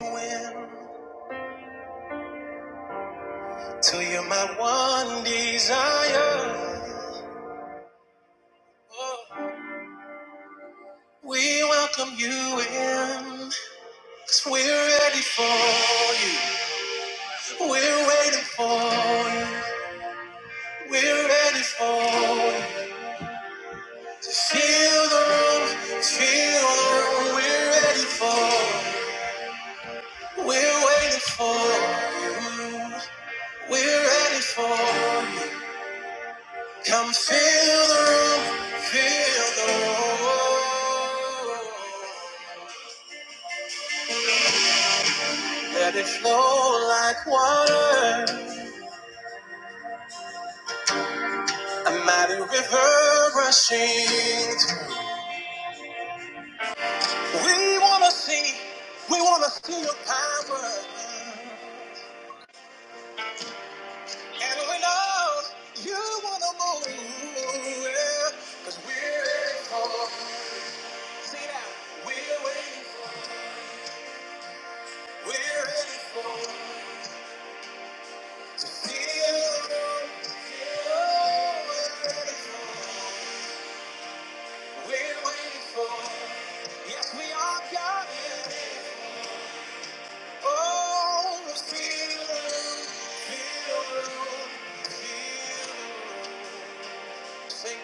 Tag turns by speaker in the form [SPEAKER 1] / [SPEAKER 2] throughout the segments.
[SPEAKER 1] Till you're my one desire. Oh, We welcome you in, we we're ready for you. We're waiting for you. We're ready for you. Feel the room. Feel the room. We're ready for you. We're waiting for you. We're ready for you. Come fill the room, fill the room. Let it flow like water, a mighty river rushing. We wanna see, we wanna see your power. And we know you wanna move. yeah. Cause we're ready for, see that, we're waiting, we're ready for. Yes, we are God. Oh, feel, feel, feel. Sing,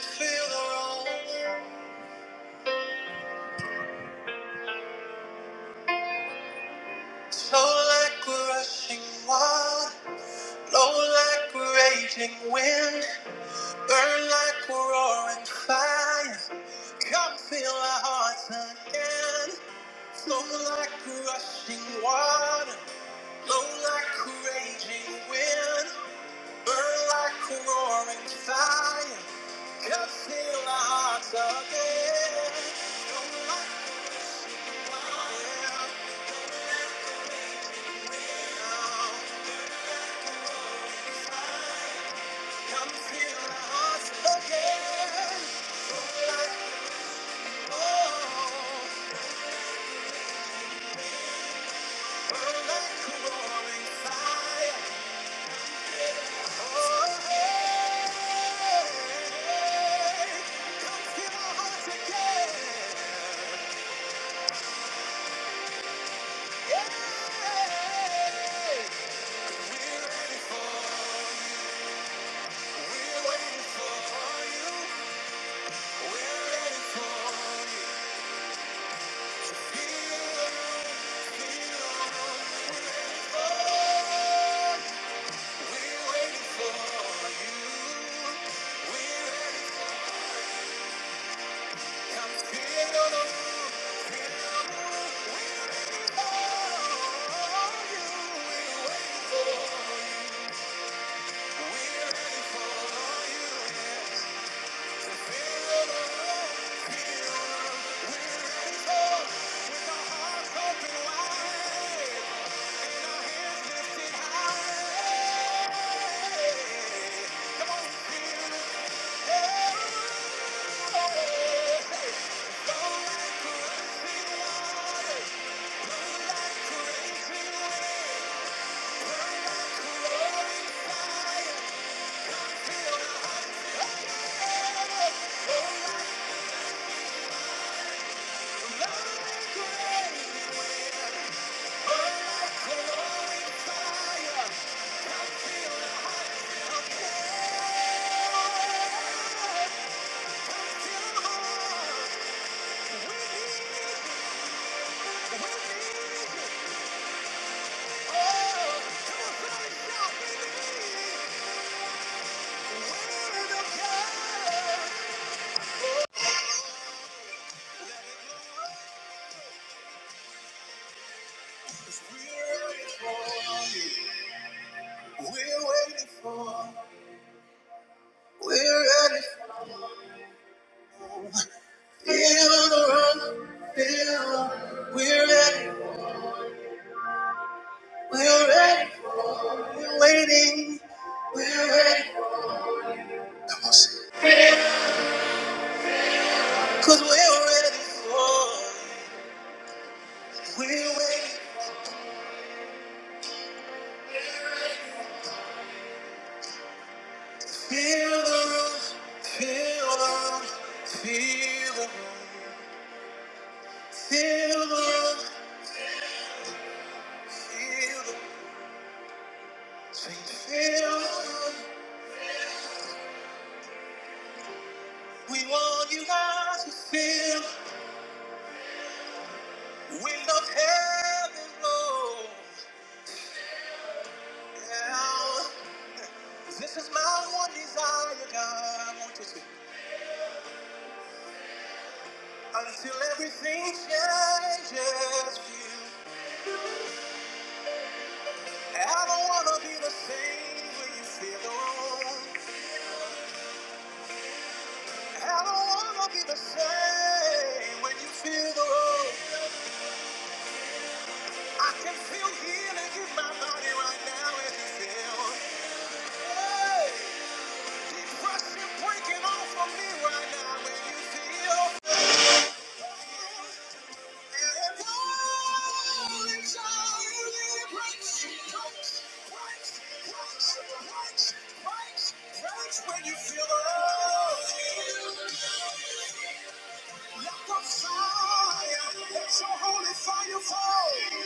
[SPEAKER 1] feel. Slow like a rushing water, low like a raging wind, burn like a roaring fire. Come feel our hearts again. Slow like a rushing water, low like a raging wind, burn like a roaring fire. Come feel our hearts again. Yeah, yeah. Come fill our hearts again. Like the old, burn like a roaring fire. Oh, hey. Come fill our hearts again. Yeah. We're ready for you. We're waiting for you. We're ready for you. Feel, feel the Fire! We're ready, Cause we're ready for, we're waiting. Feel the room, feel the room, feel the room, feel the room, feel the room, Sing, feel the room. We want you guys to feel the wind of heaven blow. Now, this is my one desire, God. I want you to until everything changes. Feel, I don't wanna be the same when you feel the room. I don't wanna be the same when you feel the road. I can feel healing in my body right now if you feel. Hey, depression breaking off of me right now when you feel. And all it's all you need breaks, breaks, breaks, breaks, breaks, breaks, breaks when you feel the road. Let the fire, let your holy fire fall.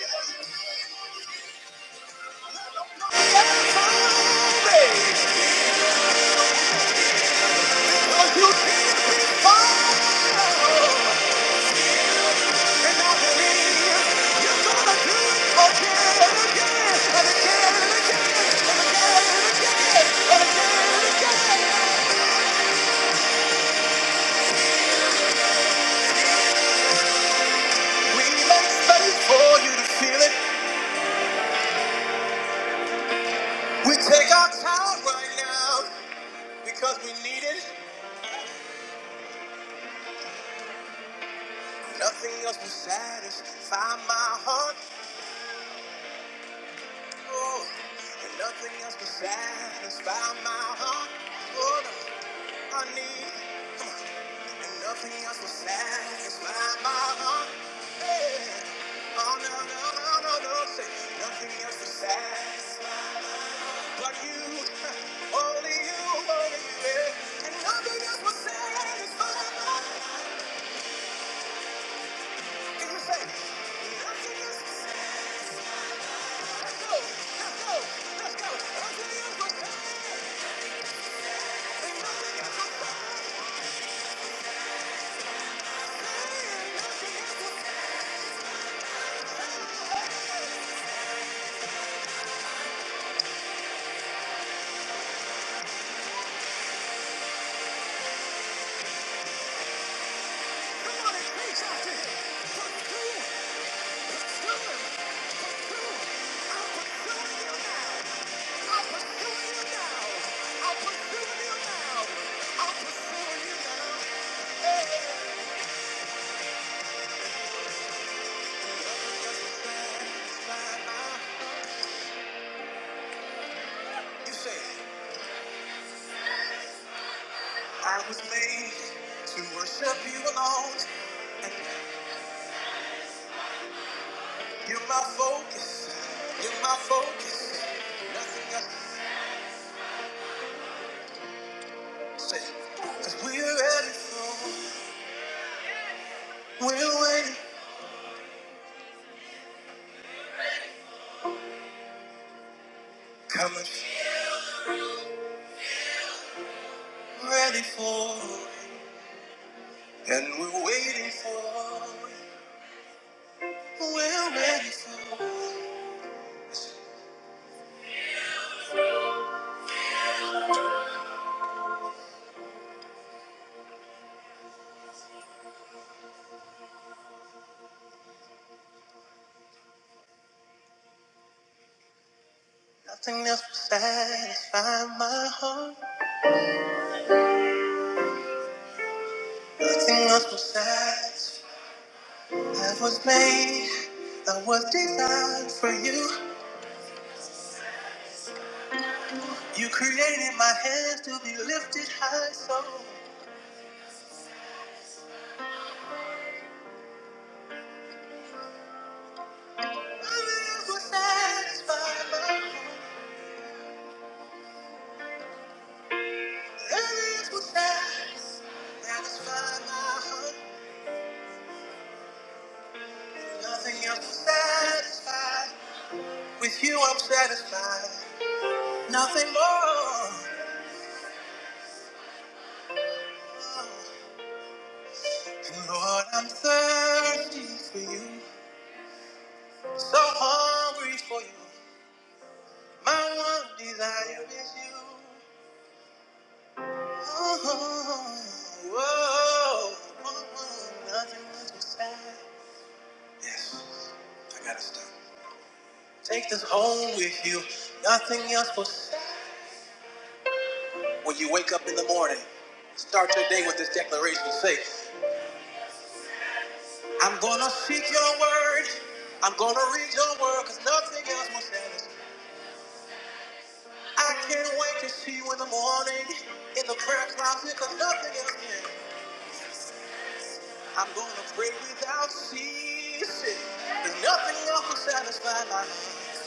[SPEAKER 1] Take our time right now because we need it. Nothing else will satisfy my heart. Oh, and nothing else will satisfy my heart. Oh, no. I need, and nothing else will satisfy my heart. Yeah. Oh no no no no no, say nothing else will satisfy but you, only you, only you. Yeah. And nothing else will satisfy my heart. Can you say nothing else? will sa- Let's go, let's go, let's go. Nothing else will satisfy. Ain't Nothing else will satisfy. Nothing else will satisfy. Come on and reach out to him. Come through. I was made to worship you alone. And you're my focus. You're my focus. Nothing else to say. Cause we're ready for, we're waiting. Coming, ready for. And we're waiting for, we're ready for. Nothing else will satisfy my heart. Nothing else will satisfy. I was made, I was designed for you. You created my hands to be lifted high, so nothing else will satisfy my heart. Nothing else will satisfy, satisfy my heart. Nothing else will satisfy. With you, I'm satisfied. Nothing more. And Lord, I'm thirsty for you. So hungry for you. My one desire is you. Oh, oh, oh, oh, oh, nothing else beside. Yes, I gotta stop. Take this home with you. Nothing else will stop. When you wake up in the morning, start your day with this declaration. Say, I'm gonna seek your word. I'm gonna read your word, cause nothing else will satisfy. I can't wait to see you in the morning in the prayer closet because nothing else can. I'm going to pray without ceasing. And nothing else will satisfy my needs.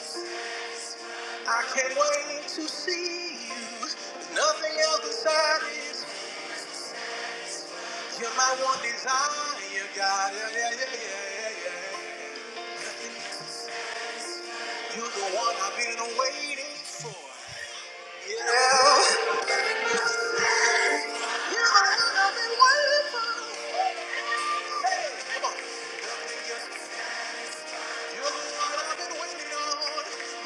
[SPEAKER 1] I can't wait to see you. Nothing else will satisfy. You're my one desire, yeah, God. Yeah, yeah, yeah, yeah, yeah. You're the one I've been waiting. Yeah. You're the one I've been waiting for. Hey, come on. You're the one I've been waiting on.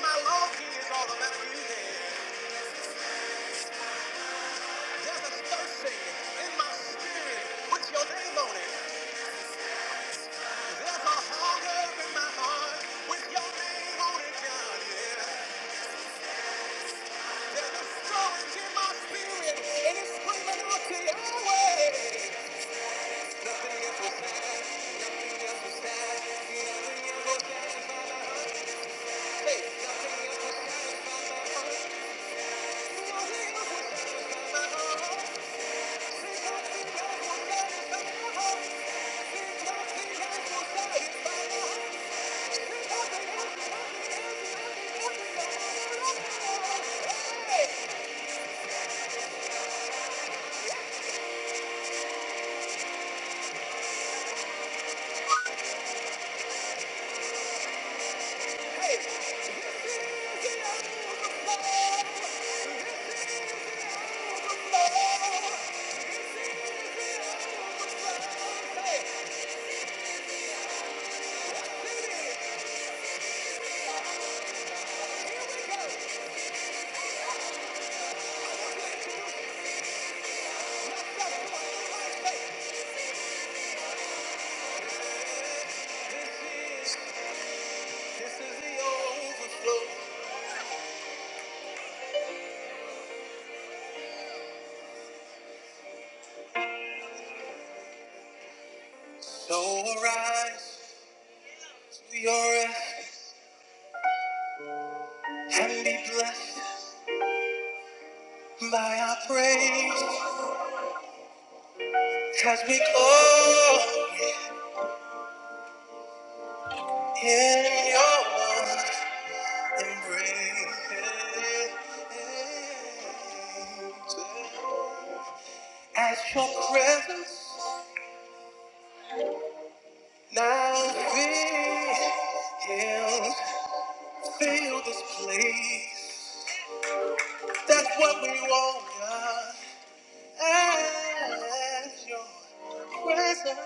[SPEAKER 1] My longing is all about you There's a thirsting in my spirit with your name on it. There's a hunger in my heart with your name on it, God. Yeah. Storage in my spirit and it's screaming out to your way. It's a good faith, God. Your my heart. This is the overflow. So arise. are and be blessed by our praise, cause we glory in your embrace. As your presence now fills, fill this place. That's what we want, God. As your presence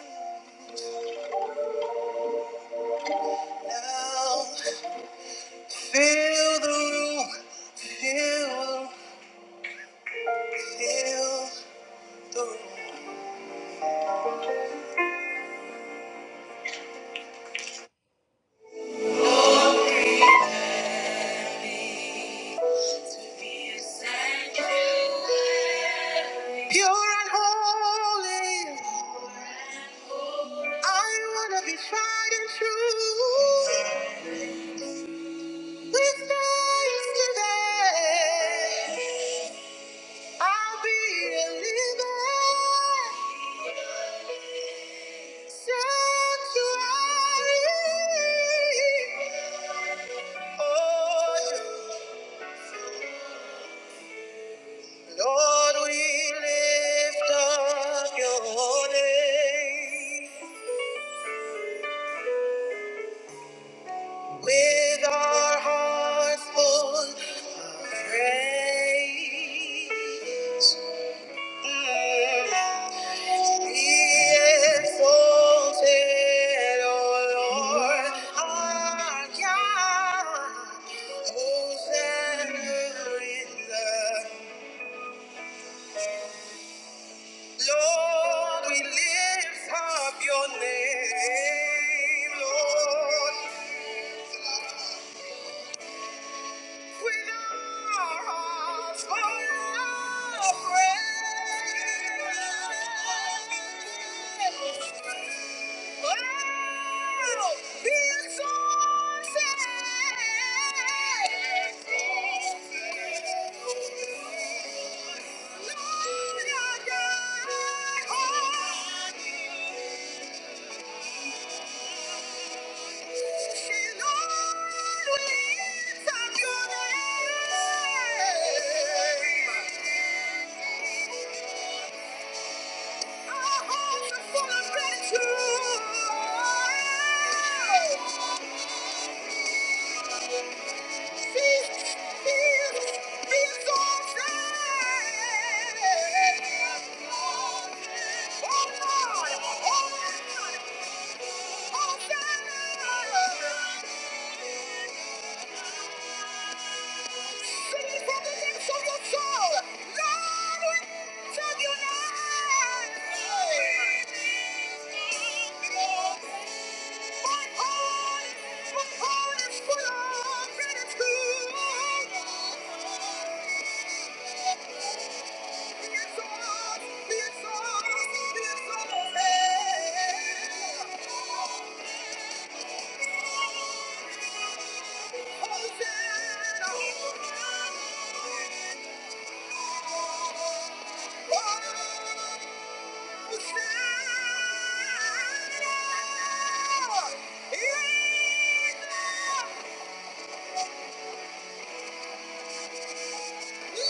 [SPEAKER 1] now. Fill the room, fill, fill the room. Pure and holy, I wanna be tried and true. With thanksgiving, I'll be a living sanctuary. Oh, Lord, we lift up your name with our hearts full of praise. Mm. Be exalted, O Lord, our God. Hosanna in the Lord, we lift up your name, Lord, with our hearts full of praise. Oh, be exalted. Thank you. Oh, Sing it from the depths of your soul. Lord, we lift up your name. My heart, my heart is full of gratitude. Yeah! Yeah.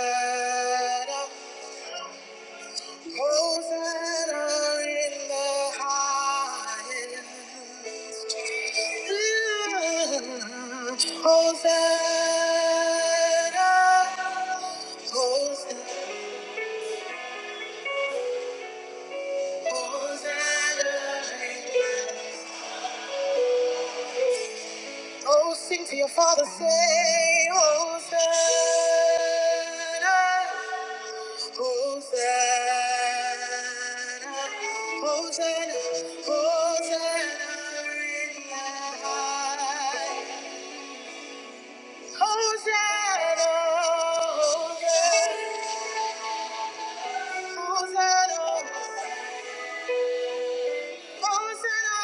[SPEAKER 1] Oh. Hosanna in the highest. Hosanna. Hosanna. Hosanna. Oh, sing to your father, say, Hosanna. Hosanna, Hosanna, Hosanna in the highest. Hosanna, Hosanna, Hosanna,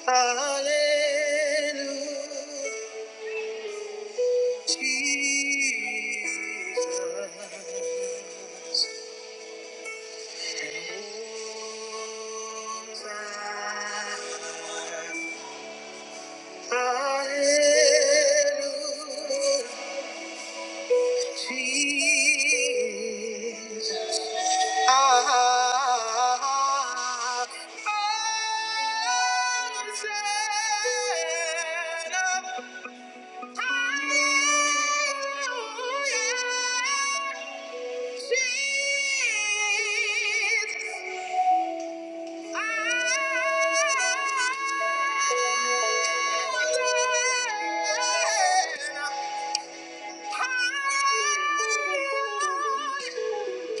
[SPEAKER 1] Hosanna. Hallelujah, Jesus. Hosanna. Hallelujah, Jesus. Ah, mountain of hallelujah, Jesus. Thank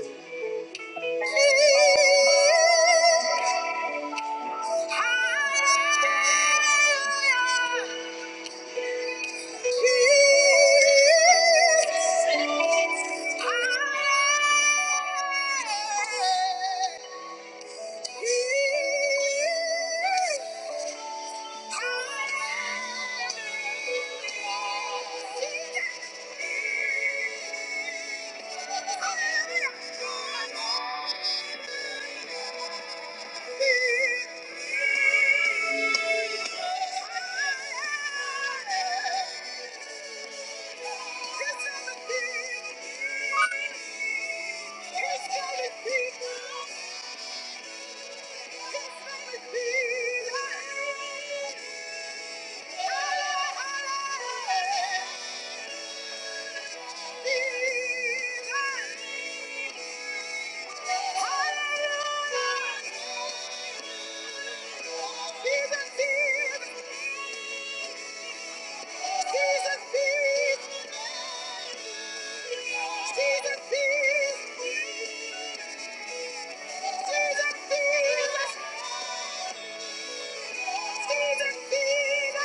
[SPEAKER 1] you. Jesus, higher, Jesus, higher, Jesus, higher. Thank you. Hallelujah! Jesus peace. Jesus peace. Jesus peace. Jesus peace. Jesus peace.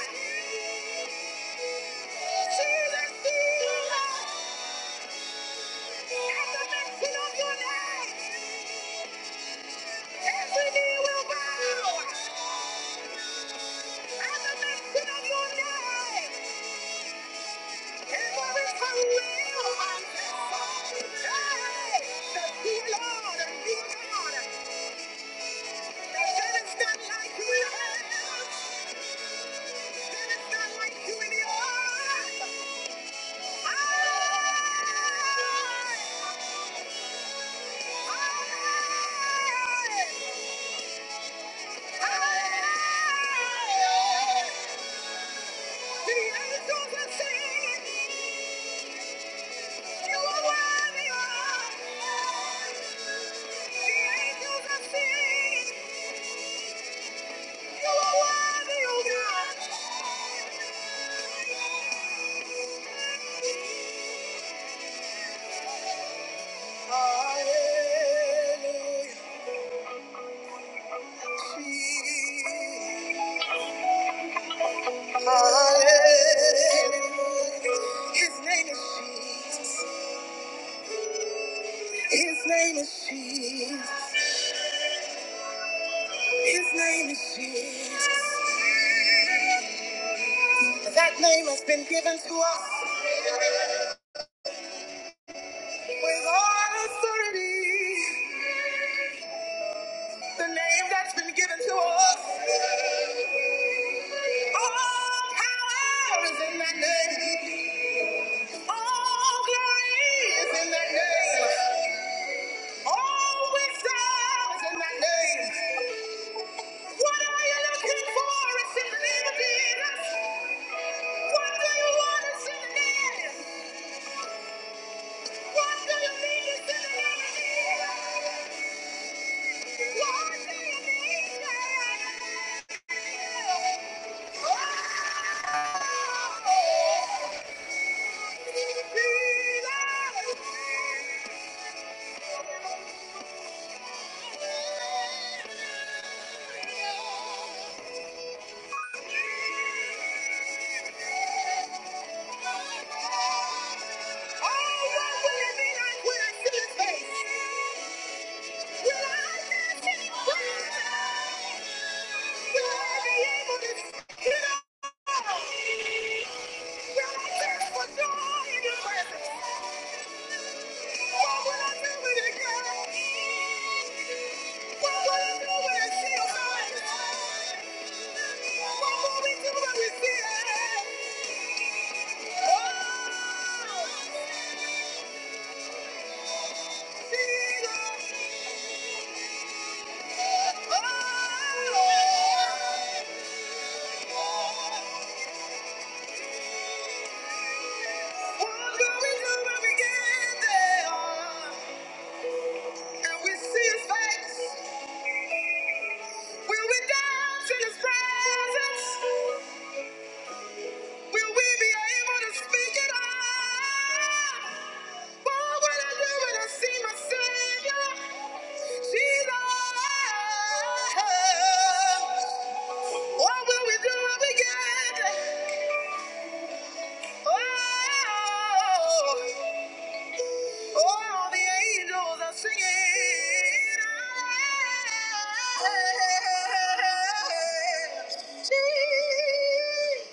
[SPEAKER 1] At the mention of your name. Every knee will bow at the mention of your name. And there is a real Hey, that you Lord and you God. That there is none like you in heaven. There is none like you in the earth. Hey, hey, hey. His name is Jesus. His name is Jesus. His name is Jesus. That name has been given to us with all authority. The name that's been given to us. All power is in that name. All glory is in that name. All wisdom is in that name. What are you looking for? It's in the name of Jesus. What do you want? It's in the name. What do you need? It's in the name of Jesus. Oh, what will it be like when I see his face? Will Will I I I I What What do do when when see see Oh. Will we dance in his presence? Will we be able to speak it out? What will I do when I see my Savior? Jesus. What will we do when we get there? Oh, oh, the angels are singing. Jesus.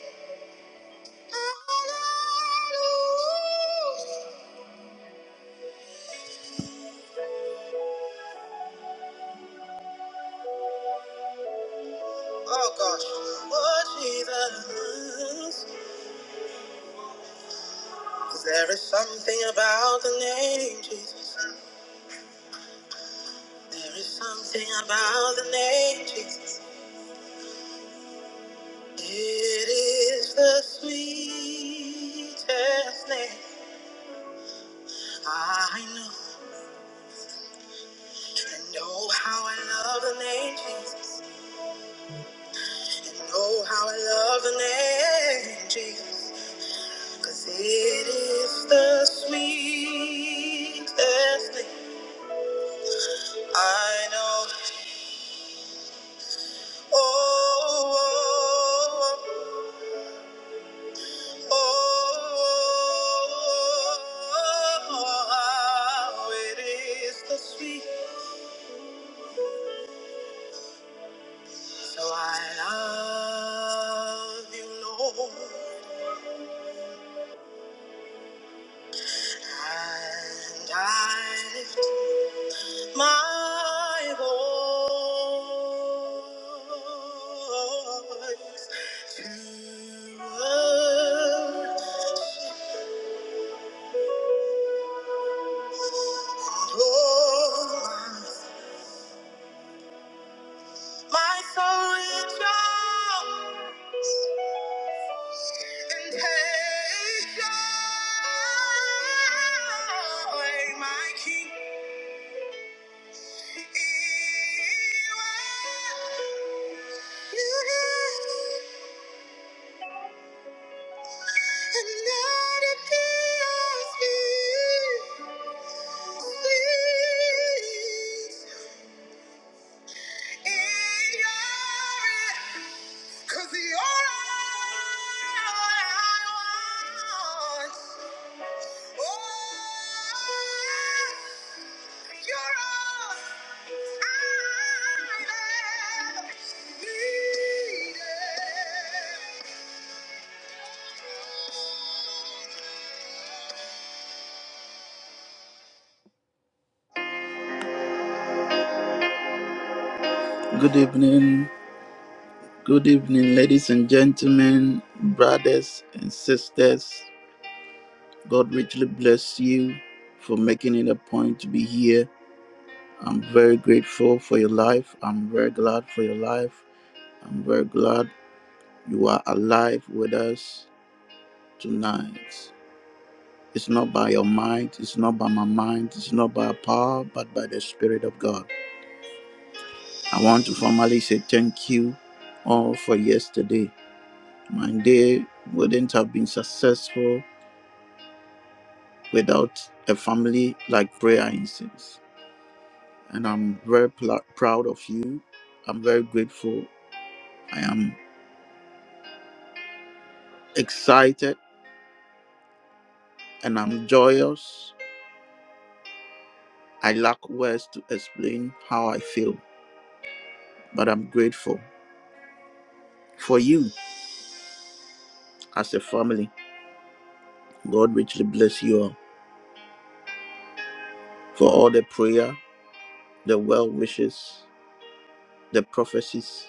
[SPEAKER 1] Oh gosh. Oh Jesus. 'Cause There is something about the name Jesus. There is something about the name Jesus. It is the sweetest name I know. And know how I love the name Jesus. Know how I love the name Jesus. 'Cause it is the sweetest name. I know. Oh, oh, oh, oh, oh, oh, oh, it is the speak. So I love you, Lord, and I lift my voice to adore. My soul reach out and take joy, my King. is well. And let it be your spirit Please, in your hand, Cause you're all I want. Good evening, good evening, ladies and gentlemen, brothers and sisters. God richly bless you for making it a point to be here. I'm very grateful for your life. I'm very glad for your life. I'm very glad You are alive with us tonight. It's not by your mind, it's not by my mind, it's not by power, but by the Spirit of God. I want to formally say thank you all for yesterday. My day wouldn't have been successful without a family like Prayer Incense. And I'm very pl- proud of you. I'm very grateful. I am excited and I'm joyous. I lack words to explain how I feel, but I'm grateful. For you as a family, God richly bless you all for all the prayer, the well wishes, the prophecies,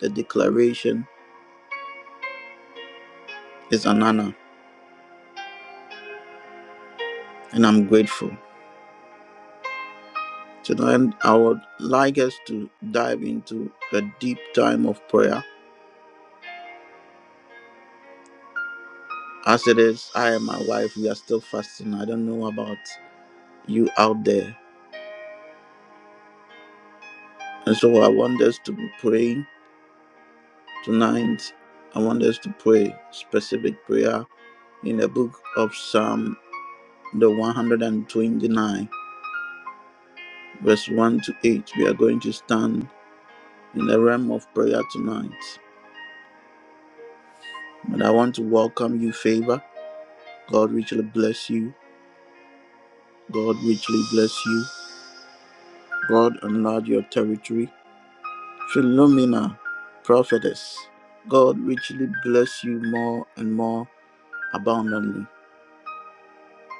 [SPEAKER 1] the declaration is an honor, and I'm grateful. Tonight, I would like us to dive into a deep time of prayer. As it is, I and my wife, we are still fasting. I don't know about you out there. And so I want us to be praying tonight. I want us to pray specific prayer in the book of Psalm the 129, verse 1 to 8. We are going to stand in the realm of prayer tonight. But I want to welcome you, favor. God richly bless you. God richly bless you. God enlarge your territory. Philomena, prophetess. God richly bless you more and more abundantly.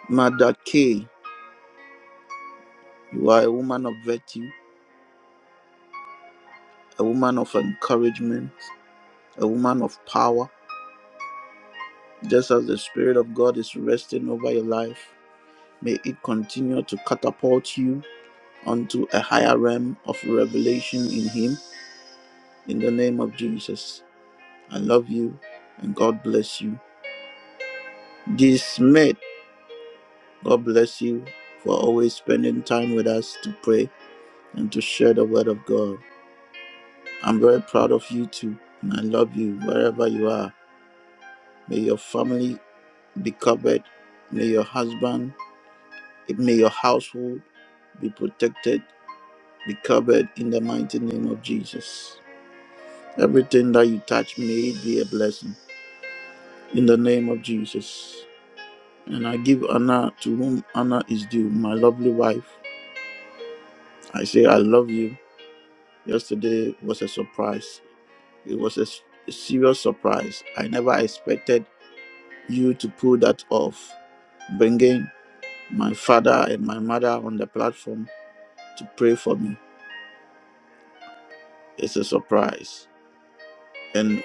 [SPEAKER 1] Mother K, you are a woman of virtue, a woman of encouragement, a woman of power. Just as the Spirit of God is resting over your life, may it continue to catapult you onto a higher realm of revelation in Him. In the name of Jesus, I love you and God bless you. Dismayed, God bless you for always spending time with us to pray and to share the Word of God. I'm very proud of you too, and I love you wherever you are. May your family be covered. May your husband, may your household be protected be covered in the mighty name of Jesus. Everything that you touch may it be a blessing in the name of Jesus. And I give honor to whom honor is due, my lovely wife. I say, I love you. Yesterday was a surprise. It was a, s- a serious surprise. I never expected you to pull that off, bringing my father and my mother on the platform to pray for me. It's a surprise. And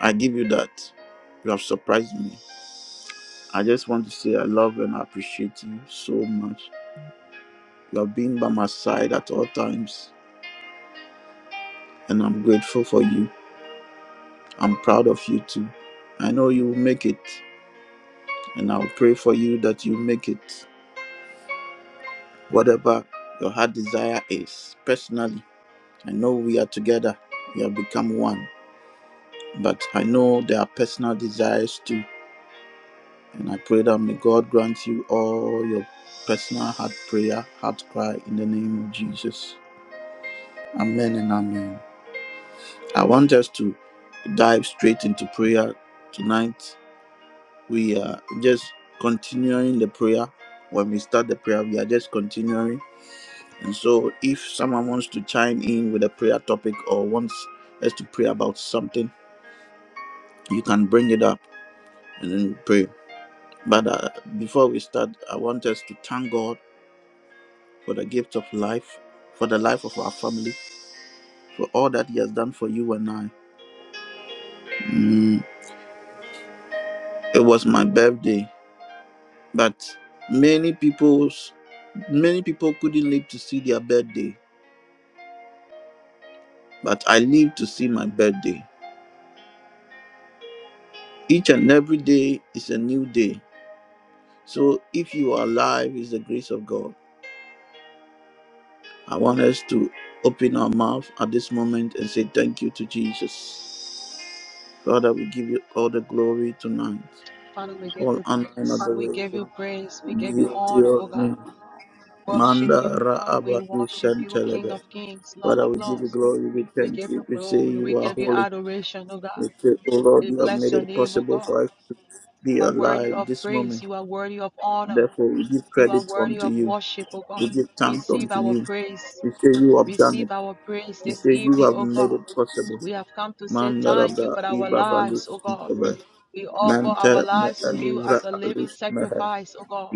[SPEAKER 1] I give you that. You have surprised me. I just want to say I love and appreciate you so much. You have been by my side at all times, and I'm grateful for you. I'm proud of you too. I know you will make it, and I'll pray for you that you make it. Whatever your heart desire is, personally, I know we are together, we have become one, but I know there are personal desires too. And I pray that may God grant you all your personal heart prayer, heart cry in the name of Jesus. Amen and amen. I want us to dive straight into prayer tonight. We are just continuing the prayer. When we start the prayer, we are just continuing. And so, if someone wants to chime in with a prayer topic or wants us to pray about something, you can bring it up and then we pray. But uh, before we start, I want us to thank God for the gift of life, for the life of our family, for all that He has done for you and I. Mm, it was my birthday But many people's many people couldn't live to see their birthday, but I live to see my birthday. Each and every day is a new day. So if you are alive, it's the grace of God. I want us to open our mouth at this moment and say thank you to Jesus. Father, we give you all the glory tonight,
[SPEAKER 2] Father, we give
[SPEAKER 1] all
[SPEAKER 2] you
[SPEAKER 1] honor and
[SPEAKER 2] praise. We give you
[SPEAKER 1] adoration.
[SPEAKER 2] praise. We give
[SPEAKER 1] Be
[SPEAKER 2] you
[SPEAKER 1] it to
[SPEAKER 2] honor,
[SPEAKER 1] your
[SPEAKER 2] oh God.
[SPEAKER 1] name.
[SPEAKER 2] Worship you,
[SPEAKER 1] Manda
[SPEAKER 2] God. We
[SPEAKER 1] Raabadu
[SPEAKER 2] worship you, King
[SPEAKER 1] Santelebe.
[SPEAKER 2] of Kings, Lord
[SPEAKER 1] Father,
[SPEAKER 2] of
[SPEAKER 1] we give you
[SPEAKER 2] Lords.
[SPEAKER 1] glory. We
[SPEAKER 2] We
[SPEAKER 1] thank
[SPEAKER 2] give you
[SPEAKER 1] you. We say
[SPEAKER 2] glory. We
[SPEAKER 1] you are
[SPEAKER 2] give you
[SPEAKER 1] holy.
[SPEAKER 2] adoration, oh God.
[SPEAKER 1] We say, oh Lord,
[SPEAKER 2] We
[SPEAKER 1] you have
[SPEAKER 2] bless
[SPEAKER 1] made
[SPEAKER 2] your
[SPEAKER 1] it
[SPEAKER 2] name, oh
[SPEAKER 1] possible
[SPEAKER 2] God.
[SPEAKER 1] for us to be
[SPEAKER 2] You are worthy
[SPEAKER 1] alive
[SPEAKER 2] of
[SPEAKER 1] this
[SPEAKER 2] praise.
[SPEAKER 1] moment.
[SPEAKER 2] You are worthy of honor.
[SPEAKER 1] Therefore, we give
[SPEAKER 2] You are
[SPEAKER 1] credit
[SPEAKER 2] worthy
[SPEAKER 1] unto
[SPEAKER 2] of
[SPEAKER 1] you.
[SPEAKER 2] worship, oh God.
[SPEAKER 1] We give thanks
[SPEAKER 2] Receive
[SPEAKER 1] unto
[SPEAKER 2] our
[SPEAKER 1] you.
[SPEAKER 2] praise.
[SPEAKER 1] We say you have done
[SPEAKER 2] Receive
[SPEAKER 1] it.
[SPEAKER 2] our praise
[SPEAKER 1] We
[SPEAKER 2] this
[SPEAKER 1] say you
[SPEAKER 2] evening,
[SPEAKER 1] have
[SPEAKER 2] oh
[SPEAKER 1] made
[SPEAKER 2] God.
[SPEAKER 1] it possible.
[SPEAKER 2] We have come to say thank you
[SPEAKER 1] Mandaraba
[SPEAKER 2] for our
[SPEAKER 1] ibabalus
[SPEAKER 2] lives, oh God.
[SPEAKER 1] ikaba.
[SPEAKER 2] We offer our
[SPEAKER 1] Manta me
[SPEAKER 2] lives to you
[SPEAKER 1] alura
[SPEAKER 2] as a living
[SPEAKER 1] alus mehe.
[SPEAKER 2] sacrifice, O God,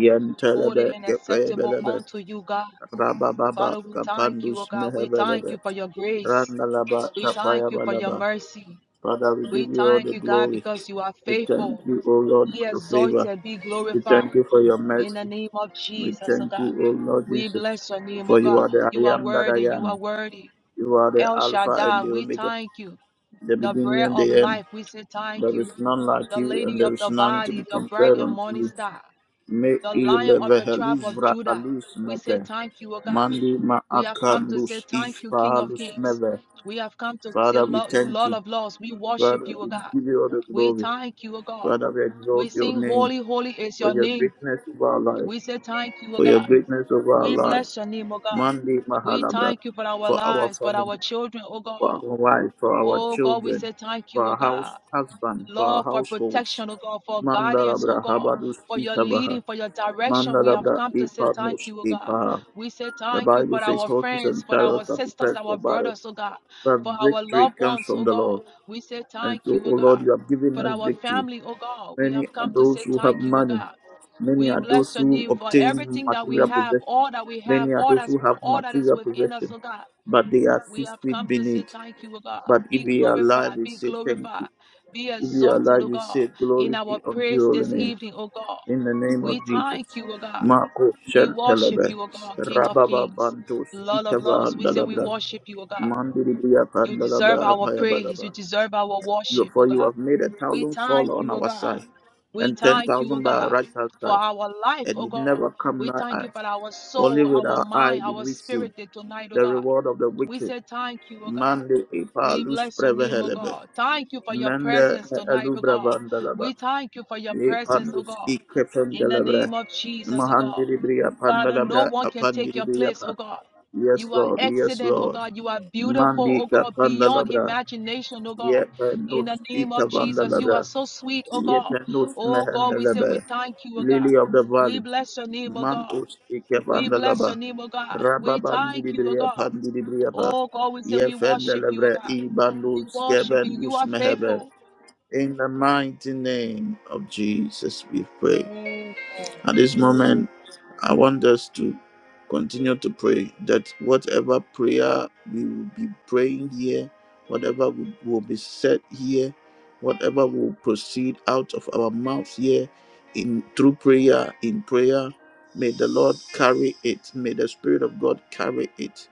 [SPEAKER 2] holy and acceptable
[SPEAKER 1] kepeyebelebe.
[SPEAKER 2] unto you, God.
[SPEAKER 1] Rabababa
[SPEAKER 2] Father, we thank you, O
[SPEAKER 1] kapandus
[SPEAKER 2] God. We thank
[SPEAKER 1] mehebelebe.
[SPEAKER 2] you for your grace.
[SPEAKER 1] Randalaba
[SPEAKER 2] We thank you for your
[SPEAKER 1] kapayabalaba.
[SPEAKER 2] mercy.
[SPEAKER 1] Father, we
[SPEAKER 2] We
[SPEAKER 1] give you all
[SPEAKER 2] thank
[SPEAKER 1] the
[SPEAKER 2] you, God,
[SPEAKER 1] glory.
[SPEAKER 2] because you are
[SPEAKER 1] We thank
[SPEAKER 2] faithful.
[SPEAKER 1] you, O Lord,
[SPEAKER 2] Be
[SPEAKER 1] for your favor.
[SPEAKER 2] exalted, be
[SPEAKER 1] We
[SPEAKER 2] glorified
[SPEAKER 1] thank you for your
[SPEAKER 2] in the
[SPEAKER 1] mercy.
[SPEAKER 2] name of
[SPEAKER 1] We
[SPEAKER 2] Jesus, O
[SPEAKER 1] thank
[SPEAKER 2] God.
[SPEAKER 1] you, O Lord
[SPEAKER 2] We
[SPEAKER 1] Jesus,
[SPEAKER 2] bless your name, O
[SPEAKER 1] for you
[SPEAKER 2] God.
[SPEAKER 1] are the
[SPEAKER 2] You
[SPEAKER 1] I
[SPEAKER 2] are
[SPEAKER 1] am that
[SPEAKER 2] worthy.
[SPEAKER 1] I
[SPEAKER 2] You are
[SPEAKER 1] am.
[SPEAKER 2] worthy.
[SPEAKER 1] You are the
[SPEAKER 2] El
[SPEAKER 1] Alpha and
[SPEAKER 2] Shaddai,
[SPEAKER 1] the
[SPEAKER 2] we
[SPEAKER 1] Omega,
[SPEAKER 2] thank you.
[SPEAKER 1] the
[SPEAKER 2] The
[SPEAKER 1] beginning
[SPEAKER 2] bread
[SPEAKER 1] and
[SPEAKER 2] of
[SPEAKER 1] the end.
[SPEAKER 2] life, we say thank
[SPEAKER 1] There
[SPEAKER 2] you
[SPEAKER 1] is none like
[SPEAKER 2] the
[SPEAKER 1] you, and
[SPEAKER 2] lady of
[SPEAKER 1] there is
[SPEAKER 2] the
[SPEAKER 1] none to be
[SPEAKER 2] body, the bright
[SPEAKER 1] compared
[SPEAKER 2] and
[SPEAKER 1] unto
[SPEAKER 2] morning
[SPEAKER 1] you.
[SPEAKER 2] star,
[SPEAKER 1] Me
[SPEAKER 2] the lion of
[SPEAKER 1] ileve
[SPEAKER 2] the tribe
[SPEAKER 1] helus
[SPEAKER 2] of
[SPEAKER 1] vra
[SPEAKER 2] Judah.
[SPEAKER 1] alus
[SPEAKER 2] We say
[SPEAKER 1] mete.
[SPEAKER 2] thank you, O God.
[SPEAKER 1] Mandi ma
[SPEAKER 2] We have come to say
[SPEAKER 1] akalus, if
[SPEAKER 2] thank you, King of
[SPEAKER 1] fahalus
[SPEAKER 2] Kings.
[SPEAKER 1] never.
[SPEAKER 2] We have come to say
[SPEAKER 1] Father, we
[SPEAKER 2] Lord,
[SPEAKER 1] thank
[SPEAKER 2] Lord
[SPEAKER 1] you.
[SPEAKER 2] of Lords. We worship
[SPEAKER 1] Father,
[SPEAKER 2] you, O
[SPEAKER 1] we
[SPEAKER 2] God.
[SPEAKER 1] give you all the
[SPEAKER 2] We
[SPEAKER 1] glory.
[SPEAKER 2] thank you, O God.
[SPEAKER 1] Father, we
[SPEAKER 2] We
[SPEAKER 1] exalt your
[SPEAKER 2] sing
[SPEAKER 1] name.
[SPEAKER 2] holy, holy is
[SPEAKER 1] for
[SPEAKER 2] your
[SPEAKER 1] your
[SPEAKER 2] name.
[SPEAKER 1] greatness over our life,
[SPEAKER 2] We say thank you, O
[SPEAKER 1] for your
[SPEAKER 2] God.
[SPEAKER 1] greatness over our
[SPEAKER 2] We
[SPEAKER 1] life.
[SPEAKER 2] bless your name, O God.
[SPEAKER 1] Mandi
[SPEAKER 2] We
[SPEAKER 1] Mahalabra,
[SPEAKER 2] thank you for our
[SPEAKER 1] for our
[SPEAKER 2] lives, for
[SPEAKER 1] family,
[SPEAKER 2] our children, O
[SPEAKER 1] for our
[SPEAKER 2] God.
[SPEAKER 1] wife, for our
[SPEAKER 2] Oh God, we
[SPEAKER 1] children,
[SPEAKER 2] say thank
[SPEAKER 1] for
[SPEAKER 2] you, O
[SPEAKER 1] our house
[SPEAKER 2] God.
[SPEAKER 1] husband, for our
[SPEAKER 2] Lord, for
[SPEAKER 1] households.
[SPEAKER 2] protection, oh God, for guidance, oh
[SPEAKER 1] Mandalabra
[SPEAKER 2] God,
[SPEAKER 1] Habadus
[SPEAKER 2] for your
[SPEAKER 1] Itabaha.
[SPEAKER 2] leading, for your direction. We have
[SPEAKER 1] Mandalabra
[SPEAKER 2] come to say thank
[SPEAKER 1] Ipanus
[SPEAKER 2] you, oh God.
[SPEAKER 1] Ipaha.
[SPEAKER 2] We say
[SPEAKER 1] The
[SPEAKER 2] thank you
[SPEAKER 1] Bible
[SPEAKER 2] for
[SPEAKER 1] says
[SPEAKER 2] our
[SPEAKER 1] horses and
[SPEAKER 2] friends, for our
[SPEAKER 1] chariots are
[SPEAKER 2] sisters,
[SPEAKER 1] prepared for
[SPEAKER 2] our
[SPEAKER 1] battle,
[SPEAKER 2] brothers, oh God,
[SPEAKER 1] but
[SPEAKER 2] for our
[SPEAKER 1] victory
[SPEAKER 2] loved
[SPEAKER 1] comes
[SPEAKER 2] ones,
[SPEAKER 1] from
[SPEAKER 2] oh
[SPEAKER 1] the
[SPEAKER 2] God.
[SPEAKER 1] Lord.
[SPEAKER 2] We say
[SPEAKER 1] And
[SPEAKER 2] thank
[SPEAKER 1] so,
[SPEAKER 2] you, oh
[SPEAKER 1] O Lord,
[SPEAKER 2] God.
[SPEAKER 1] you have given
[SPEAKER 2] For
[SPEAKER 1] us
[SPEAKER 2] our
[SPEAKER 1] victory.
[SPEAKER 2] family, oh God, we
[SPEAKER 1] Many
[SPEAKER 2] have
[SPEAKER 1] are
[SPEAKER 2] come to
[SPEAKER 1] those
[SPEAKER 2] say
[SPEAKER 1] who have
[SPEAKER 2] thank you, oh
[SPEAKER 1] money.
[SPEAKER 2] God.
[SPEAKER 1] Many
[SPEAKER 2] We
[SPEAKER 1] are those
[SPEAKER 2] bless your
[SPEAKER 1] who
[SPEAKER 2] name for
[SPEAKER 1] obtain
[SPEAKER 2] everything that we
[SPEAKER 1] material
[SPEAKER 2] have,
[SPEAKER 1] possession.
[SPEAKER 2] all that we have,
[SPEAKER 1] Many are
[SPEAKER 2] all
[SPEAKER 1] those
[SPEAKER 2] that's
[SPEAKER 1] who have
[SPEAKER 2] all that is
[SPEAKER 1] material
[SPEAKER 2] within us,
[SPEAKER 1] possession,
[SPEAKER 2] oh God.
[SPEAKER 1] but they are
[SPEAKER 2] We
[SPEAKER 1] six
[SPEAKER 2] have
[SPEAKER 1] feet
[SPEAKER 2] come to say
[SPEAKER 1] beneath.
[SPEAKER 2] thank you, O God.
[SPEAKER 1] But if
[SPEAKER 2] Be
[SPEAKER 1] we are alive,
[SPEAKER 2] glorified,
[SPEAKER 1] we
[SPEAKER 2] be
[SPEAKER 1] say thank
[SPEAKER 2] glorified,
[SPEAKER 1] you.
[SPEAKER 2] be
[SPEAKER 1] If we are
[SPEAKER 2] exalted,
[SPEAKER 1] alive,
[SPEAKER 2] O
[SPEAKER 1] we
[SPEAKER 2] God,
[SPEAKER 1] say
[SPEAKER 2] in
[SPEAKER 1] glory
[SPEAKER 2] our
[SPEAKER 1] be unto your
[SPEAKER 2] praise
[SPEAKER 1] holy
[SPEAKER 2] this
[SPEAKER 1] name.
[SPEAKER 2] evening, O God.
[SPEAKER 1] In the name of
[SPEAKER 2] We
[SPEAKER 1] Jesus.
[SPEAKER 2] thank you, O God.
[SPEAKER 1] Marco
[SPEAKER 2] We worship
[SPEAKER 1] Sheltelebe,
[SPEAKER 2] you, O God, King of
[SPEAKER 1] Rababa
[SPEAKER 2] Kings,
[SPEAKER 1] Bantos,
[SPEAKER 2] Lord of
[SPEAKER 1] Ikava
[SPEAKER 2] Lords. We say we
[SPEAKER 1] Dalabra,
[SPEAKER 2] worship you, O God.
[SPEAKER 1] Mandiri Bria
[SPEAKER 2] You deserve
[SPEAKER 1] Pandalabra,
[SPEAKER 2] our praise.
[SPEAKER 1] Apayabalaba.
[SPEAKER 2] You deserve our
[SPEAKER 1] You-
[SPEAKER 2] worship, O
[SPEAKER 1] For you
[SPEAKER 2] God.
[SPEAKER 1] have made a
[SPEAKER 2] We
[SPEAKER 1] thousand fall
[SPEAKER 2] thank
[SPEAKER 1] on
[SPEAKER 2] you, O
[SPEAKER 1] our
[SPEAKER 2] God.
[SPEAKER 1] side,
[SPEAKER 2] We
[SPEAKER 1] and ten
[SPEAKER 2] thank you, O
[SPEAKER 1] thousand by our
[SPEAKER 2] God,
[SPEAKER 1] right hand
[SPEAKER 2] for
[SPEAKER 1] side,
[SPEAKER 2] our life,
[SPEAKER 1] and
[SPEAKER 2] O
[SPEAKER 1] it
[SPEAKER 2] God.
[SPEAKER 1] never come
[SPEAKER 2] We
[SPEAKER 1] nigh
[SPEAKER 2] thank you
[SPEAKER 1] us.
[SPEAKER 2] for our
[SPEAKER 1] Only
[SPEAKER 2] soul,
[SPEAKER 1] with
[SPEAKER 2] our
[SPEAKER 1] our eye
[SPEAKER 2] mind,
[SPEAKER 1] did
[SPEAKER 2] our
[SPEAKER 1] we see
[SPEAKER 2] spirit tonight, O
[SPEAKER 1] the
[SPEAKER 2] God.
[SPEAKER 1] reward of the
[SPEAKER 2] We
[SPEAKER 1] wicked.
[SPEAKER 2] say thank you, O God.
[SPEAKER 1] Mande ipa
[SPEAKER 2] We
[SPEAKER 1] lus
[SPEAKER 2] bless your name, O
[SPEAKER 1] prevehelebe.
[SPEAKER 2] God. Thank you for your
[SPEAKER 1] Mende
[SPEAKER 2] presence tonight, O
[SPEAKER 1] elubra
[SPEAKER 2] God.
[SPEAKER 1] vandalaba.
[SPEAKER 2] We thank you for your
[SPEAKER 1] Le
[SPEAKER 2] presence, O
[SPEAKER 1] pandus
[SPEAKER 2] God.
[SPEAKER 1] ike
[SPEAKER 2] In the
[SPEAKER 1] pendelebra.
[SPEAKER 2] name of Jesus, O God.
[SPEAKER 1] Mahandiribria
[SPEAKER 2] Father, no
[SPEAKER 1] pandalabra
[SPEAKER 2] one can take your place, O
[SPEAKER 1] apandiribriapa.
[SPEAKER 2] God.
[SPEAKER 1] Yes,
[SPEAKER 2] You are
[SPEAKER 1] Lord. Yes,
[SPEAKER 2] excellent, O
[SPEAKER 1] Lord.
[SPEAKER 2] God. You are beautiful, O
[SPEAKER 1] Mandika
[SPEAKER 2] God, beyond
[SPEAKER 1] pandalabra.
[SPEAKER 2] imagination, O God.
[SPEAKER 1] Yepa
[SPEAKER 2] In the
[SPEAKER 1] nus
[SPEAKER 2] name
[SPEAKER 1] ika
[SPEAKER 2] of Jesus, you are
[SPEAKER 1] vandalabra.
[SPEAKER 2] so sweet, O God.
[SPEAKER 1] Yependos
[SPEAKER 2] Oh God, we say we
[SPEAKER 1] mehendelebe.
[SPEAKER 2] thank you, O God.
[SPEAKER 1] Lily of the
[SPEAKER 2] We
[SPEAKER 1] valley.
[SPEAKER 2] bless your name, O God.
[SPEAKER 1] Mantos
[SPEAKER 2] We bless
[SPEAKER 1] ikevandelaba.
[SPEAKER 2] your name, O God. We thank you, O
[SPEAKER 1] Rababandidibriya
[SPEAKER 2] God.
[SPEAKER 1] pandidibriyaba.
[SPEAKER 2] Oh God, we say we worship you, O
[SPEAKER 1] Yefendelebre
[SPEAKER 2] God
[SPEAKER 1] ibandus
[SPEAKER 2] worshiping. You
[SPEAKER 1] kevendus
[SPEAKER 2] are
[SPEAKER 1] mehebe.
[SPEAKER 2] faithful.
[SPEAKER 1] In the mighty name of Jesus we pray.
[SPEAKER 2] Mm.
[SPEAKER 1] At this moment, I want us to continue to pray that whatever prayer we will be praying here, whatever will will be said here, whatever will proceed out of our mouths here in through prayer, in prayer, may the Lord carry it. May the Spirit of God carry it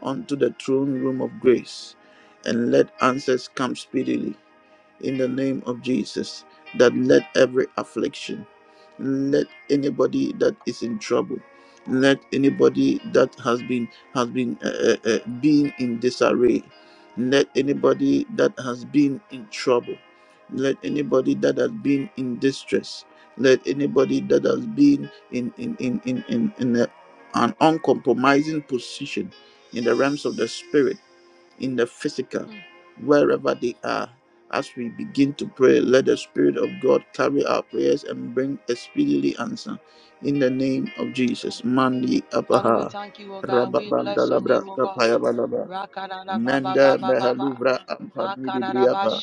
[SPEAKER 1] onto the throne room of grace and let answers come speedily in the name of Jesus that let every affliction let anybody that is in trouble let anybody that has been has been uh, uh, uh, being in disarray let anybody that has been in trouble let anybody that has been in distress let anybody that has been in in in in in, in a, an uncompromising position in the realms of the spirit in the physical,
[SPEAKER 2] Mm.
[SPEAKER 1] wherever they are. As we begin to pray, let the Spirit of God carry our prayers and bring a speedily answer. In the name of Jesus. Mandi
[SPEAKER 2] Father, we
[SPEAKER 1] Apaha.
[SPEAKER 2] thank you, oh God. We bless your
[SPEAKER 1] Rababandalabra
[SPEAKER 2] name, oh God.
[SPEAKER 1] Kapayabalaba.
[SPEAKER 2] Rakadada ba ba ba
[SPEAKER 1] Menda
[SPEAKER 2] ba ba ba.
[SPEAKER 1] Mehalubra Ampani
[SPEAKER 2] Makaraba
[SPEAKER 1] Dibriapa.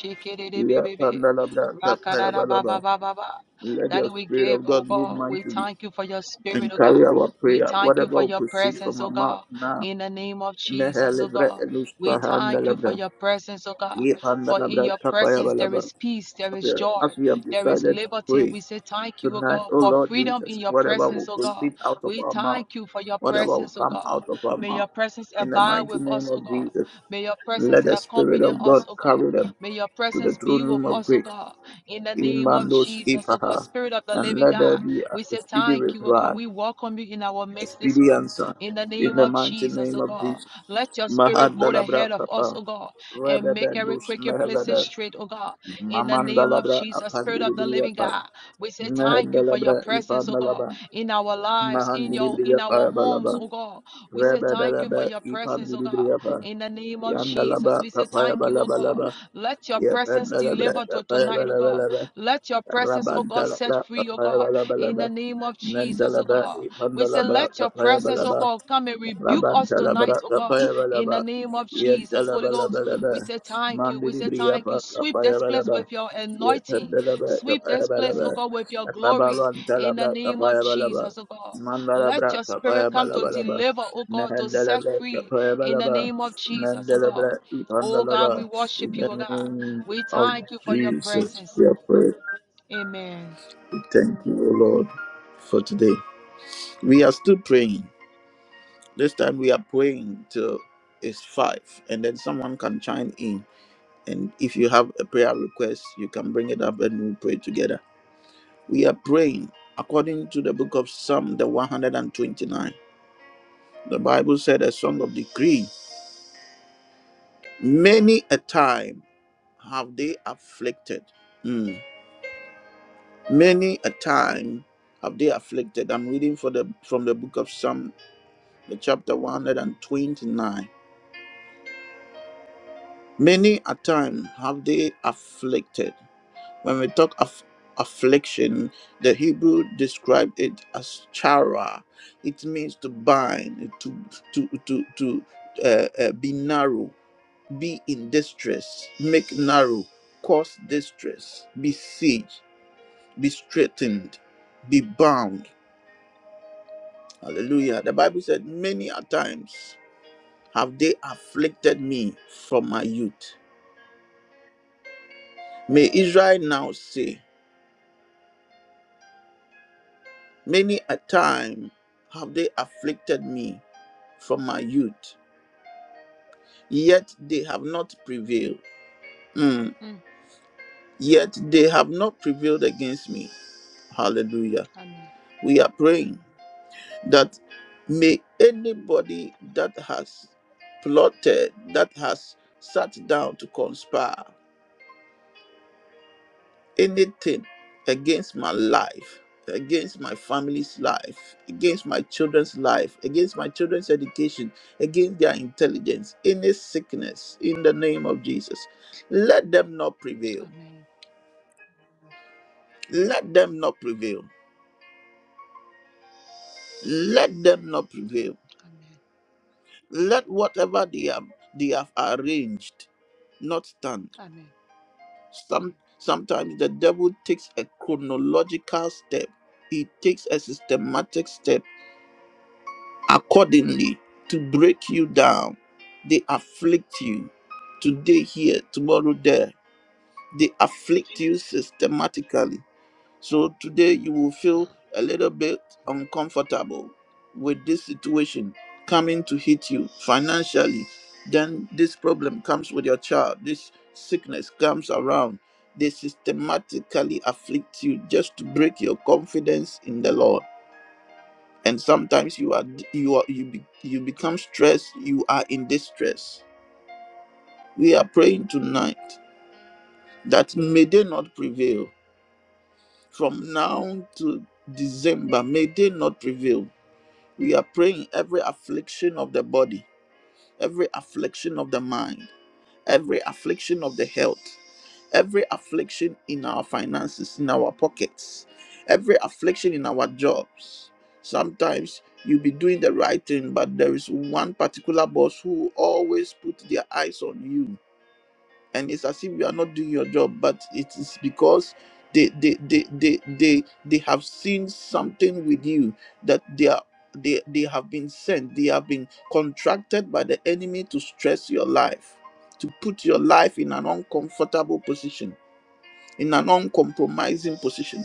[SPEAKER 1] Ya Pandalabra Kapayabalaba.
[SPEAKER 2] Rakarababababa.
[SPEAKER 1] Let the
[SPEAKER 2] Daddy, we
[SPEAKER 1] Spirit
[SPEAKER 2] give,
[SPEAKER 1] of
[SPEAKER 2] oh
[SPEAKER 1] God move
[SPEAKER 2] God. We
[SPEAKER 1] mightily
[SPEAKER 2] thank you for your spirit,
[SPEAKER 1] and
[SPEAKER 2] oh God.
[SPEAKER 1] carry our
[SPEAKER 2] We
[SPEAKER 1] prayer,
[SPEAKER 2] thank you
[SPEAKER 1] whatever
[SPEAKER 2] for
[SPEAKER 1] will
[SPEAKER 2] your
[SPEAKER 1] proceed
[SPEAKER 2] presence,
[SPEAKER 1] from
[SPEAKER 2] oh
[SPEAKER 1] our mouth
[SPEAKER 2] God.
[SPEAKER 1] now.
[SPEAKER 2] In the name of Jesus, oh
[SPEAKER 1] Mehalibra
[SPEAKER 2] God. We thank you for
[SPEAKER 1] Elus
[SPEAKER 2] your presence, oh God.
[SPEAKER 1] we As
[SPEAKER 2] For in your presence there is peace, there is joy,
[SPEAKER 1] we have
[SPEAKER 2] there is
[SPEAKER 1] decided to
[SPEAKER 2] liberty.
[SPEAKER 1] pray
[SPEAKER 2] We say thank you, oh
[SPEAKER 1] tonight,
[SPEAKER 2] God,
[SPEAKER 1] O
[SPEAKER 2] for
[SPEAKER 1] Lord
[SPEAKER 2] freedom in
[SPEAKER 1] Jesus,
[SPEAKER 2] your
[SPEAKER 1] whatever will
[SPEAKER 2] presence, oh God.
[SPEAKER 1] proceed out of
[SPEAKER 2] We
[SPEAKER 1] our mouth,
[SPEAKER 2] thank you for your
[SPEAKER 1] whatever will
[SPEAKER 2] presence, oh
[SPEAKER 1] come
[SPEAKER 2] God.
[SPEAKER 1] out of our
[SPEAKER 2] May
[SPEAKER 1] mouth,
[SPEAKER 2] your presence
[SPEAKER 1] in the
[SPEAKER 2] abide
[SPEAKER 1] mighty
[SPEAKER 2] with us,
[SPEAKER 1] name of
[SPEAKER 2] oh God.
[SPEAKER 1] Jesus,
[SPEAKER 2] May your presence
[SPEAKER 1] let the Spirit
[SPEAKER 2] accompany
[SPEAKER 1] of
[SPEAKER 2] us,
[SPEAKER 1] God
[SPEAKER 2] O God.
[SPEAKER 1] carry them
[SPEAKER 2] May your
[SPEAKER 1] to the
[SPEAKER 2] presence be
[SPEAKER 1] throne
[SPEAKER 2] with
[SPEAKER 1] room of
[SPEAKER 2] us, O
[SPEAKER 1] grace,
[SPEAKER 2] God. In the name of
[SPEAKER 1] Imandos
[SPEAKER 2] Jesus, O God,
[SPEAKER 1] Ipaha,
[SPEAKER 2] Spirit of the
[SPEAKER 1] and
[SPEAKER 2] living
[SPEAKER 1] let there
[SPEAKER 2] God,
[SPEAKER 1] be a
[SPEAKER 2] we say
[SPEAKER 1] speedy
[SPEAKER 2] thank you, O God.
[SPEAKER 1] reply,
[SPEAKER 2] We welcome you in our
[SPEAKER 1] a
[SPEAKER 2] midst this
[SPEAKER 1] speedy
[SPEAKER 2] morning.
[SPEAKER 1] answer,
[SPEAKER 2] In the
[SPEAKER 1] in
[SPEAKER 2] name
[SPEAKER 1] the
[SPEAKER 2] of
[SPEAKER 1] mighty
[SPEAKER 2] Jesus,
[SPEAKER 1] name
[SPEAKER 2] O
[SPEAKER 1] of
[SPEAKER 2] God.
[SPEAKER 1] Jesus.
[SPEAKER 2] Let your spirit go
[SPEAKER 1] Mahadalabra
[SPEAKER 2] ahead of us,
[SPEAKER 1] Kappa,
[SPEAKER 2] O God, and make every crooked place
[SPEAKER 1] Rebebe
[SPEAKER 2] straight, O God. In the name of
[SPEAKER 1] Mamandalabra
[SPEAKER 2] Jesus, Spirit of the living
[SPEAKER 1] Apandilibriyapa.
[SPEAKER 2] God, we say thank you for your
[SPEAKER 1] Mehendalabra
[SPEAKER 2] presence, O God,
[SPEAKER 1] Ipandalaba.
[SPEAKER 2] in our lives, in your in our
[SPEAKER 1] Mahandilibriyapa
[SPEAKER 2] homes,
[SPEAKER 1] Balaba.
[SPEAKER 2] O God. We say thank you for
[SPEAKER 1] Rebedalaba
[SPEAKER 2] your presence, O God.
[SPEAKER 1] Ipandilibriyapa.
[SPEAKER 2] In the name of Jesus,
[SPEAKER 1] Yandalaba
[SPEAKER 2] we say
[SPEAKER 1] Papaya
[SPEAKER 2] thank you, oh God.
[SPEAKER 1] Balabalaba.
[SPEAKER 2] Let your presence
[SPEAKER 1] Yapandalabra
[SPEAKER 2] deliver to
[SPEAKER 1] Papaya
[SPEAKER 2] tonight, oh God.
[SPEAKER 1] Balabalaba.
[SPEAKER 2] Let your presence, oh God, set
[SPEAKER 1] Rabantalabra
[SPEAKER 2] free, oh
[SPEAKER 1] Papaya
[SPEAKER 2] God. In
[SPEAKER 1] Balabalaba.
[SPEAKER 2] the name of Jesus, oh
[SPEAKER 1] Mendalabra
[SPEAKER 2] God. We say,
[SPEAKER 1] Ipandalabra
[SPEAKER 2] let your
[SPEAKER 1] Papaya
[SPEAKER 2] presence, oh
[SPEAKER 1] Balaba.
[SPEAKER 2] God, come and rebuke us
[SPEAKER 1] Rabantalabra
[SPEAKER 2] tonight, oh God.
[SPEAKER 1] Papaya
[SPEAKER 2] In
[SPEAKER 1] Balaba.
[SPEAKER 2] the name of Jesus, Holy Ghost. We
[SPEAKER 1] Yentalabalaba.
[SPEAKER 2] say thank you. We say thank you.
[SPEAKER 1] Mandilibriyapa
[SPEAKER 2] Sweep
[SPEAKER 1] Papaya
[SPEAKER 2] this place with
[SPEAKER 1] Balaba.
[SPEAKER 2] your
[SPEAKER 1] In the
[SPEAKER 2] anointing. Sweep this place, oh
[SPEAKER 1] name
[SPEAKER 2] God, with your glory. In the name of Jesus, oh God. Let your spirit come to deliver, oh God, to set free in the name of Jesus, oh God. Oh God, we worship you, oh God. We
[SPEAKER 1] of
[SPEAKER 2] thank you for your
[SPEAKER 1] Jesus,
[SPEAKER 2] presence.
[SPEAKER 1] we are praying.
[SPEAKER 2] Amen.
[SPEAKER 1] Thank you, O Lord, for today. We are still praying. This time we are praying till it's five, and then someone can chime in. And if you have a prayer request, you can bring it up and we pray together. We are praying according to the book of Psalm, the 129. The Bible said, a song of decree. Many a time have they afflicted. Mm. Many a time have they afflicted. I'm reading for the from the book of Psalm, the chapter 129. Many a time have they afflicted. When we talk of affliction, the Hebrew described it as chara. It means to bind, to to to to uh, uh, be narrow, be in distress, make narrow, cause distress, be siege, be straightened, be bound. Hallelujah. The Bible said, many a times have they afflicted me from my youth. May Israel now say, many a time have they afflicted me from my youth, yet they have not prevailed. Mm,
[SPEAKER 2] Mm.
[SPEAKER 1] Yet they have not prevailed against me. Hallelujah.
[SPEAKER 2] Amen.
[SPEAKER 1] We are praying that may anybody that has plotted, that has sat down to conspire, anything against my life, against my family's life, against my children's life, against my children's education, against their intelligence, any sickness in the name of Jesus. Let them not prevail.
[SPEAKER 2] Amen.
[SPEAKER 1] Let them not prevail. Let them not prevail.
[SPEAKER 2] Amen.
[SPEAKER 1] Let whatever they have they have arranged not stand.
[SPEAKER 2] Amen.
[SPEAKER 1] Some sometimes the devil takes a chronological step. He takes a systematic step accordingly to break you down. They afflict you today here, tomorrow there. They afflict you systematically. So today you will feel a little bit uncomfortable with this situation coming to hit you financially. Then this problem comes with your child, this sickness comes around. They systematically afflict you just to break your confidence in the Lord and sometimes you are you are you be, you become stressed you are in distress we are praying tonight that may they not prevail from now to december may they not prevail we are praying every affliction of the body every affliction of the mind every affliction of the health every affliction in our finances, in our pockets, every affliction in our jobs. Sometimes you'll be doing the right thing, but there is one particular boss who always put their eyes on you. And it's as if you are not doing your job, but it is because they they they they they, they have seen something with you that they are they, they have been sent, they have been contracted by the enemy to stress your life, to put your life in an uncomfortable position in an uncompromising position.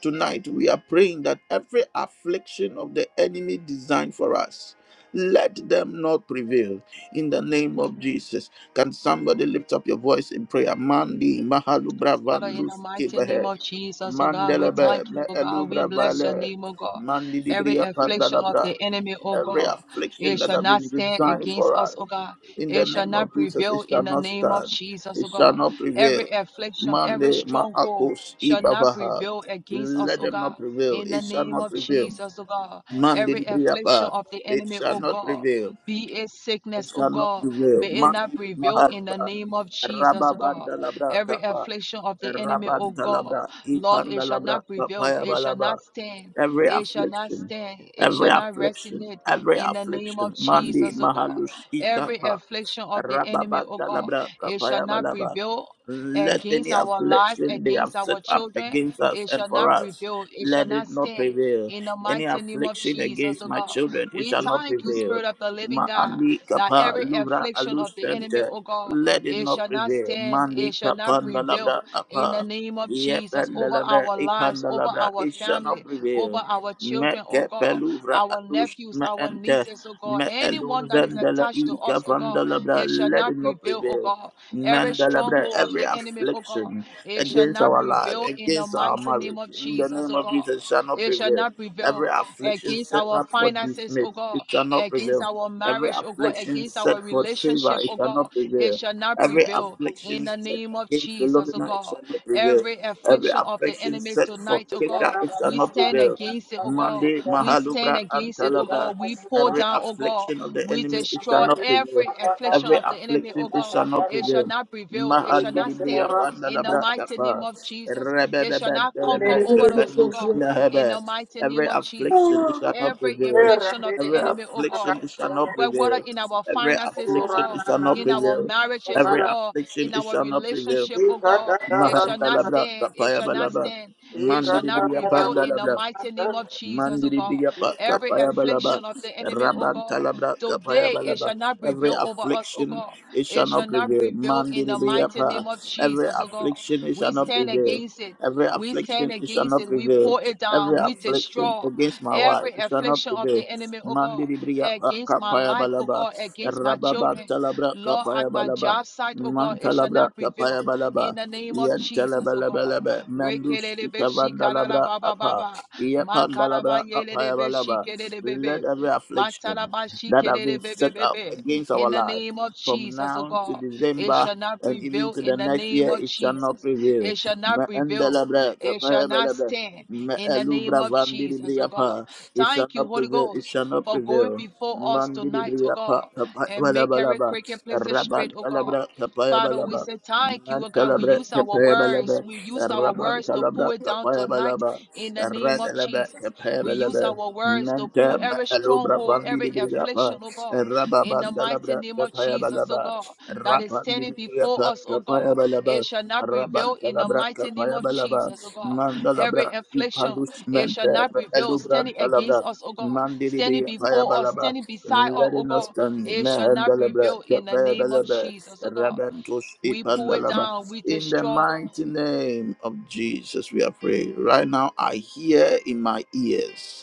[SPEAKER 1] Tonight, we are praying that every affliction of the enemy designed for us, let them not prevail in the name of
[SPEAKER 2] Amen.
[SPEAKER 1] Jesus. Can somebody lift up your voice in prayer? Mandi, Mahalu, Brava,
[SPEAKER 2] Father, in the
[SPEAKER 1] Luz,
[SPEAKER 2] mighty name of Jesus, oh God, we
[SPEAKER 1] Mandelebe,
[SPEAKER 2] thank you, oh God.
[SPEAKER 1] Me'elu,
[SPEAKER 2] We bless your
[SPEAKER 1] Bravale,
[SPEAKER 2] name, oh God.
[SPEAKER 1] Mandi,
[SPEAKER 2] Every
[SPEAKER 1] Libria,
[SPEAKER 2] affliction of
[SPEAKER 1] Pandalabra.
[SPEAKER 2] the enemy, oh
[SPEAKER 1] Every
[SPEAKER 2] God,
[SPEAKER 1] affliction
[SPEAKER 2] it
[SPEAKER 1] that
[SPEAKER 2] shall
[SPEAKER 1] have
[SPEAKER 2] not
[SPEAKER 1] been
[SPEAKER 2] stand
[SPEAKER 1] designed
[SPEAKER 2] against
[SPEAKER 1] for
[SPEAKER 2] us,
[SPEAKER 1] us,
[SPEAKER 2] oh God.
[SPEAKER 1] in the
[SPEAKER 2] It shall
[SPEAKER 1] name of
[SPEAKER 2] not
[SPEAKER 1] Jesus, it
[SPEAKER 2] prevail
[SPEAKER 1] shall
[SPEAKER 2] in the
[SPEAKER 1] not
[SPEAKER 2] name of
[SPEAKER 1] stand,
[SPEAKER 2] Jesus,
[SPEAKER 1] it
[SPEAKER 2] oh
[SPEAKER 1] shall
[SPEAKER 2] God.
[SPEAKER 1] not
[SPEAKER 2] Every
[SPEAKER 1] prevail.
[SPEAKER 2] affliction, every
[SPEAKER 1] Mande
[SPEAKER 2] stronghold
[SPEAKER 1] Maakos
[SPEAKER 2] shall not
[SPEAKER 1] Ibavaha.
[SPEAKER 2] prevail against us,
[SPEAKER 1] Let
[SPEAKER 2] oh
[SPEAKER 1] them
[SPEAKER 2] God.
[SPEAKER 1] not prevail.
[SPEAKER 2] In the
[SPEAKER 1] It shall
[SPEAKER 2] name
[SPEAKER 1] not
[SPEAKER 2] of
[SPEAKER 1] prevail.
[SPEAKER 2] Jesus, oh God.
[SPEAKER 1] Mande
[SPEAKER 2] Every affliction
[SPEAKER 1] Briapa.
[SPEAKER 2] of the
[SPEAKER 1] It
[SPEAKER 2] enemy,
[SPEAKER 1] shall
[SPEAKER 2] oh
[SPEAKER 1] not
[SPEAKER 2] God.
[SPEAKER 1] prevail.
[SPEAKER 2] Be it
[SPEAKER 1] It
[SPEAKER 2] sickness, oh
[SPEAKER 1] shall not
[SPEAKER 2] God.
[SPEAKER 1] prevail.
[SPEAKER 2] May it not
[SPEAKER 1] Mandi
[SPEAKER 2] prevail in the
[SPEAKER 1] Maharba.
[SPEAKER 2] name of Jesus, oh God.
[SPEAKER 1] Rababandalabra
[SPEAKER 2] Every
[SPEAKER 1] Kapa.
[SPEAKER 2] affliction of the enemy, O God,
[SPEAKER 1] Rabantalabra.
[SPEAKER 2] Lord, it shall
[SPEAKER 1] Ipandalabra
[SPEAKER 2] not prevail.
[SPEAKER 1] Kapaya
[SPEAKER 2] It shall not
[SPEAKER 1] Balaba.
[SPEAKER 2] stand.
[SPEAKER 1] Every
[SPEAKER 2] It shall not
[SPEAKER 1] affliction.
[SPEAKER 2] stand. It
[SPEAKER 1] Every
[SPEAKER 2] shall not
[SPEAKER 1] affliction.
[SPEAKER 2] resonate
[SPEAKER 1] Every
[SPEAKER 2] in the name of
[SPEAKER 1] affliction. Mandi
[SPEAKER 2] Jesus, O God.
[SPEAKER 1] Mahalus
[SPEAKER 2] Every
[SPEAKER 1] Ikapa.
[SPEAKER 2] affliction of the enemy, O God,
[SPEAKER 1] Rababandalabra
[SPEAKER 2] it shall
[SPEAKER 1] Kapaya
[SPEAKER 2] not
[SPEAKER 1] Balaba.
[SPEAKER 2] prevail.
[SPEAKER 1] Let
[SPEAKER 2] Against
[SPEAKER 1] any
[SPEAKER 2] our lives,
[SPEAKER 1] affliction they
[SPEAKER 2] against
[SPEAKER 1] have
[SPEAKER 2] our
[SPEAKER 1] set up
[SPEAKER 2] children,
[SPEAKER 1] against us
[SPEAKER 2] it
[SPEAKER 1] and
[SPEAKER 2] shall not
[SPEAKER 1] for us,
[SPEAKER 2] prevail, it shall
[SPEAKER 1] let
[SPEAKER 2] not
[SPEAKER 1] it not
[SPEAKER 2] stand.
[SPEAKER 1] prevail.
[SPEAKER 2] In the
[SPEAKER 1] Any
[SPEAKER 2] mighty name of
[SPEAKER 1] affliction
[SPEAKER 2] Jesus,
[SPEAKER 1] against
[SPEAKER 2] O
[SPEAKER 1] my
[SPEAKER 2] God,
[SPEAKER 1] children, it
[SPEAKER 2] we
[SPEAKER 1] shall not
[SPEAKER 2] thank you,
[SPEAKER 1] prevail.
[SPEAKER 2] Spirit of the Living God,
[SPEAKER 1] Ma'ani
[SPEAKER 2] that
[SPEAKER 1] kapa
[SPEAKER 2] every
[SPEAKER 1] lura
[SPEAKER 2] affliction of the enemy,
[SPEAKER 1] alusente,
[SPEAKER 2] O God,
[SPEAKER 1] let it
[SPEAKER 2] it
[SPEAKER 1] not
[SPEAKER 2] shall not
[SPEAKER 1] prevail.
[SPEAKER 2] stand. It
[SPEAKER 1] Mani
[SPEAKER 2] shall not
[SPEAKER 1] kapa
[SPEAKER 2] prevail.
[SPEAKER 1] nalabra
[SPEAKER 2] In the
[SPEAKER 1] apa,
[SPEAKER 2] name of Jesus,
[SPEAKER 1] yepen
[SPEAKER 2] over
[SPEAKER 1] nalabra
[SPEAKER 2] our
[SPEAKER 1] ipan
[SPEAKER 2] lives, over
[SPEAKER 1] nalabra,
[SPEAKER 2] our
[SPEAKER 1] it shall not
[SPEAKER 2] family, over
[SPEAKER 1] prevail.
[SPEAKER 2] our children, oh
[SPEAKER 1] Meke
[SPEAKER 2] God,
[SPEAKER 1] peluvra
[SPEAKER 2] our
[SPEAKER 1] alus
[SPEAKER 2] nephews,
[SPEAKER 1] me
[SPEAKER 2] our nieces, oh God,
[SPEAKER 1] me
[SPEAKER 2] anyone that is
[SPEAKER 1] elunzendela
[SPEAKER 2] attached to
[SPEAKER 1] ika
[SPEAKER 2] us, oh God,
[SPEAKER 1] vandalabra,
[SPEAKER 2] it shall
[SPEAKER 1] let
[SPEAKER 2] not
[SPEAKER 1] it not
[SPEAKER 2] prevail, oh
[SPEAKER 1] prevail.
[SPEAKER 2] God. Every
[SPEAKER 1] Mandalabra,
[SPEAKER 2] stronghold of
[SPEAKER 1] every
[SPEAKER 2] the enemy, oh God,
[SPEAKER 1] affliction
[SPEAKER 2] it shall
[SPEAKER 1] against
[SPEAKER 2] not
[SPEAKER 1] our life,
[SPEAKER 2] prevail in the
[SPEAKER 1] against our
[SPEAKER 2] mighty name
[SPEAKER 1] marriage,
[SPEAKER 2] of
[SPEAKER 1] in the
[SPEAKER 2] Jesus,
[SPEAKER 1] name
[SPEAKER 2] oh
[SPEAKER 1] of
[SPEAKER 2] God.
[SPEAKER 1] Jesus, shall not
[SPEAKER 2] It shall
[SPEAKER 1] prevail.
[SPEAKER 2] not
[SPEAKER 1] Every
[SPEAKER 2] prevail
[SPEAKER 1] affliction
[SPEAKER 2] against
[SPEAKER 1] set
[SPEAKER 2] our
[SPEAKER 1] up for
[SPEAKER 2] finances,
[SPEAKER 1] dismiss,
[SPEAKER 2] oh
[SPEAKER 1] it
[SPEAKER 2] God,
[SPEAKER 1] shall not
[SPEAKER 2] against
[SPEAKER 1] prevail.
[SPEAKER 2] our
[SPEAKER 1] Every
[SPEAKER 2] marriage, oh God,
[SPEAKER 1] affliction
[SPEAKER 2] against our
[SPEAKER 1] set for favor,
[SPEAKER 2] relationship,
[SPEAKER 1] it
[SPEAKER 2] oh
[SPEAKER 1] shall
[SPEAKER 2] God.
[SPEAKER 1] not
[SPEAKER 2] It
[SPEAKER 1] prevail.
[SPEAKER 2] shall not
[SPEAKER 1] Every
[SPEAKER 2] prevail in
[SPEAKER 1] affliction
[SPEAKER 2] the
[SPEAKER 1] set
[SPEAKER 2] name of
[SPEAKER 1] against
[SPEAKER 2] Jesus, oh
[SPEAKER 1] Philomena, it
[SPEAKER 2] God.
[SPEAKER 1] shall not prevail.
[SPEAKER 2] Every
[SPEAKER 1] Every
[SPEAKER 2] affliction of the
[SPEAKER 1] affliction
[SPEAKER 2] enemy
[SPEAKER 1] set for
[SPEAKER 2] tonight, oh God,
[SPEAKER 1] Kisha, it shall
[SPEAKER 2] we
[SPEAKER 1] not
[SPEAKER 2] stand
[SPEAKER 1] prevail.
[SPEAKER 2] against it, oh God.
[SPEAKER 1] Monday,
[SPEAKER 2] We stand
[SPEAKER 1] Mahalubra, and
[SPEAKER 2] against it, oh
[SPEAKER 1] Talabra.
[SPEAKER 2] God. We pull
[SPEAKER 1] Every
[SPEAKER 2] down, oh God.
[SPEAKER 1] affliction of the
[SPEAKER 2] We
[SPEAKER 1] enemy, it shall
[SPEAKER 2] destroy
[SPEAKER 1] not prevail.
[SPEAKER 2] every affliction
[SPEAKER 1] Every
[SPEAKER 2] of the enemy, oh
[SPEAKER 1] affliction, it
[SPEAKER 2] God.
[SPEAKER 1] shall not
[SPEAKER 2] It shall
[SPEAKER 1] prevail.
[SPEAKER 2] not prevail. It shall
[SPEAKER 1] Mahandi
[SPEAKER 2] not
[SPEAKER 1] Libriya
[SPEAKER 2] stand in the
[SPEAKER 1] Pandalabra
[SPEAKER 2] mighty name
[SPEAKER 1] Kapa.
[SPEAKER 2] of Jesus. It shall
[SPEAKER 1] Rebebeben
[SPEAKER 2] not conquer
[SPEAKER 1] Telebre
[SPEAKER 2] over us, oh
[SPEAKER 1] Pependus
[SPEAKER 2] God, in
[SPEAKER 1] Nehebe.
[SPEAKER 2] the mighty
[SPEAKER 1] Every
[SPEAKER 2] name of Jesus.
[SPEAKER 1] affliction, it shall
[SPEAKER 3] Thank
[SPEAKER 1] not
[SPEAKER 2] Every
[SPEAKER 1] prevail.
[SPEAKER 2] infliction of the
[SPEAKER 1] Every
[SPEAKER 2] enemy, oh
[SPEAKER 1] affliction,
[SPEAKER 2] God,
[SPEAKER 1] it shall not
[SPEAKER 2] whether
[SPEAKER 1] prevail.
[SPEAKER 2] in our
[SPEAKER 1] Every
[SPEAKER 2] finances, oh
[SPEAKER 1] affliction,
[SPEAKER 2] God,
[SPEAKER 1] it shall not
[SPEAKER 2] in our
[SPEAKER 1] prevail.
[SPEAKER 2] marriages, oh
[SPEAKER 1] Every
[SPEAKER 2] God,
[SPEAKER 1] affliction,
[SPEAKER 2] in
[SPEAKER 1] it
[SPEAKER 2] our
[SPEAKER 1] shall not prevail.
[SPEAKER 2] relationship, oh God. It shall not
[SPEAKER 1] Mahandalabra
[SPEAKER 2] stand. It
[SPEAKER 1] Kapaya
[SPEAKER 2] shall not
[SPEAKER 1] Balaba.
[SPEAKER 2] stand. It
[SPEAKER 1] Mandi
[SPEAKER 2] shall not prevail in the
[SPEAKER 1] Pandalabra.
[SPEAKER 2] mighty name of Jesus, oh
[SPEAKER 1] Mandiri
[SPEAKER 2] God.
[SPEAKER 1] biya
[SPEAKER 2] Every
[SPEAKER 1] kapaya balaba,
[SPEAKER 2] affliction of the enemy, oh
[SPEAKER 1] rabban
[SPEAKER 2] God,
[SPEAKER 1] talabra kapaya
[SPEAKER 2] today it
[SPEAKER 1] balaba.
[SPEAKER 2] shall not
[SPEAKER 1] Every
[SPEAKER 2] prevail over us, oh
[SPEAKER 1] affliction
[SPEAKER 2] God.
[SPEAKER 1] it
[SPEAKER 2] It
[SPEAKER 1] shall not
[SPEAKER 2] shall not
[SPEAKER 1] prevail.
[SPEAKER 2] prevail in
[SPEAKER 1] Mandiri
[SPEAKER 2] the
[SPEAKER 1] biya
[SPEAKER 2] mighty name of
[SPEAKER 1] Every
[SPEAKER 2] Jesus, oh God.
[SPEAKER 1] affliction it
[SPEAKER 2] We
[SPEAKER 1] shall not
[SPEAKER 2] stand
[SPEAKER 1] prevail.
[SPEAKER 2] against it.
[SPEAKER 1] Every
[SPEAKER 2] We
[SPEAKER 1] affliction
[SPEAKER 2] stand
[SPEAKER 1] it shall
[SPEAKER 2] against
[SPEAKER 1] not
[SPEAKER 2] it. We
[SPEAKER 1] prevail.
[SPEAKER 2] pull it
[SPEAKER 1] Every
[SPEAKER 2] down. We
[SPEAKER 1] affliction
[SPEAKER 2] destroy
[SPEAKER 1] against my wife
[SPEAKER 2] every
[SPEAKER 1] it shall not
[SPEAKER 2] affliction of
[SPEAKER 1] prevail.
[SPEAKER 2] the enemy, oh God,
[SPEAKER 1] Mandiri biya
[SPEAKER 2] against my
[SPEAKER 1] kapaya
[SPEAKER 2] life, oh
[SPEAKER 1] balaba,
[SPEAKER 2] God, against my children,
[SPEAKER 1] rabban talabra
[SPEAKER 2] Lord, at
[SPEAKER 1] kapaya
[SPEAKER 2] my
[SPEAKER 1] balaba.
[SPEAKER 2] job site, oh God, it shall
[SPEAKER 1] Mantalabra
[SPEAKER 2] not prevail
[SPEAKER 1] Tapaya Balaba,
[SPEAKER 2] in the name of
[SPEAKER 1] Ian
[SPEAKER 2] Jesus, oh God.
[SPEAKER 1] Telebelebelebe, Mendus
[SPEAKER 2] Rekelelebe shikalala
[SPEAKER 1] Ikavandalabra
[SPEAKER 2] baba
[SPEAKER 1] Apa,
[SPEAKER 2] baba.
[SPEAKER 1] Iapandalabra
[SPEAKER 2] Makalaba
[SPEAKER 1] Apaya
[SPEAKER 2] yelelebe
[SPEAKER 1] Balaba.
[SPEAKER 2] shikelelebebe.
[SPEAKER 1] Let every affliction
[SPEAKER 2] Matalaba
[SPEAKER 1] that have been set up
[SPEAKER 2] shikelelebebebebe.
[SPEAKER 1] against our
[SPEAKER 2] In the
[SPEAKER 1] life
[SPEAKER 2] name of
[SPEAKER 1] from
[SPEAKER 2] Jesus, oh
[SPEAKER 1] now to
[SPEAKER 2] God, it
[SPEAKER 1] December
[SPEAKER 2] shall not
[SPEAKER 1] and even
[SPEAKER 2] prevail
[SPEAKER 1] to the
[SPEAKER 2] in the
[SPEAKER 1] next
[SPEAKER 2] name
[SPEAKER 1] year,
[SPEAKER 2] of
[SPEAKER 1] it shall not
[SPEAKER 2] Jesus.
[SPEAKER 1] prevail.
[SPEAKER 2] It shall not prevail.
[SPEAKER 1] Maandalabra
[SPEAKER 2] It shall
[SPEAKER 1] Tapaya
[SPEAKER 2] not
[SPEAKER 1] Balaba,
[SPEAKER 2] stand in the name
[SPEAKER 1] Meelubra
[SPEAKER 2] of Jesus, oh God.
[SPEAKER 1] Vandilibriapa, it
[SPEAKER 2] Thank
[SPEAKER 1] shall
[SPEAKER 2] you,
[SPEAKER 1] not
[SPEAKER 2] Holy
[SPEAKER 1] prevail, it
[SPEAKER 2] Ghost,
[SPEAKER 1] shall not
[SPEAKER 2] for going
[SPEAKER 1] prevail.
[SPEAKER 2] before us
[SPEAKER 1] Mandiri
[SPEAKER 2] tonight, oh
[SPEAKER 1] Bria
[SPEAKER 2] God
[SPEAKER 1] Papa
[SPEAKER 2] and make every
[SPEAKER 1] Balabalaba,
[SPEAKER 2] crooked place
[SPEAKER 1] Rabat
[SPEAKER 2] straight, oh God.
[SPEAKER 1] Alabra Capaya
[SPEAKER 2] Father, we
[SPEAKER 1] Balaba,
[SPEAKER 2] say thank you, oh God. We
[SPEAKER 1] Mantalabra
[SPEAKER 2] use our
[SPEAKER 1] Capaya Balaba,
[SPEAKER 2] words. We use our
[SPEAKER 1] Rabat
[SPEAKER 2] words to pull
[SPEAKER 1] Alabra
[SPEAKER 2] it down
[SPEAKER 1] Capaya
[SPEAKER 2] tonight
[SPEAKER 1] Balaba,
[SPEAKER 2] in the name
[SPEAKER 1] Rad
[SPEAKER 2] of
[SPEAKER 1] Alabra
[SPEAKER 2] Jesus.
[SPEAKER 1] Capaya
[SPEAKER 2] We use
[SPEAKER 1] Balaba,
[SPEAKER 2] our words to pull
[SPEAKER 1] Manta
[SPEAKER 2] every
[SPEAKER 1] Alubra
[SPEAKER 2] stronghold, every
[SPEAKER 1] Vandiri Bria Pa,
[SPEAKER 2] affliction, oh God, in the
[SPEAKER 1] Rabat
[SPEAKER 2] mighty
[SPEAKER 1] Alabra
[SPEAKER 2] name of
[SPEAKER 1] Capaya
[SPEAKER 2] Jesus, oh
[SPEAKER 1] Balaba,
[SPEAKER 2] God, that is
[SPEAKER 1] Rabat
[SPEAKER 2] standing
[SPEAKER 1] Bria
[SPEAKER 2] before
[SPEAKER 1] Pa
[SPEAKER 2] us, oh God. It
[SPEAKER 1] Balaba,
[SPEAKER 2] shall not
[SPEAKER 1] Rabat
[SPEAKER 2] prevail in the
[SPEAKER 1] Alabra
[SPEAKER 2] mighty name
[SPEAKER 1] Capaya
[SPEAKER 2] of
[SPEAKER 1] Balaba,
[SPEAKER 2] Jesus, oh God. Every
[SPEAKER 1] Mandalabra
[SPEAKER 2] affliction,
[SPEAKER 1] Ipalus
[SPEAKER 2] it shall
[SPEAKER 1] Manta
[SPEAKER 2] not prevail,
[SPEAKER 1] Alubra
[SPEAKER 2] standing against
[SPEAKER 1] Alabra.
[SPEAKER 2] us, oh God, standing
[SPEAKER 1] Mandilibi
[SPEAKER 2] before us,
[SPEAKER 1] Payabalaba,
[SPEAKER 2] standing beside us, oh God.
[SPEAKER 1] Ladinostandi,
[SPEAKER 2] It shall not
[SPEAKER 1] Mehendalabra,
[SPEAKER 2] prevail in the name of
[SPEAKER 1] Kepayabalaba,
[SPEAKER 2] Jesus, oh God.
[SPEAKER 1] Rabantush
[SPEAKER 2] We pull it
[SPEAKER 1] Ipandalaba.
[SPEAKER 2] down, we
[SPEAKER 1] In the
[SPEAKER 2] destroy
[SPEAKER 1] mighty name of Jesus, we are praying. Right now, I hear in my ears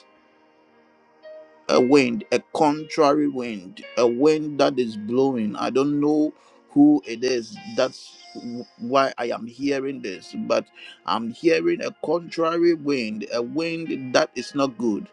[SPEAKER 1] a wind, a contrary wind, a wind that is blowing. I don't know who it is. That's w- why I am hearing this, but I'm hearing a contrary wind, a wind that is not good.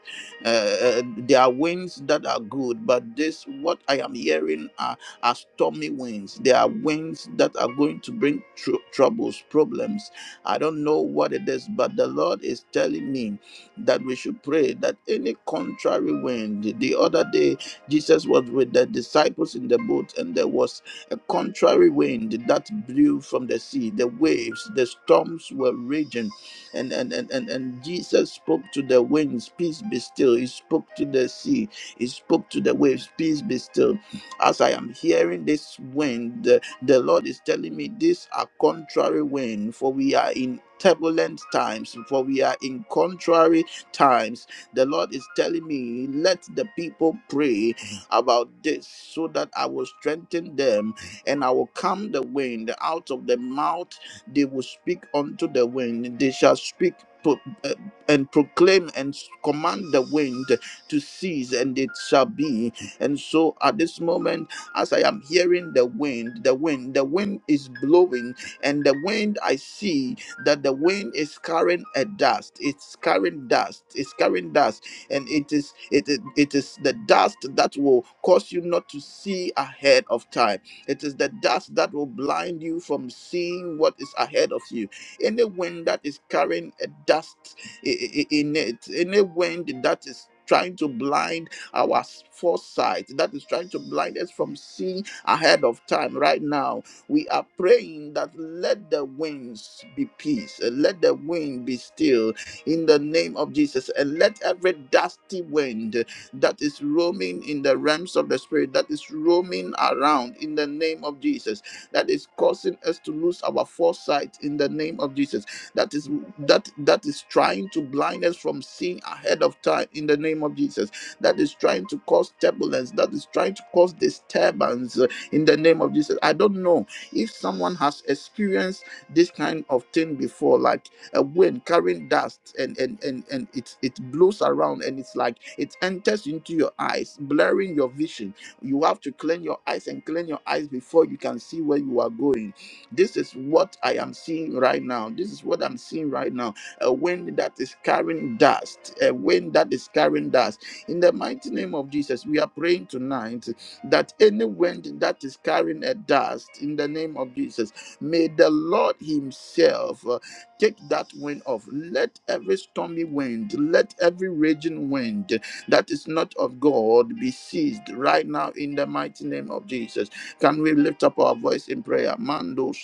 [SPEAKER 1] Uh, uh, there are winds that are good, but this, what I am hearing, are, are stormy winds. There are winds that are going to bring tr- troubles, problems. I don't know what it is, but the Lord is telling me that we should pray that any contrary wind. The other day, Jesus was with the disciples in the boat, and there was a contrary wind that blew from the sea. The waves, the storms were raging, and and and and, and Jesus spoke to the winds, "Peace be still." He spoke to the sea. He spoke to the waves, "Peace be still." As I am hearing this wind, the, the Lord is telling me these are contrary wind, for we are in turbulent times for we are in contrary times. The Lord is telling me, let the people pray about this so that I will strengthen them and I will calm the wind out of the mouth. They will speak unto the wind. They shall speak. pro- uh, And proclaim and s- command the wind to cease, and it shall be. And so, at this moment, as I am hearing the wind, the wind, the wind is blowing, and the wind I see that the wind is carrying a dust it's carrying dust it's carrying dust and it is it, it it is the dust that will cause you not to see ahead of time it is the dust that will blind you from seeing what is ahead of you any wind that is carrying a dust i- i- i- in it any wind that is trying to blind our foresight that is trying to blind us from seeing ahead of time right now we are praying that let the winds be peace, and let the wind be still in the name of Jesus, and let every dusty wind that is roaming in the realms of the spirit, that is roaming around in the name of Jesus, that is causing us to lose our foresight in the name of Jesus, that is that that is trying to blind us from seeing ahead of time in the name of Jesus, that is trying to cause turbulence, that is trying to cause disturbance uh, in the name of Jesus. I don't know if someone has experienced this kind of thing before, like a wind carrying dust and and and, and it, it blows around and it's like it enters into your eyes, blurring your vision. You have to clean your eyes and clean your eyes before you can see where you are going. This is what I am seeing right now. This is what I'm seeing right now. A wind that is carrying dust, a wind that is carrying dust. In the mighty name of Jesus, we are praying tonight that any wind that is carrying a dust in the name of Jesus, may the Lord Himself uh, take that wind off. Let every stormy wind, let every raging wind that is not of God be seized right now in the mighty name of Jesus. Can we lift up our voice in prayer? Mandos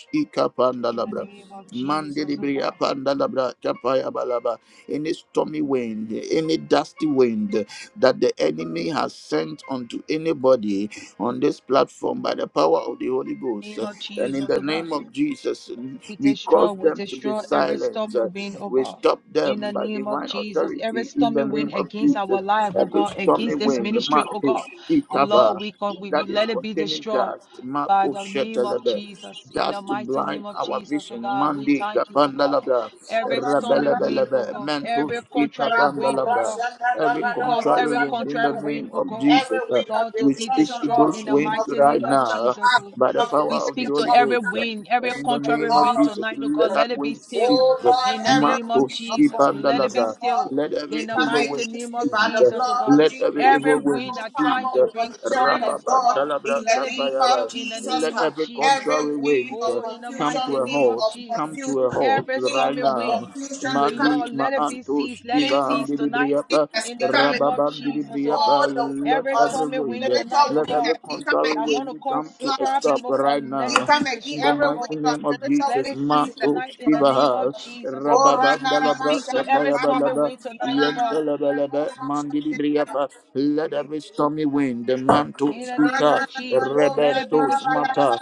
[SPEAKER 2] in the
[SPEAKER 1] ikapandalabra.
[SPEAKER 2] name of Jesus, oh
[SPEAKER 1] Mandiribriya
[SPEAKER 2] God.
[SPEAKER 1] pandalabra kapaya balaba. Any stormy wind, any dusty wind, that the enemy has sent unto anybody on this platform by the power of the Holy
[SPEAKER 2] In the
[SPEAKER 1] Ghost.
[SPEAKER 2] name of
[SPEAKER 1] And in
[SPEAKER 2] Jesus,
[SPEAKER 1] the
[SPEAKER 2] oh God.
[SPEAKER 1] name of Jesus,
[SPEAKER 2] We
[SPEAKER 1] we
[SPEAKER 2] destroy,
[SPEAKER 1] cause
[SPEAKER 2] we
[SPEAKER 1] them to be
[SPEAKER 2] destroy every
[SPEAKER 1] silent.
[SPEAKER 2] stormy wind, oh
[SPEAKER 1] We
[SPEAKER 2] God.
[SPEAKER 1] stop
[SPEAKER 2] In the
[SPEAKER 1] them by
[SPEAKER 2] name of
[SPEAKER 1] divine
[SPEAKER 2] Jesus, every
[SPEAKER 1] authority in
[SPEAKER 2] stormy
[SPEAKER 1] the name
[SPEAKER 2] wind
[SPEAKER 1] of
[SPEAKER 2] against our
[SPEAKER 1] Jesus.
[SPEAKER 2] life, oh
[SPEAKER 1] Every
[SPEAKER 2] God,
[SPEAKER 1] stormy
[SPEAKER 2] against this
[SPEAKER 1] wind,
[SPEAKER 2] ministry, oh God.
[SPEAKER 1] Marcos,
[SPEAKER 2] Lord,
[SPEAKER 1] Ikava,
[SPEAKER 2] we, con- we, we
[SPEAKER 1] that is
[SPEAKER 2] let it be
[SPEAKER 1] containing
[SPEAKER 2] destroyed
[SPEAKER 1] dust,
[SPEAKER 2] by
[SPEAKER 1] Marcos,
[SPEAKER 2] the name of
[SPEAKER 1] Shetelebe,
[SPEAKER 2] Jesus. In the
[SPEAKER 1] dust to
[SPEAKER 2] mighty name
[SPEAKER 1] blind
[SPEAKER 2] of
[SPEAKER 1] our
[SPEAKER 2] Jesus, oh
[SPEAKER 1] vision,
[SPEAKER 2] God, we
[SPEAKER 1] Mandi,
[SPEAKER 2] thank you, oh God.
[SPEAKER 1] Kapandalaba.
[SPEAKER 2] Every stormy wind,
[SPEAKER 1] Rabelebelebe,
[SPEAKER 2] oh God,
[SPEAKER 1] mentus
[SPEAKER 2] every contrary wind, oh
[SPEAKER 1] ikavandalabra.
[SPEAKER 2] God.
[SPEAKER 1] Every
[SPEAKER 2] We cause
[SPEAKER 1] contrary
[SPEAKER 2] every
[SPEAKER 1] wind in the
[SPEAKER 2] contrary wind,
[SPEAKER 1] name
[SPEAKER 2] oh
[SPEAKER 1] of
[SPEAKER 2] God,
[SPEAKER 3] Every
[SPEAKER 1] Jesus, uh,
[SPEAKER 3] wind of
[SPEAKER 2] Lord, to
[SPEAKER 1] we
[SPEAKER 2] be
[SPEAKER 1] speak to
[SPEAKER 3] destruction,
[SPEAKER 2] destroyed
[SPEAKER 3] Lord,
[SPEAKER 1] those
[SPEAKER 2] in the
[SPEAKER 3] wind
[SPEAKER 1] winds
[SPEAKER 3] of
[SPEAKER 2] mighty
[SPEAKER 1] right
[SPEAKER 2] name of
[SPEAKER 3] suppression,
[SPEAKER 1] now uh,
[SPEAKER 2] Jesus. oh
[SPEAKER 1] by
[SPEAKER 3] wind
[SPEAKER 1] the
[SPEAKER 3] of
[SPEAKER 1] power
[SPEAKER 2] we
[SPEAKER 1] of the
[SPEAKER 3] destruction,
[SPEAKER 2] speak to
[SPEAKER 1] Holy
[SPEAKER 3] Lord, we
[SPEAKER 2] every
[SPEAKER 1] Ghost.
[SPEAKER 3] come
[SPEAKER 1] uh,
[SPEAKER 2] wind, every
[SPEAKER 1] and in
[SPEAKER 3] against
[SPEAKER 1] the
[SPEAKER 3] of
[SPEAKER 2] contrary
[SPEAKER 1] name of
[SPEAKER 2] wind
[SPEAKER 3] Lord,
[SPEAKER 1] Jesus,
[SPEAKER 2] tonight, oh God.
[SPEAKER 1] let that
[SPEAKER 2] Let it be
[SPEAKER 1] wind
[SPEAKER 2] still
[SPEAKER 3] Oh
[SPEAKER 1] cease.
[SPEAKER 3] Lord,
[SPEAKER 2] in the
[SPEAKER 3] every
[SPEAKER 2] name of
[SPEAKER 3] week
[SPEAKER 1] Matos
[SPEAKER 3] of
[SPEAKER 2] Jesus. Let it be
[SPEAKER 3] confusion,
[SPEAKER 1] ikavandalabra.
[SPEAKER 3] Lord,
[SPEAKER 2] still
[SPEAKER 1] Let
[SPEAKER 3] we
[SPEAKER 2] in
[SPEAKER 1] every
[SPEAKER 2] the
[SPEAKER 3] come
[SPEAKER 1] evil
[SPEAKER 2] mighty
[SPEAKER 1] wind
[SPEAKER 3] against
[SPEAKER 2] name of
[SPEAKER 3] you by the
[SPEAKER 1] Jesus.
[SPEAKER 2] Jesus, oh
[SPEAKER 3] blood
[SPEAKER 2] God.
[SPEAKER 3] of
[SPEAKER 1] Let
[SPEAKER 3] Jesus.
[SPEAKER 1] every
[SPEAKER 3] You
[SPEAKER 2] Every
[SPEAKER 1] evil
[SPEAKER 3] have
[SPEAKER 1] wind
[SPEAKER 2] wind
[SPEAKER 3] no
[SPEAKER 2] that trying
[SPEAKER 3] power
[SPEAKER 1] cease.
[SPEAKER 2] to
[SPEAKER 3] over
[SPEAKER 2] bring
[SPEAKER 3] the children of
[SPEAKER 2] turbulence, oh
[SPEAKER 3] God
[SPEAKER 2] God,
[SPEAKER 3] in
[SPEAKER 1] Rabba-ba-talabra-
[SPEAKER 3] the
[SPEAKER 2] let it be
[SPEAKER 3] name of
[SPEAKER 2] still
[SPEAKER 1] tapayaba.
[SPEAKER 2] in the
[SPEAKER 3] Jesus.
[SPEAKER 1] Let
[SPEAKER 2] name of
[SPEAKER 3] ha.
[SPEAKER 1] every
[SPEAKER 2] Jesus.
[SPEAKER 3] Every
[SPEAKER 1] contrary
[SPEAKER 3] wind
[SPEAKER 1] wind
[SPEAKER 3] of
[SPEAKER 1] uh,
[SPEAKER 2] Oh, in the
[SPEAKER 3] confusion,
[SPEAKER 1] come to
[SPEAKER 2] mighty
[SPEAKER 1] a
[SPEAKER 2] name
[SPEAKER 3] wind
[SPEAKER 2] of
[SPEAKER 1] halt.
[SPEAKER 3] of
[SPEAKER 1] Come
[SPEAKER 2] Jesus.
[SPEAKER 1] to a
[SPEAKER 3] confusion,
[SPEAKER 1] halt
[SPEAKER 2] Every
[SPEAKER 3] wind
[SPEAKER 1] right
[SPEAKER 2] stormy
[SPEAKER 3] of
[SPEAKER 1] now.
[SPEAKER 2] wind,
[SPEAKER 3] confusion,
[SPEAKER 2] we
[SPEAKER 3] we come
[SPEAKER 1] Mandi
[SPEAKER 2] Lord, let it
[SPEAKER 3] against
[SPEAKER 2] be
[SPEAKER 1] maanto
[SPEAKER 2] ceased. Let
[SPEAKER 3] you.
[SPEAKER 2] it
[SPEAKER 1] skiba
[SPEAKER 3] wind of
[SPEAKER 2] cease tonight
[SPEAKER 1] andilibriyapa.
[SPEAKER 3] weakness,
[SPEAKER 2] in
[SPEAKER 3] we
[SPEAKER 2] the
[SPEAKER 3] come against you
[SPEAKER 2] name of Jesus, oh
[SPEAKER 1] Rababandilibriyapa.
[SPEAKER 2] God.
[SPEAKER 3] all the weight
[SPEAKER 1] Let
[SPEAKER 2] Every
[SPEAKER 3] of
[SPEAKER 1] every
[SPEAKER 2] stormy wind
[SPEAKER 1] wind, uh,
[SPEAKER 2] tonight,
[SPEAKER 3] spiritual
[SPEAKER 2] oh
[SPEAKER 1] let
[SPEAKER 2] God.
[SPEAKER 3] weakness.
[SPEAKER 1] every
[SPEAKER 3] We come
[SPEAKER 1] contrary
[SPEAKER 3] against
[SPEAKER 2] I
[SPEAKER 3] the
[SPEAKER 2] want
[SPEAKER 1] wind
[SPEAKER 2] to cause
[SPEAKER 1] come to
[SPEAKER 3] blood
[SPEAKER 1] a
[SPEAKER 3] of
[SPEAKER 2] problem,
[SPEAKER 1] stop
[SPEAKER 2] oh
[SPEAKER 3] Jesus.
[SPEAKER 2] God.
[SPEAKER 1] right
[SPEAKER 2] Let
[SPEAKER 3] We
[SPEAKER 2] it
[SPEAKER 1] now.
[SPEAKER 2] be
[SPEAKER 3] come
[SPEAKER 1] In
[SPEAKER 3] against
[SPEAKER 1] the
[SPEAKER 2] destroyed,
[SPEAKER 3] every
[SPEAKER 2] oh
[SPEAKER 1] mighty
[SPEAKER 2] God.
[SPEAKER 3] weight of
[SPEAKER 1] name of
[SPEAKER 3] spiritual
[SPEAKER 2] Let
[SPEAKER 1] Jesus,
[SPEAKER 2] it
[SPEAKER 3] weakness
[SPEAKER 2] cease
[SPEAKER 3] in the
[SPEAKER 1] Mato
[SPEAKER 2] tonight
[SPEAKER 3] name
[SPEAKER 2] in the
[SPEAKER 3] of Jesus.
[SPEAKER 2] name of
[SPEAKER 1] Skibaha,
[SPEAKER 2] Jesus, oh
[SPEAKER 3] Oh,
[SPEAKER 2] God.
[SPEAKER 1] Rababa
[SPEAKER 3] Rana
[SPEAKER 2] We
[SPEAKER 3] Rama
[SPEAKER 1] Balabra,
[SPEAKER 2] speak to
[SPEAKER 3] Shana
[SPEAKER 2] every
[SPEAKER 1] Lapaya
[SPEAKER 3] Karaba.
[SPEAKER 2] stumbling
[SPEAKER 1] Balaba,
[SPEAKER 2] way tonight, oh
[SPEAKER 3] Rana
[SPEAKER 2] God.
[SPEAKER 1] Yentalabalaba,
[SPEAKER 3] Rama
[SPEAKER 1] Mandili
[SPEAKER 3] Shana
[SPEAKER 1] Briapa, let every stormy
[SPEAKER 3] Karaba.
[SPEAKER 1] wind, the Manto
[SPEAKER 2] In the
[SPEAKER 3] Lord,
[SPEAKER 2] name
[SPEAKER 1] Skika,
[SPEAKER 2] of Jesus, let it be
[SPEAKER 1] Rebentos
[SPEAKER 2] destroyed.
[SPEAKER 1] Mata,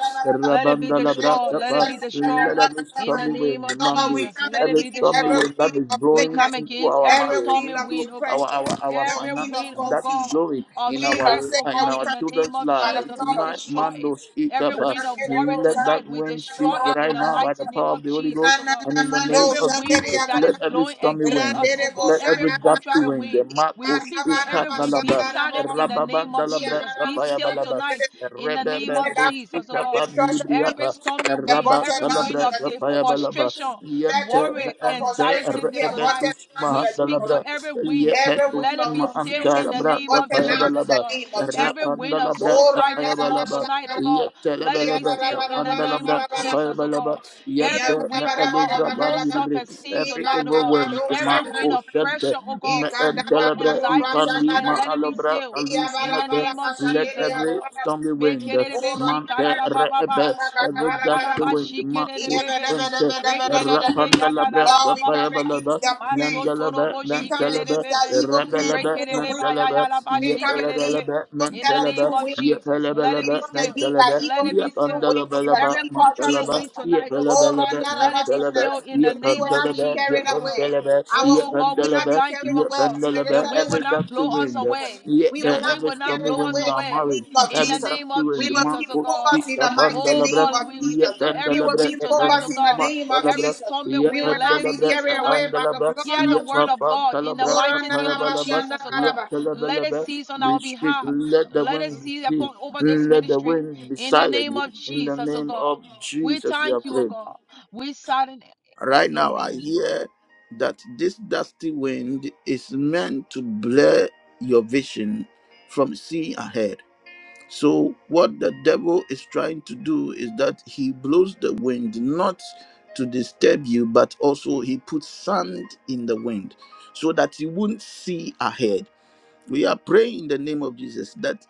[SPEAKER 2] Let it be
[SPEAKER 1] Rabandalabra,
[SPEAKER 2] destroyed. Let it
[SPEAKER 1] Lapa,
[SPEAKER 2] be destroyed.
[SPEAKER 1] let every
[SPEAKER 2] In the
[SPEAKER 1] stormy
[SPEAKER 2] name
[SPEAKER 1] wind, the
[SPEAKER 2] of
[SPEAKER 1] Mandi,
[SPEAKER 3] we
[SPEAKER 2] Jesus,
[SPEAKER 3] come
[SPEAKER 2] let it
[SPEAKER 1] every
[SPEAKER 2] be
[SPEAKER 3] against
[SPEAKER 1] stormy
[SPEAKER 3] every
[SPEAKER 2] destroyed.
[SPEAKER 1] wind that
[SPEAKER 3] wind
[SPEAKER 1] is
[SPEAKER 3] of
[SPEAKER 2] We
[SPEAKER 1] blowing
[SPEAKER 2] come
[SPEAKER 3] sickness,
[SPEAKER 1] into
[SPEAKER 2] against
[SPEAKER 1] our
[SPEAKER 2] every
[SPEAKER 3] every
[SPEAKER 1] marriage,
[SPEAKER 2] stormy
[SPEAKER 3] wind of
[SPEAKER 1] into
[SPEAKER 2] wind, oh
[SPEAKER 1] our
[SPEAKER 2] God.
[SPEAKER 3] depression,
[SPEAKER 1] our our
[SPEAKER 3] the
[SPEAKER 2] Every
[SPEAKER 1] finances
[SPEAKER 3] wind
[SPEAKER 2] wind,
[SPEAKER 3] of
[SPEAKER 2] oh
[SPEAKER 1] that is
[SPEAKER 3] confusion,
[SPEAKER 2] God,
[SPEAKER 1] glory
[SPEAKER 2] of
[SPEAKER 1] in
[SPEAKER 3] wind of
[SPEAKER 1] our
[SPEAKER 2] stress, oh
[SPEAKER 3] sickness.
[SPEAKER 1] in
[SPEAKER 2] God,
[SPEAKER 3] We
[SPEAKER 1] our
[SPEAKER 2] in
[SPEAKER 3] come
[SPEAKER 2] the
[SPEAKER 3] against
[SPEAKER 2] name
[SPEAKER 1] children's
[SPEAKER 2] of
[SPEAKER 3] by
[SPEAKER 1] lives
[SPEAKER 3] the
[SPEAKER 2] Jesus,
[SPEAKER 3] blood
[SPEAKER 2] we
[SPEAKER 3] of
[SPEAKER 1] tonight
[SPEAKER 2] destroy
[SPEAKER 3] Jesus.
[SPEAKER 1] mando
[SPEAKER 2] it.
[SPEAKER 1] speak
[SPEAKER 2] Every
[SPEAKER 1] up uh,
[SPEAKER 2] wind of worry
[SPEAKER 1] let
[SPEAKER 2] tonight,
[SPEAKER 1] that
[SPEAKER 2] we
[SPEAKER 1] wind
[SPEAKER 2] destroy
[SPEAKER 1] cease
[SPEAKER 2] it in
[SPEAKER 1] right
[SPEAKER 2] the
[SPEAKER 1] now by
[SPEAKER 2] mighty
[SPEAKER 1] the
[SPEAKER 2] name
[SPEAKER 1] power of
[SPEAKER 2] of
[SPEAKER 1] the holy
[SPEAKER 2] Jesus,
[SPEAKER 1] ghost
[SPEAKER 2] oh God.
[SPEAKER 1] and in the name
[SPEAKER 3] Ranamando
[SPEAKER 2] Every
[SPEAKER 1] of
[SPEAKER 3] Shandere
[SPEAKER 1] jesus
[SPEAKER 2] wind that
[SPEAKER 1] let
[SPEAKER 3] Yakara
[SPEAKER 2] is
[SPEAKER 1] every
[SPEAKER 2] blowing
[SPEAKER 1] stormy
[SPEAKER 2] against
[SPEAKER 1] wind
[SPEAKER 2] us, oh
[SPEAKER 3] Randere
[SPEAKER 2] God,
[SPEAKER 1] let
[SPEAKER 2] every
[SPEAKER 1] every
[SPEAKER 3] Boshanda
[SPEAKER 1] dusty
[SPEAKER 2] contrary
[SPEAKER 1] wind the
[SPEAKER 2] wind, we
[SPEAKER 1] marco
[SPEAKER 2] speak to
[SPEAKER 1] speak
[SPEAKER 3] Ikarabara
[SPEAKER 1] up,
[SPEAKER 2] every wind. Be
[SPEAKER 1] dalabra
[SPEAKER 3] Shandara
[SPEAKER 2] silent
[SPEAKER 3] Baraba
[SPEAKER 2] in the name of
[SPEAKER 1] rababandalabra
[SPEAKER 2] Jesus. Be
[SPEAKER 3] Iyamarabo
[SPEAKER 2] still
[SPEAKER 1] kapayabalaba
[SPEAKER 2] tonight
[SPEAKER 3] Shandere
[SPEAKER 2] in the name
[SPEAKER 1] rebebe
[SPEAKER 2] of
[SPEAKER 3] Let that
[SPEAKER 1] do
[SPEAKER 3] wind
[SPEAKER 2] Jesus,
[SPEAKER 1] speak
[SPEAKER 2] oh
[SPEAKER 1] up
[SPEAKER 3] of
[SPEAKER 2] God.
[SPEAKER 1] and
[SPEAKER 3] destruction be
[SPEAKER 2] Every
[SPEAKER 1] delibriapa
[SPEAKER 2] stormy wind, every
[SPEAKER 3] aborted now
[SPEAKER 2] wind
[SPEAKER 1] rabantalabra
[SPEAKER 3] in
[SPEAKER 2] of
[SPEAKER 3] the
[SPEAKER 2] the
[SPEAKER 3] name of Jesus.
[SPEAKER 1] kapayabalaba
[SPEAKER 2] frustration,
[SPEAKER 3] Let
[SPEAKER 1] Yente
[SPEAKER 3] the
[SPEAKER 2] worry,
[SPEAKER 3] wind of
[SPEAKER 1] Mente
[SPEAKER 3] frustration
[SPEAKER 2] anxiety
[SPEAKER 3] be
[SPEAKER 2] that tonight.
[SPEAKER 3] aborted
[SPEAKER 1] Rebendus
[SPEAKER 3] now in
[SPEAKER 2] We
[SPEAKER 3] the name
[SPEAKER 2] speak
[SPEAKER 3] of
[SPEAKER 1] Mahandalabra
[SPEAKER 2] to
[SPEAKER 3] Jesus.
[SPEAKER 2] every wind.
[SPEAKER 3] Every
[SPEAKER 1] Yependus
[SPEAKER 2] Let
[SPEAKER 3] wind
[SPEAKER 2] it
[SPEAKER 3] of
[SPEAKER 2] be still
[SPEAKER 3] confusion
[SPEAKER 2] in the
[SPEAKER 3] be
[SPEAKER 1] Mahantalabra
[SPEAKER 2] name of
[SPEAKER 3] aborted now
[SPEAKER 2] Jesus,
[SPEAKER 3] in
[SPEAKER 2] oh
[SPEAKER 1] Kapayabalaba
[SPEAKER 3] the
[SPEAKER 2] God.
[SPEAKER 3] name of
[SPEAKER 2] Every
[SPEAKER 3] Jesus.
[SPEAKER 2] wind of
[SPEAKER 1] Rapandalabra
[SPEAKER 3] Oh,
[SPEAKER 2] suicide
[SPEAKER 3] Randa
[SPEAKER 2] this
[SPEAKER 3] Rabba
[SPEAKER 2] month
[SPEAKER 1] Kapayabalaba
[SPEAKER 2] tonight, oh
[SPEAKER 3] Shanda
[SPEAKER 2] God. Let it be
[SPEAKER 1] Yetelebelebe
[SPEAKER 2] still in the name
[SPEAKER 1] Kapandalabra
[SPEAKER 2] of
[SPEAKER 3] Rabba.
[SPEAKER 2] Jesus, oh
[SPEAKER 1] Kapayabalaba
[SPEAKER 2] God. Every
[SPEAKER 1] Yente
[SPEAKER 2] wind, oh God, of
[SPEAKER 1] Meelubra
[SPEAKER 2] low
[SPEAKER 3] Iyadadabadabadabakadaba.
[SPEAKER 1] Bandibri
[SPEAKER 2] self-esteem
[SPEAKER 1] Every
[SPEAKER 2] tonight, oh
[SPEAKER 1] evil
[SPEAKER 2] God.
[SPEAKER 1] wind Ma
[SPEAKER 2] Every
[SPEAKER 3] Ikadabadosana.
[SPEAKER 2] wind of
[SPEAKER 1] Oshente
[SPEAKER 2] pressure, oh God. Low
[SPEAKER 1] Meentelebra
[SPEAKER 2] anxiety
[SPEAKER 1] Ipandi
[SPEAKER 2] tonight.
[SPEAKER 3] Ikadadabadorasandadaba.
[SPEAKER 2] Let it be
[SPEAKER 1] Maalabra
[SPEAKER 2] still in the
[SPEAKER 1] Alusnete
[SPEAKER 2] name of
[SPEAKER 1] Let
[SPEAKER 2] Jesus, oh
[SPEAKER 1] every
[SPEAKER 2] God.
[SPEAKER 3] Iyabarabarabasandeleyabaraba.
[SPEAKER 1] stormy wind
[SPEAKER 2] Make it
[SPEAKER 1] wind,
[SPEAKER 2] a bit she ba
[SPEAKER 1] Mante
[SPEAKER 2] ba ba.
[SPEAKER 1] Rebe, every
[SPEAKER 2] Ma
[SPEAKER 1] gust
[SPEAKER 3] Oranadabadabadabadaba.
[SPEAKER 1] of wind, Makus Sente,
[SPEAKER 3] Iyabadabadabadabada.
[SPEAKER 2] Rekerebe yanda la
[SPEAKER 1] Rapandalabra,
[SPEAKER 2] la
[SPEAKER 3] Lord,
[SPEAKER 2] ba
[SPEAKER 3] we
[SPEAKER 2] ba ba
[SPEAKER 3] come
[SPEAKER 2] ba.
[SPEAKER 3] against
[SPEAKER 1] Kapayabalaba,
[SPEAKER 3] the
[SPEAKER 2] Maso
[SPEAKER 3] plans.
[SPEAKER 1] Mandalaba,
[SPEAKER 2] torobo
[SPEAKER 3] We come
[SPEAKER 1] Mantalaba,
[SPEAKER 3] against
[SPEAKER 2] shikerebe.
[SPEAKER 3] the
[SPEAKER 2] be.
[SPEAKER 3] evil plans
[SPEAKER 1] Rabalaba,
[SPEAKER 3] through the
[SPEAKER 2] Rekerebe
[SPEAKER 3] wind.
[SPEAKER 2] ya
[SPEAKER 1] Mantalaba,
[SPEAKER 2] ya la ba
[SPEAKER 3] We come against the
[SPEAKER 2] shikerebe.
[SPEAKER 1] Yetalabalaba,
[SPEAKER 3] evil
[SPEAKER 2] In
[SPEAKER 3] set
[SPEAKER 2] the
[SPEAKER 3] of
[SPEAKER 1] Mantalaba,
[SPEAKER 2] name
[SPEAKER 3] two
[SPEAKER 2] of
[SPEAKER 3] wings.
[SPEAKER 2] Jesus, let it
[SPEAKER 3] We
[SPEAKER 2] be
[SPEAKER 1] Yetalabalaba,
[SPEAKER 3] come
[SPEAKER 2] still.
[SPEAKER 3] against Our
[SPEAKER 1] Mantalaba,
[SPEAKER 2] Let
[SPEAKER 3] evil
[SPEAKER 2] it be
[SPEAKER 3] plan through
[SPEAKER 2] still.
[SPEAKER 3] wings in the
[SPEAKER 2] Every
[SPEAKER 1] Yapandalabalaba,
[SPEAKER 3] name of
[SPEAKER 2] contrary
[SPEAKER 1] Mantalaba,
[SPEAKER 3] Jesus.
[SPEAKER 2] wind tonight, oh God,
[SPEAKER 3] Oh,
[SPEAKER 1] Yetalabalaba,
[SPEAKER 3] Randara
[SPEAKER 2] let it be
[SPEAKER 1] Mantalaba,
[SPEAKER 2] still
[SPEAKER 3] Basanara.
[SPEAKER 2] in the
[SPEAKER 3] We
[SPEAKER 2] name
[SPEAKER 3] will
[SPEAKER 2] of
[SPEAKER 3] not be
[SPEAKER 1] Yapandalaba,
[SPEAKER 2] Jesus,
[SPEAKER 3] carried
[SPEAKER 2] oh God.
[SPEAKER 3] away. Our
[SPEAKER 2] Oh
[SPEAKER 3] goods
[SPEAKER 2] God, we
[SPEAKER 3] will
[SPEAKER 2] say
[SPEAKER 3] not be
[SPEAKER 1] Yapandalaba,
[SPEAKER 2] thank you,
[SPEAKER 3] carried
[SPEAKER 2] oh
[SPEAKER 1] Yapandalaba,
[SPEAKER 3] away
[SPEAKER 2] God. The
[SPEAKER 1] Pendelebe,
[SPEAKER 3] spiritually
[SPEAKER 2] wind
[SPEAKER 3] in the
[SPEAKER 2] will
[SPEAKER 1] every
[SPEAKER 2] not
[SPEAKER 1] dusty
[SPEAKER 2] blow
[SPEAKER 3] name of
[SPEAKER 2] us
[SPEAKER 1] wind,
[SPEAKER 3] Jesus.
[SPEAKER 2] away.
[SPEAKER 1] yet
[SPEAKER 3] We
[SPEAKER 2] The
[SPEAKER 3] will not
[SPEAKER 2] wind
[SPEAKER 1] every
[SPEAKER 2] will
[SPEAKER 3] be carried
[SPEAKER 2] not
[SPEAKER 1] stormy
[SPEAKER 2] blow us
[SPEAKER 1] wind
[SPEAKER 3] away
[SPEAKER 1] in our
[SPEAKER 3] in the
[SPEAKER 2] away.
[SPEAKER 1] marriage,
[SPEAKER 3] name of
[SPEAKER 2] In
[SPEAKER 1] every
[SPEAKER 2] the
[SPEAKER 3] Jesus.
[SPEAKER 2] name
[SPEAKER 1] dusty
[SPEAKER 2] of
[SPEAKER 3] We
[SPEAKER 1] wind,
[SPEAKER 3] will
[SPEAKER 2] Jesus,
[SPEAKER 3] keep
[SPEAKER 2] oh
[SPEAKER 1] Marco
[SPEAKER 2] God.
[SPEAKER 3] focused in
[SPEAKER 1] Stika
[SPEAKER 3] the mighty
[SPEAKER 2] Oh
[SPEAKER 3] name
[SPEAKER 1] Pandelebra,
[SPEAKER 2] God,
[SPEAKER 3] of
[SPEAKER 2] we
[SPEAKER 1] yet
[SPEAKER 3] Jesus.
[SPEAKER 2] speak to
[SPEAKER 3] We
[SPEAKER 2] every
[SPEAKER 3] will
[SPEAKER 1] Pendelebra,
[SPEAKER 3] be
[SPEAKER 2] wind tonight, oh
[SPEAKER 3] focused
[SPEAKER 1] Epanus
[SPEAKER 3] in
[SPEAKER 2] God.
[SPEAKER 3] the name of
[SPEAKER 2] Every
[SPEAKER 1] Martelebra,
[SPEAKER 3] Jesus.
[SPEAKER 2] stormy
[SPEAKER 1] yet
[SPEAKER 3] We
[SPEAKER 2] wind,
[SPEAKER 3] will
[SPEAKER 2] let
[SPEAKER 3] not
[SPEAKER 2] it
[SPEAKER 3] be
[SPEAKER 1] Pendelebra,
[SPEAKER 2] cease
[SPEAKER 3] carried away
[SPEAKER 2] tonight.
[SPEAKER 3] by the
[SPEAKER 1] Epandelebra,
[SPEAKER 3] blood
[SPEAKER 2] Hear the
[SPEAKER 3] of
[SPEAKER 1] yet
[SPEAKER 2] word of
[SPEAKER 3] Jesus.
[SPEAKER 1] Papa
[SPEAKER 2] God in the
[SPEAKER 1] Telebra,
[SPEAKER 3] Oh,
[SPEAKER 2] mighty name
[SPEAKER 3] Randara
[SPEAKER 2] of
[SPEAKER 1] Epayabalaba,
[SPEAKER 3] Basanda
[SPEAKER 2] Jesus, oh
[SPEAKER 1] yet
[SPEAKER 2] God. Let it
[SPEAKER 1] Telebelebe.
[SPEAKER 2] cease on
[SPEAKER 1] We
[SPEAKER 2] our
[SPEAKER 1] speak,
[SPEAKER 2] behalf.
[SPEAKER 1] let the
[SPEAKER 2] Let it
[SPEAKER 1] wind
[SPEAKER 2] cease
[SPEAKER 1] be still,
[SPEAKER 2] upon over this
[SPEAKER 1] let the
[SPEAKER 2] ministry
[SPEAKER 1] wind be
[SPEAKER 2] in the
[SPEAKER 1] silent.
[SPEAKER 2] name of
[SPEAKER 1] In the
[SPEAKER 2] Jesus, oh
[SPEAKER 1] name
[SPEAKER 2] God.
[SPEAKER 1] of
[SPEAKER 2] We
[SPEAKER 1] Jesus, we
[SPEAKER 2] thank
[SPEAKER 1] are
[SPEAKER 2] you, oh
[SPEAKER 1] praying.
[SPEAKER 2] God. We silent,
[SPEAKER 1] Right now, I
[SPEAKER 2] amen.
[SPEAKER 1] hear that this dusty wind is meant to blur your vision from seeing ahead. So, what the devil is trying to do is that he blows the wind not to disturb you, but also he puts sand in the wind so that you won't see ahead. We are praying in the name of Jesus that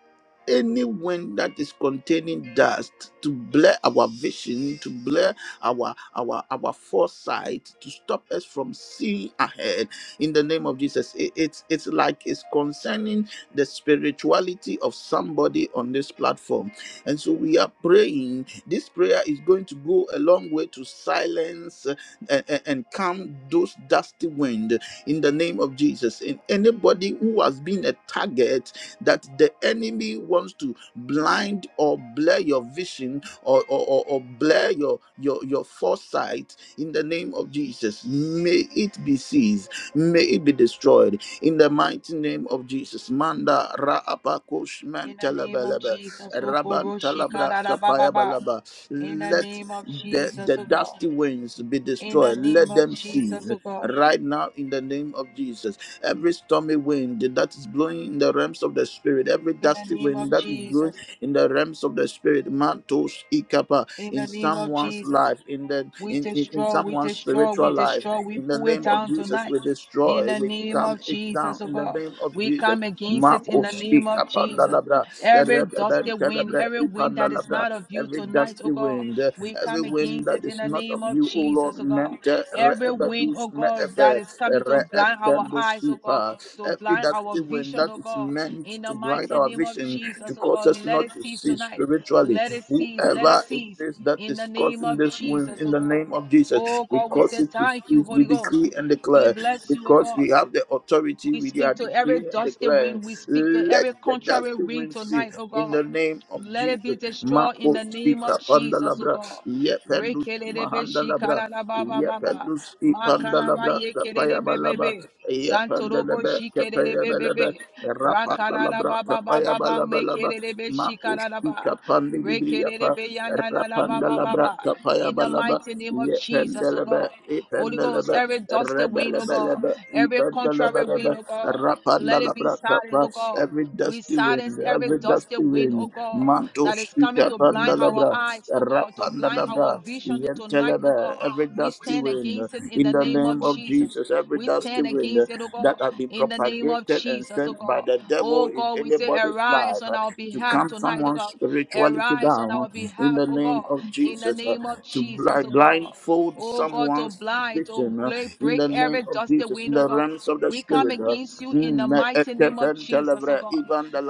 [SPEAKER 1] any wind that is containing dust to blur our vision, to blur our our our foresight, to stop us from seeing ahead. In the name of Jesus, it- it's it's like it's concerning the spirituality of somebody on this platform, and so we are praying. This prayer is going to go a long way to silence uh, and, and calm those dusty wind in the name of Jesus. In anybody who has been a target that the enemy wants to blind or blur your vision or, or, or, or blur your, your, your foresight, in the name of Jesus, may it be seized, may it be destroyed. In the mighty name of Jesus, Manda Raapakush
[SPEAKER 2] In the name of
[SPEAKER 1] Mentelebelebe
[SPEAKER 2] Jesus, O
[SPEAKER 1] Raban
[SPEAKER 2] Koro
[SPEAKER 1] Talabra
[SPEAKER 2] Shikara da
[SPEAKER 1] Kapaya Balaba.
[SPEAKER 2] In the
[SPEAKER 1] Let
[SPEAKER 2] name of
[SPEAKER 1] the,
[SPEAKER 2] Jesus,
[SPEAKER 1] the
[SPEAKER 2] O God.
[SPEAKER 1] dusty winds be
[SPEAKER 2] In the
[SPEAKER 1] destroyed.
[SPEAKER 2] name
[SPEAKER 1] Let
[SPEAKER 2] of
[SPEAKER 1] them cease
[SPEAKER 2] Jesus, O God.
[SPEAKER 1] right now in the name of Jesus. Every stormy wind that is blowing in the realms of the spirit, every
[SPEAKER 2] In the
[SPEAKER 1] dusty
[SPEAKER 2] name of
[SPEAKER 1] wind that is blowing
[SPEAKER 2] Jesus.
[SPEAKER 1] in the realms of the spirit, mantos ikapa
[SPEAKER 2] In
[SPEAKER 1] in
[SPEAKER 2] the name of
[SPEAKER 1] someone's
[SPEAKER 2] Jesus.
[SPEAKER 1] life, in the
[SPEAKER 2] We
[SPEAKER 1] in, in, in
[SPEAKER 2] destroy, we
[SPEAKER 1] someone's
[SPEAKER 2] destroy, we
[SPEAKER 1] spiritual life,
[SPEAKER 2] destroy, we
[SPEAKER 1] in the
[SPEAKER 2] pull it
[SPEAKER 1] name of
[SPEAKER 2] down
[SPEAKER 1] Jesus,
[SPEAKER 2] tonight.
[SPEAKER 1] we
[SPEAKER 2] In
[SPEAKER 1] destroy,
[SPEAKER 2] the
[SPEAKER 1] we
[SPEAKER 2] name
[SPEAKER 1] calm
[SPEAKER 2] of
[SPEAKER 1] it down
[SPEAKER 2] Jesus, oh
[SPEAKER 1] in the
[SPEAKER 2] God,
[SPEAKER 1] name of
[SPEAKER 2] we
[SPEAKER 1] Jesus.
[SPEAKER 2] come against it in the
[SPEAKER 1] Marcos
[SPEAKER 2] name of
[SPEAKER 1] ikapa,
[SPEAKER 2] Jesus.
[SPEAKER 1] la,
[SPEAKER 2] Every dusty wind, every wind that
[SPEAKER 1] la,
[SPEAKER 2] is
[SPEAKER 1] la
[SPEAKER 2] not of you
[SPEAKER 1] every
[SPEAKER 2] tonight, oh
[SPEAKER 1] dusty
[SPEAKER 2] God,
[SPEAKER 1] wind, uh,
[SPEAKER 2] we
[SPEAKER 1] every
[SPEAKER 2] come
[SPEAKER 1] wind
[SPEAKER 2] against
[SPEAKER 1] that
[SPEAKER 2] it in
[SPEAKER 1] is
[SPEAKER 2] the
[SPEAKER 1] not of
[SPEAKER 2] name of
[SPEAKER 1] you, O Lord,
[SPEAKER 2] Jesus, oh God.
[SPEAKER 1] meant uh,
[SPEAKER 2] Every wind, oh
[SPEAKER 1] re-ebadus
[SPEAKER 2] God, that
[SPEAKER 1] me'efe,
[SPEAKER 2] is coming to blind our eyes, oh God,
[SPEAKER 1] re-etendosipa.
[SPEAKER 2] to to
[SPEAKER 1] every
[SPEAKER 2] blind our
[SPEAKER 1] dusty wind
[SPEAKER 2] vision,
[SPEAKER 1] that
[SPEAKER 2] oh
[SPEAKER 1] is
[SPEAKER 2] God,
[SPEAKER 1] meant
[SPEAKER 2] in the
[SPEAKER 1] to blind
[SPEAKER 2] mighty
[SPEAKER 1] our
[SPEAKER 2] name of
[SPEAKER 1] vision,
[SPEAKER 2] Jesus,
[SPEAKER 1] to
[SPEAKER 2] oh
[SPEAKER 1] cause
[SPEAKER 2] God,
[SPEAKER 1] us
[SPEAKER 2] let
[SPEAKER 1] not
[SPEAKER 2] it
[SPEAKER 1] to
[SPEAKER 2] cease
[SPEAKER 1] see
[SPEAKER 2] tonight.
[SPEAKER 1] spiritually.
[SPEAKER 2] Let it cease, let it
[SPEAKER 1] Whoever it
[SPEAKER 2] cease
[SPEAKER 1] is that
[SPEAKER 2] in the
[SPEAKER 1] is
[SPEAKER 2] name
[SPEAKER 1] causing
[SPEAKER 2] of
[SPEAKER 1] this wind,
[SPEAKER 2] Jesus,
[SPEAKER 1] in
[SPEAKER 2] oh
[SPEAKER 1] the
[SPEAKER 2] God.
[SPEAKER 1] name of Jesus,
[SPEAKER 2] Oh
[SPEAKER 1] we
[SPEAKER 2] God, we
[SPEAKER 1] cause
[SPEAKER 2] say
[SPEAKER 1] it to
[SPEAKER 2] thank you,
[SPEAKER 1] cease. We
[SPEAKER 2] Holy Ghost.
[SPEAKER 1] decree and
[SPEAKER 2] We
[SPEAKER 1] declare
[SPEAKER 2] bless you, oh
[SPEAKER 1] because
[SPEAKER 2] God.
[SPEAKER 1] we have the authority.
[SPEAKER 2] We
[SPEAKER 1] We are
[SPEAKER 2] speak to every
[SPEAKER 1] decreeing and
[SPEAKER 2] dusty
[SPEAKER 1] declaring.
[SPEAKER 2] wind. We speak to
[SPEAKER 1] Let
[SPEAKER 2] every
[SPEAKER 1] the
[SPEAKER 2] contrary
[SPEAKER 1] dusty
[SPEAKER 2] wind
[SPEAKER 1] wind cease
[SPEAKER 2] tonight, oh
[SPEAKER 1] in
[SPEAKER 2] God.
[SPEAKER 1] the name of
[SPEAKER 2] Let
[SPEAKER 1] Jesus.
[SPEAKER 2] it be destroyed in
[SPEAKER 1] Mako
[SPEAKER 2] the name of
[SPEAKER 1] Spika
[SPEAKER 2] Jesus, oh
[SPEAKER 1] Pandalabra,
[SPEAKER 2] God.
[SPEAKER 1] Yependus
[SPEAKER 2] Rekelelebe
[SPEAKER 1] Mahandalabra,
[SPEAKER 2] shikarabababa.
[SPEAKER 1] Yependus
[SPEAKER 2] Makalaba
[SPEAKER 1] Ipandalabra, Kapayabalaba,
[SPEAKER 2] yekelelebebebe. Santorobo
[SPEAKER 1] Yependelebe, Kapayabelebe,
[SPEAKER 2] shikelelebebebe.
[SPEAKER 1] Rapandalabra,
[SPEAKER 2] Rakarababababa
[SPEAKER 1] Kapayabalabalaba,
[SPEAKER 2] mekelelebe
[SPEAKER 1] Mako
[SPEAKER 2] shikarababa.
[SPEAKER 1] Spika Pandilibriapa,
[SPEAKER 2] Rekelelebe
[SPEAKER 1] Rapandalabra,
[SPEAKER 2] yanalabababa. In the
[SPEAKER 1] Kapayabalaba,
[SPEAKER 2] mighty name of Jesus, oh God.
[SPEAKER 1] Yependelebe,
[SPEAKER 2] Holy Ghost,
[SPEAKER 1] Ependelebe,
[SPEAKER 2] every dusty wind, oh God.
[SPEAKER 1] Rebelebelebe,
[SPEAKER 2] Every contrary wind, oh God, let it be silent, oh God.
[SPEAKER 1] every
[SPEAKER 2] We
[SPEAKER 1] dusty
[SPEAKER 2] silence
[SPEAKER 1] wind,
[SPEAKER 2] every
[SPEAKER 1] every
[SPEAKER 2] dusty
[SPEAKER 1] dusty
[SPEAKER 2] wind, oh
[SPEAKER 1] wind,
[SPEAKER 2] God,
[SPEAKER 1] Manto
[SPEAKER 2] that is coming
[SPEAKER 1] Spita
[SPEAKER 2] to blind our
[SPEAKER 1] Pandalabra,
[SPEAKER 2] eyes, oh God, to blind our
[SPEAKER 1] Rapandalabra,
[SPEAKER 2] vision to tonight, oh
[SPEAKER 1] Yentelebe,
[SPEAKER 2] God.
[SPEAKER 1] every
[SPEAKER 2] We
[SPEAKER 1] dusty
[SPEAKER 2] stand
[SPEAKER 1] wind,
[SPEAKER 2] against it in
[SPEAKER 1] in
[SPEAKER 2] the
[SPEAKER 1] the
[SPEAKER 2] name of
[SPEAKER 1] name of
[SPEAKER 2] Jesus.
[SPEAKER 1] Jesus, every
[SPEAKER 2] We
[SPEAKER 1] dusty
[SPEAKER 2] stand
[SPEAKER 1] wind
[SPEAKER 2] against it, oh God,
[SPEAKER 1] that have been
[SPEAKER 2] in the name of
[SPEAKER 1] propagated and
[SPEAKER 2] Jesus, oh
[SPEAKER 1] sent by
[SPEAKER 2] God.
[SPEAKER 1] the devil
[SPEAKER 2] Oh
[SPEAKER 1] in
[SPEAKER 2] God, we say,
[SPEAKER 1] anybody's
[SPEAKER 2] arise
[SPEAKER 1] life
[SPEAKER 2] on
[SPEAKER 1] uh,
[SPEAKER 2] our
[SPEAKER 1] to
[SPEAKER 2] behalf
[SPEAKER 1] calm
[SPEAKER 2] tonight, oh
[SPEAKER 1] someone's
[SPEAKER 2] God.
[SPEAKER 1] spirituality
[SPEAKER 2] Arise on
[SPEAKER 1] down,
[SPEAKER 2] our
[SPEAKER 1] in
[SPEAKER 2] behalf,
[SPEAKER 1] the
[SPEAKER 2] oh
[SPEAKER 1] name
[SPEAKER 2] God,
[SPEAKER 1] of
[SPEAKER 2] in the
[SPEAKER 1] Jesus, uh,
[SPEAKER 2] name of
[SPEAKER 1] to
[SPEAKER 2] Jesus,
[SPEAKER 1] bli-
[SPEAKER 2] oh God.
[SPEAKER 1] blindfold
[SPEAKER 2] Oh God, to
[SPEAKER 1] someone's.
[SPEAKER 2] blind, to
[SPEAKER 1] vision,
[SPEAKER 2] break,
[SPEAKER 1] in
[SPEAKER 2] break
[SPEAKER 1] the name
[SPEAKER 2] every
[SPEAKER 1] of
[SPEAKER 2] dusty
[SPEAKER 1] Jesus, in
[SPEAKER 2] wind, oh
[SPEAKER 1] the
[SPEAKER 2] God.
[SPEAKER 1] realms of the
[SPEAKER 2] We come
[SPEAKER 1] Spirit. uh,
[SPEAKER 2] against you
[SPEAKER 1] mm,
[SPEAKER 2] in the
[SPEAKER 1] me-
[SPEAKER 2] mighty name of
[SPEAKER 1] ekefen
[SPEAKER 2] Jesus, oh
[SPEAKER 1] telebra
[SPEAKER 2] God.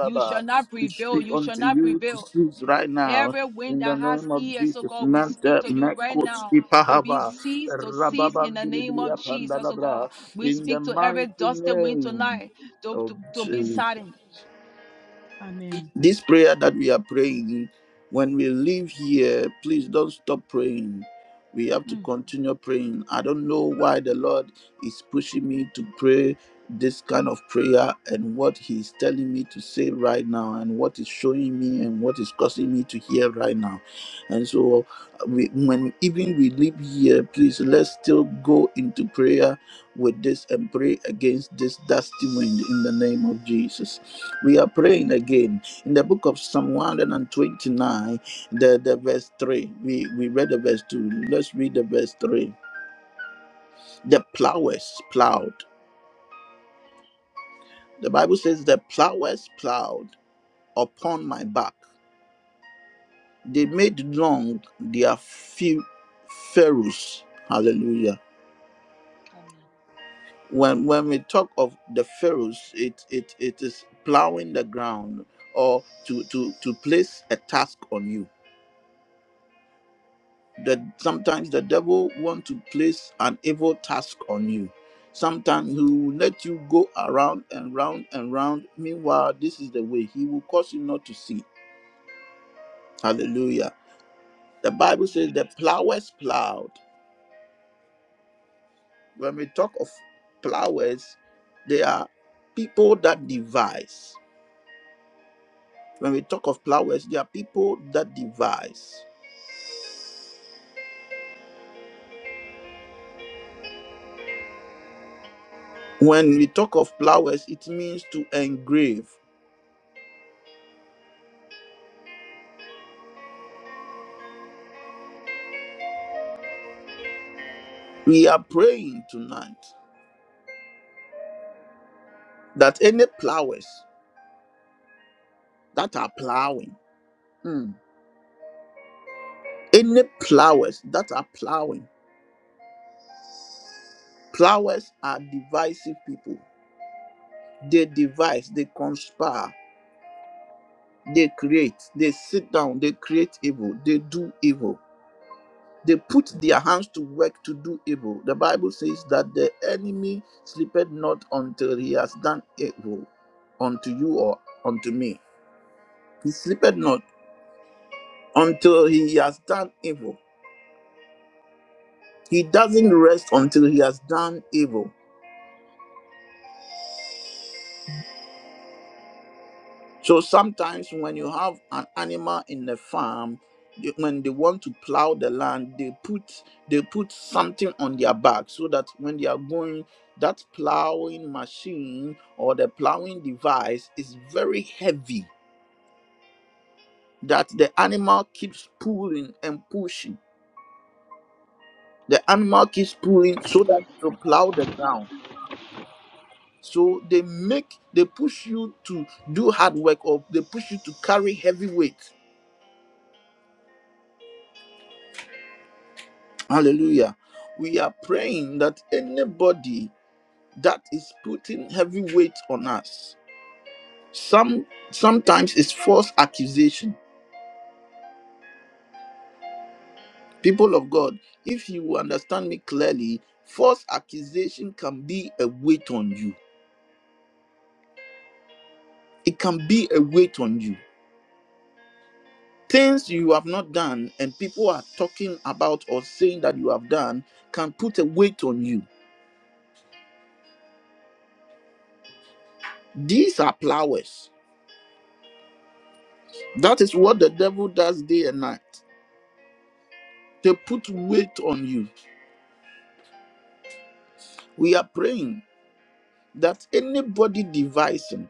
[SPEAKER 2] You shall not
[SPEAKER 1] We
[SPEAKER 2] prevail,
[SPEAKER 1] speak
[SPEAKER 2] you shall
[SPEAKER 1] unto
[SPEAKER 2] not
[SPEAKER 1] you to
[SPEAKER 2] prevail.
[SPEAKER 1] cease right now.
[SPEAKER 2] Every wind
[SPEAKER 1] In the
[SPEAKER 2] that has
[SPEAKER 1] name of
[SPEAKER 2] ears, oh
[SPEAKER 1] Jesus,
[SPEAKER 2] God, we
[SPEAKER 1] Mante
[SPEAKER 2] speak to you right now
[SPEAKER 1] Mekoski
[SPEAKER 2] to be
[SPEAKER 1] Pahava,
[SPEAKER 2] ceased, to cease in the name of
[SPEAKER 1] Rababandibria
[SPEAKER 2] Jesus, oh God.
[SPEAKER 1] Pandalabra,
[SPEAKER 2] We
[SPEAKER 1] in the
[SPEAKER 2] speak to every
[SPEAKER 1] mighty
[SPEAKER 2] dusty wind
[SPEAKER 1] name
[SPEAKER 2] tonight to,
[SPEAKER 1] of
[SPEAKER 2] to, to be
[SPEAKER 1] Jesus
[SPEAKER 2] silent. Amen.
[SPEAKER 1] this prayer that we are praying when we leave here please don't stop praying we have to
[SPEAKER 2] Mm.
[SPEAKER 1] continue praying i don't know why the lord is pushing me to pray this kind of prayer and what he's telling me to say right now and what is showing me and what is causing me to hear right now and so we, when even we leave here please let's still go into prayer with this and pray against this dusty wind in the name of jesus we are praying again in the book of Psalm 129, the, the verse 3, we, we read the verse 2. Let's read the verse 3. The plowers plowed. The Bible says, The plowers plowed upon my back. They made long their few furrows. Hallelujah. When, when we talk of the furrows, it, it, it is plowing the ground or to, to, to place a task on you that sometimes the devil want to place an evil task on you sometimes he will let you go around and round and round meanwhile this is the way he will cause you not to see hallelujah the bible says the plowers plowed when we talk of plowers they are people that devise when we talk of plowers they are people that devise when we talk of plowers it means to engrave we are praying tonight that any plowers that are plowing, mm, any plowers that are plowing, plowers are divisive people. They devise, they conspire, they create, they sit down, they create evil, they do evil. They put their hands to work to do evil. The Bible says that the enemy sleepeth not until he has done evil unto you or unto me. He sleepeth not until he has done evil. He doesn't rest until he has done evil. So sometimes when you have an animal in the farm, they- when they want to plow the land, they put they put something on their back so that when they are going, that plowing machine or the plowing device is very heavy that the animal keeps pulling and pushing. The animal keeps pulling so that it will plow the ground. So they make they push you to do hard work or they push you to carry heavy weight. Hallelujah. We are praying that anybody that is putting heavy weight on us, some sometimes it's false accusation. People of God, if you understand me clearly, false accusation can be a weight on you. It can be a weight on you. Things you have not done and people are talking about or saying that you have done can put a weight on you These are plowers. That is what the devil does day and night. They put weight on you. We are praying that anybody devising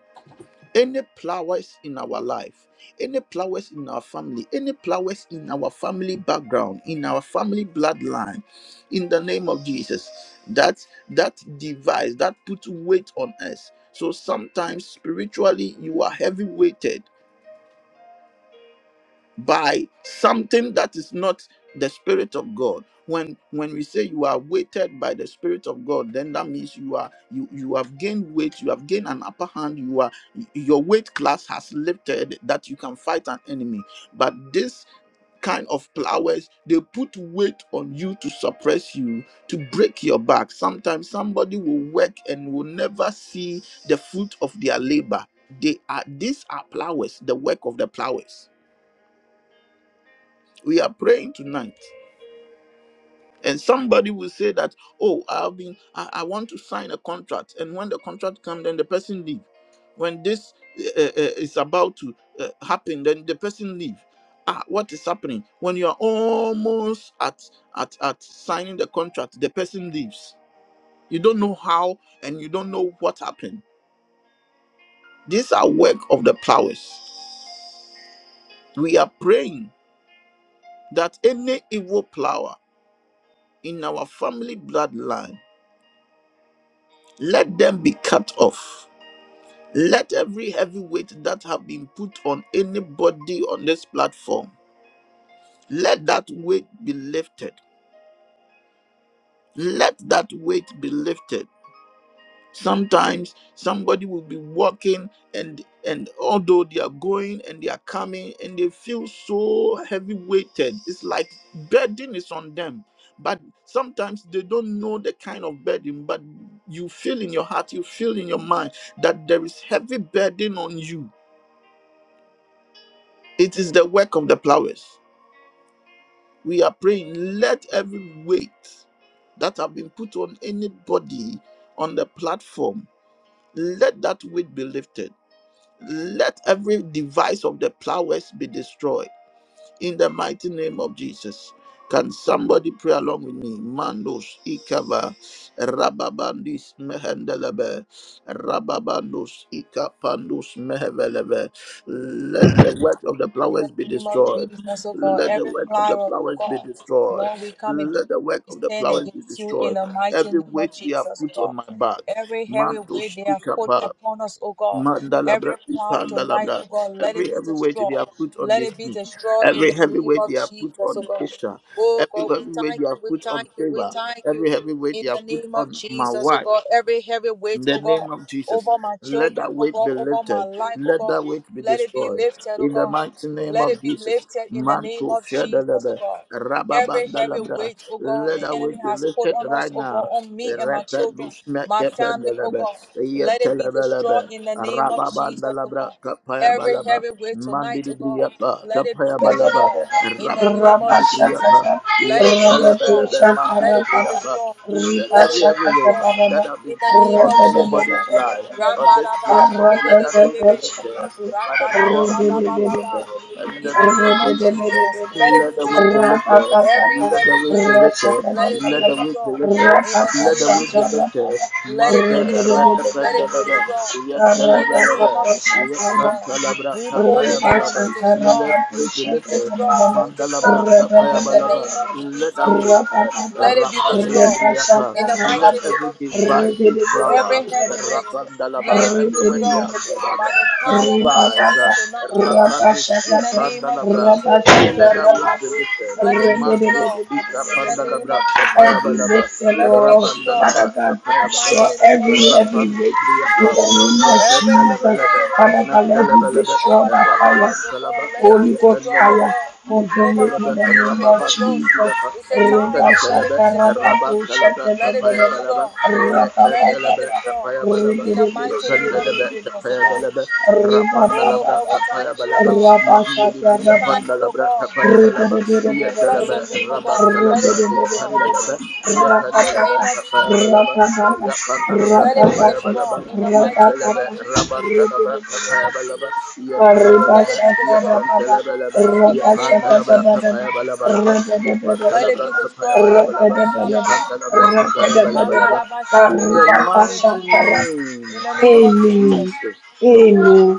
[SPEAKER 1] any plowers in our life, any plowers in our family, any plowers in our family background, in our family bloodline, in the name of Jesus, that that device that puts weight on us. So sometimes spiritually you are heavy weighted by something that is not the spirit of god when when we say you are weighted by the spirit of god then that means you are you you have gained weight you have gained an upper hand you are your weight class has lifted that you can fight an enemy but this kind of flowers they put weight on you to suppress you to break your back sometimes somebody will work and will never see the fruit of their labor they are these are flowers the work of the flowers we are praying tonight and somebody will say that oh i've been I, I want to sign a contract and when the contract comes then the person leave when this uh, uh, is about to uh, happen then the person leave ah what is happening when you are almost at at at signing the contract the person leaves you don't know how and you don't know what happened these are work of the powers we are praying that any evil power in our family bloodline let them be cut off let every heavy weight that have been put on anybody on this platform let that weight be lifted let that weight be lifted sometimes somebody will be walking and and although they are going and they are coming and they feel so heavy weighted it's like burden is on them but sometimes they don't know the kind of burden but you feel in your heart you feel in your mind that there is heavy burden on you it is the work of the plowers we are praying let every weight that have been put on anybody on the platform let that weight be lifted Let every device of the plowers be destroyed in the mighty name of Jesus. Can somebody pray along with me? Mandos ikava rababandis mehendelebe rababandos ikapandus mehevelebe. Let the work of the
[SPEAKER 2] In the
[SPEAKER 1] plowers be
[SPEAKER 2] name of
[SPEAKER 1] destroyed.
[SPEAKER 2] Jesus, oh God,
[SPEAKER 1] Let the
[SPEAKER 2] every
[SPEAKER 1] work of
[SPEAKER 2] plot,
[SPEAKER 1] the
[SPEAKER 2] oh
[SPEAKER 1] plowers be
[SPEAKER 2] God,
[SPEAKER 1] destroyed.
[SPEAKER 2] Lord, we come against,
[SPEAKER 1] Let the work
[SPEAKER 2] we
[SPEAKER 1] of the
[SPEAKER 2] stand
[SPEAKER 1] plowers be
[SPEAKER 2] against you in
[SPEAKER 1] destroyed.
[SPEAKER 2] the mighty
[SPEAKER 1] Every
[SPEAKER 2] name of
[SPEAKER 1] weight they have
[SPEAKER 2] Jesus, oh
[SPEAKER 1] put
[SPEAKER 2] God.
[SPEAKER 1] on my back,
[SPEAKER 2] Every heavy weight
[SPEAKER 1] mantos
[SPEAKER 2] they have put
[SPEAKER 1] ikapa
[SPEAKER 2] upon us, oh God. Every
[SPEAKER 1] Mandalabra,
[SPEAKER 2] cloud tonight,
[SPEAKER 1] Pandalabra,
[SPEAKER 2] oh God, let it
[SPEAKER 1] every
[SPEAKER 2] be
[SPEAKER 1] every weight they
[SPEAKER 2] destroyed.
[SPEAKER 1] are put on
[SPEAKER 2] Let
[SPEAKER 1] this
[SPEAKER 2] it be
[SPEAKER 1] thing,
[SPEAKER 2] destroyed in
[SPEAKER 1] every
[SPEAKER 2] the
[SPEAKER 1] heavy
[SPEAKER 2] name
[SPEAKER 1] weight
[SPEAKER 2] of
[SPEAKER 1] they are put
[SPEAKER 2] Jesus, oh
[SPEAKER 1] on
[SPEAKER 2] God.
[SPEAKER 1] Kisha,
[SPEAKER 2] Oh
[SPEAKER 1] every
[SPEAKER 2] God, we
[SPEAKER 1] heavy weight
[SPEAKER 2] thank
[SPEAKER 1] they are
[SPEAKER 2] you, we
[SPEAKER 1] put on
[SPEAKER 2] thank you, we
[SPEAKER 1] favor,
[SPEAKER 2] thank you.
[SPEAKER 1] every heavy weight
[SPEAKER 2] In
[SPEAKER 1] they are
[SPEAKER 2] the
[SPEAKER 1] put
[SPEAKER 2] name of
[SPEAKER 1] on my
[SPEAKER 2] Jesus, oh
[SPEAKER 1] wife,
[SPEAKER 2] God, every heavy
[SPEAKER 1] in
[SPEAKER 2] weight,
[SPEAKER 1] the
[SPEAKER 2] oh God,
[SPEAKER 1] name of Jesus,
[SPEAKER 2] over my
[SPEAKER 1] let
[SPEAKER 2] children,
[SPEAKER 1] that
[SPEAKER 2] oh
[SPEAKER 1] weight be
[SPEAKER 2] God, over my
[SPEAKER 1] lifted.
[SPEAKER 2] life, oh
[SPEAKER 1] Let
[SPEAKER 2] God,
[SPEAKER 1] that weight be
[SPEAKER 2] let it be
[SPEAKER 1] destroyed.
[SPEAKER 2] lifted, oh
[SPEAKER 1] In the
[SPEAKER 2] God.
[SPEAKER 1] mighty name
[SPEAKER 2] Let
[SPEAKER 1] of
[SPEAKER 2] it be
[SPEAKER 1] Jesus,
[SPEAKER 2] lifted in the name
[SPEAKER 1] Manto
[SPEAKER 2] of Jesus, oh
[SPEAKER 1] Shadalaba,
[SPEAKER 2] God. Every heavy
[SPEAKER 1] Rababandalabra,
[SPEAKER 2] weight, oh God,
[SPEAKER 1] let
[SPEAKER 2] the
[SPEAKER 1] that
[SPEAKER 2] enemy
[SPEAKER 1] weight be
[SPEAKER 2] has put
[SPEAKER 1] lifted
[SPEAKER 2] on us,
[SPEAKER 1] right
[SPEAKER 2] oh God,
[SPEAKER 1] now.
[SPEAKER 2] on me and my children, my family, oh
[SPEAKER 1] Rapedusmekependalaba,
[SPEAKER 2] God. Let it be destroyed
[SPEAKER 1] Yetelabalaba,
[SPEAKER 2] in the name of Jesus, oh
[SPEAKER 1] Rababandalabra,
[SPEAKER 2] God. Every
[SPEAKER 1] Kapayabalaba,
[SPEAKER 2] heavy weight tonight, oh God,
[SPEAKER 1] Mandidibriyapa,
[SPEAKER 2] let it be
[SPEAKER 1] Kapayabalaba,
[SPEAKER 2] destroyed in the name of Jesus.
[SPEAKER 1] Rababandidibriyapa.
[SPEAKER 4] Rapashakata
[SPEAKER 2] Let
[SPEAKER 1] Yes,
[SPEAKER 2] it be
[SPEAKER 4] Rabatu
[SPEAKER 2] destroyed.
[SPEAKER 1] Kalabalabe, Mandi,
[SPEAKER 2] Let
[SPEAKER 1] the
[SPEAKER 2] it be
[SPEAKER 1] day
[SPEAKER 4] Shakarapata
[SPEAKER 1] of
[SPEAKER 2] destroyed.
[SPEAKER 1] Let
[SPEAKER 2] Let it
[SPEAKER 1] every
[SPEAKER 2] be
[SPEAKER 1] every
[SPEAKER 4] Ripashakata
[SPEAKER 1] weight
[SPEAKER 2] destroyed.
[SPEAKER 4] Baraba
[SPEAKER 1] that have
[SPEAKER 2] In
[SPEAKER 1] been
[SPEAKER 2] the
[SPEAKER 1] put
[SPEAKER 2] name
[SPEAKER 1] on
[SPEAKER 2] of Jesus.
[SPEAKER 1] anybody's life
[SPEAKER 4] Rabadabadabadabadabada
[SPEAKER 1] on this platform, let that
[SPEAKER 4] Rapapapa
[SPEAKER 1] weight be
[SPEAKER 2] Rakarabashikerebebebe.
[SPEAKER 1] lifted by the power of the Holy Ghost.
[SPEAKER 2] Rakarababababa.
[SPEAKER 1] uh, And in
[SPEAKER 2] In
[SPEAKER 1] the
[SPEAKER 2] the
[SPEAKER 1] name of
[SPEAKER 2] name of
[SPEAKER 1] Jesus, uh,
[SPEAKER 2] Jesus. Let it
[SPEAKER 1] let
[SPEAKER 2] be
[SPEAKER 1] the weight be
[SPEAKER 2] destroyed.
[SPEAKER 1] lifted.
[SPEAKER 2] Every
[SPEAKER 1] Let the
[SPEAKER 2] heavy
[SPEAKER 1] weight be
[SPEAKER 2] weight,
[SPEAKER 1] lifted.
[SPEAKER 2] let it be
[SPEAKER 1] Let the
[SPEAKER 4] Rashakadapataba
[SPEAKER 1] weight be
[SPEAKER 2] destroyed.
[SPEAKER 1] lifted.
[SPEAKER 2] In the
[SPEAKER 4] Rapapa
[SPEAKER 1] Let
[SPEAKER 2] name
[SPEAKER 1] the
[SPEAKER 2] of
[SPEAKER 1] weight be
[SPEAKER 2] Jesus.
[SPEAKER 1] lifted.
[SPEAKER 4] Shakarapata
[SPEAKER 2] Let it
[SPEAKER 1] Mante
[SPEAKER 2] be
[SPEAKER 1] re
[SPEAKER 2] destroyed. Let it be
[SPEAKER 4] Rabadabadabadabada
[SPEAKER 1] ependalaba.
[SPEAKER 2] destroyed.
[SPEAKER 1] Yes,
[SPEAKER 2] In the name
[SPEAKER 4] Rapapapa
[SPEAKER 1] Kalabalabe.
[SPEAKER 2] of Jesus,
[SPEAKER 1] Yes,
[SPEAKER 2] oh God.
[SPEAKER 4] Shakarapata
[SPEAKER 1] Kalabra,
[SPEAKER 2] We pull it down.
[SPEAKER 1] Payabalaba.
[SPEAKER 2] We destroy.
[SPEAKER 1] Let the weight be
[SPEAKER 2] We
[SPEAKER 1] lifted.
[SPEAKER 2] destroy. We
[SPEAKER 1] Mandalabra,
[SPEAKER 2] destroy. In the
[SPEAKER 1] Kapayabalaba,
[SPEAKER 2] name of Jesus,
[SPEAKER 1] let
[SPEAKER 2] oh
[SPEAKER 1] away,
[SPEAKER 2] God. Let it be destroyed.
[SPEAKER 1] Rapandilibriapa,
[SPEAKER 2] In the
[SPEAKER 1] let
[SPEAKER 2] mighty name
[SPEAKER 1] every
[SPEAKER 2] of Jesus.
[SPEAKER 1] divisive flower,
[SPEAKER 2] Every heavy weight,
[SPEAKER 1] Rapandalaba,
[SPEAKER 2] let it be
[SPEAKER 1] everywhere they
[SPEAKER 2] destroyed.
[SPEAKER 1] have such
[SPEAKER 2] By the
[SPEAKER 1] to
[SPEAKER 2] power of your
[SPEAKER 1] devise,
[SPEAKER 2] name tonight, oh God.
[SPEAKER 4] Rapapa,
[SPEAKER 1] Rapandusi
[SPEAKER 2] In the name of
[SPEAKER 4] Every victim,
[SPEAKER 1] Pandalabra,
[SPEAKER 2] Jesus, let it be
[SPEAKER 1] let away
[SPEAKER 2] destroyed.
[SPEAKER 1] be lifted,
[SPEAKER 2] Let it be
[SPEAKER 1] Mantus
[SPEAKER 2] destroyed.
[SPEAKER 1] Ika
[SPEAKER 2] In the name
[SPEAKER 1] Pandalabra,
[SPEAKER 2] of Jesus.
[SPEAKER 1] Kapayabalaba,
[SPEAKER 2] Let it be
[SPEAKER 4] Lord,
[SPEAKER 2] destroyed
[SPEAKER 1] Rapandalaba,
[SPEAKER 4] Father God,
[SPEAKER 2] in the
[SPEAKER 4] destroy
[SPEAKER 1] Kapayabalaba,
[SPEAKER 2] mighty name of
[SPEAKER 4] every every
[SPEAKER 2] Jesus.
[SPEAKER 4] witch in
[SPEAKER 1] Rapandibriapa,
[SPEAKER 4] the name of
[SPEAKER 2] Every heavy
[SPEAKER 4] Jesus.
[SPEAKER 2] weight
[SPEAKER 1] Yetendalabalaba,
[SPEAKER 2] tonight,
[SPEAKER 4] Father
[SPEAKER 2] oh
[SPEAKER 4] God,
[SPEAKER 2] God,
[SPEAKER 4] let it be
[SPEAKER 1] Mantalabalaba,
[SPEAKER 2] over
[SPEAKER 4] destroyed by
[SPEAKER 2] our
[SPEAKER 4] fire.
[SPEAKER 2] lives, oh
[SPEAKER 1] Rababantalaba,
[SPEAKER 2] God, let it be
[SPEAKER 4] Holy Ghost
[SPEAKER 2] destroyed, oh
[SPEAKER 1] Yetendalaba,
[SPEAKER 4] fire,
[SPEAKER 2] God,
[SPEAKER 4] consume
[SPEAKER 2] over
[SPEAKER 4] it
[SPEAKER 1] Yepentelebe
[SPEAKER 4] in
[SPEAKER 2] our
[SPEAKER 4] the name
[SPEAKER 2] ministry,
[SPEAKER 4] of
[SPEAKER 1] Rababa
[SPEAKER 2] Holy Ghost.
[SPEAKER 4] Jesus.
[SPEAKER 1] Midibriapa,
[SPEAKER 2] We say, time
[SPEAKER 4] Rabba
[SPEAKER 2] to let it
[SPEAKER 1] Yepentelebe
[SPEAKER 4] shaka
[SPEAKER 2] be
[SPEAKER 4] rabba
[SPEAKER 2] destroyed.
[SPEAKER 1] Rabba
[SPEAKER 4] do
[SPEAKER 1] Telebe
[SPEAKER 4] shaka da
[SPEAKER 2] Let it
[SPEAKER 4] da
[SPEAKER 2] be
[SPEAKER 1] Tapaya
[SPEAKER 4] da da.
[SPEAKER 1] Balaba,
[SPEAKER 2] destroyed.
[SPEAKER 4] Rabba ba
[SPEAKER 2] Let
[SPEAKER 4] ba
[SPEAKER 2] it be
[SPEAKER 1] Yepentelebe
[SPEAKER 4] ba.
[SPEAKER 2] destroyed.
[SPEAKER 1] Tapaya Balaba,
[SPEAKER 2] In the
[SPEAKER 4] Rapapa,
[SPEAKER 2] mighty name of
[SPEAKER 1] Yepentelebe
[SPEAKER 2] Jesus, oh
[SPEAKER 1] Tapaya
[SPEAKER 2] God.
[SPEAKER 1] Balaba,
[SPEAKER 2] Oh
[SPEAKER 1] Rapanalabra
[SPEAKER 2] God, we
[SPEAKER 1] Tapaya
[SPEAKER 2] thank you, oh
[SPEAKER 1] Balaba,
[SPEAKER 2] God. We
[SPEAKER 1] Mandibria
[SPEAKER 2] thank you, oh
[SPEAKER 1] Pandalabra
[SPEAKER 2] God.
[SPEAKER 1] Tapaya Balaba,
[SPEAKER 2] We bless
[SPEAKER 1] Yetelebe
[SPEAKER 2] your name, oh
[SPEAKER 1] Rabba
[SPEAKER 2] God. Let
[SPEAKER 1] Telebra,
[SPEAKER 2] it be destroyed.
[SPEAKER 1] Yependelebe,
[SPEAKER 2] In the
[SPEAKER 1] Yependelebe
[SPEAKER 2] name of
[SPEAKER 1] Tapaya
[SPEAKER 2] Jesus.
[SPEAKER 1] Balaba, Yapandalabra
[SPEAKER 2] Let it be
[SPEAKER 1] Tapaya
[SPEAKER 2] destroyed in
[SPEAKER 1] Balaba,
[SPEAKER 2] the mighty name
[SPEAKER 1] Yetelebe
[SPEAKER 2] of Jesus.
[SPEAKER 1] Rabantelebe Payabalaba
[SPEAKER 2] Let
[SPEAKER 1] Yetelebelebe
[SPEAKER 2] it be destroyed
[SPEAKER 1] Yetelebelebe
[SPEAKER 2] in the name of
[SPEAKER 1] Yepantelebe
[SPEAKER 2] Jesus.
[SPEAKER 1] Payabalabalaba
[SPEAKER 2] Let it
[SPEAKER 1] Yepantelebe
[SPEAKER 2] be destroyed.
[SPEAKER 1] Payabalabalaba
[SPEAKER 2] Rakarabababa.
[SPEAKER 1] Yepantelebe Payabalabalaba In the
[SPEAKER 2] Makarabashikerebe.
[SPEAKER 1] mighty
[SPEAKER 2] In
[SPEAKER 1] name
[SPEAKER 2] the name
[SPEAKER 1] of
[SPEAKER 2] of
[SPEAKER 4] Amen.
[SPEAKER 2] Jesus.
[SPEAKER 1] Jesus the
[SPEAKER 4] Amen.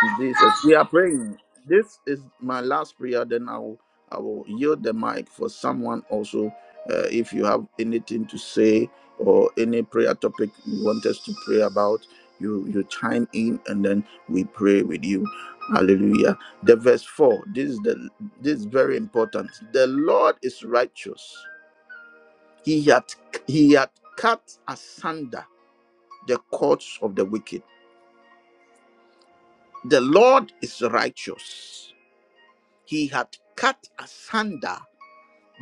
[SPEAKER 1] Jesus. We are praying. This is my last prayer. Then I will I will yield the mic for someone also. Uh, if you have anything to say or any prayer topic you want us to pray about, you you chime in and then we pray with you. Hallelujah. The verse four. This is the this is very important. The Lord is righteous. He had he had cut asunder the cords of the wicked. The Lord is righteous. He had cut asunder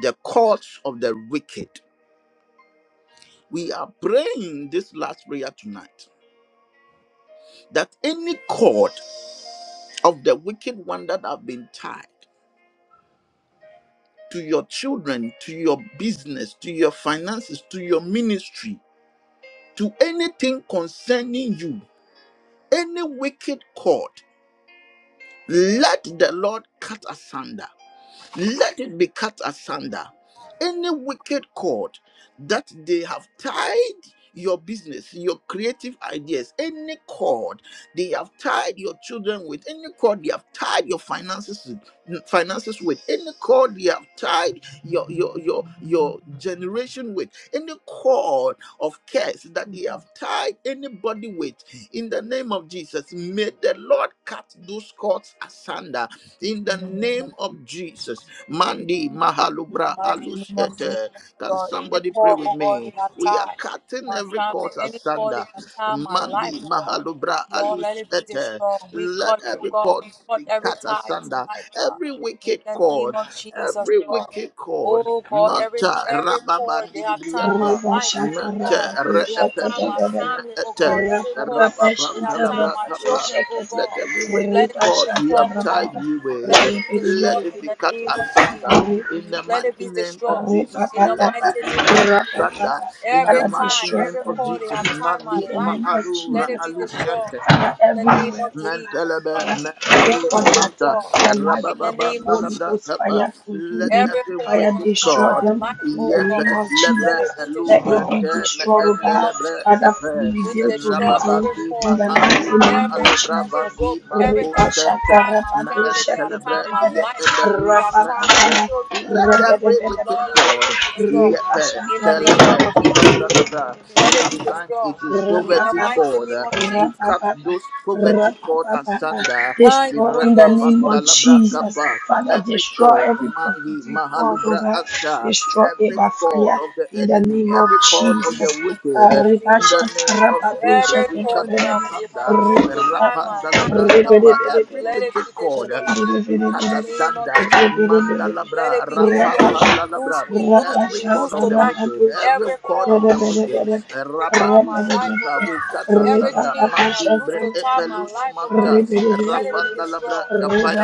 [SPEAKER 1] the cords of the wicked. We are praying this last prayer tonight that any cord of the wicked one that have been tied to your children, to your business, to your finances, to your ministry, to anything concerning you, any wicked cord, let the Lord cut asunder. Let it be cut asunder. Any wicked cord that they have tied your business, your creative ideas, any cord they have tied your children with, any cord they have tied your finances with, finances with, any cord they have tied your your your your generation with, any cord of curse that they have tied anybody with in the name of Jesus, may the Lord cut those cords asunder. In the name of Jesus, Mandi
[SPEAKER 2] In the
[SPEAKER 1] Mahalubra
[SPEAKER 2] mighty name of Jesus,
[SPEAKER 1] Alushete. Can
[SPEAKER 2] God. Any
[SPEAKER 1] somebody pray
[SPEAKER 2] call,
[SPEAKER 1] with
[SPEAKER 2] oh God,
[SPEAKER 1] me?
[SPEAKER 2] in our
[SPEAKER 1] We are
[SPEAKER 2] time,
[SPEAKER 1] cutting
[SPEAKER 2] my
[SPEAKER 1] every
[SPEAKER 2] family,
[SPEAKER 1] cord
[SPEAKER 2] any call in
[SPEAKER 1] asunder.
[SPEAKER 2] our time, my life,
[SPEAKER 1] Mandi
[SPEAKER 2] oh God.
[SPEAKER 1] Mahalubra
[SPEAKER 2] Lord, let it be
[SPEAKER 1] Alushete.
[SPEAKER 2] destroyed. We
[SPEAKER 1] Let
[SPEAKER 2] cut it, oh
[SPEAKER 1] every
[SPEAKER 2] God.
[SPEAKER 1] cord
[SPEAKER 2] We cut
[SPEAKER 1] be
[SPEAKER 2] every
[SPEAKER 1] cut
[SPEAKER 2] tie
[SPEAKER 1] asunder.
[SPEAKER 2] tonight, God.
[SPEAKER 1] Every
[SPEAKER 2] In
[SPEAKER 1] wicked
[SPEAKER 2] the name
[SPEAKER 1] cord,
[SPEAKER 2] of Jesus,
[SPEAKER 1] every
[SPEAKER 2] God.
[SPEAKER 1] wicked cord.
[SPEAKER 2] Oh God, every
[SPEAKER 1] Mata
[SPEAKER 2] every call they
[SPEAKER 1] Rababandi
[SPEAKER 2] have time my
[SPEAKER 1] Briata.
[SPEAKER 4] Reba
[SPEAKER 2] life,
[SPEAKER 4] shata
[SPEAKER 2] every
[SPEAKER 1] Mete
[SPEAKER 2] call
[SPEAKER 4] rapato
[SPEAKER 2] they have
[SPEAKER 4] shata
[SPEAKER 2] time
[SPEAKER 4] da
[SPEAKER 2] my
[SPEAKER 4] da
[SPEAKER 1] reependus
[SPEAKER 4] da da.
[SPEAKER 2] family, oh God,
[SPEAKER 1] mete
[SPEAKER 2] every call
[SPEAKER 4] Rapapapa
[SPEAKER 2] they
[SPEAKER 1] rapapam
[SPEAKER 2] have
[SPEAKER 4] shata
[SPEAKER 2] time my
[SPEAKER 4] rapato
[SPEAKER 1] talabrakapa.
[SPEAKER 2] children,
[SPEAKER 4] shata
[SPEAKER 2] oh
[SPEAKER 4] da.
[SPEAKER 1] Let
[SPEAKER 2] God.
[SPEAKER 1] every wicked
[SPEAKER 2] Let it
[SPEAKER 4] Reba
[SPEAKER 2] be
[SPEAKER 1] God, be
[SPEAKER 4] shata
[SPEAKER 2] destroyed,
[SPEAKER 1] have
[SPEAKER 2] oh
[SPEAKER 1] tied
[SPEAKER 2] God.
[SPEAKER 4] rapapa.
[SPEAKER 1] you with,
[SPEAKER 2] Let it be
[SPEAKER 4] Rebe de be de
[SPEAKER 2] destroyed
[SPEAKER 1] let it
[SPEAKER 4] be
[SPEAKER 2] in
[SPEAKER 1] be
[SPEAKER 4] de
[SPEAKER 2] the
[SPEAKER 4] be
[SPEAKER 1] cut
[SPEAKER 4] de be.
[SPEAKER 2] name of
[SPEAKER 1] asunder
[SPEAKER 2] Jesus.
[SPEAKER 4] Rebe de
[SPEAKER 1] in
[SPEAKER 4] be de
[SPEAKER 1] the
[SPEAKER 2] Let it
[SPEAKER 4] be.
[SPEAKER 1] mighty
[SPEAKER 2] be
[SPEAKER 1] name of
[SPEAKER 2] destroyed
[SPEAKER 4] Reba
[SPEAKER 1] Jesus.
[SPEAKER 2] in
[SPEAKER 4] pa
[SPEAKER 2] the
[SPEAKER 4] pa
[SPEAKER 1] Let
[SPEAKER 2] mighty
[SPEAKER 1] it be
[SPEAKER 2] name of
[SPEAKER 1] cut
[SPEAKER 2] Jesus.
[SPEAKER 1] asunder in
[SPEAKER 2] Every
[SPEAKER 1] the
[SPEAKER 4] Father,
[SPEAKER 2] tie,
[SPEAKER 1] mighty
[SPEAKER 4] destroy
[SPEAKER 1] name
[SPEAKER 2] every
[SPEAKER 1] of
[SPEAKER 4] every
[SPEAKER 2] cord they have
[SPEAKER 1] Jesus.
[SPEAKER 2] tied my
[SPEAKER 4] In
[SPEAKER 1] Mandi
[SPEAKER 4] the
[SPEAKER 2] life,
[SPEAKER 4] name of
[SPEAKER 1] maalu
[SPEAKER 2] let it
[SPEAKER 4] Jesus,
[SPEAKER 2] be
[SPEAKER 1] raalu
[SPEAKER 4] Father,
[SPEAKER 2] destroyed
[SPEAKER 1] shente
[SPEAKER 4] Father,
[SPEAKER 2] in the name
[SPEAKER 4] everywhere,
[SPEAKER 2] of
[SPEAKER 4] oh
[SPEAKER 2] Jesus, oh
[SPEAKER 4] God,
[SPEAKER 1] Mantalaba
[SPEAKER 2] God.
[SPEAKER 4] that
[SPEAKER 1] ma-
[SPEAKER 4] pray
[SPEAKER 1] and
[SPEAKER 2] Let it
[SPEAKER 4] for
[SPEAKER 1] roots
[SPEAKER 2] be
[SPEAKER 4] that
[SPEAKER 1] manta
[SPEAKER 2] destroyed
[SPEAKER 4] uh, the life
[SPEAKER 2] in the
[SPEAKER 4] of
[SPEAKER 1] rabababa
[SPEAKER 2] name of
[SPEAKER 4] Holy
[SPEAKER 1] nalabra
[SPEAKER 2] Jesus,
[SPEAKER 4] Ghost
[SPEAKER 2] oh
[SPEAKER 1] kapa.
[SPEAKER 2] God.
[SPEAKER 4] fire consume
[SPEAKER 1] Let
[SPEAKER 4] them,
[SPEAKER 2] Every
[SPEAKER 1] every
[SPEAKER 2] cord
[SPEAKER 4] fire
[SPEAKER 2] they
[SPEAKER 1] wicked
[SPEAKER 2] have tied
[SPEAKER 4] destroy
[SPEAKER 2] my
[SPEAKER 1] God
[SPEAKER 4] them.
[SPEAKER 2] life,
[SPEAKER 4] In the
[SPEAKER 2] oh
[SPEAKER 1] yep
[SPEAKER 2] God,
[SPEAKER 4] name of
[SPEAKER 2] let
[SPEAKER 1] lebre
[SPEAKER 2] it
[SPEAKER 4] Jesus,
[SPEAKER 2] be
[SPEAKER 1] elu
[SPEAKER 4] let
[SPEAKER 2] destroyed
[SPEAKER 4] it be
[SPEAKER 1] brende me
[SPEAKER 2] in
[SPEAKER 4] destroyed,
[SPEAKER 2] the
[SPEAKER 4] oh
[SPEAKER 1] and
[SPEAKER 2] name
[SPEAKER 4] God.
[SPEAKER 2] of
[SPEAKER 1] lebre
[SPEAKER 2] Jesus.
[SPEAKER 4] Father,
[SPEAKER 1] kapa
[SPEAKER 2] We
[SPEAKER 4] reveal to
[SPEAKER 2] destroy
[SPEAKER 4] redeem
[SPEAKER 2] every
[SPEAKER 1] rababandi ma
[SPEAKER 4] in
[SPEAKER 2] form,
[SPEAKER 4] the mighty
[SPEAKER 1] andi ma
[SPEAKER 4] name of
[SPEAKER 2] every
[SPEAKER 1] alobra
[SPEAKER 2] every
[SPEAKER 4] Jesus.
[SPEAKER 2] rope,
[SPEAKER 1] bandi ma
[SPEAKER 2] everything
[SPEAKER 4] Reba
[SPEAKER 2] they have
[SPEAKER 1] koshente
[SPEAKER 4] shaka
[SPEAKER 2] tied my
[SPEAKER 4] reba
[SPEAKER 1] ma
[SPEAKER 4] do
[SPEAKER 2] family,
[SPEAKER 1] and
[SPEAKER 2] they have
[SPEAKER 4] shaka da
[SPEAKER 1] lebre
[SPEAKER 2] tied
[SPEAKER 4] da da
[SPEAKER 2] my life,
[SPEAKER 4] da.
[SPEAKER 2] they
[SPEAKER 4] Reba
[SPEAKER 2] have
[SPEAKER 1] yebedus ma
[SPEAKER 4] ba ba
[SPEAKER 1] and
[SPEAKER 2] tied my
[SPEAKER 4] ba.
[SPEAKER 2] children, oh
[SPEAKER 1] let
[SPEAKER 2] God.
[SPEAKER 4] Reba da
[SPEAKER 1] every
[SPEAKER 4] da da
[SPEAKER 1] wicked
[SPEAKER 4] da
[SPEAKER 2] Lord, let it be
[SPEAKER 1] God
[SPEAKER 4] da.
[SPEAKER 2] destroyed.
[SPEAKER 4] Reba
[SPEAKER 1] yep
[SPEAKER 2] In the
[SPEAKER 4] shaka reba
[SPEAKER 2] name of
[SPEAKER 1] celebrate
[SPEAKER 4] da.
[SPEAKER 2] Jesus.
[SPEAKER 4] Reba
[SPEAKER 2] Let it
[SPEAKER 4] da da
[SPEAKER 2] be
[SPEAKER 4] da da.
[SPEAKER 1] Sometimes
[SPEAKER 2] destroyed.
[SPEAKER 1] it is
[SPEAKER 2] In the
[SPEAKER 1] poverty
[SPEAKER 2] mighty name
[SPEAKER 1] God.
[SPEAKER 2] of
[SPEAKER 1] We
[SPEAKER 2] Jesus.
[SPEAKER 1] cut those poverty cord asunder.
[SPEAKER 2] Thank
[SPEAKER 1] We
[SPEAKER 2] you,
[SPEAKER 4] Destroy
[SPEAKER 2] Holy
[SPEAKER 4] in
[SPEAKER 1] wrap
[SPEAKER 4] the
[SPEAKER 1] up
[SPEAKER 2] Ghost.
[SPEAKER 4] name
[SPEAKER 1] the
[SPEAKER 4] of
[SPEAKER 1] labra
[SPEAKER 4] Jesus.
[SPEAKER 1] kappa.
[SPEAKER 4] Father,
[SPEAKER 1] Every
[SPEAKER 4] destroy
[SPEAKER 1] cord,
[SPEAKER 4] every
[SPEAKER 1] Mandi,
[SPEAKER 4] prophetic cord
[SPEAKER 1] Mahalubra
[SPEAKER 4] over.
[SPEAKER 1] Acha,
[SPEAKER 4] Destroy it
[SPEAKER 1] every
[SPEAKER 4] by
[SPEAKER 1] cord
[SPEAKER 4] fire
[SPEAKER 1] of the
[SPEAKER 4] in the
[SPEAKER 1] enemy,
[SPEAKER 4] name of
[SPEAKER 1] every cord of
[SPEAKER 4] Jesus.
[SPEAKER 1] the wicked,
[SPEAKER 2] In the
[SPEAKER 1] in
[SPEAKER 2] name of
[SPEAKER 1] the
[SPEAKER 4] Rabasha,
[SPEAKER 2] Jesus.
[SPEAKER 1] name of
[SPEAKER 4] Rabasha,
[SPEAKER 2] Every
[SPEAKER 1] Jesus, we cut
[SPEAKER 2] cord they have they have
[SPEAKER 1] asunder
[SPEAKER 2] used to tie my life,
[SPEAKER 1] Rapandalabra,
[SPEAKER 2] oh God.
[SPEAKER 1] every
[SPEAKER 2] Let it be
[SPEAKER 1] wicked cord.
[SPEAKER 2] destroyed. In
[SPEAKER 1] Rikata
[SPEAKER 2] the name of
[SPEAKER 1] Sanda,
[SPEAKER 2] Jesus. Let
[SPEAKER 1] Mandalabra,
[SPEAKER 2] it be
[SPEAKER 1] Rapa
[SPEAKER 2] destroyed. We lose,
[SPEAKER 1] Pandalabra.
[SPEAKER 2] we lose,
[SPEAKER 1] Every
[SPEAKER 2] we lose
[SPEAKER 1] cord of the
[SPEAKER 2] tonight.
[SPEAKER 1] wicked,
[SPEAKER 4] Rabasha,
[SPEAKER 1] every
[SPEAKER 2] Every
[SPEAKER 1] cord of
[SPEAKER 2] call
[SPEAKER 1] the
[SPEAKER 2] they
[SPEAKER 1] wicked,
[SPEAKER 2] have used to tie my
[SPEAKER 1] Rabadus
[SPEAKER 2] life, oh
[SPEAKER 1] Ipa,
[SPEAKER 2] God.
[SPEAKER 1] Rikata
[SPEAKER 2] Every
[SPEAKER 1] Sanda,
[SPEAKER 2] chain they have
[SPEAKER 1] Mandi,
[SPEAKER 2] used
[SPEAKER 1] Bre-
[SPEAKER 2] to tie my
[SPEAKER 1] Epelus
[SPEAKER 2] life, oh God.
[SPEAKER 1] Manta,
[SPEAKER 2] Let it be
[SPEAKER 1] Rapandalabra,
[SPEAKER 2] destroyed.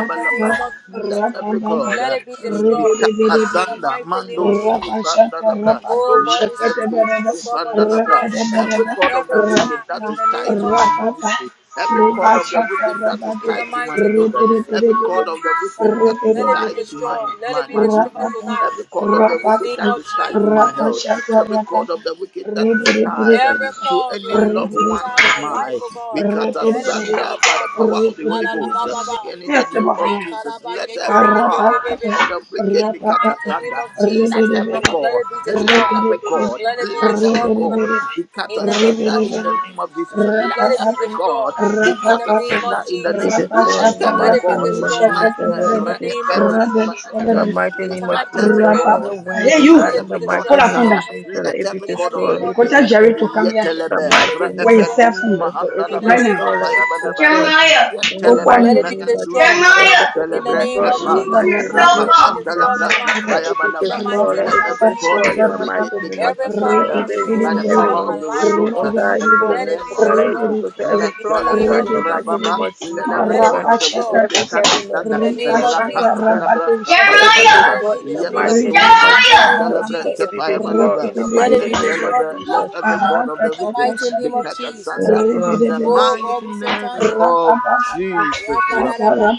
[SPEAKER 2] In the name of Jesus.
[SPEAKER 1] Let every cord,
[SPEAKER 2] Let
[SPEAKER 1] uh,
[SPEAKER 2] it be destroyed.
[SPEAKER 1] Rikata
[SPEAKER 2] In the
[SPEAKER 1] Sanda,
[SPEAKER 2] mighty name of
[SPEAKER 1] Mandos
[SPEAKER 2] Jesus.
[SPEAKER 1] Ipandalabra,
[SPEAKER 2] Oh God, we say thank
[SPEAKER 1] Yependos
[SPEAKER 2] you, oh God, for
[SPEAKER 1] Ipandalabra.
[SPEAKER 2] destroying
[SPEAKER 1] Every cord of
[SPEAKER 2] every
[SPEAKER 1] the wicked
[SPEAKER 2] time
[SPEAKER 1] that
[SPEAKER 2] in
[SPEAKER 1] is
[SPEAKER 2] the
[SPEAKER 1] tied
[SPEAKER 2] name
[SPEAKER 1] to
[SPEAKER 2] of
[SPEAKER 1] my
[SPEAKER 2] Jesus.
[SPEAKER 1] ministry. Every cord of the wicked that is
[SPEAKER 4] Ribashakarabadu,
[SPEAKER 2] In the
[SPEAKER 1] tied to my
[SPEAKER 2] mighty name of Jesus.
[SPEAKER 1] children, every cord
[SPEAKER 4] ribiribiribiribi,
[SPEAKER 1] of the wicked that is
[SPEAKER 2] Let it be
[SPEAKER 1] tied to my,
[SPEAKER 4] ribiribiribiribi,
[SPEAKER 2] destroyed. Let it
[SPEAKER 1] my,
[SPEAKER 2] be
[SPEAKER 1] my
[SPEAKER 2] destroyed
[SPEAKER 1] business,
[SPEAKER 4] rababa,
[SPEAKER 2] tonight.
[SPEAKER 1] every cord of the
[SPEAKER 2] In the
[SPEAKER 1] wicked
[SPEAKER 2] name
[SPEAKER 4] rababa,
[SPEAKER 1] that
[SPEAKER 2] of
[SPEAKER 1] is tied to
[SPEAKER 2] Jesus.
[SPEAKER 1] my health, every
[SPEAKER 4] rabashakarababa,
[SPEAKER 1] cord of the wicked that is tied
[SPEAKER 2] Every
[SPEAKER 4] ribiribiribiribi,
[SPEAKER 1] to
[SPEAKER 2] call they
[SPEAKER 1] any
[SPEAKER 2] are used
[SPEAKER 1] loved
[SPEAKER 2] to
[SPEAKER 1] one
[SPEAKER 2] try
[SPEAKER 1] of
[SPEAKER 2] my life,
[SPEAKER 4] ribiribiribiribi,
[SPEAKER 1] mine,
[SPEAKER 2] oh God,
[SPEAKER 1] we cut
[SPEAKER 2] let it be
[SPEAKER 4] ribiribiribiribi,
[SPEAKER 1] asunder by the
[SPEAKER 2] destroyed.
[SPEAKER 1] power
[SPEAKER 2] Moshi
[SPEAKER 1] of the Holy Ghost.
[SPEAKER 4] ribiribiribiribi.
[SPEAKER 2] karababa.
[SPEAKER 1] And in the
[SPEAKER 4] Yes, the
[SPEAKER 1] name of
[SPEAKER 4] buffet.
[SPEAKER 1] Jesus,
[SPEAKER 2] Makaraba
[SPEAKER 1] let
[SPEAKER 4] Hey,
[SPEAKER 1] every cord
[SPEAKER 2] yekerebebebebe.
[SPEAKER 1] of the
[SPEAKER 2] In
[SPEAKER 1] wicked
[SPEAKER 2] the
[SPEAKER 1] be cut
[SPEAKER 2] mighty name
[SPEAKER 1] asunder.
[SPEAKER 2] of Jesus,
[SPEAKER 1] Let
[SPEAKER 2] oh
[SPEAKER 1] every
[SPEAKER 2] God, let
[SPEAKER 1] cord,
[SPEAKER 2] it be
[SPEAKER 1] let let
[SPEAKER 2] destroyed.
[SPEAKER 1] her record.
[SPEAKER 2] Let it be
[SPEAKER 1] Let her
[SPEAKER 2] destroyed tonight.
[SPEAKER 1] record. We cut
[SPEAKER 2] In
[SPEAKER 1] her
[SPEAKER 2] the name
[SPEAKER 1] asunder
[SPEAKER 2] of
[SPEAKER 1] in the
[SPEAKER 2] Jesus,
[SPEAKER 1] name of Jesus. Let
[SPEAKER 2] let it
[SPEAKER 1] her
[SPEAKER 2] be
[SPEAKER 1] record.
[SPEAKER 2] destroyed.
[SPEAKER 1] We
[SPEAKER 2] In
[SPEAKER 1] cut
[SPEAKER 2] the
[SPEAKER 1] her
[SPEAKER 2] name of
[SPEAKER 1] asunder in the
[SPEAKER 2] Jesus,
[SPEAKER 5] We
[SPEAKER 1] name.
[SPEAKER 5] destroy
[SPEAKER 1] Let
[SPEAKER 5] in the
[SPEAKER 1] her
[SPEAKER 2] let
[SPEAKER 5] mighty
[SPEAKER 2] it be
[SPEAKER 1] record.
[SPEAKER 5] name of
[SPEAKER 2] destroyed.
[SPEAKER 5] Jesus. Every
[SPEAKER 2] In the
[SPEAKER 5] We
[SPEAKER 1] Mater
[SPEAKER 2] name of
[SPEAKER 5] destroy
[SPEAKER 2] Jesus,
[SPEAKER 1] epedus
[SPEAKER 5] in the
[SPEAKER 1] mater.
[SPEAKER 5] mighty
[SPEAKER 2] we
[SPEAKER 1] We
[SPEAKER 5] name of
[SPEAKER 2] thank
[SPEAKER 1] cut
[SPEAKER 2] you,
[SPEAKER 1] her
[SPEAKER 2] Holy
[SPEAKER 5] Jesus.
[SPEAKER 2] Ghost.
[SPEAKER 5] Every
[SPEAKER 1] record.
[SPEAKER 5] wind,
[SPEAKER 1] We
[SPEAKER 5] oh
[SPEAKER 1] cut
[SPEAKER 4] you!
[SPEAKER 2] Let
[SPEAKER 5] God,
[SPEAKER 1] her
[SPEAKER 5] in
[SPEAKER 2] it be
[SPEAKER 5] the
[SPEAKER 1] record
[SPEAKER 5] mighty
[SPEAKER 4] Pull
[SPEAKER 2] destroyed
[SPEAKER 4] up
[SPEAKER 5] name
[SPEAKER 4] on
[SPEAKER 5] of
[SPEAKER 1] asunder.
[SPEAKER 2] tonight.
[SPEAKER 4] that.
[SPEAKER 5] Jesus. Let
[SPEAKER 1] Let
[SPEAKER 5] it
[SPEAKER 1] her
[SPEAKER 5] be
[SPEAKER 2] In the
[SPEAKER 1] record of the
[SPEAKER 5] destroyed.
[SPEAKER 2] name
[SPEAKER 5] Let
[SPEAKER 2] of
[SPEAKER 5] it
[SPEAKER 4] Go
[SPEAKER 5] be
[SPEAKER 1] wicked.
[SPEAKER 4] tell
[SPEAKER 2] Jesus.
[SPEAKER 4] Jerry to come here.
[SPEAKER 5] In the
[SPEAKER 2] Let
[SPEAKER 1] Yetelebe
[SPEAKER 2] it
[SPEAKER 1] re
[SPEAKER 5] mighty
[SPEAKER 2] be
[SPEAKER 5] name
[SPEAKER 4] Where your
[SPEAKER 5] of
[SPEAKER 4] cell
[SPEAKER 2] destroyed
[SPEAKER 1] epedus
[SPEAKER 5] Jesus.
[SPEAKER 4] phone?
[SPEAKER 1] mahanda
[SPEAKER 5] Let
[SPEAKER 2] in
[SPEAKER 5] it
[SPEAKER 2] the
[SPEAKER 4] Right
[SPEAKER 1] labra.
[SPEAKER 2] name
[SPEAKER 4] now.
[SPEAKER 5] destroy, destroyed.
[SPEAKER 2] of
[SPEAKER 5] Let it
[SPEAKER 1] Rapaya
[SPEAKER 2] Jesus.
[SPEAKER 5] be
[SPEAKER 1] balaba.
[SPEAKER 5] destroyed.
[SPEAKER 4] Yeah.
[SPEAKER 5] In
[SPEAKER 4] Go
[SPEAKER 5] the
[SPEAKER 4] on.
[SPEAKER 1] Yetelebe
[SPEAKER 2] Let
[SPEAKER 5] mighty
[SPEAKER 2] it be
[SPEAKER 5] name of
[SPEAKER 2] destroyed
[SPEAKER 5] Jesus.
[SPEAKER 1] me
[SPEAKER 4] Jeremiah,
[SPEAKER 1] and
[SPEAKER 5] Let it be
[SPEAKER 2] in the
[SPEAKER 1] celebrate
[SPEAKER 2] name
[SPEAKER 1] the
[SPEAKER 2] of
[SPEAKER 5] In the
[SPEAKER 2] Jesus.
[SPEAKER 1] past.
[SPEAKER 5] mighty name
[SPEAKER 2] Let
[SPEAKER 5] of
[SPEAKER 2] it be
[SPEAKER 1] Rapapa
[SPEAKER 5] Jesus.
[SPEAKER 2] destroyed
[SPEAKER 1] celebrate the
[SPEAKER 2] tonight
[SPEAKER 5] Let
[SPEAKER 1] fire
[SPEAKER 5] it be
[SPEAKER 2] in
[SPEAKER 5] this
[SPEAKER 2] the
[SPEAKER 1] balaba.
[SPEAKER 5] world,
[SPEAKER 2] mighty
[SPEAKER 5] let
[SPEAKER 1] Let
[SPEAKER 5] it
[SPEAKER 2] name
[SPEAKER 5] be
[SPEAKER 2] of
[SPEAKER 1] every
[SPEAKER 5] this
[SPEAKER 2] Jesus.
[SPEAKER 1] code
[SPEAKER 5] world,
[SPEAKER 1] of
[SPEAKER 5] in
[SPEAKER 1] the
[SPEAKER 5] the
[SPEAKER 1] wicked
[SPEAKER 5] mighty
[SPEAKER 1] be
[SPEAKER 5] name
[SPEAKER 1] cut
[SPEAKER 5] of
[SPEAKER 2] Every
[SPEAKER 5] Jesus,
[SPEAKER 2] call they
[SPEAKER 1] asunder
[SPEAKER 2] have
[SPEAKER 5] every
[SPEAKER 2] used
[SPEAKER 1] by
[SPEAKER 2] to
[SPEAKER 4] Jeremiah,
[SPEAKER 5] wing,
[SPEAKER 1] the
[SPEAKER 5] every
[SPEAKER 2] tie
[SPEAKER 1] power
[SPEAKER 2] my
[SPEAKER 1] of
[SPEAKER 5] wing,
[SPEAKER 1] the
[SPEAKER 2] life,
[SPEAKER 1] Holy
[SPEAKER 2] oh
[SPEAKER 1] Ghost.
[SPEAKER 5] oh
[SPEAKER 2] God,
[SPEAKER 5] God,
[SPEAKER 1] And in
[SPEAKER 5] evil
[SPEAKER 1] the
[SPEAKER 2] let
[SPEAKER 5] wing,
[SPEAKER 2] it
[SPEAKER 1] name
[SPEAKER 5] oh
[SPEAKER 2] be
[SPEAKER 1] of
[SPEAKER 5] God, let it be
[SPEAKER 1] Jesus,
[SPEAKER 2] destroyed
[SPEAKER 5] put to every
[SPEAKER 1] let
[SPEAKER 2] in the
[SPEAKER 5] plot, oh
[SPEAKER 2] name
[SPEAKER 1] celebrate
[SPEAKER 5] God,
[SPEAKER 2] of
[SPEAKER 5] in the
[SPEAKER 2] Jesus.
[SPEAKER 5] mighty
[SPEAKER 1] Rababa.
[SPEAKER 5] name of
[SPEAKER 1] Let
[SPEAKER 5] Jesus,
[SPEAKER 1] every
[SPEAKER 2] Let
[SPEAKER 5] oh
[SPEAKER 2] it be
[SPEAKER 1] code
[SPEAKER 5] God,
[SPEAKER 1] of the
[SPEAKER 2] destroyed
[SPEAKER 1] wicked be
[SPEAKER 5] every
[SPEAKER 1] cut
[SPEAKER 5] heaviness,
[SPEAKER 2] in
[SPEAKER 1] asunder.
[SPEAKER 2] the
[SPEAKER 5] every
[SPEAKER 2] name of
[SPEAKER 5] heaviness,
[SPEAKER 1] Rapa
[SPEAKER 2] Jesus.
[SPEAKER 5] oh God,
[SPEAKER 1] celebrate the
[SPEAKER 5] let
[SPEAKER 1] fire
[SPEAKER 5] it be
[SPEAKER 1] balaba.
[SPEAKER 2] Let it
[SPEAKER 5] destroyed
[SPEAKER 2] be
[SPEAKER 5] in the
[SPEAKER 1] Yep
[SPEAKER 2] destroyed
[SPEAKER 1] and
[SPEAKER 5] mighty
[SPEAKER 2] in the
[SPEAKER 5] name
[SPEAKER 4] Rapa
[SPEAKER 5] of
[SPEAKER 1] tosma
[SPEAKER 2] mighty
[SPEAKER 1] and
[SPEAKER 2] name of
[SPEAKER 5] Jesus,
[SPEAKER 1] celebrate
[SPEAKER 5] let
[SPEAKER 1] the
[SPEAKER 5] it
[SPEAKER 2] Jesus.
[SPEAKER 5] be
[SPEAKER 1] fire
[SPEAKER 5] destroyed
[SPEAKER 1] balaba.
[SPEAKER 5] in the
[SPEAKER 2] Let it
[SPEAKER 5] mighty
[SPEAKER 1] Yet
[SPEAKER 2] be
[SPEAKER 5] name of
[SPEAKER 2] destroyed
[SPEAKER 1] celebrate. Let
[SPEAKER 2] tonight
[SPEAKER 5] Jesus,
[SPEAKER 1] every code of
[SPEAKER 2] in
[SPEAKER 1] the
[SPEAKER 2] the
[SPEAKER 1] wicked
[SPEAKER 2] mighty
[SPEAKER 1] be
[SPEAKER 2] name of
[SPEAKER 1] cut
[SPEAKER 2] Jesus.
[SPEAKER 1] asunder
[SPEAKER 5] yes,
[SPEAKER 1] in
[SPEAKER 5] Lord,
[SPEAKER 1] the
[SPEAKER 2] Oh God,
[SPEAKER 1] mighty
[SPEAKER 2] we say thank
[SPEAKER 1] name
[SPEAKER 2] you.
[SPEAKER 1] of Jesus. We are praying
[SPEAKER 2] Rakadadaba,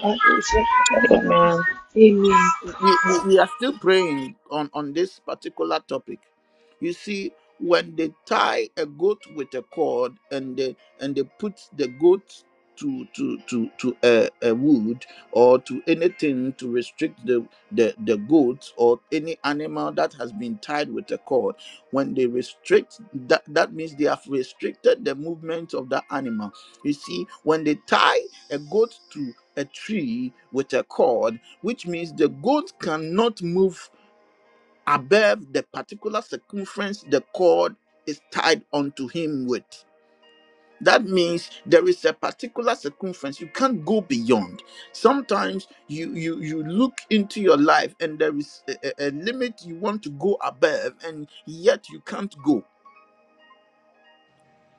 [SPEAKER 5] amen.
[SPEAKER 4] Amen.
[SPEAKER 1] we, we, we are still praying on, on this particular topic. You see, when they tie a goat with a cord and they and they put the goat to to to to a, a wood or to anything to restrict the, the the goat or any animal that has been tied with a cord when they restrict that that means they have restricted the movement of that animal you see when they tie a goat to a tree with a cord which means the goat cannot move above the particular circumference the cord is tied onto him with. That means there is a particular circumference you can't go beyond. Sometimes you you you look into your life and there is a, a a limit you want to go above and yet you can't go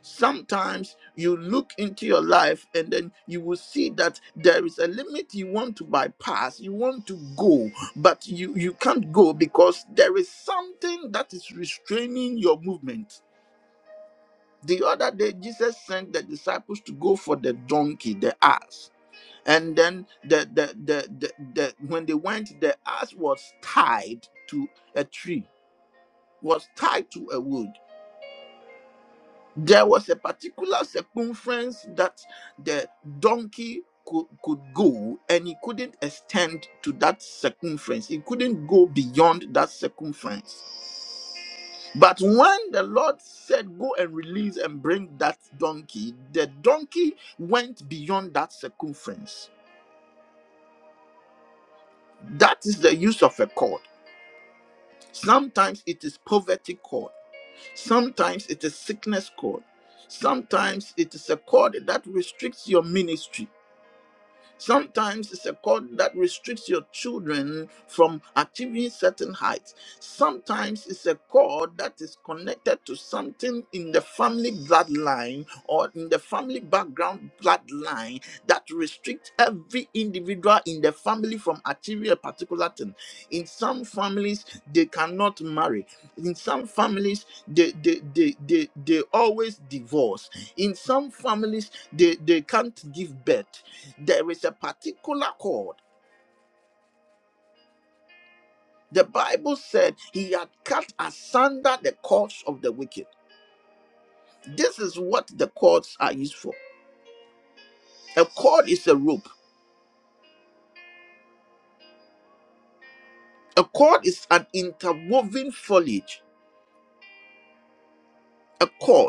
[SPEAKER 1] sometimes you look into your life and then you will see that there is a limit you want to bypass you want to go but you you can't go because there is something that is restraining your movement the other day jesus sent the disciples to go for the donkey the ass and then the the the, the, the when they went the ass was tied to a tree was tied to a wood there was a particular circumference that the donkey could, could go and he couldn't extend to that circumference he couldn't go beyond that circumference but when the lord said go and release and bring that donkey the donkey went beyond that circumference that is the use of a cord sometimes it is poverty cord sometimes it is sickness cord sometimes it is a cord that restricts your ministry Sometimes it's a cord that restricts your children from achieving certain heights. Sometimes it's a cord that is connected to something in the family bloodline or in the family background bloodline that restricts every individual in the family from achieving a particular thing. In some families, they cannot marry. In some families, they they they they, they always divorce. In some families, they, they can't give birth there is a particular cord. The Bible said he had cut asunder the cords of the wicked. This is what the cords are used for. A cord is a rope, a cord is an interwoven foliage. A cord.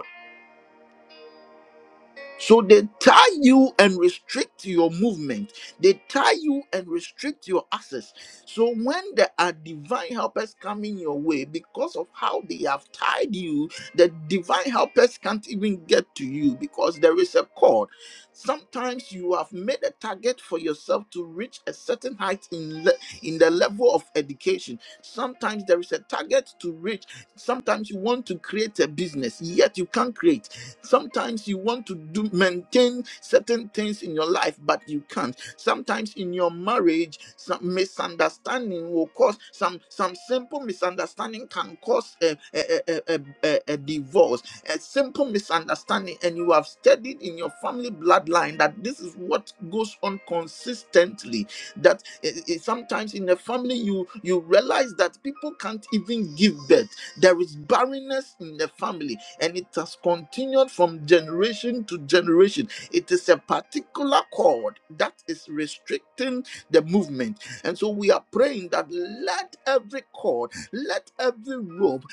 [SPEAKER 1] So they tie you and restrict your movement. They tie you and restrict your access. So when there are divine helpers coming your way, because of how they have tied you, the divine helpers can't even get to you because there is a cord. Sometimes you have made a target for yourself to reach a certain height in le- in the level of education. Sometimes there is a target to reach. Sometimes you want to create a business, yet you can't create Sometimes you want to do maintain certain things in your life, but you can't. Sometimes in your marriage, some misunderstanding will cause some some simple misunderstanding can cause a a, a, a, a, a divorce. A simple misunderstanding, and you have studied in your family bloodline that this is what goes on consistently. That eh, eh, sometimes in the family you you realize that people can't even give birth there is barrenness in the family, and it has continued from generation to generation. It is a particular cord that is restricting the movement. And so we are praying that let every cord, let every rope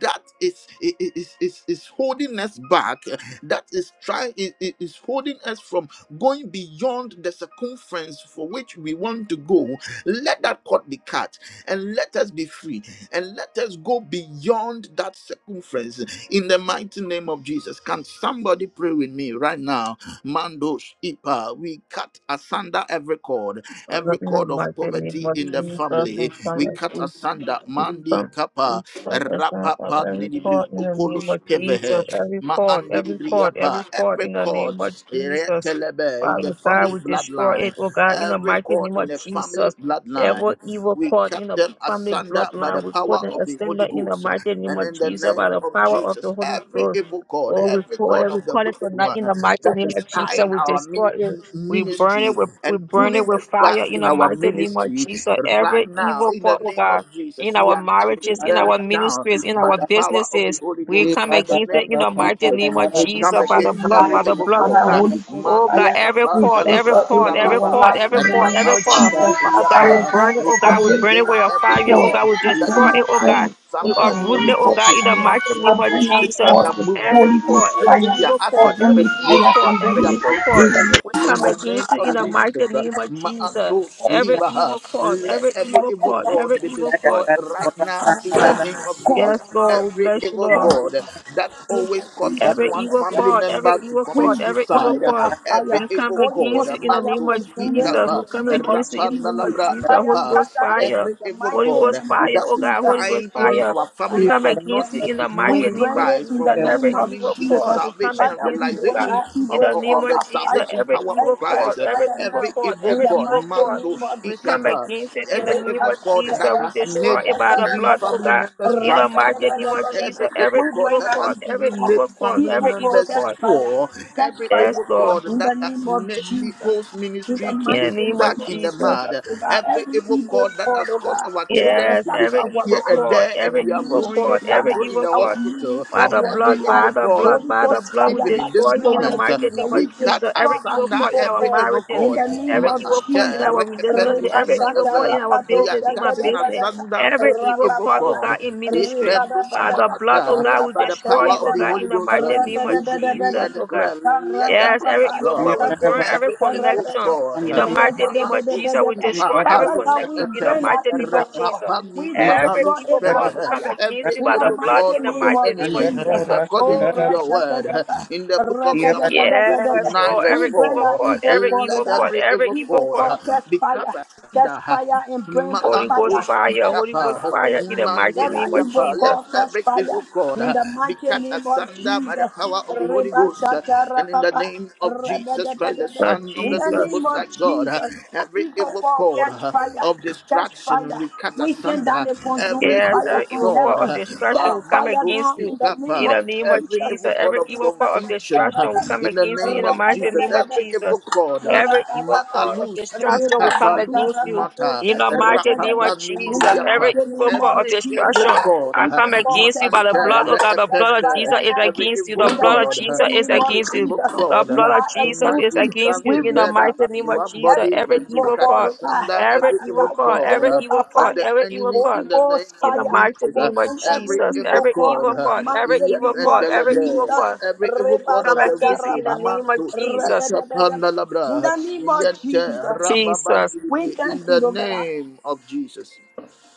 [SPEAKER 1] that is, i- is, is, is holding us back, eh, that is trying is is holding us from going beyond the circumference for which we want to go, let that cord be cut and let us be free and let us go beyond that circumference in the mighty name of Jesus. Can somebody pray with me right now? Mandos Ipa, we cut asunder every cord, every
[SPEAKER 5] Lord, In the
[SPEAKER 1] cord of
[SPEAKER 5] mighty name
[SPEAKER 1] poverty
[SPEAKER 5] of
[SPEAKER 1] in the
[SPEAKER 5] Jesus, we
[SPEAKER 1] family.
[SPEAKER 5] come
[SPEAKER 1] We
[SPEAKER 5] and
[SPEAKER 1] cut
[SPEAKER 5] we
[SPEAKER 1] asunder Mandi
[SPEAKER 5] From
[SPEAKER 1] Kappa,
[SPEAKER 5] but that's not
[SPEAKER 1] Rapa
[SPEAKER 5] of every
[SPEAKER 1] Pandinibri
[SPEAKER 5] part in the name
[SPEAKER 1] Upolus
[SPEAKER 5] of Jesus,
[SPEAKER 1] Kevehe.
[SPEAKER 5] every
[SPEAKER 1] Ma
[SPEAKER 5] part, every part,
[SPEAKER 1] andidibriyapa,
[SPEAKER 5] every part
[SPEAKER 1] Every
[SPEAKER 5] in the
[SPEAKER 1] cord
[SPEAKER 5] name of
[SPEAKER 1] eh,
[SPEAKER 5] Jesus.
[SPEAKER 1] telebe, in
[SPEAKER 5] Father
[SPEAKER 1] the
[SPEAKER 5] God,
[SPEAKER 1] family
[SPEAKER 5] we destroy
[SPEAKER 1] bloodline,
[SPEAKER 5] it, oh God, in the
[SPEAKER 1] every
[SPEAKER 5] mighty
[SPEAKER 1] cord
[SPEAKER 5] name
[SPEAKER 1] in
[SPEAKER 5] of
[SPEAKER 1] the
[SPEAKER 5] Jesus.
[SPEAKER 1] family bloodline,
[SPEAKER 5] Every evil
[SPEAKER 1] we
[SPEAKER 5] part
[SPEAKER 1] cut
[SPEAKER 5] in the
[SPEAKER 1] them
[SPEAKER 5] family
[SPEAKER 1] asunder by
[SPEAKER 5] bloodline,
[SPEAKER 1] the
[SPEAKER 5] we
[SPEAKER 1] power
[SPEAKER 5] put an
[SPEAKER 1] of the Holy
[SPEAKER 5] extender in the
[SPEAKER 1] Ghost. uh,
[SPEAKER 5] mighty name
[SPEAKER 1] And
[SPEAKER 5] of
[SPEAKER 1] in the
[SPEAKER 5] Jesus by
[SPEAKER 1] name
[SPEAKER 5] the
[SPEAKER 1] of
[SPEAKER 5] power of the
[SPEAKER 1] Jesus,
[SPEAKER 5] Holy
[SPEAKER 1] every
[SPEAKER 5] Ghost.
[SPEAKER 1] evil cord,
[SPEAKER 5] Oh, we
[SPEAKER 1] every
[SPEAKER 5] call
[SPEAKER 1] cord
[SPEAKER 5] it, we
[SPEAKER 1] of the
[SPEAKER 5] call it
[SPEAKER 1] wicked
[SPEAKER 5] tonight
[SPEAKER 1] one
[SPEAKER 5] in
[SPEAKER 1] uh,
[SPEAKER 5] the mighty
[SPEAKER 1] that
[SPEAKER 5] name
[SPEAKER 1] is
[SPEAKER 5] of Jesus.
[SPEAKER 1] tying
[SPEAKER 5] We
[SPEAKER 1] our
[SPEAKER 5] destroy
[SPEAKER 1] min-
[SPEAKER 5] it, we burn
[SPEAKER 1] ministry
[SPEAKER 5] it, we, we
[SPEAKER 1] and
[SPEAKER 5] burn
[SPEAKER 1] pulling
[SPEAKER 5] it with
[SPEAKER 1] us back
[SPEAKER 5] fire in
[SPEAKER 1] in
[SPEAKER 5] the
[SPEAKER 1] our
[SPEAKER 5] mighty name of
[SPEAKER 1] ministry
[SPEAKER 5] Jesus.
[SPEAKER 1] right
[SPEAKER 5] Every
[SPEAKER 1] now,
[SPEAKER 5] evil
[SPEAKER 1] in the
[SPEAKER 5] part, oh
[SPEAKER 1] name
[SPEAKER 5] God
[SPEAKER 1] of
[SPEAKER 5] in
[SPEAKER 1] Jesus, we
[SPEAKER 5] our
[SPEAKER 1] are
[SPEAKER 5] marriages,
[SPEAKER 1] cutting
[SPEAKER 5] in
[SPEAKER 1] them
[SPEAKER 5] our
[SPEAKER 3] Karaba.
[SPEAKER 1] down
[SPEAKER 5] ministries, in
[SPEAKER 1] by
[SPEAKER 5] our
[SPEAKER 1] the power of the
[SPEAKER 5] businesses.
[SPEAKER 1] Holy
[SPEAKER 5] We
[SPEAKER 1] Ghost.
[SPEAKER 5] come
[SPEAKER 1] In
[SPEAKER 3] Thank
[SPEAKER 1] the
[SPEAKER 5] against it
[SPEAKER 1] name
[SPEAKER 5] in the
[SPEAKER 1] of
[SPEAKER 5] mighty
[SPEAKER 1] Jesus,
[SPEAKER 5] name of
[SPEAKER 1] we
[SPEAKER 5] Jesus
[SPEAKER 1] come
[SPEAKER 5] by the
[SPEAKER 1] against
[SPEAKER 4] children's
[SPEAKER 5] blood,
[SPEAKER 4] life.
[SPEAKER 1] every
[SPEAKER 5] by the
[SPEAKER 1] evil
[SPEAKER 5] blood, oh
[SPEAKER 4] Father,
[SPEAKER 1] cord.
[SPEAKER 5] God.
[SPEAKER 4] Holy Ghost
[SPEAKER 5] Oh God,
[SPEAKER 4] fire,
[SPEAKER 5] every
[SPEAKER 1] Kapa
[SPEAKER 4] we
[SPEAKER 5] cord, every
[SPEAKER 4] cancel
[SPEAKER 1] Dalabra
[SPEAKER 4] it
[SPEAKER 5] cord,
[SPEAKER 4] from
[SPEAKER 5] every
[SPEAKER 4] our
[SPEAKER 1] Rababa
[SPEAKER 5] cord,
[SPEAKER 4] life in
[SPEAKER 5] every
[SPEAKER 4] the
[SPEAKER 5] cord,
[SPEAKER 4] name
[SPEAKER 5] every
[SPEAKER 4] of
[SPEAKER 1] Rapapa
[SPEAKER 5] cord.
[SPEAKER 4] Jesus.
[SPEAKER 5] Oh God, we
[SPEAKER 4] Father
[SPEAKER 1] Nidibriapa.
[SPEAKER 4] God,
[SPEAKER 5] burn it.
[SPEAKER 1] We
[SPEAKER 5] Oh
[SPEAKER 4] I
[SPEAKER 5] God,
[SPEAKER 1] come
[SPEAKER 5] we
[SPEAKER 4] bless
[SPEAKER 5] burn it
[SPEAKER 1] against
[SPEAKER 5] with your
[SPEAKER 1] every
[SPEAKER 5] fire. Oh
[SPEAKER 4] for
[SPEAKER 5] God,
[SPEAKER 1] cord
[SPEAKER 5] we
[SPEAKER 4] I
[SPEAKER 1] that
[SPEAKER 4] burn
[SPEAKER 5] destroy
[SPEAKER 1] is
[SPEAKER 4] our
[SPEAKER 5] it. Oh God,
[SPEAKER 1] tying
[SPEAKER 4] with
[SPEAKER 5] we
[SPEAKER 4] the
[SPEAKER 5] uproot
[SPEAKER 4] Holy
[SPEAKER 5] it.
[SPEAKER 1] somebody
[SPEAKER 5] Oh
[SPEAKER 4] Ghost
[SPEAKER 5] God,
[SPEAKER 1] to
[SPEAKER 5] in the
[SPEAKER 4] fire.
[SPEAKER 5] mighty
[SPEAKER 1] something,
[SPEAKER 4] I
[SPEAKER 5] name of
[SPEAKER 4] burn for
[SPEAKER 5] Jesus.
[SPEAKER 1] restricting their
[SPEAKER 4] cord with
[SPEAKER 1] movement,
[SPEAKER 5] Every
[SPEAKER 4] Holy Ghost
[SPEAKER 5] cord, every
[SPEAKER 4] fire.
[SPEAKER 1] restricting their
[SPEAKER 5] evil cord,
[SPEAKER 1] access,
[SPEAKER 4] Every
[SPEAKER 5] every evil
[SPEAKER 4] fire
[SPEAKER 5] cord,
[SPEAKER 4] can
[SPEAKER 1] restricting
[SPEAKER 5] every
[SPEAKER 1] their
[SPEAKER 4] be
[SPEAKER 5] evil cord.
[SPEAKER 4] in
[SPEAKER 1] progress.
[SPEAKER 4] the
[SPEAKER 5] We
[SPEAKER 1] In
[SPEAKER 5] come
[SPEAKER 1] the name
[SPEAKER 5] against you
[SPEAKER 1] of
[SPEAKER 5] in the mighty
[SPEAKER 1] Jesus,
[SPEAKER 5] name of Jesus
[SPEAKER 1] Ma'anto
[SPEAKER 5] every
[SPEAKER 1] Skibaha.
[SPEAKER 5] evil cord,
[SPEAKER 1] let
[SPEAKER 5] every
[SPEAKER 1] every
[SPEAKER 5] evil
[SPEAKER 1] evil
[SPEAKER 5] cord,
[SPEAKER 1] cord
[SPEAKER 5] every
[SPEAKER 1] be
[SPEAKER 5] evil cord.
[SPEAKER 1] destroyed right now in the
[SPEAKER 5] Father,
[SPEAKER 1] name of Jesus
[SPEAKER 5] yes, Lord, we
[SPEAKER 1] every
[SPEAKER 5] bless you,
[SPEAKER 1] evil
[SPEAKER 5] Lord.
[SPEAKER 1] God that
[SPEAKER 4] We
[SPEAKER 1] always causes
[SPEAKER 5] Every
[SPEAKER 1] one
[SPEAKER 5] evil
[SPEAKER 1] family
[SPEAKER 5] cord, every
[SPEAKER 1] member to
[SPEAKER 5] evil
[SPEAKER 1] commit
[SPEAKER 5] cord, every evil
[SPEAKER 4] burn
[SPEAKER 1] suicide.
[SPEAKER 4] it
[SPEAKER 5] cord,
[SPEAKER 4] by
[SPEAKER 1] Every
[SPEAKER 5] we
[SPEAKER 4] fire.
[SPEAKER 5] come
[SPEAKER 1] evil
[SPEAKER 4] Holy
[SPEAKER 1] God,
[SPEAKER 5] against
[SPEAKER 4] Ghost
[SPEAKER 5] you in the
[SPEAKER 4] fire
[SPEAKER 5] name of
[SPEAKER 1] Mantos
[SPEAKER 4] consume it
[SPEAKER 5] Jesus.
[SPEAKER 4] in
[SPEAKER 5] We
[SPEAKER 1] Ikapa,
[SPEAKER 4] the
[SPEAKER 5] come
[SPEAKER 4] name of
[SPEAKER 5] against you in the name
[SPEAKER 4] Jesus.
[SPEAKER 5] of
[SPEAKER 1] Rapanalabra
[SPEAKER 5] Jesus.
[SPEAKER 4] Fire
[SPEAKER 5] Holy
[SPEAKER 1] Kapa,
[SPEAKER 5] Ghost
[SPEAKER 4] scatter it
[SPEAKER 5] fire.
[SPEAKER 1] every
[SPEAKER 4] in the
[SPEAKER 1] evil
[SPEAKER 5] Holy
[SPEAKER 4] mighty
[SPEAKER 5] Ghost
[SPEAKER 1] God
[SPEAKER 4] name of
[SPEAKER 5] fire,
[SPEAKER 1] that
[SPEAKER 5] oh
[SPEAKER 1] is
[SPEAKER 5] God,
[SPEAKER 4] Jesus.
[SPEAKER 5] Holy Ghost
[SPEAKER 1] tying even
[SPEAKER 4] Holy
[SPEAKER 5] fire.
[SPEAKER 1] our
[SPEAKER 4] Ghost
[SPEAKER 5] We
[SPEAKER 1] family
[SPEAKER 4] fire,
[SPEAKER 5] come
[SPEAKER 4] we
[SPEAKER 1] from
[SPEAKER 5] against
[SPEAKER 1] not
[SPEAKER 5] you
[SPEAKER 4] burn it.
[SPEAKER 5] in the mighty
[SPEAKER 4] We
[SPEAKER 1] knowing
[SPEAKER 5] name
[SPEAKER 4] burn
[SPEAKER 5] of
[SPEAKER 4] it
[SPEAKER 1] Christ,
[SPEAKER 4] in the
[SPEAKER 5] Jesus.
[SPEAKER 1] from not
[SPEAKER 4] name
[SPEAKER 5] Every
[SPEAKER 4] of
[SPEAKER 1] coming
[SPEAKER 5] evil
[SPEAKER 1] to the
[SPEAKER 5] cord,
[SPEAKER 4] Jesus.
[SPEAKER 5] we come
[SPEAKER 1] salvation and
[SPEAKER 4] Father,
[SPEAKER 5] against
[SPEAKER 4] we
[SPEAKER 5] you, oh God.
[SPEAKER 4] burn
[SPEAKER 1] realization
[SPEAKER 4] our
[SPEAKER 5] In
[SPEAKER 1] of,
[SPEAKER 4] evil
[SPEAKER 5] the
[SPEAKER 1] of,
[SPEAKER 5] name
[SPEAKER 4] for
[SPEAKER 1] of
[SPEAKER 5] of
[SPEAKER 1] the
[SPEAKER 4] by
[SPEAKER 5] Jesus,
[SPEAKER 1] salvation
[SPEAKER 4] fire.
[SPEAKER 5] every
[SPEAKER 1] power of
[SPEAKER 5] evil
[SPEAKER 4] Take us
[SPEAKER 5] cord,
[SPEAKER 1] Christ.
[SPEAKER 5] every
[SPEAKER 4] higher
[SPEAKER 5] evil
[SPEAKER 4] now
[SPEAKER 1] Every
[SPEAKER 5] cord,
[SPEAKER 1] evil
[SPEAKER 4] in
[SPEAKER 5] every
[SPEAKER 4] the
[SPEAKER 1] God,
[SPEAKER 5] evil
[SPEAKER 4] mighty
[SPEAKER 5] cord,
[SPEAKER 4] name
[SPEAKER 1] Mantos
[SPEAKER 4] of
[SPEAKER 5] we come
[SPEAKER 1] Ikapa,
[SPEAKER 4] Jesus.
[SPEAKER 5] against it in the
[SPEAKER 1] every
[SPEAKER 5] name
[SPEAKER 1] evil
[SPEAKER 5] of
[SPEAKER 1] God
[SPEAKER 5] Jesus.
[SPEAKER 1] that
[SPEAKER 5] We
[SPEAKER 1] has
[SPEAKER 5] destroy
[SPEAKER 1] made
[SPEAKER 5] it by the
[SPEAKER 1] even
[SPEAKER 5] blood, oh
[SPEAKER 1] family
[SPEAKER 5] God.
[SPEAKER 1] members
[SPEAKER 5] You know, Mark,
[SPEAKER 1] drunkard.
[SPEAKER 5] that
[SPEAKER 1] uh,
[SPEAKER 5] you want Jesus,
[SPEAKER 1] Every
[SPEAKER 5] every
[SPEAKER 1] evil
[SPEAKER 4] We
[SPEAKER 1] cord
[SPEAKER 4] pray
[SPEAKER 5] evil
[SPEAKER 1] that
[SPEAKER 4] now
[SPEAKER 5] court,
[SPEAKER 1] has
[SPEAKER 4] evil
[SPEAKER 5] every
[SPEAKER 1] even
[SPEAKER 4] for
[SPEAKER 1] made
[SPEAKER 5] evil court,
[SPEAKER 1] family
[SPEAKER 5] every
[SPEAKER 4] evil for
[SPEAKER 5] evil
[SPEAKER 1] members
[SPEAKER 4] catch
[SPEAKER 5] court.
[SPEAKER 1] poor,
[SPEAKER 4] fire, catch
[SPEAKER 1] every
[SPEAKER 5] Yes,
[SPEAKER 1] evil
[SPEAKER 4] fire
[SPEAKER 5] Lord.
[SPEAKER 1] cord
[SPEAKER 4] in the
[SPEAKER 1] that has
[SPEAKER 4] name of
[SPEAKER 1] made
[SPEAKER 4] Jesus.
[SPEAKER 1] people's
[SPEAKER 4] In the
[SPEAKER 1] ministry to
[SPEAKER 5] In the
[SPEAKER 1] be
[SPEAKER 4] mighty
[SPEAKER 5] name of
[SPEAKER 1] stuck
[SPEAKER 4] name of
[SPEAKER 1] in the
[SPEAKER 5] Jesus.
[SPEAKER 4] Jesus,
[SPEAKER 1] mud,
[SPEAKER 4] oh God,
[SPEAKER 1] every
[SPEAKER 4] every
[SPEAKER 1] evil
[SPEAKER 4] evil
[SPEAKER 1] cord that
[SPEAKER 4] cord,
[SPEAKER 1] has
[SPEAKER 4] oh
[SPEAKER 1] caused
[SPEAKER 4] God,
[SPEAKER 1] our
[SPEAKER 4] they are
[SPEAKER 1] children
[SPEAKER 5] Yes,
[SPEAKER 1] to be
[SPEAKER 4] attached to
[SPEAKER 5] every
[SPEAKER 4] our
[SPEAKER 1] sick here
[SPEAKER 5] evil
[SPEAKER 1] and
[SPEAKER 4] life
[SPEAKER 5] court,
[SPEAKER 1] there, and
[SPEAKER 4] our
[SPEAKER 5] every
[SPEAKER 1] we are
[SPEAKER 5] evil
[SPEAKER 1] going
[SPEAKER 4] ministry,
[SPEAKER 5] court,
[SPEAKER 1] to and
[SPEAKER 5] every
[SPEAKER 4] Father,
[SPEAKER 1] fro in
[SPEAKER 5] evil
[SPEAKER 1] the
[SPEAKER 4] our
[SPEAKER 5] court.
[SPEAKER 4] moving
[SPEAKER 1] hospital,
[SPEAKER 5] By the
[SPEAKER 4] forward
[SPEAKER 1] every
[SPEAKER 4] in
[SPEAKER 5] blood,
[SPEAKER 4] life.
[SPEAKER 5] by
[SPEAKER 1] evil
[SPEAKER 5] the
[SPEAKER 1] cord.
[SPEAKER 5] blood,
[SPEAKER 4] Holy
[SPEAKER 5] by
[SPEAKER 4] Ghost
[SPEAKER 5] the
[SPEAKER 1] This
[SPEAKER 5] blood, we
[SPEAKER 4] fire by
[SPEAKER 1] evening,
[SPEAKER 4] the
[SPEAKER 1] this
[SPEAKER 5] destroy in
[SPEAKER 4] blood
[SPEAKER 5] the
[SPEAKER 4] of
[SPEAKER 1] moment, uh,
[SPEAKER 5] mighty name
[SPEAKER 4] Jesus.
[SPEAKER 5] of
[SPEAKER 4] We
[SPEAKER 1] we cut
[SPEAKER 5] Jesus.
[SPEAKER 4] destroy
[SPEAKER 5] Every
[SPEAKER 4] that
[SPEAKER 5] evil
[SPEAKER 1] asunder
[SPEAKER 5] court in
[SPEAKER 4] evil
[SPEAKER 5] our
[SPEAKER 1] every
[SPEAKER 4] force
[SPEAKER 1] evil
[SPEAKER 5] marriages,
[SPEAKER 4] in
[SPEAKER 1] cord.
[SPEAKER 4] the name
[SPEAKER 5] every
[SPEAKER 1] Ma-
[SPEAKER 4] of
[SPEAKER 5] evil
[SPEAKER 1] ante-
[SPEAKER 5] court in
[SPEAKER 4] Jesus.
[SPEAKER 5] our
[SPEAKER 1] re- epe-
[SPEAKER 5] relationship,
[SPEAKER 4] Reba
[SPEAKER 5] every
[SPEAKER 1] lusma-
[SPEAKER 5] evil
[SPEAKER 4] shaka
[SPEAKER 5] court
[SPEAKER 1] epe.
[SPEAKER 5] in our
[SPEAKER 1] We
[SPEAKER 4] rapato
[SPEAKER 1] are
[SPEAKER 5] business, in my
[SPEAKER 4] shaka da
[SPEAKER 1] cutting
[SPEAKER 4] da
[SPEAKER 5] business,
[SPEAKER 4] da da.
[SPEAKER 1] asunder
[SPEAKER 5] every
[SPEAKER 1] every
[SPEAKER 5] evil
[SPEAKER 4] Rapa
[SPEAKER 1] evil
[SPEAKER 4] pa
[SPEAKER 5] court, oh
[SPEAKER 4] pa.
[SPEAKER 5] God,
[SPEAKER 1] cord
[SPEAKER 5] in ministry.
[SPEAKER 4] Reba da ba
[SPEAKER 5] By
[SPEAKER 4] da
[SPEAKER 5] the
[SPEAKER 4] ba.
[SPEAKER 5] blood, oh
[SPEAKER 1] Ipendusmata.
[SPEAKER 5] God, we
[SPEAKER 4] Rapa
[SPEAKER 1] By the
[SPEAKER 5] destroy
[SPEAKER 1] power
[SPEAKER 4] shaka
[SPEAKER 5] you,
[SPEAKER 1] of
[SPEAKER 5] oh
[SPEAKER 4] da
[SPEAKER 1] the
[SPEAKER 5] God,
[SPEAKER 4] ba.
[SPEAKER 1] Holy
[SPEAKER 5] in the
[SPEAKER 1] Ghost, uh,
[SPEAKER 5] mighty
[SPEAKER 4] Rapa
[SPEAKER 5] name
[SPEAKER 4] da
[SPEAKER 5] of
[SPEAKER 1] we
[SPEAKER 4] ba da ba
[SPEAKER 1] decree
[SPEAKER 4] da
[SPEAKER 5] Jesus,
[SPEAKER 1] and
[SPEAKER 4] ba.
[SPEAKER 5] oh God.
[SPEAKER 1] declare, let
[SPEAKER 4] Rapa
[SPEAKER 1] them
[SPEAKER 5] Yes,
[SPEAKER 1] be
[SPEAKER 4] pa
[SPEAKER 5] every
[SPEAKER 4] pa
[SPEAKER 1] cut
[SPEAKER 5] evil
[SPEAKER 1] off.
[SPEAKER 5] cord, we
[SPEAKER 1] uh,
[SPEAKER 4] shaka do
[SPEAKER 5] burn every
[SPEAKER 1] Every
[SPEAKER 4] shaka
[SPEAKER 1] evil
[SPEAKER 4] rapa
[SPEAKER 5] connection
[SPEAKER 4] da.
[SPEAKER 1] cord,
[SPEAKER 5] in
[SPEAKER 1] uh,
[SPEAKER 5] the mighty
[SPEAKER 4] Rapa da
[SPEAKER 5] name
[SPEAKER 4] ba
[SPEAKER 5] of
[SPEAKER 4] da ba
[SPEAKER 1] Maantos
[SPEAKER 5] Jesus.
[SPEAKER 4] da
[SPEAKER 5] We
[SPEAKER 4] ba.
[SPEAKER 5] destroy
[SPEAKER 1] Ipa
[SPEAKER 5] every
[SPEAKER 4] Father God,
[SPEAKER 1] Halus
[SPEAKER 4] we
[SPEAKER 5] connection in the
[SPEAKER 1] Ete,
[SPEAKER 4] drain that
[SPEAKER 5] mighty name of
[SPEAKER 4] evil
[SPEAKER 5] Jesus.
[SPEAKER 4] force.
[SPEAKER 1] Rapapani
[SPEAKER 4] We
[SPEAKER 5] Every
[SPEAKER 4] destroy
[SPEAKER 1] Mahalus
[SPEAKER 5] evil
[SPEAKER 4] it by
[SPEAKER 5] cord, we
[SPEAKER 1] Teve,
[SPEAKER 5] come
[SPEAKER 4] fire.
[SPEAKER 5] against
[SPEAKER 1] every
[SPEAKER 5] you
[SPEAKER 4] In
[SPEAKER 5] by
[SPEAKER 4] the
[SPEAKER 5] the
[SPEAKER 1] evil
[SPEAKER 5] blood
[SPEAKER 1] cord
[SPEAKER 5] in
[SPEAKER 4] mighty
[SPEAKER 5] the
[SPEAKER 1] of the
[SPEAKER 4] name
[SPEAKER 5] mighty
[SPEAKER 4] of
[SPEAKER 5] name of
[SPEAKER 1] enemy, uh,
[SPEAKER 4] Jesus.
[SPEAKER 5] Jesus.
[SPEAKER 1] according
[SPEAKER 4] Oh,
[SPEAKER 1] to your word, uh,
[SPEAKER 4] Rashakadaba.
[SPEAKER 1] in the book of Psalm
[SPEAKER 5] Yes,
[SPEAKER 4] Rabadabadabadaba.
[SPEAKER 1] 129,
[SPEAKER 5] Lord,
[SPEAKER 1] verse
[SPEAKER 5] every
[SPEAKER 4] We burn
[SPEAKER 5] evil
[SPEAKER 4] our
[SPEAKER 1] 4,
[SPEAKER 5] cord,
[SPEAKER 4] evil
[SPEAKER 5] every
[SPEAKER 4] cord, oh
[SPEAKER 5] evil
[SPEAKER 1] let
[SPEAKER 5] cord,
[SPEAKER 4] God.
[SPEAKER 1] every
[SPEAKER 5] every
[SPEAKER 1] evil
[SPEAKER 5] evil
[SPEAKER 4] Evil
[SPEAKER 1] cord
[SPEAKER 5] cord.
[SPEAKER 1] uh,
[SPEAKER 4] cord, catch
[SPEAKER 1] be
[SPEAKER 4] fire.
[SPEAKER 1] cut
[SPEAKER 4] Catch
[SPEAKER 1] asunder uh,
[SPEAKER 4] fire and burn by
[SPEAKER 5] Holy Ghost
[SPEAKER 4] fire.
[SPEAKER 5] fire,
[SPEAKER 4] Catch
[SPEAKER 5] Holy Ghost
[SPEAKER 1] Ma'antoshikapa,
[SPEAKER 4] fire, oh
[SPEAKER 5] fire in
[SPEAKER 4] God.
[SPEAKER 5] the mighty
[SPEAKER 4] Let our
[SPEAKER 5] name of
[SPEAKER 4] evil
[SPEAKER 1] Mandiliapa. Let
[SPEAKER 5] Jesus.
[SPEAKER 4] cord catch
[SPEAKER 1] every
[SPEAKER 4] fire.
[SPEAKER 1] evil God
[SPEAKER 4] In
[SPEAKER 1] uh,
[SPEAKER 4] the
[SPEAKER 1] be
[SPEAKER 4] mighty
[SPEAKER 1] cut
[SPEAKER 4] name of
[SPEAKER 1] asunder by the
[SPEAKER 4] Jesus.
[SPEAKER 1] power of the Holy
[SPEAKER 4] Reba
[SPEAKER 1] Ghost. uh,
[SPEAKER 4] Shaka
[SPEAKER 1] And in the
[SPEAKER 4] Rapapa.
[SPEAKER 1] name of Jesus Christ, the
[SPEAKER 4] Rabadabadaba.
[SPEAKER 5] Lord
[SPEAKER 1] Son of
[SPEAKER 4] In
[SPEAKER 1] the
[SPEAKER 4] the
[SPEAKER 1] living
[SPEAKER 5] Jesus.
[SPEAKER 4] name
[SPEAKER 1] Most
[SPEAKER 4] of
[SPEAKER 1] High God, uh,
[SPEAKER 4] Jesus,
[SPEAKER 1] every
[SPEAKER 4] evil
[SPEAKER 1] evil
[SPEAKER 4] fall,
[SPEAKER 1] cord
[SPEAKER 4] catch
[SPEAKER 1] uh,
[SPEAKER 4] fire,
[SPEAKER 1] of
[SPEAKER 4] catch
[SPEAKER 1] destruction
[SPEAKER 4] fire.
[SPEAKER 1] we cut
[SPEAKER 4] We send down
[SPEAKER 1] asunder.
[SPEAKER 4] a consuming
[SPEAKER 1] Every
[SPEAKER 5] Yes,
[SPEAKER 4] fire
[SPEAKER 1] evil
[SPEAKER 5] every
[SPEAKER 4] from
[SPEAKER 5] evil
[SPEAKER 1] cord,
[SPEAKER 5] court of
[SPEAKER 4] heaven.
[SPEAKER 5] destruction
[SPEAKER 4] Catch
[SPEAKER 5] will come
[SPEAKER 4] fire
[SPEAKER 5] against
[SPEAKER 4] down
[SPEAKER 5] you.
[SPEAKER 4] in the name
[SPEAKER 5] In
[SPEAKER 1] Kappa,
[SPEAKER 4] of
[SPEAKER 5] the name of
[SPEAKER 1] every
[SPEAKER 4] Jesus.
[SPEAKER 5] Jesus,
[SPEAKER 1] evil god
[SPEAKER 5] every
[SPEAKER 1] of
[SPEAKER 5] evil court of
[SPEAKER 1] confusion uh,
[SPEAKER 5] destruction will come
[SPEAKER 1] in the
[SPEAKER 5] against you
[SPEAKER 1] name
[SPEAKER 5] in the
[SPEAKER 1] of
[SPEAKER 5] mighty
[SPEAKER 1] Jesus,
[SPEAKER 5] name of
[SPEAKER 1] every
[SPEAKER 4] Rabadabadaba.
[SPEAKER 5] Jesus.
[SPEAKER 1] evil god, uh,
[SPEAKER 5] Every evil
[SPEAKER 4] Rapapapa.
[SPEAKER 5] court of
[SPEAKER 4] In
[SPEAKER 1] Ma'alus
[SPEAKER 4] the
[SPEAKER 5] destruction will come
[SPEAKER 1] Ikapa,
[SPEAKER 5] against
[SPEAKER 1] Luz
[SPEAKER 5] you
[SPEAKER 1] Mata,
[SPEAKER 5] in the mighty name
[SPEAKER 1] Rapapa
[SPEAKER 5] of Jesus.
[SPEAKER 1] Milibriapa.
[SPEAKER 5] Every
[SPEAKER 4] mighty
[SPEAKER 5] evil
[SPEAKER 4] name of
[SPEAKER 5] court of
[SPEAKER 1] Every
[SPEAKER 4] Jesus,
[SPEAKER 1] evil
[SPEAKER 5] destruction
[SPEAKER 1] god,
[SPEAKER 5] I
[SPEAKER 1] uh,
[SPEAKER 5] come
[SPEAKER 4] even more
[SPEAKER 5] against you
[SPEAKER 4] catch
[SPEAKER 5] by the
[SPEAKER 4] fire,
[SPEAKER 5] blood
[SPEAKER 1] Ma'antele
[SPEAKER 5] of God. The
[SPEAKER 4] catch
[SPEAKER 5] blood of
[SPEAKER 1] Epende,
[SPEAKER 5] Jesus
[SPEAKER 4] fire
[SPEAKER 5] is
[SPEAKER 4] now.
[SPEAKER 1] every
[SPEAKER 5] against you. The
[SPEAKER 4] In
[SPEAKER 1] evil
[SPEAKER 4] the
[SPEAKER 5] blood of
[SPEAKER 1] god, uh,
[SPEAKER 4] mighty
[SPEAKER 5] Jesus is
[SPEAKER 4] name of
[SPEAKER 1] every
[SPEAKER 5] against you.
[SPEAKER 1] evil
[SPEAKER 4] Jesus,
[SPEAKER 5] The
[SPEAKER 1] god,
[SPEAKER 4] we
[SPEAKER 1] uh,
[SPEAKER 5] blood of
[SPEAKER 4] are
[SPEAKER 5] Jesus
[SPEAKER 1] tonight
[SPEAKER 4] against
[SPEAKER 5] is
[SPEAKER 1] we
[SPEAKER 4] you.
[SPEAKER 5] against
[SPEAKER 1] come
[SPEAKER 4] We
[SPEAKER 5] you in the
[SPEAKER 1] together
[SPEAKER 4] refuse
[SPEAKER 5] mighty
[SPEAKER 1] as
[SPEAKER 4] you.
[SPEAKER 5] name of
[SPEAKER 1] one
[SPEAKER 5] Jesus.
[SPEAKER 1] body
[SPEAKER 4] Every
[SPEAKER 5] Every
[SPEAKER 1] and we
[SPEAKER 4] evil
[SPEAKER 5] evil
[SPEAKER 1] cut
[SPEAKER 4] God,
[SPEAKER 5] court,
[SPEAKER 1] asunder
[SPEAKER 5] every
[SPEAKER 1] every
[SPEAKER 4] Father
[SPEAKER 5] evil
[SPEAKER 1] evil
[SPEAKER 4] God, we
[SPEAKER 5] court,
[SPEAKER 1] cord
[SPEAKER 5] every
[SPEAKER 4] burn
[SPEAKER 1] uh,
[SPEAKER 4] it by
[SPEAKER 5] evil
[SPEAKER 1] of
[SPEAKER 5] court,
[SPEAKER 1] the
[SPEAKER 4] fire.
[SPEAKER 5] every evil
[SPEAKER 1] enemy
[SPEAKER 4] Holy
[SPEAKER 5] court
[SPEAKER 1] in the name
[SPEAKER 4] Ghost
[SPEAKER 1] of
[SPEAKER 5] in the
[SPEAKER 4] fire,
[SPEAKER 5] mighty
[SPEAKER 1] Jesus. uh,
[SPEAKER 5] name of
[SPEAKER 4] consume
[SPEAKER 1] every
[SPEAKER 4] every
[SPEAKER 5] Jesus.
[SPEAKER 1] evil
[SPEAKER 4] evil
[SPEAKER 5] Every
[SPEAKER 4] core
[SPEAKER 1] cord,
[SPEAKER 5] evil
[SPEAKER 4] in
[SPEAKER 1] uh,
[SPEAKER 4] the
[SPEAKER 5] call, every
[SPEAKER 4] mighty
[SPEAKER 1] yes,
[SPEAKER 5] evil
[SPEAKER 4] name
[SPEAKER 1] and
[SPEAKER 4] of
[SPEAKER 5] call, every evil
[SPEAKER 1] deliberate,
[SPEAKER 4] Jesus.
[SPEAKER 5] call
[SPEAKER 1] every evil
[SPEAKER 5] will
[SPEAKER 4] Reba
[SPEAKER 1] cord
[SPEAKER 5] come
[SPEAKER 1] of the
[SPEAKER 4] shada
[SPEAKER 5] against you in
[SPEAKER 1] wicked,
[SPEAKER 5] the
[SPEAKER 4] rababa,
[SPEAKER 1] man
[SPEAKER 5] name of
[SPEAKER 1] to speak
[SPEAKER 4] reba
[SPEAKER 5] Jesus.
[SPEAKER 4] deba
[SPEAKER 1] upon
[SPEAKER 4] deba.
[SPEAKER 1] the
[SPEAKER 4] In
[SPEAKER 1] labra,
[SPEAKER 4] the name of
[SPEAKER 1] yet, uh,
[SPEAKER 4] Jesus,
[SPEAKER 5] Jesus.
[SPEAKER 4] we
[SPEAKER 1] rababandibidi, in
[SPEAKER 4] thank you,
[SPEAKER 1] the
[SPEAKER 4] Lord God.
[SPEAKER 1] name of Jesus.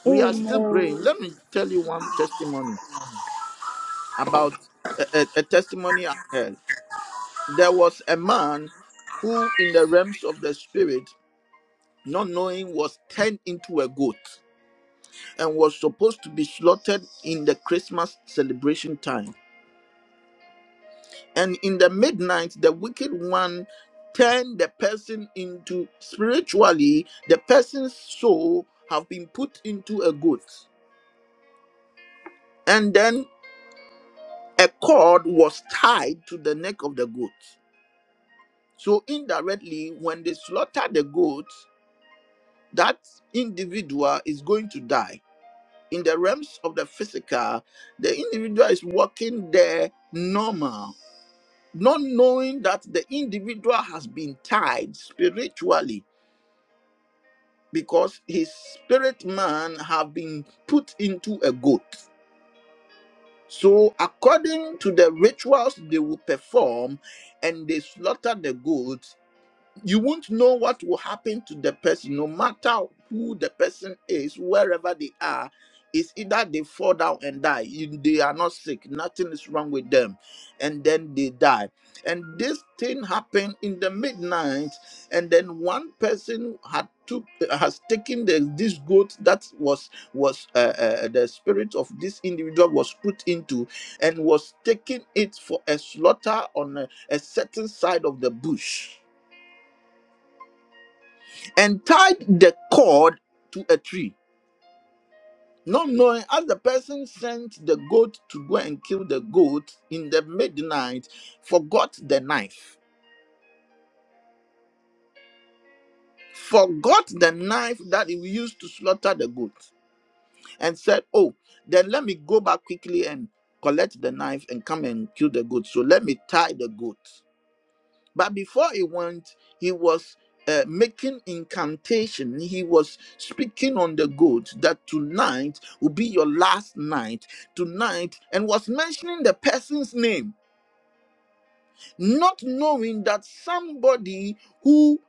[SPEAKER 1] We are
[SPEAKER 4] Amen.
[SPEAKER 1] still praying. Let me tell you one testimony about a, a a testimony I heard there was a man who in the realms of the spirit not knowing was turned into a goat and was supposed to be slaughtered in the christmas celebration time and in the midnight the wicked one turned the person into spiritually the person's soul have been put into a goat and then a cord was tied to the neck of the goat so indirectly when they slaughtered the goat that individual is going to die. In the realms of the physical, the individual is walking there normal, not knowing that the individual has been tied spiritually because his spirit man have been put into a goat. So according to the rituals they will perform and they slaughter the goat, you won't know what will happen to the person, no matter who the person is, wherever they are. It's either they fall down and die, you- they are not sick, nothing is wrong with them, and then they die. And this thing happened in the midnight, and then one person had took has taken the, this goat that was was uh, uh, the spirit of this individual was put into, and was taking it for a slaughter on a a certain side of the bush and tied the cord to a tree, not knowing as the person sent the goat to go and kill the goat in the midnight, forgot the knife, forgot the knife that he used to slaughter the goat, and said, Oh, then let me go back quickly and collect the knife and come and kill the goat. So let me tie the goat. But before he went, he was uh, making incantation. He was speaking on the good that tonight will be your last night. Tonight, and was mentioning the person's name, not knowing that somebody who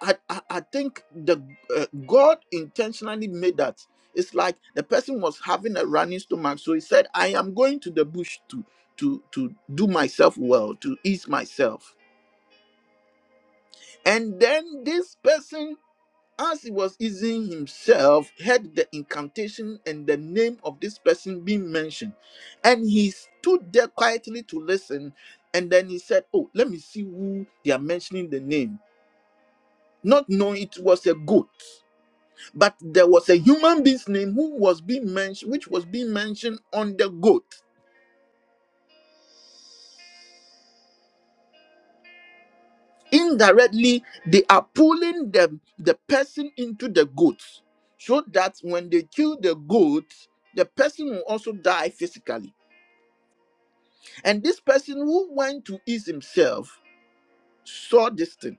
[SPEAKER 1] I, I, I think the uh, God intentionally made that. It's like the person was having a running stomach, so he said, "I am going to the bush to to to do myself well, to ease myself." And then this person As he was easing himself, heard the incantation and the name of this person being mentioned. And he stood there quietly to listen. And then he said, Oh, let me see who they are mentioning the name. Not knowing it was a goat, but there was a human being's name who was being mentioned, which was being mentioned on the goat. Indirectly, they are pulling the, the person into the goat so that when they kill the goat, the person will also die physically And this person who went to ease himself saw this thing.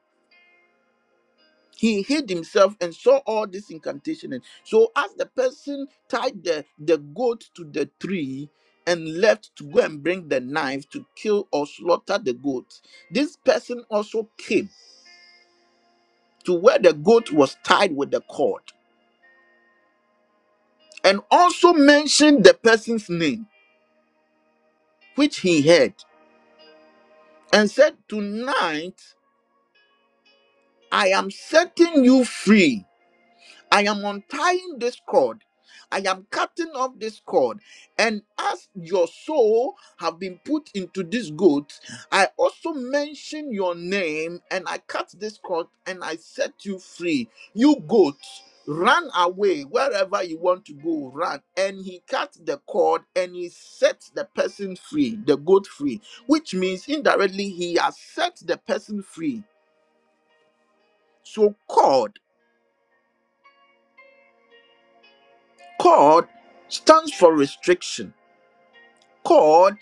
[SPEAKER 1] He hid himself and saw all this incantation. And so, as the person tied the, the goat to the tree and left to go and bring the knife to kill or slaughter the goat, this person also came to where the goat was tied with the cord and also mentioned the person's name, which he heard, and said, Tonight I am setting you free I am untying this cord. I am cutting off this cord. And as your soul have been put into this goat, I also mention your name and I cut this cord and I set you free. You goat, run away wherever you want to go, run. And he cut the cord and he set the person free, the goat free, which means indirectly he has set the person free. So cord, cord stands for restriction cord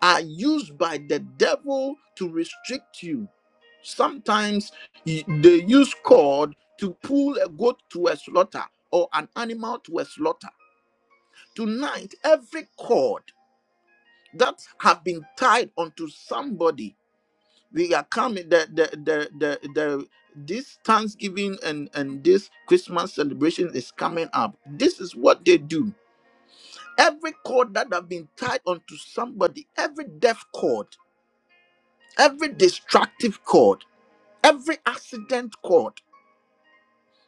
[SPEAKER 1] are used by the devil to restrict you. Sometimes y- they use cord to pull a goat to a slaughter or an animal to a slaughter. Tonight, every cord that have been tied onto somebody, they are coming. The the the the, the this Thanksgiving and and this Christmas celebration is coming up. This is what they do. Every cord that have been tied onto somebody, every death cord every destructive cord, every accident cord,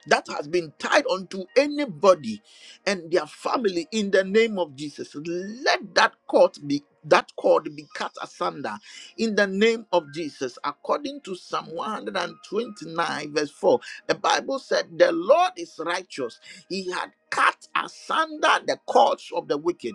[SPEAKER 1] that has been tied unto anybody and their family in the name of Jesus. Let that cord be that cord be cut asunder in the name of Jesus. According to Psalm 129, verse 4, the Bible said, The Lord is righteous, He had cut asunder the cords of the wicked.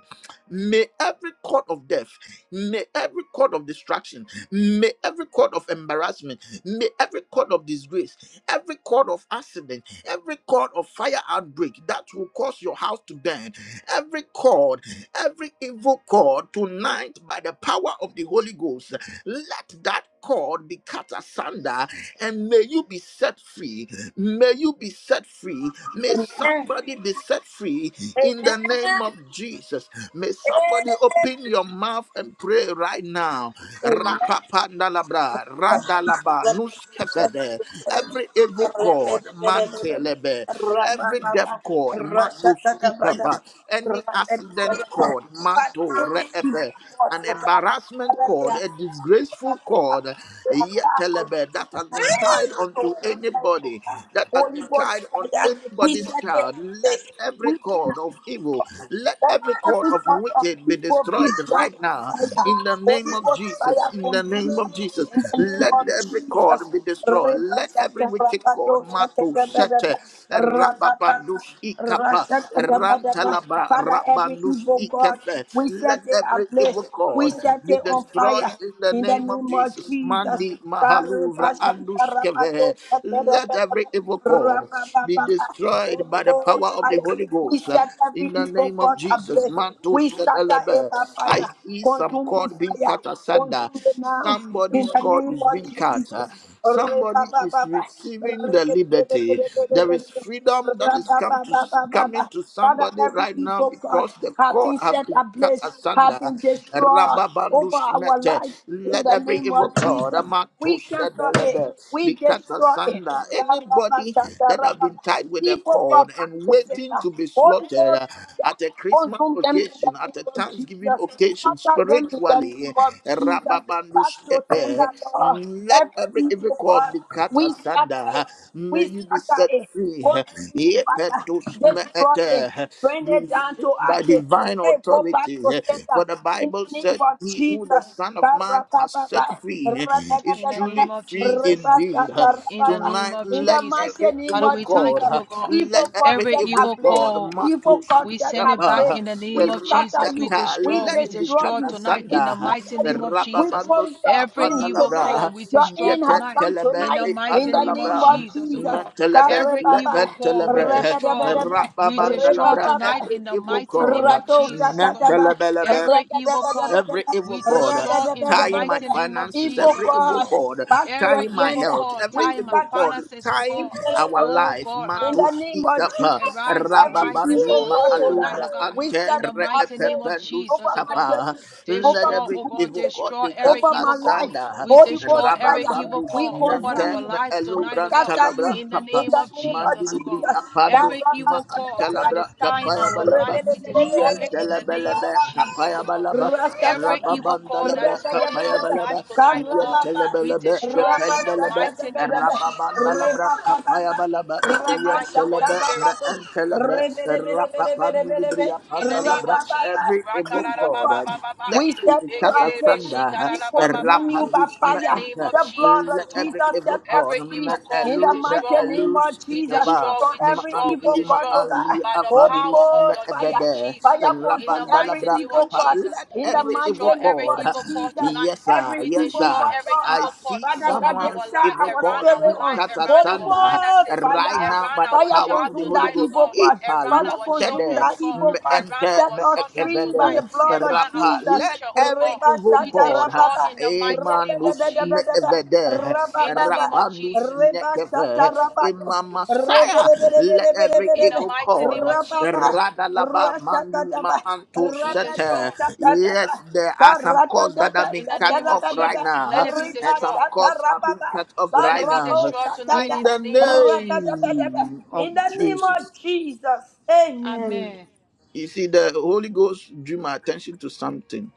[SPEAKER 1] May every cord of death, may every cord of distraction, may every cord of embarrassment, may every cord of disgrace, every cord of accident every cord of fire outbreak that will cause your house to burn, every cord, every evil cord tonight by the power of the Holy Ghost let that cord be cut asunder and may you be set free. May you be set free. May somebody be set free in the name of Jesus. May somebody open your mouth and pray right now. Rapapandalabra, radalaba, nuskefede. Every evil
[SPEAKER 4] Reba
[SPEAKER 1] cord,
[SPEAKER 4] shada rababa. Reba da ba da ba.
[SPEAKER 1] mantelebe.
[SPEAKER 4] Reba ba
[SPEAKER 1] Every death
[SPEAKER 4] ba.
[SPEAKER 1] cord,
[SPEAKER 4] Ra
[SPEAKER 1] matus
[SPEAKER 4] shada da ba da ba.
[SPEAKER 1] ikapa.
[SPEAKER 4] Ra
[SPEAKER 1] Any
[SPEAKER 4] da da da
[SPEAKER 1] accident
[SPEAKER 4] da.
[SPEAKER 1] cord,
[SPEAKER 4] Father,
[SPEAKER 1] manto
[SPEAKER 4] any evil
[SPEAKER 1] reepe
[SPEAKER 4] core,
[SPEAKER 1] an embarrassment
[SPEAKER 4] Lord
[SPEAKER 1] cord,
[SPEAKER 4] God,
[SPEAKER 1] a disgraceful cord, yet that has been tied onto anybody, that has
[SPEAKER 4] Holy
[SPEAKER 1] been tied
[SPEAKER 4] Ghost
[SPEAKER 1] on
[SPEAKER 4] fire, we
[SPEAKER 1] anybody's
[SPEAKER 4] set it
[SPEAKER 1] child. Let
[SPEAKER 4] ablaze.
[SPEAKER 1] every
[SPEAKER 4] We
[SPEAKER 1] cord of evil, let every cord
[SPEAKER 4] Every
[SPEAKER 1] of
[SPEAKER 4] part of
[SPEAKER 1] wicked be
[SPEAKER 4] evil be
[SPEAKER 1] destroyed
[SPEAKER 4] burned
[SPEAKER 1] right now
[SPEAKER 4] by fire.
[SPEAKER 1] in the name
[SPEAKER 4] Holy
[SPEAKER 1] of
[SPEAKER 4] Ghost
[SPEAKER 1] Jesus.
[SPEAKER 4] fire
[SPEAKER 1] In the
[SPEAKER 4] consume
[SPEAKER 1] name of
[SPEAKER 4] them.
[SPEAKER 1] Jesus,
[SPEAKER 4] In the name
[SPEAKER 1] let
[SPEAKER 4] of
[SPEAKER 1] every cord
[SPEAKER 4] Jesus.
[SPEAKER 1] be destroyed.
[SPEAKER 4] Reba
[SPEAKER 1] Let
[SPEAKER 4] shaka
[SPEAKER 1] every wicked
[SPEAKER 4] rapado
[SPEAKER 1] cord,
[SPEAKER 4] shaka
[SPEAKER 1] Matu
[SPEAKER 4] da ba da
[SPEAKER 1] Sete,
[SPEAKER 4] ba. Rapapapa,
[SPEAKER 1] Rababandus Ikapa,
[SPEAKER 4] rashaka da ba da ba.
[SPEAKER 1] Rantalaba,
[SPEAKER 4] Father, every
[SPEAKER 1] Rabandus
[SPEAKER 4] evil God,
[SPEAKER 1] Ikefe.
[SPEAKER 4] we
[SPEAKER 1] Let
[SPEAKER 4] set it
[SPEAKER 1] every evil
[SPEAKER 4] ablaze. We
[SPEAKER 1] cord
[SPEAKER 4] set
[SPEAKER 1] be
[SPEAKER 4] it on
[SPEAKER 1] destroyed
[SPEAKER 4] fire.
[SPEAKER 1] in the
[SPEAKER 4] In the
[SPEAKER 1] name of
[SPEAKER 4] name of
[SPEAKER 1] Jesus.
[SPEAKER 4] Jesus.
[SPEAKER 1] Mandi
[SPEAKER 4] Kareba
[SPEAKER 1] Mahaluvra
[SPEAKER 4] shaka rapado
[SPEAKER 1] Andushkeve.
[SPEAKER 4] shaka da
[SPEAKER 1] Let
[SPEAKER 4] ba da
[SPEAKER 1] every
[SPEAKER 4] ba.
[SPEAKER 1] evil cord be
[SPEAKER 4] Rapapapapa
[SPEAKER 1] destroyed by the power
[SPEAKER 4] coals
[SPEAKER 1] of the
[SPEAKER 4] fire.
[SPEAKER 1] Holy
[SPEAKER 4] We
[SPEAKER 1] Ghost. uh,
[SPEAKER 4] set every
[SPEAKER 1] In the
[SPEAKER 4] evil
[SPEAKER 1] name of
[SPEAKER 4] God
[SPEAKER 1] Jesus,
[SPEAKER 4] ablaze. We
[SPEAKER 1] Mantush
[SPEAKER 4] scatter it
[SPEAKER 1] Shedelebe.
[SPEAKER 4] by
[SPEAKER 1] I
[SPEAKER 4] fire,
[SPEAKER 1] see some
[SPEAKER 4] consuming
[SPEAKER 1] cord being
[SPEAKER 4] fire,
[SPEAKER 1] cut asunder.
[SPEAKER 4] consume it now in
[SPEAKER 1] Somebody's
[SPEAKER 4] the
[SPEAKER 1] cord
[SPEAKER 4] name
[SPEAKER 1] is
[SPEAKER 4] of
[SPEAKER 1] being
[SPEAKER 4] Jesus.
[SPEAKER 1] cut. uh, Somebody is
[SPEAKER 4] Re-ba-ba-ba-ba.
[SPEAKER 1] receiving the liberty. There is
[SPEAKER 4] Re-be-be-be-be-be-be-be-be.
[SPEAKER 1] freedom that is come to
[SPEAKER 4] Ra-ba-ba-ba-ba-ba-ba.
[SPEAKER 1] coming to
[SPEAKER 4] Father,
[SPEAKER 1] somebody
[SPEAKER 4] every
[SPEAKER 1] right now
[SPEAKER 4] evil God
[SPEAKER 1] because the
[SPEAKER 4] have
[SPEAKER 1] cord
[SPEAKER 4] been
[SPEAKER 1] has
[SPEAKER 4] set
[SPEAKER 1] been cut
[SPEAKER 4] ablaze, have
[SPEAKER 1] asunder.
[SPEAKER 4] been destroyed over
[SPEAKER 1] Rababandus
[SPEAKER 4] our
[SPEAKER 1] mete.
[SPEAKER 4] life in
[SPEAKER 1] Let
[SPEAKER 4] the
[SPEAKER 1] every
[SPEAKER 4] name
[SPEAKER 1] evil
[SPEAKER 4] of
[SPEAKER 1] cord
[SPEAKER 4] Jesus. We
[SPEAKER 1] amatos
[SPEAKER 4] cancel it.
[SPEAKER 1] edelebe, be
[SPEAKER 4] We
[SPEAKER 1] cut
[SPEAKER 4] destroy it.
[SPEAKER 1] asunder. Anybody that have been tied with a
[SPEAKER 4] People come
[SPEAKER 1] cord
[SPEAKER 4] back
[SPEAKER 1] and
[SPEAKER 4] to
[SPEAKER 1] waiting
[SPEAKER 4] center.
[SPEAKER 1] to be
[SPEAKER 4] Holy
[SPEAKER 1] slaughtered
[SPEAKER 4] Ghost
[SPEAKER 1] uh,
[SPEAKER 4] fire.
[SPEAKER 1] at a Christmas
[SPEAKER 4] Consume them in the
[SPEAKER 1] occasion, at a
[SPEAKER 4] name of
[SPEAKER 1] Thanksgiving
[SPEAKER 4] Jesus.
[SPEAKER 1] occasion,
[SPEAKER 4] Scatter them in the
[SPEAKER 1] spiritually,
[SPEAKER 4] name of Jesus. Back
[SPEAKER 1] Rababandus
[SPEAKER 4] to
[SPEAKER 1] epe.
[SPEAKER 4] sender, Lord.
[SPEAKER 1] let
[SPEAKER 4] Every
[SPEAKER 1] every evil
[SPEAKER 4] evil
[SPEAKER 1] cord
[SPEAKER 4] God,
[SPEAKER 1] be cut
[SPEAKER 4] we scatter
[SPEAKER 1] asunder.
[SPEAKER 4] it.
[SPEAKER 1] May
[SPEAKER 4] We
[SPEAKER 1] you be
[SPEAKER 4] scatter
[SPEAKER 1] set
[SPEAKER 4] it.
[SPEAKER 1] free.
[SPEAKER 4] Consume consuming fire.
[SPEAKER 1] Yepetus
[SPEAKER 4] Destroy it.
[SPEAKER 1] meete.
[SPEAKER 4] Bring
[SPEAKER 1] We
[SPEAKER 4] it down
[SPEAKER 1] speak
[SPEAKER 4] to
[SPEAKER 1] by
[SPEAKER 4] ashes.
[SPEAKER 1] divine
[SPEAKER 4] Say, go back
[SPEAKER 1] authority.
[SPEAKER 4] to sender.
[SPEAKER 1] For the
[SPEAKER 4] In
[SPEAKER 1] Bible
[SPEAKER 4] the name
[SPEAKER 1] said,
[SPEAKER 4] of
[SPEAKER 1] He who the
[SPEAKER 4] Jesus.
[SPEAKER 1] Son of Man has
[SPEAKER 4] Karababa.
[SPEAKER 1] set free is
[SPEAKER 2] In the
[SPEAKER 4] Radadadadada.
[SPEAKER 2] name
[SPEAKER 1] truly
[SPEAKER 2] of
[SPEAKER 1] free
[SPEAKER 2] Jesus.
[SPEAKER 1] indeed.
[SPEAKER 2] In the
[SPEAKER 4] Ribashakarababa.
[SPEAKER 2] name
[SPEAKER 1] Tonight,
[SPEAKER 2] of
[SPEAKER 4] In the
[SPEAKER 1] let
[SPEAKER 2] Jesus.
[SPEAKER 4] mighty
[SPEAKER 1] every
[SPEAKER 4] name
[SPEAKER 2] Father,
[SPEAKER 1] evil
[SPEAKER 4] of
[SPEAKER 2] we thank
[SPEAKER 4] Jesus,
[SPEAKER 2] you, O
[SPEAKER 1] God,
[SPEAKER 2] God.
[SPEAKER 4] evil
[SPEAKER 1] let
[SPEAKER 4] God
[SPEAKER 1] every
[SPEAKER 2] Every
[SPEAKER 4] set
[SPEAKER 1] evil
[SPEAKER 2] evil
[SPEAKER 4] ablaze.
[SPEAKER 1] God,
[SPEAKER 2] call
[SPEAKER 4] Evil
[SPEAKER 1] Matus,
[SPEAKER 4] God
[SPEAKER 2] we
[SPEAKER 4] set
[SPEAKER 2] send it back
[SPEAKER 4] ablaze.
[SPEAKER 1] Itapa,
[SPEAKER 2] in the name
[SPEAKER 4] We
[SPEAKER 2] of
[SPEAKER 4] scatter
[SPEAKER 2] Jesus. We
[SPEAKER 4] you.
[SPEAKER 1] Ratata,
[SPEAKER 4] We
[SPEAKER 2] destroy,
[SPEAKER 1] let
[SPEAKER 2] we
[SPEAKER 1] it be
[SPEAKER 4] destroy
[SPEAKER 1] cut
[SPEAKER 2] destroy
[SPEAKER 4] you.
[SPEAKER 2] tonight
[SPEAKER 4] We
[SPEAKER 2] in the
[SPEAKER 1] asunder.
[SPEAKER 2] mighty
[SPEAKER 4] scatter
[SPEAKER 2] name
[SPEAKER 4] you.
[SPEAKER 2] of
[SPEAKER 4] We
[SPEAKER 2] Jesus.
[SPEAKER 4] pour
[SPEAKER 1] Rababandus,
[SPEAKER 4] your
[SPEAKER 2] Every
[SPEAKER 4] in
[SPEAKER 2] evil
[SPEAKER 4] tonight.
[SPEAKER 2] call
[SPEAKER 1] Apandalabra,
[SPEAKER 2] we
[SPEAKER 4] Your
[SPEAKER 2] destroy
[SPEAKER 4] in has
[SPEAKER 2] tonight
[SPEAKER 4] come
[SPEAKER 1] Yetetelebe,
[SPEAKER 2] in the
[SPEAKER 4] tonight in
[SPEAKER 2] mighty
[SPEAKER 4] the
[SPEAKER 2] name of
[SPEAKER 4] name of
[SPEAKER 1] Ipandalabra.
[SPEAKER 2] Jesus, oh
[SPEAKER 4] Jesus.
[SPEAKER 2] God.
[SPEAKER 1] Mantelebe,
[SPEAKER 2] Every evil
[SPEAKER 4] Karebaba,
[SPEAKER 2] call we
[SPEAKER 1] lepentelebre,
[SPEAKER 2] destroy,
[SPEAKER 4] rebebebebe,
[SPEAKER 2] we destroy
[SPEAKER 1] rababandalabra,
[SPEAKER 2] tonight
[SPEAKER 4] rebababa.
[SPEAKER 1] Every
[SPEAKER 2] in the
[SPEAKER 1] evil
[SPEAKER 2] mighty
[SPEAKER 1] god,
[SPEAKER 2] name
[SPEAKER 1] uh,
[SPEAKER 2] of
[SPEAKER 4] Rato
[SPEAKER 2] Jesus, oh God.
[SPEAKER 4] Shakataba,
[SPEAKER 1] Mantelebelebe,
[SPEAKER 2] Every evil call
[SPEAKER 1] every
[SPEAKER 4] Rabadabadabadaba,
[SPEAKER 1] evil
[SPEAKER 2] we
[SPEAKER 1] god uh,
[SPEAKER 2] destroy in the
[SPEAKER 1] tying my
[SPEAKER 2] mighty
[SPEAKER 4] Rabadabadabadaba.
[SPEAKER 2] name of
[SPEAKER 1] finances,
[SPEAKER 4] Evil
[SPEAKER 1] every
[SPEAKER 2] Jesus, oh
[SPEAKER 1] evil
[SPEAKER 4] God,
[SPEAKER 2] God.
[SPEAKER 1] god uh,
[SPEAKER 4] back to your
[SPEAKER 2] Every
[SPEAKER 1] tying my
[SPEAKER 2] evil
[SPEAKER 4] sender.
[SPEAKER 1] health,
[SPEAKER 2] call,
[SPEAKER 1] every
[SPEAKER 4] We
[SPEAKER 2] time and
[SPEAKER 1] evil
[SPEAKER 4] scatter
[SPEAKER 1] god
[SPEAKER 4] you,
[SPEAKER 2] finances, oh
[SPEAKER 4] we
[SPEAKER 1] tying
[SPEAKER 2] God.
[SPEAKER 1] our
[SPEAKER 4] destroy
[SPEAKER 2] Oh
[SPEAKER 1] life.
[SPEAKER 2] God,
[SPEAKER 4] you. In
[SPEAKER 2] I,
[SPEAKER 4] the
[SPEAKER 1] Matos
[SPEAKER 4] name of
[SPEAKER 1] ikapa
[SPEAKER 4] Jesus,
[SPEAKER 2] Arise, arise
[SPEAKER 4] every evil
[SPEAKER 2] this
[SPEAKER 1] rababani
[SPEAKER 2] morning,
[SPEAKER 4] God,
[SPEAKER 2] oh
[SPEAKER 4] oh God,
[SPEAKER 2] tonight,
[SPEAKER 1] maalubra
[SPEAKER 2] oh God,
[SPEAKER 4] we
[SPEAKER 1] ante
[SPEAKER 2] in
[SPEAKER 4] set
[SPEAKER 2] the
[SPEAKER 4] you
[SPEAKER 2] mighty name
[SPEAKER 4] ablaze
[SPEAKER 2] of
[SPEAKER 1] reepepelus
[SPEAKER 2] Jesus,
[SPEAKER 4] over
[SPEAKER 2] oh
[SPEAKER 4] my
[SPEAKER 2] God.
[SPEAKER 1] kapa.
[SPEAKER 4] children,
[SPEAKER 1] Let
[SPEAKER 4] over
[SPEAKER 2] Destroy,
[SPEAKER 1] every
[SPEAKER 2] oh
[SPEAKER 4] my
[SPEAKER 2] God,
[SPEAKER 1] evil
[SPEAKER 4] business,
[SPEAKER 1] god
[SPEAKER 2] destroy
[SPEAKER 1] be cut
[SPEAKER 2] every
[SPEAKER 4] over my
[SPEAKER 2] evil call.
[SPEAKER 4] life.
[SPEAKER 1] asunder.
[SPEAKER 2] We
[SPEAKER 4] Holy Ghost
[SPEAKER 2] destroy every
[SPEAKER 4] fire,
[SPEAKER 2] evil
[SPEAKER 1] Rababandus
[SPEAKER 4] we
[SPEAKER 2] call over
[SPEAKER 1] nante
[SPEAKER 4] consume
[SPEAKER 2] our
[SPEAKER 4] you,
[SPEAKER 2] lives
[SPEAKER 4] we
[SPEAKER 2] tonight, oh
[SPEAKER 1] meelubran
[SPEAKER 2] God,
[SPEAKER 4] scatter
[SPEAKER 1] talabra
[SPEAKER 4] you.
[SPEAKER 2] in the
[SPEAKER 4] In
[SPEAKER 1] kapa.
[SPEAKER 2] name
[SPEAKER 4] the
[SPEAKER 2] of
[SPEAKER 4] name of
[SPEAKER 2] Jesus, oh
[SPEAKER 1] Mandibri
[SPEAKER 2] God.
[SPEAKER 4] Jesus,
[SPEAKER 1] apandus
[SPEAKER 2] Every evil
[SPEAKER 4] Tarabasha,
[SPEAKER 2] call that
[SPEAKER 1] antalabra
[SPEAKER 2] is
[SPEAKER 4] Tarabasha.
[SPEAKER 2] tying
[SPEAKER 1] kapaya
[SPEAKER 2] our
[SPEAKER 1] balaba
[SPEAKER 2] life, we destroy
[SPEAKER 1] yan
[SPEAKER 2] it in the name
[SPEAKER 1] talabalaba
[SPEAKER 2] of Jesus,
[SPEAKER 1] kapaya
[SPEAKER 2] oh God.
[SPEAKER 1] balaba
[SPEAKER 2] Every evil call that
[SPEAKER 1] rababandalabra
[SPEAKER 2] is holding
[SPEAKER 1] kapaya
[SPEAKER 2] our
[SPEAKER 1] balaba
[SPEAKER 2] life tonight, oh
[SPEAKER 1] yan
[SPEAKER 2] God, we
[SPEAKER 1] talabalaba
[SPEAKER 2] destroy in the
[SPEAKER 1] yapandalaba
[SPEAKER 2] mighty name of Jesus, oh God.
[SPEAKER 1] rababandalabra kapaya balaba
[SPEAKER 2] We say
[SPEAKER 1] yan
[SPEAKER 2] thank you, Holy
[SPEAKER 1] talaba
[SPEAKER 2] Spirit.
[SPEAKER 1] ma antalabra rababandalabra
[SPEAKER 2] In the name
[SPEAKER 1] pandalabra
[SPEAKER 2] of Jesus.
[SPEAKER 1] every evil god
[SPEAKER 2] Rakarababababa.
[SPEAKER 1] let
[SPEAKER 4] We set
[SPEAKER 1] it
[SPEAKER 4] you
[SPEAKER 1] cut
[SPEAKER 4] up yes.
[SPEAKER 1] asunder.
[SPEAKER 4] We consume
[SPEAKER 2] Ekerebeshikarabababa.
[SPEAKER 4] you by
[SPEAKER 1] Rapadus
[SPEAKER 2] In the
[SPEAKER 4] fire.
[SPEAKER 2] name
[SPEAKER 1] menta.
[SPEAKER 2] of
[SPEAKER 4] The blood
[SPEAKER 2] Jesus, oh
[SPEAKER 1] Let
[SPEAKER 4] of Jesus
[SPEAKER 2] God.
[SPEAKER 1] every
[SPEAKER 4] set
[SPEAKER 1] evil
[SPEAKER 4] us
[SPEAKER 1] cord
[SPEAKER 2] Every
[SPEAKER 4] free
[SPEAKER 1] ma
[SPEAKER 2] evil call
[SPEAKER 4] in
[SPEAKER 2] we
[SPEAKER 4] the
[SPEAKER 1] elubra
[SPEAKER 4] mighty
[SPEAKER 2] destroy.
[SPEAKER 4] name of
[SPEAKER 1] elus
[SPEAKER 2] We
[SPEAKER 4] Jesus
[SPEAKER 1] ikaba.
[SPEAKER 2] destroy,
[SPEAKER 4] from
[SPEAKER 2] we
[SPEAKER 1] Ma
[SPEAKER 4] every
[SPEAKER 2] destroy, we
[SPEAKER 4] evil
[SPEAKER 1] andi ma
[SPEAKER 4] God,
[SPEAKER 2] destroy
[SPEAKER 4] oh God.
[SPEAKER 1] ali
[SPEAKER 2] by the
[SPEAKER 4] Holy
[SPEAKER 2] power
[SPEAKER 1] afandus
[SPEAKER 2] of
[SPEAKER 1] me
[SPEAKER 2] the
[SPEAKER 4] Ghost
[SPEAKER 2] name
[SPEAKER 4] fire.
[SPEAKER 1] ebebe.
[SPEAKER 2] Jesus.
[SPEAKER 4] Fire
[SPEAKER 2] In the
[SPEAKER 4] consume
[SPEAKER 1] Rabanda
[SPEAKER 4] every
[SPEAKER 2] mighty
[SPEAKER 1] labra
[SPEAKER 2] name of
[SPEAKER 4] evil
[SPEAKER 1] kapa.
[SPEAKER 4] God
[SPEAKER 2] Jesus,
[SPEAKER 1] Let
[SPEAKER 4] in
[SPEAKER 2] we
[SPEAKER 4] the
[SPEAKER 1] every
[SPEAKER 2] destroy
[SPEAKER 1] evil
[SPEAKER 4] mighty name
[SPEAKER 2] every
[SPEAKER 1] cord.
[SPEAKER 4] of
[SPEAKER 2] evil call
[SPEAKER 4] Jesus.
[SPEAKER 2] tonight.
[SPEAKER 1] Yes sir,
[SPEAKER 4] Every
[SPEAKER 2] We
[SPEAKER 1] yes
[SPEAKER 4] evil
[SPEAKER 2] destroy
[SPEAKER 1] sir.
[SPEAKER 4] God,
[SPEAKER 2] every
[SPEAKER 1] I
[SPEAKER 4] Lord.
[SPEAKER 2] evil call
[SPEAKER 1] see
[SPEAKER 4] Father
[SPEAKER 2] over
[SPEAKER 4] God, they
[SPEAKER 2] our
[SPEAKER 1] someone's
[SPEAKER 4] enter
[SPEAKER 2] life,
[SPEAKER 1] evil
[SPEAKER 4] our
[SPEAKER 2] around
[SPEAKER 1] cord
[SPEAKER 2] our
[SPEAKER 4] spirit
[SPEAKER 1] being
[SPEAKER 2] life,
[SPEAKER 4] on.
[SPEAKER 1] cut
[SPEAKER 2] around
[SPEAKER 4] Holy
[SPEAKER 2] our
[SPEAKER 1] asunder
[SPEAKER 4] Ghost,
[SPEAKER 2] finances,
[SPEAKER 1] right
[SPEAKER 4] fire.
[SPEAKER 1] now
[SPEAKER 2] around
[SPEAKER 1] by the
[SPEAKER 2] our
[SPEAKER 4] Fire
[SPEAKER 1] power
[SPEAKER 2] job
[SPEAKER 1] of the
[SPEAKER 4] consume
[SPEAKER 1] Holy
[SPEAKER 4] that
[SPEAKER 2] tonight, oh
[SPEAKER 1] Ghost.
[SPEAKER 4] evil
[SPEAKER 2] God,
[SPEAKER 4] God.
[SPEAKER 1] Ipa
[SPEAKER 2] around
[SPEAKER 4] Father,
[SPEAKER 2] our
[SPEAKER 4] consume
[SPEAKER 2] children,
[SPEAKER 1] lustede
[SPEAKER 2] oh
[SPEAKER 4] that
[SPEAKER 2] God,
[SPEAKER 4] evil God.
[SPEAKER 2] around
[SPEAKER 1] Mente
[SPEAKER 4] Set
[SPEAKER 2] our
[SPEAKER 4] us
[SPEAKER 2] success
[SPEAKER 4] free by
[SPEAKER 2] tonight,
[SPEAKER 4] the
[SPEAKER 1] mekevede
[SPEAKER 4] blood of
[SPEAKER 2] around our
[SPEAKER 1] rapa.
[SPEAKER 4] Jesus.
[SPEAKER 1] Let
[SPEAKER 2] future, oh
[SPEAKER 1] every
[SPEAKER 2] God.
[SPEAKER 4] Reba
[SPEAKER 1] evil
[SPEAKER 2] We
[SPEAKER 4] shata
[SPEAKER 1] cord,
[SPEAKER 2] destroy
[SPEAKER 4] rababa.
[SPEAKER 2] in the mighty
[SPEAKER 4] Rebe
[SPEAKER 2] name of
[SPEAKER 4] debe
[SPEAKER 1] emanus
[SPEAKER 4] debe
[SPEAKER 2] Jesus.
[SPEAKER 4] debe.
[SPEAKER 1] mekevede
[SPEAKER 2] In the
[SPEAKER 4] Rabababa.
[SPEAKER 2] name of
[SPEAKER 1] rapanus
[SPEAKER 2] Jesus.
[SPEAKER 4] Reba
[SPEAKER 1] mekeve.
[SPEAKER 4] shata rabato. Rebe
[SPEAKER 1] Imamasaya.
[SPEAKER 4] debe debe
[SPEAKER 1] Let
[SPEAKER 4] debe
[SPEAKER 1] every
[SPEAKER 4] debe
[SPEAKER 2] In the
[SPEAKER 4] debe.
[SPEAKER 1] evil
[SPEAKER 2] mighty
[SPEAKER 1] cord,
[SPEAKER 2] name of Jesus.
[SPEAKER 4] Rababa.
[SPEAKER 1] radalaba manima
[SPEAKER 4] Rashakataba.
[SPEAKER 1] anto
[SPEAKER 2] we
[SPEAKER 4] Rabato
[SPEAKER 2] destroy
[SPEAKER 1] sete. Yes,
[SPEAKER 4] shakataba.
[SPEAKER 1] there
[SPEAKER 4] In
[SPEAKER 1] are some cords that have
[SPEAKER 2] in
[SPEAKER 1] been
[SPEAKER 2] the
[SPEAKER 1] cut
[SPEAKER 2] name of
[SPEAKER 1] off right
[SPEAKER 2] Jesus. Let
[SPEAKER 1] now,
[SPEAKER 2] it be
[SPEAKER 1] and
[SPEAKER 2] destroyed.
[SPEAKER 1] some cords are being cut off
[SPEAKER 2] Let
[SPEAKER 1] right
[SPEAKER 2] it be
[SPEAKER 1] now.
[SPEAKER 2] destroyed tonight
[SPEAKER 1] In
[SPEAKER 2] in the
[SPEAKER 1] the
[SPEAKER 2] name of Jesus.
[SPEAKER 1] name of
[SPEAKER 4] the name
[SPEAKER 1] Jesus.
[SPEAKER 4] of Jesus, amen.
[SPEAKER 2] Amen.
[SPEAKER 1] You see, the Holy Ghost drew my attention to something.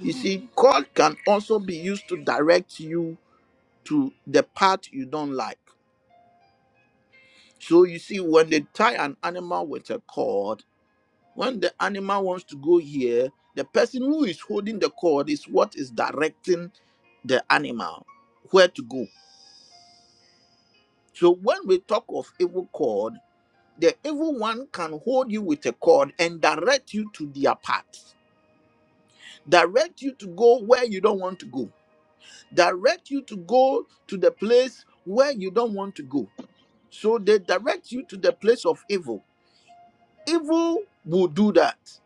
[SPEAKER 1] You
[SPEAKER 2] Mm.
[SPEAKER 1] see, God can also be used to direct you to the path you don't like. So you see, when they tie an animal with a cord, when the animal wants to go here, the person who is holding the cord is what is directing the animal where to go. So when we talk of evil cord, the evil one can hold you with a cord and direct you to their path, direct you to go where you don't want to go direct you to go to the place where you don't want to go. So they direct you to the place of evil. Evil will do that.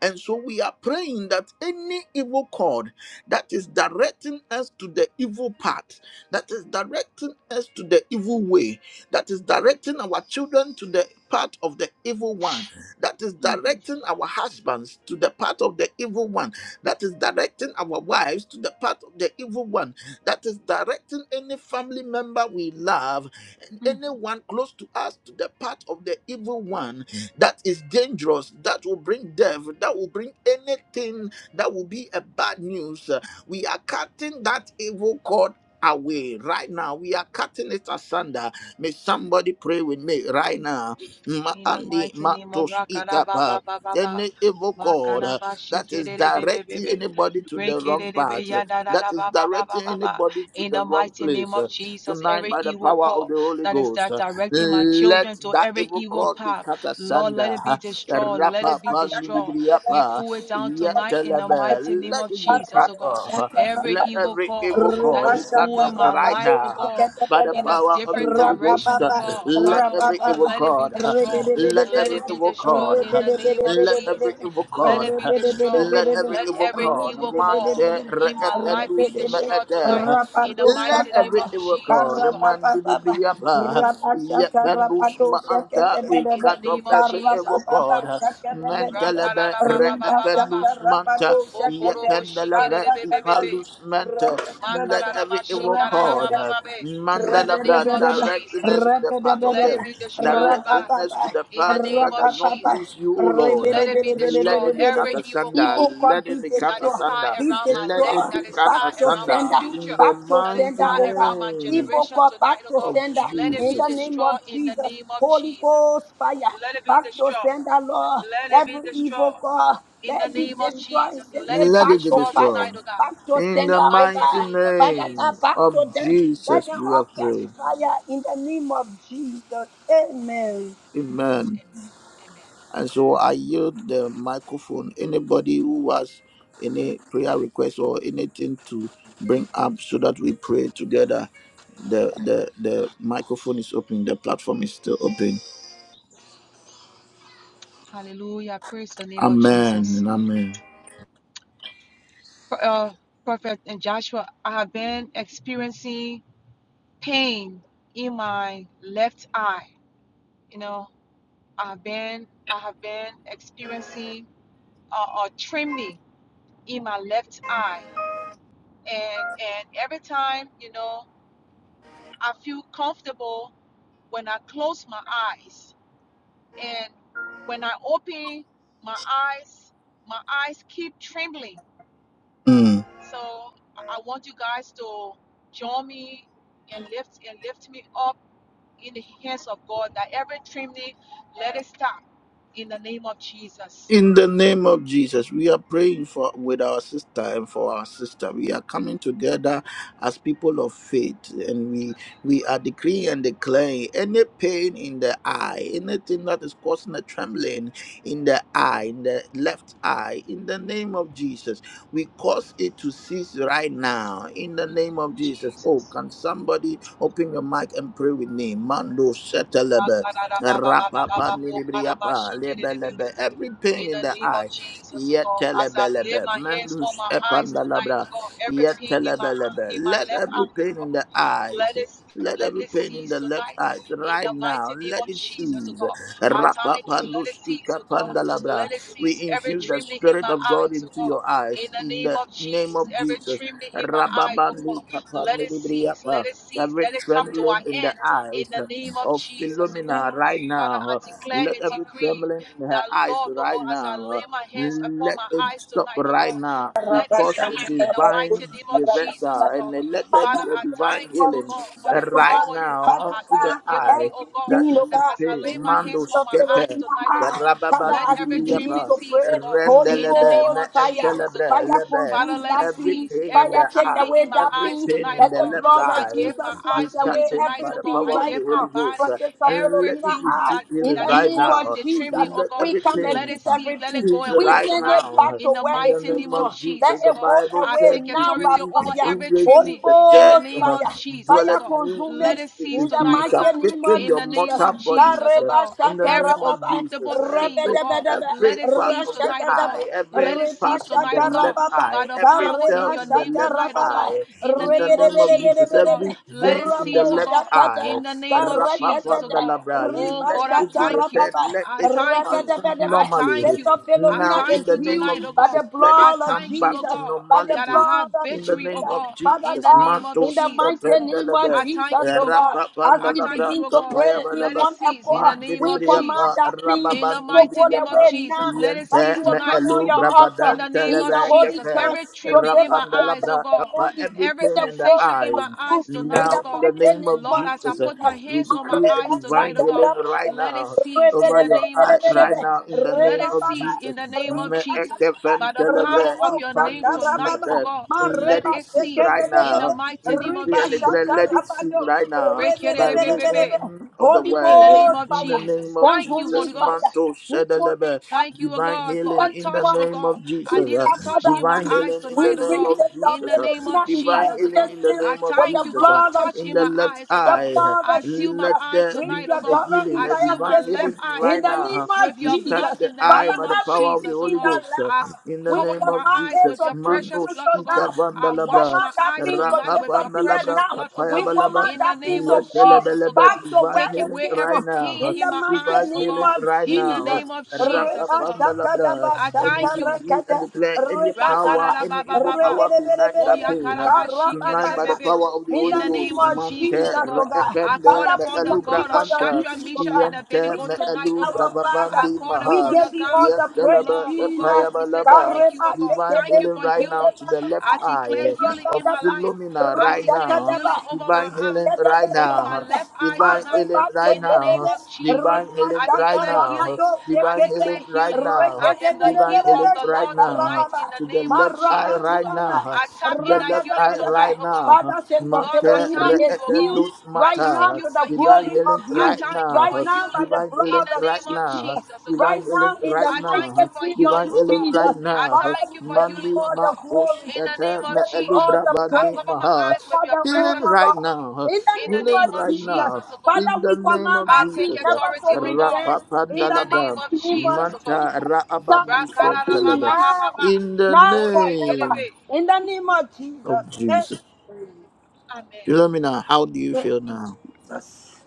[SPEAKER 1] And so we are praying that any evil cord that is directing us to the evil path, that is directing us to the evil way, that is directing our children to the path of the evil one, that is directing our husbands to the path of the evil one, that is directing our wives to the path of the evil one, that is directing any family member we love and anyone close to us to the path of the evil one that is dangerous, that will bring death, that will bring anything that will be a bad news. We are cutting that evil cord away right now. We are cutting it asunder. May somebody pray with me right now. Ma-
[SPEAKER 2] In the
[SPEAKER 1] Andi
[SPEAKER 2] mighty name of
[SPEAKER 1] Matos
[SPEAKER 2] Rakaraba
[SPEAKER 1] Ikapa.
[SPEAKER 2] Baba Baba.
[SPEAKER 1] Any evil cord uh,
[SPEAKER 2] Makaraba
[SPEAKER 1] that is
[SPEAKER 2] Shikerebe
[SPEAKER 1] directing
[SPEAKER 2] Bebe.
[SPEAKER 1] anybody to the wrong
[SPEAKER 2] Rekerebe
[SPEAKER 1] path, uh,
[SPEAKER 2] Yadala
[SPEAKER 1] that is
[SPEAKER 2] Baba Baba
[SPEAKER 1] directing
[SPEAKER 2] Baba.
[SPEAKER 1] anybody to
[SPEAKER 2] In
[SPEAKER 1] the
[SPEAKER 2] the
[SPEAKER 1] wrong
[SPEAKER 2] mighty name
[SPEAKER 1] place.
[SPEAKER 2] of
[SPEAKER 1] uh,
[SPEAKER 2] Jesus,
[SPEAKER 1] tonight
[SPEAKER 2] every
[SPEAKER 1] by the
[SPEAKER 2] evil
[SPEAKER 1] power of
[SPEAKER 2] call
[SPEAKER 1] the Holy
[SPEAKER 2] that is
[SPEAKER 1] Ghost.
[SPEAKER 2] that
[SPEAKER 1] Uh,
[SPEAKER 2] directing my
[SPEAKER 1] Let
[SPEAKER 2] children to
[SPEAKER 1] that
[SPEAKER 2] every
[SPEAKER 1] evil
[SPEAKER 2] evil
[SPEAKER 1] cord be
[SPEAKER 2] path,
[SPEAKER 1] cut
[SPEAKER 2] Lord, let
[SPEAKER 1] asunder.
[SPEAKER 2] it
[SPEAKER 1] Uh,
[SPEAKER 2] be destroyed. Let
[SPEAKER 1] Rapa
[SPEAKER 2] it be destroyed. We
[SPEAKER 1] pandilibriyapa,
[SPEAKER 2] pull it down tonight
[SPEAKER 4] Rapado
[SPEAKER 2] in the mighty
[SPEAKER 1] yetelebe.
[SPEAKER 2] name of
[SPEAKER 1] Let it be
[SPEAKER 2] Jesus,
[SPEAKER 1] cut
[SPEAKER 2] oh God.
[SPEAKER 1] off. Uh,
[SPEAKER 4] Shakata,
[SPEAKER 2] Every
[SPEAKER 4] Karapapa,
[SPEAKER 1] Let
[SPEAKER 2] evil
[SPEAKER 1] every
[SPEAKER 2] call
[SPEAKER 1] evil
[SPEAKER 2] that
[SPEAKER 1] cord be
[SPEAKER 2] is
[SPEAKER 1] cut
[SPEAKER 4] Rapashata,
[SPEAKER 1] off
[SPEAKER 2] pulling my
[SPEAKER 1] right
[SPEAKER 2] life,
[SPEAKER 4] Rapato
[SPEAKER 2] oh
[SPEAKER 1] now uh,
[SPEAKER 2] God
[SPEAKER 1] by the
[SPEAKER 2] in a
[SPEAKER 1] power of the
[SPEAKER 2] different
[SPEAKER 1] Holy Ghost.
[SPEAKER 2] direction, oh
[SPEAKER 1] Uh,
[SPEAKER 2] God.
[SPEAKER 1] Let
[SPEAKER 2] Father, oh
[SPEAKER 1] every
[SPEAKER 2] God,
[SPEAKER 1] evil
[SPEAKER 2] let it be
[SPEAKER 1] cord, uh,
[SPEAKER 2] destroyed.
[SPEAKER 1] let let
[SPEAKER 2] Let
[SPEAKER 1] every
[SPEAKER 2] it be
[SPEAKER 1] evil cord,
[SPEAKER 2] destroyed in the name of
[SPEAKER 1] let
[SPEAKER 2] Jesus.
[SPEAKER 1] every evil
[SPEAKER 2] Let
[SPEAKER 1] cord,
[SPEAKER 2] it be destroyed.
[SPEAKER 1] let every
[SPEAKER 2] Let
[SPEAKER 1] evil
[SPEAKER 2] every
[SPEAKER 1] cord,
[SPEAKER 2] evil call
[SPEAKER 1] Mante
[SPEAKER 2] in my life be
[SPEAKER 1] reepelus
[SPEAKER 2] destroyed
[SPEAKER 1] meete,
[SPEAKER 2] tonight in the
[SPEAKER 1] let
[SPEAKER 2] mighty name
[SPEAKER 1] every
[SPEAKER 2] of
[SPEAKER 1] evil
[SPEAKER 2] Jesus,
[SPEAKER 1] cord,
[SPEAKER 2] oh God.
[SPEAKER 1] Mandi briapa, yepelus maanta, we
[SPEAKER 2] In
[SPEAKER 4] Shakata,
[SPEAKER 2] the
[SPEAKER 1] cut off
[SPEAKER 2] name of
[SPEAKER 1] every evil
[SPEAKER 2] Jesus.
[SPEAKER 4] Karapapa,
[SPEAKER 1] cord,
[SPEAKER 4] Shakata,
[SPEAKER 1] Mentelebe
[SPEAKER 4] Riba shaka
[SPEAKER 2] Rakarabababababa.
[SPEAKER 1] reepelus manta,
[SPEAKER 4] rabado shakete.
[SPEAKER 2] Mokorobo
[SPEAKER 1] Pandalabra
[SPEAKER 4] Karakatete.
[SPEAKER 2] shikerebe.
[SPEAKER 1] ipalusmente. Let
[SPEAKER 4] Rabadabadaba.
[SPEAKER 1] every evil cord, uh,
[SPEAKER 4] Rabadabadaba.
[SPEAKER 2] In the
[SPEAKER 1] Mandalabra,
[SPEAKER 2] name of
[SPEAKER 4] Rabadabadaba.
[SPEAKER 2] Jesus,
[SPEAKER 1] directness to the path of
[SPEAKER 2] let it
[SPEAKER 4] Rabadabadaba.
[SPEAKER 1] death,
[SPEAKER 2] be destroyed, oh God.
[SPEAKER 1] directness
[SPEAKER 4] Rabababa.
[SPEAKER 1] to the
[SPEAKER 2] In the
[SPEAKER 1] path
[SPEAKER 2] name
[SPEAKER 1] that
[SPEAKER 2] of
[SPEAKER 1] does not
[SPEAKER 4] Rabababa.
[SPEAKER 1] please
[SPEAKER 2] Jesus,
[SPEAKER 1] you, O Lord. uh,
[SPEAKER 2] let it be
[SPEAKER 1] Let
[SPEAKER 2] destroyed.
[SPEAKER 1] it be cut
[SPEAKER 2] Every
[SPEAKER 4] Ribidibidibidibidibidi.
[SPEAKER 2] evil
[SPEAKER 1] asunder.
[SPEAKER 4] Evil
[SPEAKER 2] call
[SPEAKER 4] God
[SPEAKER 1] Let
[SPEAKER 4] be
[SPEAKER 1] it be cut
[SPEAKER 2] that is
[SPEAKER 4] destroyed.
[SPEAKER 2] tied
[SPEAKER 1] asunder.
[SPEAKER 4] Be
[SPEAKER 2] around my
[SPEAKER 1] Let
[SPEAKER 2] neck,
[SPEAKER 1] it
[SPEAKER 4] destroyed.
[SPEAKER 2] that
[SPEAKER 1] be
[SPEAKER 2] is
[SPEAKER 1] cut
[SPEAKER 2] tied
[SPEAKER 4] Back to
[SPEAKER 2] around
[SPEAKER 1] asunder.
[SPEAKER 2] my
[SPEAKER 4] sender.
[SPEAKER 1] In
[SPEAKER 2] future,
[SPEAKER 1] the
[SPEAKER 4] Back to
[SPEAKER 2] that is
[SPEAKER 1] mighty
[SPEAKER 4] sender, oh
[SPEAKER 2] tied
[SPEAKER 4] God.
[SPEAKER 2] around my
[SPEAKER 1] name
[SPEAKER 4] Evil
[SPEAKER 2] generation
[SPEAKER 4] God
[SPEAKER 2] tonight,
[SPEAKER 4] back
[SPEAKER 2] oh
[SPEAKER 4] to
[SPEAKER 2] God,
[SPEAKER 1] of
[SPEAKER 4] sender.
[SPEAKER 2] let it
[SPEAKER 4] In
[SPEAKER 2] be
[SPEAKER 4] the
[SPEAKER 1] Jesus,
[SPEAKER 4] name of
[SPEAKER 2] destroyed in the
[SPEAKER 4] Jesus.
[SPEAKER 2] name of
[SPEAKER 4] Holy
[SPEAKER 2] Jesus.
[SPEAKER 4] Ghost fire
[SPEAKER 2] Let it be
[SPEAKER 4] back to
[SPEAKER 2] destroyed.
[SPEAKER 4] sender, Lord.
[SPEAKER 2] Let it be
[SPEAKER 4] Every evil
[SPEAKER 2] destroyed.
[SPEAKER 4] God,
[SPEAKER 2] In the
[SPEAKER 4] let it be
[SPEAKER 2] name of
[SPEAKER 4] destroyed.
[SPEAKER 2] Jesus,
[SPEAKER 4] Send
[SPEAKER 2] let it
[SPEAKER 4] it
[SPEAKER 2] be
[SPEAKER 1] let it
[SPEAKER 4] back
[SPEAKER 1] be
[SPEAKER 4] to
[SPEAKER 2] destroyed
[SPEAKER 4] fire,
[SPEAKER 2] tonight,
[SPEAKER 1] destroyed.
[SPEAKER 2] oh God.
[SPEAKER 4] back to
[SPEAKER 1] In
[SPEAKER 2] In
[SPEAKER 4] sender,
[SPEAKER 1] the
[SPEAKER 2] the
[SPEAKER 4] oh
[SPEAKER 2] mighty
[SPEAKER 1] mighty
[SPEAKER 4] God.
[SPEAKER 2] name of
[SPEAKER 4] Father God,
[SPEAKER 1] name
[SPEAKER 2] Jesus.
[SPEAKER 4] back to
[SPEAKER 1] of
[SPEAKER 4] them. Let
[SPEAKER 1] Jesus,
[SPEAKER 4] them
[SPEAKER 1] we are
[SPEAKER 4] all catch
[SPEAKER 1] prayed.
[SPEAKER 4] fire in the name of Jesus. Amen.
[SPEAKER 2] Amen.
[SPEAKER 1] Amen.
[SPEAKER 2] Amen. Amen.
[SPEAKER 1] And so I yield the microphone. Anybody who has any prayer request or anything to bring up so that we pray together. The the the microphone is open, the platform is still open.
[SPEAKER 2] Hallelujah. Praise the name of
[SPEAKER 1] Amen
[SPEAKER 2] Jesus.
[SPEAKER 1] and amen.
[SPEAKER 2] Pro- Uh, Prophet and Joshua, I have been experiencing pain in my left eye. You know, I've been I have been experiencing uh, a trembling in my left eye, and and every time, you know. I feel comfortable when I close my eyes. And when I open my eyes, my eyes keep trembling.
[SPEAKER 1] Hmm.
[SPEAKER 2] So I want you guys to join me and lift and lift me up in the hands of God that every trembling let it stop in the name of Jesus.
[SPEAKER 1] In the name of Jesus, we are praying for with our sister and for our sister. We are coming together as people of faith, and we we are decreeing and declaring any pain in the eye, anything that is causing a trembling in the eye, in the left eye, in the name of Jesus, we cause it to cease right now. In the name of Jesus, oh,
[SPEAKER 2] Jesus.
[SPEAKER 1] can somebody open your mic and pray with me? Mando
[SPEAKER 2] In
[SPEAKER 1] Rapapa nilibriyapa lebelebe every pain in
[SPEAKER 2] the
[SPEAKER 1] the
[SPEAKER 2] name of
[SPEAKER 1] eye
[SPEAKER 2] Jesus, oh
[SPEAKER 1] yet
[SPEAKER 2] God, as I lay
[SPEAKER 1] yetelebelebe
[SPEAKER 2] my hands on
[SPEAKER 1] mandus
[SPEAKER 2] my eyes tonight,
[SPEAKER 1] epandalabra
[SPEAKER 2] oh God, everything in my eye,
[SPEAKER 1] yetelebelebe
[SPEAKER 2] in my
[SPEAKER 1] let
[SPEAKER 2] left
[SPEAKER 1] every
[SPEAKER 2] eye, oh
[SPEAKER 1] pain
[SPEAKER 2] God,
[SPEAKER 1] in the eyes
[SPEAKER 2] let it
[SPEAKER 1] let
[SPEAKER 2] Let
[SPEAKER 1] every
[SPEAKER 2] it
[SPEAKER 1] pain in
[SPEAKER 2] cease
[SPEAKER 1] the left
[SPEAKER 2] tonight.
[SPEAKER 1] eyes
[SPEAKER 2] In
[SPEAKER 1] right
[SPEAKER 2] the
[SPEAKER 1] now
[SPEAKER 2] mighty name of
[SPEAKER 1] let it
[SPEAKER 2] Jesus, oh
[SPEAKER 1] cease
[SPEAKER 2] God. I thank you let it
[SPEAKER 1] rapapandus
[SPEAKER 2] cease, oh God.
[SPEAKER 1] ikapandalabra
[SPEAKER 2] Let it
[SPEAKER 1] we
[SPEAKER 2] cease. Every
[SPEAKER 1] infuse the
[SPEAKER 2] trembling in
[SPEAKER 1] spirit
[SPEAKER 2] my
[SPEAKER 1] of God
[SPEAKER 2] eyes, oh
[SPEAKER 1] into
[SPEAKER 2] God.
[SPEAKER 1] your
[SPEAKER 2] In
[SPEAKER 1] eyes
[SPEAKER 2] the
[SPEAKER 1] in
[SPEAKER 2] name
[SPEAKER 1] the
[SPEAKER 2] of
[SPEAKER 1] name
[SPEAKER 2] Jesus.
[SPEAKER 1] of
[SPEAKER 2] Every
[SPEAKER 1] Jesus
[SPEAKER 2] trembling in my eye, oh God. Let it cease. Let
[SPEAKER 1] Rababandikapandibriapa.
[SPEAKER 2] it cease.
[SPEAKER 1] Every
[SPEAKER 2] Let it come to
[SPEAKER 1] trembling
[SPEAKER 2] an
[SPEAKER 1] in the
[SPEAKER 2] end. In
[SPEAKER 1] eyes
[SPEAKER 2] the name of
[SPEAKER 1] of
[SPEAKER 2] Jesus, oh
[SPEAKER 1] Philomena
[SPEAKER 2] God.
[SPEAKER 1] right
[SPEAKER 2] Father, I
[SPEAKER 1] now,
[SPEAKER 2] declare
[SPEAKER 1] let
[SPEAKER 2] and
[SPEAKER 1] every
[SPEAKER 2] decree
[SPEAKER 1] trembling in her
[SPEAKER 2] that,
[SPEAKER 1] eyes
[SPEAKER 2] Lord, oh
[SPEAKER 1] right
[SPEAKER 2] God, as I
[SPEAKER 1] now,
[SPEAKER 2] lay my hands upon
[SPEAKER 1] let
[SPEAKER 2] my
[SPEAKER 1] it
[SPEAKER 2] eyes
[SPEAKER 1] stop
[SPEAKER 2] tonight, oh
[SPEAKER 1] right
[SPEAKER 2] God,
[SPEAKER 1] now
[SPEAKER 4] Father,
[SPEAKER 2] let it
[SPEAKER 1] because
[SPEAKER 4] in
[SPEAKER 1] a
[SPEAKER 2] cease in the
[SPEAKER 4] the
[SPEAKER 2] mighty
[SPEAKER 1] divine
[SPEAKER 2] name of Jesus, oh
[SPEAKER 1] reversal and
[SPEAKER 2] God.
[SPEAKER 1] let there
[SPEAKER 2] Father,
[SPEAKER 1] be a
[SPEAKER 2] I
[SPEAKER 4] name
[SPEAKER 1] divine
[SPEAKER 2] thank you,
[SPEAKER 4] of
[SPEAKER 2] oh
[SPEAKER 1] healing
[SPEAKER 2] God, for
[SPEAKER 4] Jesus,
[SPEAKER 2] the
[SPEAKER 4] oh
[SPEAKER 1] right
[SPEAKER 4] God,
[SPEAKER 2] power you have
[SPEAKER 1] now
[SPEAKER 4] Father
[SPEAKER 2] uh,
[SPEAKER 1] onto
[SPEAKER 2] you
[SPEAKER 1] the
[SPEAKER 2] have
[SPEAKER 4] God,
[SPEAKER 2] given
[SPEAKER 1] eye
[SPEAKER 2] me, oh God.
[SPEAKER 1] that
[SPEAKER 4] everything, oh
[SPEAKER 1] is
[SPEAKER 2] That
[SPEAKER 1] the
[SPEAKER 4] God,
[SPEAKER 2] as I
[SPEAKER 1] pain.
[SPEAKER 2] lay
[SPEAKER 4] in
[SPEAKER 2] my
[SPEAKER 1] Mando
[SPEAKER 4] Jesus
[SPEAKER 2] hands on
[SPEAKER 4] of
[SPEAKER 2] my eyes
[SPEAKER 1] skepe.
[SPEAKER 4] Elohim,
[SPEAKER 2] tonight, oh
[SPEAKER 4] ah,
[SPEAKER 2] God,
[SPEAKER 4] Father,
[SPEAKER 1] Rababa
[SPEAKER 2] let
[SPEAKER 4] as
[SPEAKER 2] every
[SPEAKER 4] we begin
[SPEAKER 2] trembling
[SPEAKER 1] dibriapa.
[SPEAKER 4] to
[SPEAKER 2] cease, oh
[SPEAKER 4] pray,
[SPEAKER 2] God,
[SPEAKER 4] Holy
[SPEAKER 2] in the
[SPEAKER 1] Rendelebe.
[SPEAKER 2] name
[SPEAKER 1] Me
[SPEAKER 2] of
[SPEAKER 4] Ghost, fire,
[SPEAKER 2] Jesus, oh
[SPEAKER 1] entelebre.
[SPEAKER 2] God.
[SPEAKER 4] fire
[SPEAKER 1] Lebe.
[SPEAKER 2] Father,
[SPEAKER 4] consume
[SPEAKER 2] let
[SPEAKER 4] that
[SPEAKER 2] it
[SPEAKER 1] Every
[SPEAKER 4] pain,
[SPEAKER 2] cease.
[SPEAKER 1] pain in
[SPEAKER 2] Every
[SPEAKER 4] fire
[SPEAKER 1] the
[SPEAKER 4] take
[SPEAKER 1] eye,
[SPEAKER 2] trembling in
[SPEAKER 4] away
[SPEAKER 2] my
[SPEAKER 4] that
[SPEAKER 1] every
[SPEAKER 2] eyes
[SPEAKER 4] pain,
[SPEAKER 1] pain
[SPEAKER 2] tonight,
[SPEAKER 1] in
[SPEAKER 2] oh
[SPEAKER 4] let
[SPEAKER 1] the
[SPEAKER 4] the
[SPEAKER 2] God.
[SPEAKER 1] left
[SPEAKER 4] blood
[SPEAKER 2] I
[SPEAKER 4] of
[SPEAKER 1] eye,
[SPEAKER 2] give my
[SPEAKER 4] Jesus
[SPEAKER 1] we
[SPEAKER 4] flush
[SPEAKER 2] eyes to you
[SPEAKER 1] touch
[SPEAKER 4] away
[SPEAKER 1] it
[SPEAKER 2] tonight,
[SPEAKER 1] by
[SPEAKER 2] oh
[SPEAKER 1] the
[SPEAKER 2] God.
[SPEAKER 4] everything
[SPEAKER 2] I
[SPEAKER 1] power of
[SPEAKER 4] right
[SPEAKER 1] the
[SPEAKER 2] give my
[SPEAKER 1] Holy
[SPEAKER 4] now
[SPEAKER 1] Ghost.
[SPEAKER 2] body.
[SPEAKER 4] from Sister
[SPEAKER 1] Let it
[SPEAKER 4] Philomena.
[SPEAKER 2] Everything
[SPEAKER 4] I,
[SPEAKER 1] receive
[SPEAKER 2] that
[SPEAKER 4] in
[SPEAKER 1] healing
[SPEAKER 2] that
[SPEAKER 4] the
[SPEAKER 2] is
[SPEAKER 1] right
[SPEAKER 4] name of
[SPEAKER 2] causing
[SPEAKER 1] now.
[SPEAKER 2] the trembling,
[SPEAKER 4] Jesus,
[SPEAKER 2] oh
[SPEAKER 1] Let
[SPEAKER 2] God,
[SPEAKER 4] we
[SPEAKER 1] every
[SPEAKER 4] come
[SPEAKER 2] let
[SPEAKER 1] pain
[SPEAKER 2] it
[SPEAKER 4] against
[SPEAKER 2] cease. let it
[SPEAKER 4] everything.
[SPEAKER 2] go
[SPEAKER 1] cease
[SPEAKER 4] We
[SPEAKER 2] away
[SPEAKER 1] right
[SPEAKER 4] send it
[SPEAKER 2] tonight
[SPEAKER 4] back
[SPEAKER 1] now.
[SPEAKER 4] to
[SPEAKER 2] in the
[SPEAKER 4] where
[SPEAKER 1] In the
[SPEAKER 4] it
[SPEAKER 2] mighty
[SPEAKER 4] came
[SPEAKER 2] name
[SPEAKER 1] name
[SPEAKER 2] of
[SPEAKER 4] from.
[SPEAKER 1] of
[SPEAKER 4] Let
[SPEAKER 1] Jesus,
[SPEAKER 2] Jesus, oh
[SPEAKER 1] the
[SPEAKER 4] it
[SPEAKER 2] God.
[SPEAKER 4] go
[SPEAKER 1] Bible
[SPEAKER 2] I
[SPEAKER 4] away
[SPEAKER 1] said,
[SPEAKER 2] take
[SPEAKER 1] "He
[SPEAKER 4] now
[SPEAKER 2] authority
[SPEAKER 4] by
[SPEAKER 2] over
[SPEAKER 4] fire.
[SPEAKER 1] who
[SPEAKER 2] every
[SPEAKER 4] Holy
[SPEAKER 1] raises
[SPEAKER 2] trembling
[SPEAKER 1] the
[SPEAKER 2] in the
[SPEAKER 1] dead
[SPEAKER 4] Ghost
[SPEAKER 2] name of
[SPEAKER 4] fire.
[SPEAKER 2] Jesus, oh
[SPEAKER 4] Fire
[SPEAKER 1] dwelleth
[SPEAKER 2] God.
[SPEAKER 1] in you,
[SPEAKER 4] consume
[SPEAKER 2] Let
[SPEAKER 4] it
[SPEAKER 1] he,
[SPEAKER 2] it
[SPEAKER 1] he-
[SPEAKER 2] cease
[SPEAKER 4] in the
[SPEAKER 1] he
[SPEAKER 2] tonight, oh
[SPEAKER 1] shall
[SPEAKER 4] mighty
[SPEAKER 2] God.
[SPEAKER 4] name of
[SPEAKER 1] quicken
[SPEAKER 2] In
[SPEAKER 1] your
[SPEAKER 2] the name
[SPEAKER 4] Jesus.
[SPEAKER 1] mortal
[SPEAKER 2] of
[SPEAKER 1] bodies
[SPEAKER 2] Jesus, oh
[SPEAKER 1] uh,
[SPEAKER 4] Kareba
[SPEAKER 2] God,
[SPEAKER 1] in the
[SPEAKER 4] shaka
[SPEAKER 2] every
[SPEAKER 1] name of
[SPEAKER 4] rababa.
[SPEAKER 2] uncomfortable
[SPEAKER 1] Jesus.
[SPEAKER 2] sin, oh
[SPEAKER 1] Every
[SPEAKER 2] God,
[SPEAKER 4] Rebedebedebe.
[SPEAKER 1] every
[SPEAKER 2] let it
[SPEAKER 1] part
[SPEAKER 2] cease
[SPEAKER 1] of the
[SPEAKER 2] tonight, oh
[SPEAKER 1] eye,
[SPEAKER 2] God.
[SPEAKER 4] Rashakadaba.
[SPEAKER 2] Let
[SPEAKER 1] every
[SPEAKER 2] it
[SPEAKER 4] Reba
[SPEAKER 2] cease
[SPEAKER 1] part in
[SPEAKER 2] tonight,
[SPEAKER 1] the
[SPEAKER 4] shaka
[SPEAKER 2] oh God,
[SPEAKER 1] left
[SPEAKER 4] rababa.
[SPEAKER 2] by
[SPEAKER 1] eye,
[SPEAKER 2] the
[SPEAKER 1] every
[SPEAKER 2] power in
[SPEAKER 4] Kareba
[SPEAKER 1] cell
[SPEAKER 2] your
[SPEAKER 1] in the
[SPEAKER 2] name
[SPEAKER 4] shaka
[SPEAKER 1] left
[SPEAKER 2] tonight, oh
[SPEAKER 4] rababa.
[SPEAKER 2] God.
[SPEAKER 1] eye,
[SPEAKER 2] In the
[SPEAKER 1] in the
[SPEAKER 2] name of
[SPEAKER 1] name of
[SPEAKER 2] Jesus,
[SPEAKER 1] Jesus.
[SPEAKER 2] oh God,
[SPEAKER 1] Every
[SPEAKER 4] Rebedebedebedebe.
[SPEAKER 2] let it
[SPEAKER 1] vein in the
[SPEAKER 2] cease,
[SPEAKER 4] Rabo
[SPEAKER 2] oh
[SPEAKER 1] left
[SPEAKER 2] God
[SPEAKER 4] shakata.
[SPEAKER 1] eye,
[SPEAKER 2] in the name of Jesus, oh
[SPEAKER 4] Karakadada.
[SPEAKER 2] God.
[SPEAKER 1] rapapandalabra,
[SPEAKER 2] Oh
[SPEAKER 4] Reba
[SPEAKER 1] let
[SPEAKER 2] God, I
[SPEAKER 1] it be
[SPEAKER 4] shaka
[SPEAKER 2] thank you.
[SPEAKER 1] repaired,
[SPEAKER 4] rababa.
[SPEAKER 1] let
[SPEAKER 2] I
[SPEAKER 1] it
[SPEAKER 2] thank you.
[SPEAKER 1] function
[SPEAKER 2] I
[SPEAKER 4] Rebedebedebe.
[SPEAKER 2] thank
[SPEAKER 1] normally.
[SPEAKER 2] you.
[SPEAKER 4] Sister
[SPEAKER 2] I
[SPEAKER 1] Now,
[SPEAKER 4] Philomena
[SPEAKER 1] in
[SPEAKER 4] is
[SPEAKER 2] thank
[SPEAKER 1] the
[SPEAKER 2] you
[SPEAKER 1] name
[SPEAKER 4] healed
[SPEAKER 1] of
[SPEAKER 2] tonight, oh
[SPEAKER 4] by
[SPEAKER 2] God.
[SPEAKER 1] Jesus,
[SPEAKER 4] the
[SPEAKER 1] let it
[SPEAKER 2] I
[SPEAKER 4] blood of
[SPEAKER 2] thank
[SPEAKER 1] come
[SPEAKER 2] you,
[SPEAKER 1] back
[SPEAKER 2] oh
[SPEAKER 1] to
[SPEAKER 4] Jesus
[SPEAKER 2] God,
[SPEAKER 4] by the
[SPEAKER 2] that I
[SPEAKER 1] normality.
[SPEAKER 2] have
[SPEAKER 4] blood of
[SPEAKER 1] In the
[SPEAKER 2] victory, oh
[SPEAKER 1] name
[SPEAKER 4] Jesus,
[SPEAKER 1] of
[SPEAKER 2] God,
[SPEAKER 4] Father
[SPEAKER 2] in
[SPEAKER 1] Jesus,
[SPEAKER 2] the
[SPEAKER 4] God,
[SPEAKER 2] name of
[SPEAKER 4] in
[SPEAKER 1] Mantos,
[SPEAKER 4] the
[SPEAKER 2] Jesus, oh
[SPEAKER 4] mighty
[SPEAKER 2] God.
[SPEAKER 4] name of
[SPEAKER 1] Ependalabra,
[SPEAKER 2] I thank
[SPEAKER 4] Jesus,
[SPEAKER 2] you,
[SPEAKER 4] oh
[SPEAKER 2] oh
[SPEAKER 4] God,
[SPEAKER 2] God.
[SPEAKER 4] as
[SPEAKER 2] I
[SPEAKER 4] we
[SPEAKER 2] thank
[SPEAKER 1] Rapapandalabra,
[SPEAKER 2] you,
[SPEAKER 4] begin
[SPEAKER 2] oh
[SPEAKER 4] to
[SPEAKER 2] God.
[SPEAKER 4] pray in
[SPEAKER 2] Let it
[SPEAKER 4] one
[SPEAKER 1] Kapayabalaba.
[SPEAKER 2] cease in
[SPEAKER 4] accord,
[SPEAKER 2] the name
[SPEAKER 4] we
[SPEAKER 2] of
[SPEAKER 1] Mandibriapa,
[SPEAKER 4] command
[SPEAKER 2] Jesus.
[SPEAKER 4] that peace
[SPEAKER 2] In the
[SPEAKER 4] to go
[SPEAKER 2] mighty name
[SPEAKER 4] the
[SPEAKER 2] of
[SPEAKER 1] Rababandibriapa,
[SPEAKER 4] way
[SPEAKER 2] Jesus,
[SPEAKER 4] now,
[SPEAKER 2] let it
[SPEAKER 4] that
[SPEAKER 1] Yente,
[SPEAKER 2] cease
[SPEAKER 4] you will
[SPEAKER 2] tonight.
[SPEAKER 4] come
[SPEAKER 1] Meelu,
[SPEAKER 4] on your
[SPEAKER 2] In
[SPEAKER 4] altar
[SPEAKER 1] Bravadan,
[SPEAKER 2] the
[SPEAKER 4] in
[SPEAKER 2] name of
[SPEAKER 1] Televe,
[SPEAKER 4] your holy
[SPEAKER 2] Jesus,
[SPEAKER 1] Kefe,
[SPEAKER 4] church
[SPEAKER 2] every
[SPEAKER 4] to
[SPEAKER 2] trembling
[SPEAKER 4] give
[SPEAKER 2] in
[SPEAKER 4] a
[SPEAKER 2] my
[SPEAKER 4] great
[SPEAKER 2] eyes, oh
[SPEAKER 1] Rapandalabra,
[SPEAKER 2] God,
[SPEAKER 1] Kapa,
[SPEAKER 4] testimony
[SPEAKER 1] every
[SPEAKER 2] every
[SPEAKER 4] to
[SPEAKER 1] pain
[SPEAKER 4] the
[SPEAKER 1] in the
[SPEAKER 4] glory
[SPEAKER 2] sensation in
[SPEAKER 1] eye.
[SPEAKER 4] of
[SPEAKER 2] my
[SPEAKER 4] you
[SPEAKER 2] eyes
[SPEAKER 4] in
[SPEAKER 2] tonight, oh
[SPEAKER 1] Now,
[SPEAKER 4] the
[SPEAKER 1] in
[SPEAKER 2] God,
[SPEAKER 1] the
[SPEAKER 4] mighty
[SPEAKER 1] name
[SPEAKER 4] name
[SPEAKER 1] of
[SPEAKER 4] of
[SPEAKER 2] Lord, as I
[SPEAKER 1] Jesus, uh,
[SPEAKER 2] put my
[SPEAKER 4] Jesus.
[SPEAKER 1] we
[SPEAKER 2] hands on my
[SPEAKER 1] decree a
[SPEAKER 2] eyes
[SPEAKER 1] divine
[SPEAKER 2] tonight, oh
[SPEAKER 1] healing
[SPEAKER 2] God,
[SPEAKER 1] right
[SPEAKER 2] let it
[SPEAKER 1] now
[SPEAKER 2] cease in
[SPEAKER 1] over
[SPEAKER 2] the
[SPEAKER 1] your
[SPEAKER 2] name
[SPEAKER 1] eye
[SPEAKER 2] of
[SPEAKER 1] right
[SPEAKER 2] Jesus.
[SPEAKER 1] now in the
[SPEAKER 2] Let
[SPEAKER 1] name
[SPEAKER 2] it
[SPEAKER 1] of
[SPEAKER 4] Rebaba,
[SPEAKER 2] cease
[SPEAKER 1] Jesus.
[SPEAKER 2] in the name of
[SPEAKER 1] Me-
[SPEAKER 2] Jesus.
[SPEAKER 1] ekefen
[SPEAKER 2] By the power
[SPEAKER 1] telebre
[SPEAKER 4] Rako
[SPEAKER 2] of your name
[SPEAKER 1] ipandus
[SPEAKER 2] tonight,
[SPEAKER 4] Shakarababa,
[SPEAKER 2] oh
[SPEAKER 1] mete.
[SPEAKER 2] God,
[SPEAKER 1] Let
[SPEAKER 2] let
[SPEAKER 4] Mareba
[SPEAKER 1] it
[SPEAKER 2] it
[SPEAKER 1] cease
[SPEAKER 2] cease
[SPEAKER 1] right
[SPEAKER 2] in the
[SPEAKER 4] Sekerebebe,
[SPEAKER 1] now.
[SPEAKER 2] mighty
[SPEAKER 1] We
[SPEAKER 2] name of
[SPEAKER 1] decree
[SPEAKER 4] Riba
[SPEAKER 1] and
[SPEAKER 2] Jesus,
[SPEAKER 1] declare,
[SPEAKER 2] oh
[SPEAKER 1] let
[SPEAKER 2] God.
[SPEAKER 1] it cease
[SPEAKER 4] Shakarabado,
[SPEAKER 1] right now by
[SPEAKER 4] Rebebebebebe.
[SPEAKER 1] reason of the
[SPEAKER 4] Holy
[SPEAKER 2] In
[SPEAKER 1] word.
[SPEAKER 2] the name
[SPEAKER 4] Ghost
[SPEAKER 2] of
[SPEAKER 1] In the
[SPEAKER 4] fire,
[SPEAKER 1] name
[SPEAKER 2] Jesus.
[SPEAKER 1] of
[SPEAKER 2] Thank you, Holy
[SPEAKER 4] consuming
[SPEAKER 1] Jesus,
[SPEAKER 4] fire,
[SPEAKER 2] Ghost.
[SPEAKER 1] Manto
[SPEAKER 4] we
[SPEAKER 1] Shedelebe,
[SPEAKER 4] consume that
[SPEAKER 2] Thank you,
[SPEAKER 4] thing.
[SPEAKER 2] oh
[SPEAKER 1] divine
[SPEAKER 2] God,
[SPEAKER 4] In
[SPEAKER 2] for
[SPEAKER 4] the
[SPEAKER 1] healing
[SPEAKER 2] a
[SPEAKER 1] in the
[SPEAKER 4] name
[SPEAKER 2] touch,
[SPEAKER 4] of
[SPEAKER 2] oh
[SPEAKER 1] name
[SPEAKER 2] God.
[SPEAKER 4] Jesus,
[SPEAKER 1] of
[SPEAKER 4] we
[SPEAKER 2] I
[SPEAKER 1] Jesus.
[SPEAKER 2] need
[SPEAKER 1] uh,
[SPEAKER 2] a
[SPEAKER 4] scatter
[SPEAKER 2] touch
[SPEAKER 4] that
[SPEAKER 2] in my
[SPEAKER 1] Divine
[SPEAKER 4] thing.
[SPEAKER 2] eyes
[SPEAKER 1] healing in
[SPEAKER 4] We
[SPEAKER 1] the
[SPEAKER 2] tonight, oh
[SPEAKER 1] name
[SPEAKER 4] reach
[SPEAKER 2] God.
[SPEAKER 1] of
[SPEAKER 4] the top
[SPEAKER 2] In
[SPEAKER 4] of
[SPEAKER 2] the
[SPEAKER 4] the
[SPEAKER 1] Jesus. uh,
[SPEAKER 2] name of
[SPEAKER 4] Lumina
[SPEAKER 1] Divine
[SPEAKER 4] entire
[SPEAKER 2] Jesus, oh
[SPEAKER 1] healing
[SPEAKER 2] God.
[SPEAKER 1] in the
[SPEAKER 4] system
[SPEAKER 2] I
[SPEAKER 1] name of
[SPEAKER 4] with
[SPEAKER 2] thank
[SPEAKER 4] the
[SPEAKER 2] you for
[SPEAKER 1] Jesus. uh,
[SPEAKER 2] a
[SPEAKER 4] blood of
[SPEAKER 2] touch
[SPEAKER 1] In
[SPEAKER 2] in
[SPEAKER 1] the
[SPEAKER 2] my
[SPEAKER 4] Jesus.
[SPEAKER 1] left
[SPEAKER 2] eyes, oh
[SPEAKER 4] The
[SPEAKER 2] God.
[SPEAKER 1] eye, body.
[SPEAKER 4] blood
[SPEAKER 2] I
[SPEAKER 4] of
[SPEAKER 2] seal my
[SPEAKER 1] Let
[SPEAKER 4] Jesus.
[SPEAKER 2] eyes
[SPEAKER 1] there
[SPEAKER 4] Rinse
[SPEAKER 2] tonight,
[SPEAKER 1] be
[SPEAKER 2] oh
[SPEAKER 4] your
[SPEAKER 1] a
[SPEAKER 2] God.
[SPEAKER 4] daughter
[SPEAKER 1] healing,
[SPEAKER 2] I
[SPEAKER 1] a
[SPEAKER 4] entire
[SPEAKER 2] seal
[SPEAKER 1] divine
[SPEAKER 2] my left
[SPEAKER 4] system.
[SPEAKER 1] healing
[SPEAKER 2] eye, oh
[SPEAKER 4] In
[SPEAKER 1] right
[SPEAKER 4] the
[SPEAKER 1] now.
[SPEAKER 2] God,
[SPEAKER 4] name
[SPEAKER 1] huh?
[SPEAKER 2] with
[SPEAKER 4] of
[SPEAKER 1] We
[SPEAKER 2] your
[SPEAKER 1] touch
[SPEAKER 2] blood
[SPEAKER 4] Jesus.
[SPEAKER 1] the
[SPEAKER 2] in the
[SPEAKER 1] eye
[SPEAKER 4] Father,
[SPEAKER 2] name
[SPEAKER 1] by the
[SPEAKER 2] of
[SPEAKER 1] power of the
[SPEAKER 2] Jesus, oh
[SPEAKER 4] everything
[SPEAKER 1] Holy
[SPEAKER 2] God.
[SPEAKER 4] that
[SPEAKER 1] Ghost.
[SPEAKER 4] left
[SPEAKER 1] huh?
[SPEAKER 2] I
[SPEAKER 4] her.
[SPEAKER 1] In the
[SPEAKER 4] We
[SPEAKER 2] cover in
[SPEAKER 1] name
[SPEAKER 2] my
[SPEAKER 1] of
[SPEAKER 4] command
[SPEAKER 2] eyes
[SPEAKER 4] it
[SPEAKER 2] with
[SPEAKER 1] Jesus.
[SPEAKER 2] your
[SPEAKER 4] to be
[SPEAKER 2] precious
[SPEAKER 1] Mando
[SPEAKER 2] blood, oh
[SPEAKER 4] canceled
[SPEAKER 2] God.
[SPEAKER 1] shika
[SPEAKER 4] now.
[SPEAKER 1] vanda
[SPEAKER 2] I
[SPEAKER 4] We
[SPEAKER 2] wash
[SPEAKER 1] labra.
[SPEAKER 2] my
[SPEAKER 4] command that
[SPEAKER 2] eyes
[SPEAKER 4] pain to
[SPEAKER 2] tonight
[SPEAKER 1] Rapa
[SPEAKER 2] with your
[SPEAKER 1] vanda
[SPEAKER 4] disappear
[SPEAKER 1] labra.
[SPEAKER 2] precious
[SPEAKER 4] now.
[SPEAKER 2] blood, oh
[SPEAKER 4] We
[SPEAKER 1] Kapaya
[SPEAKER 2] God.
[SPEAKER 1] balaba.
[SPEAKER 4] command
[SPEAKER 2] In the
[SPEAKER 4] that pain
[SPEAKER 2] name
[SPEAKER 4] to
[SPEAKER 2] of
[SPEAKER 4] go
[SPEAKER 2] Jesus, oh
[SPEAKER 4] back
[SPEAKER 2] God.
[SPEAKER 1] Yetelebelebe.
[SPEAKER 4] to
[SPEAKER 1] Divine
[SPEAKER 4] where
[SPEAKER 2] Take
[SPEAKER 4] it
[SPEAKER 1] healing
[SPEAKER 2] away
[SPEAKER 4] came
[SPEAKER 2] every
[SPEAKER 1] right
[SPEAKER 4] from.
[SPEAKER 1] now.
[SPEAKER 2] pain
[SPEAKER 1] huh?
[SPEAKER 4] In
[SPEAKER 2] in
[SPEAKER 4] the
[SPEAKER 2] my
[SPEAKER 4] mighty
[SPEAKER 2] eyes,
[SPEAKER 1] Divine
[SPEAKER 2] oh God
[SPEAKER 4] name
[SPEAKER 1] healing
[SPEAKER 4] of
[SPEAKER 1] right
[SPEAKER 2] in
[SPEAKER 1] now.
[SPEAKER 2] the
[SPEAKER 1] huh?
[SPEAKER 2] name
[SPEAKER 4] Jesus.
[SPEAKER 2] of
[SPEAKER 1] Rapa
[SPEAKER 2] Jesus,
[SPEAKER 4] Reba
[SPEAKER 2] oh God,
[SPEAKER 1] vanda
[SPEAKER 4] shaka da
[SPEAKER 1] labra.
[SPEAKER 4] ba
[SPEAKER 2] I
[SPEAKER 1] And we
[SPEAKER 4] shaka
[SPEAKER 2] thank you.
[SPEAKER 4] raka
[SPEAKER 1] decree
[SPEAKER 4] da.
[SPEAKER 1] and declare any
[SPEAKER 4] Reba ba
[SPEAKER 1] power,
[SPEAKER 4] ba.
[SPEAKER 1] any evil
[SPEAKER 2] Rakarabababa.
[SPEAKER 4] Rebe
[SPEAKER 1] power
[SPEAKER 4] de be de
[SPEAKER 1] behind
[SPEAKER 4] be de
[SPEAKER 1] that
[SPEAKER 4] be.
[SPEAKER 1] pain. huh?
[SPEAKER 4] Kara ba
[SPEAKER 1] tonight
[SPEAKER 4] ba
[SPEAKER 1] by
[SPEAKER 4] ba.
[SPEAKER 1] the
[SPEAKER 2] Boyakarabashikedebebe.
[SPEAKER 1] power of the
[SPEAKER 4] In
[SPEAKER 2] In
[SPEAKER 1] Holy
[SPEAKER 4] the
[SPEAKER 2] the
[SPEAKER 4] name
[SPEAKER 2] name
[SPEAKER 1] Ghost.
[SPEAKER 4] of
[SPEAKER 2] of
[SPEAKER 1] Mante
[SPEAKER 2] Jesus, oh
[SPEAKER 4] Jesus, oh
[SPEAKER 2] God,
[SPEAKER 4] God.
[SPEAKER 2] I
[SPEAKER 1] reepende
[SPEAKER 2] call
[SPEAKER 4] Father,
[SPEAKER 1] me
[SPEAKER 4] we
[SPEAKER 2] upon the
[SPEAKER 4] thank
[SPEAKER 1] elubra
[SPEAKER 4] you
[SPEAKER 2] God of
[SPEAKER 4] for your
[SPEAKER 1] anta
[SPEAKER 2] Shadrach,
[SPEAKER 4] healing, oh
[SPEAKER 2] Meshach,
[SPEAKER 4] God.
[SPEAKER 2] and
[SPEAKER 1] yente
[SPEAKER 4] We
[SPEAKER 2] Abednego
[SPEAKER 1] me
[SPEAKER 4] thank you,
[SPEAKER 2] tonight, oh
[SPEAKER 1] elubra
[SPEAKER 4] our
[SPEAKER 2] God. I
[SPEAKER 4] Father.
[SPEAKER 1] babandi
[SPEAKER 2] call
[SPEAKER 4] We
[SPEAKER 1] maha.
[SPEAKER 2] upon the
[SPEAKER 4] give you all
[SPEAKER 2] God,
[SPEAKER 4] the
[SPEAKER 1] Yente
[SPEAKER 4] praise,
[SPEAKER 1] laba
[SPEAKER 2] Lord, oh
[SPEAKER 4] Jesus.
[SPEAKER 2] God.
[SPEAKER 1] epaya
[SPEAKER 2] We say
[SPEAKER 1] balaba.
[SPEAKER 2] thank you,
[SPEAKER 4] Kareba
[SPEAKER 2] oh God.
[SPEAKER 1] Divine
[SPEAKER 4] shekebe.
[SPEAKER 2] Thank you
[SPEAKER 1] healing
[SPEAKER 2] for
[SPEAKER 1] right now
[SPEAKER 2] healing.
[SPEAKER 4] Reba
[SPEAKER 1] to the
[SPEAKER 4] ba ba.
[SPEAKER 1] left
[SPEAKER 2] I declare
[SPEAKER 1] eye
[SPEAKER 4] Reba
[SPEAKER 2] healing
[SPEAKER 4] ba
[SPEAKER 1] of
[SPEAKER 2] in my
[SPEAKER 4] ba.
[SPEAKER 2] life.
[SPEAKER 1] Philomena
[SPEAKER 2] I
[SPEAKER 1] right
[SPEAKER 2] declare
[SPEAKER 1] now.
[SPEAKER 4] Rakataba,
[SPEAKER 2] healing over my
[SPEAKER 1] Divine healing
[SPEAKER 2] eyes
[SPEAKER 1] right
[SPEAKER 2] over my
[SPEAKER 1] now.
[SPEAKER 4] rakatabatababa,
[SPEAKER 2] left eye
[SPEAKER 1] Divine
[SPEAKER 2] tonight
[SPEAKER 1] healing right
[SPEAKER 2] in the name
[SPEAKER 1] now.
[SPEAKER 4] marubatekerebe,
[SPEAKER 2] of Jesus.
[SPEAKER 1] Divine
[SPEAKER 2] I
[SPEAKER 1] healing right
[SPEAKER 2] declare
[SPEAKER 1] now.
[SPEAKER 2] healing.
[SPEAKER 4] ribashatarabado
[SPEAKER 2] I
[SPEAKER 1] Divine
[SPEAKER 4] chekete,
[SPEAKER 2] declare
[SPEAKER 1] healing right
[SPEAKER 2] healing.
[SPEAKER 1] now.
[SPEAKER 2] I am the
[SPEAKER 1] Divine
[SPEAKER 2] heel
[SPEAKER 4] reketeberebebe
[SPEAKER 2] of
[SPEAKER 1] healing
[SPEAKER 2] the
[SPEAKER 1] right
[SPEAKER 2] Lord
[SPEAKER 1] now.
[SPEAKER 2] tonight
[SPEAKER 4] shatarababa,
[SPEAKER 2] in the
[SPEAKER 1] To the
[SPEAKER 2] name of
[SPEAKER 1] left eye
[SPEAKER 2] Jesus, oh
[SPEAKER 1] right
[SPEAKER 2] God.
[SPEAKER 4] marabababa,
[SPEAKER 1] now
[SPEAKER 2] I tap
[SPEAKER 1] to
[SPEAKER 2] in
[SPEAKER 1] the
[SPEAKER 2] that
[SPEAKER 1] left
[SPEAKER 2] healing
[SPEAKER 1] eye
[SPEAKER 4] rakatabatababa.
[SPEAKER 2] tonight,
[SPEAKER 1] right
[SPEAKER 2] oh
[SPEAKER 1] now.
[SPEAKER 2] God.
[SPEAKER 1] huh?
[SPEAKER 4] Father says for
[SPEAKER 2] Lord, I
[SPEAKER 1] Mante
[SPEAKER 4] Philomena
[SPEAKER 2] thank you,
[SPEAKER 4] is
[SPEAKER 2] oh God.
[SPEAKER 4] healed
[SPEAKER 1] reetenus
[SPEAKER 2] I
[SPEAKER 4] right now
[SPEAKER 2] thank
[SPEAKER 1] mata.
[SPEAKER 2] you
[SPEAKER 4] to
[SPEAKER 2] for
[SPEAKER 4] the
[SPEAKER 1] Divine
[SPEAKER 2] healing.
[SPEAKER 4] glory of
[SPEAKER 1] healing
[SPEAKER 2] I
[SPEAKER 4] you,
[SPEAKER 1] right
[SPEAKER 2] thank you
[SPEAKER 1] now.
[SPEAKER 2] for
[SPEAKER 4] right
[SPEAKER 1] huh?
[SPEAKER 4] now by
[SPEAKER 2] healing
[SPEAKER 4] the
[SPEAKER 1] Divine
[SPEAKER 2] in
[SPEAKER 1] healing
[SPEAKER 4] blood
[SPEAKER 2] the
[SPEAKER 4] of
[SPEAKER 2] name
[SPEAKER 1] right
[SPEAKER 2] of
[SPEAKER 1] now. huh?
[SPEAKER 4] Jesus,
[SPEAKER 2] Jesus, oh God.
[SPEAKER 1] Divine
[SPEAKER 4] right now
[SPEAKER 1] healing
[SPEAKER 4] in
[SPEAKER 1] right
[SPEAKER 4] the
[SPEAKER 2] I
[SPEAKER 1] now.
[SPEAKER 2] thank
[SPEAKER 4] mighty
[SPEAKER 1] huh?
[SPEAKER 2] you for
[SPEAKER 4] name of
[SPEAKER 1] Divine
[SPEAKER 2] healing, oh
[SPEAKER 1] healing
[SPEAKER 2] God.
[SPEAKER 4] Jesus.
[SPEAKER 1] right
[SPEAKER 2] I
[SPEAKER 1] now. huh?
[SPEAKER 4] Father,
[SPEAKER 2] thank
[SPEAKER 4] we
[SPEAKER 2] you for
[SPEAKER 4] give you
[SPEAKER 2] healing,
[SPEAKER 1] Mandi
[SPEAKER 2] oh
[SPEAKER 4] all the
[SPEAKER 2] God.
[SPEAKER 1] makus
[SPEAKER 4] glory.
[SPEAKER 2] In the
[SPEAKER 1] ete
[SPEAKER 4] We
[SPEAKER 2] name
[SPEAKER 4] give
[SPEAKER 1] me
[SPEAKER 2] of
[SPEAKER 4] you
[SPEAKER 2] Jesus,
[SPEAKER 4] all
[SPEAKER 1] elubra
[SPEAKER 4] the
[SPEAKER 2] I
[SPEAKER 1] bandi
[SPEAKER 4] praise.
[SPEAKER 2] cover my
[SPEAKER 1] maha.
[SPEAKER 2] eyes
[SPEAKER 4] Take
[SPEAKER 2] with
[SPEAKER 4] all
[SPEAKER 2] your
[SPEAKER 4] the
[SPEAKER 1] Healing
[SPEAKER 2] precious
[SPEAKER 4] honor,
[SPEAKER 1] right
[SPEAKER 2] blood.
[SPEAKER 4] God.
[SPEAKER 1] now. huh?
[SPEAKER 4] In the
[SPEAKER 2] In the
[SPEAKER 4] name
[SPEAKER 1] Healing
[SPEAKER 2] name
[SPEAKER 4] of
[SPEAKER 2] of
[SPEAKER 1] right
[SPEAKER 4] Jesus.
[SPEAKER 1] now.
[SPEAKER 2] Jesus, oh God.
[SPEAKER 1] In
[SPEAKER 4] Father,
[SPEAKER 1] the
[SPEAKER 4] we
[SPEAKER 1] name
[SPEAKER 4] command
[SPEAKER 1] of
[SPEAKER 2] I
[SPEAKER 4] our
[SPEAKER 2] take
[SPEAKER 4] peace
[SPEAKER 1] Jesus. huh?
[SPEAKER 4] never to
[SPEAKER 2] authority, oh God.
[SPEAKER 4] return. In
[SPEAKER 2] In
[SPEAKER 4] the
[SPEAKER 2] the name
[SPEAKER 1] Rapapandalabra.
[SPEAKER 2] of
[SPEAKER 4] mighty name of
[SPEAKER 2] Jesus, oh God.
[SPEAKER 1] Manta
[SPEAKER 4] Jesus. Silence our
[SPEAKER 1] raabanduse
[SPEAKER 2] Rakarala
[SPEAKER 4] peace
[SPEAKER 1] telebe.
[SPEAKER 4] now.
[SPEAKER 1] In the
[SPEAKER 4] Now
[SPEAKER 2] Oh, you get it,
[SPEAKER 1] name
[SPEAKER 4] forever.
[SPEAKER 2] babe.
[SPEAKER 4] In the name of Jesus.
[SPEAKER 1] of
[SPEAKER 4] Amen.
[SPEAKER 1] Jesus.
[SPEAKER 2] Amen.
[SPEAKER 1] You let me know. How do you feel now?
[SPEAKER 4] thank you, Jesus.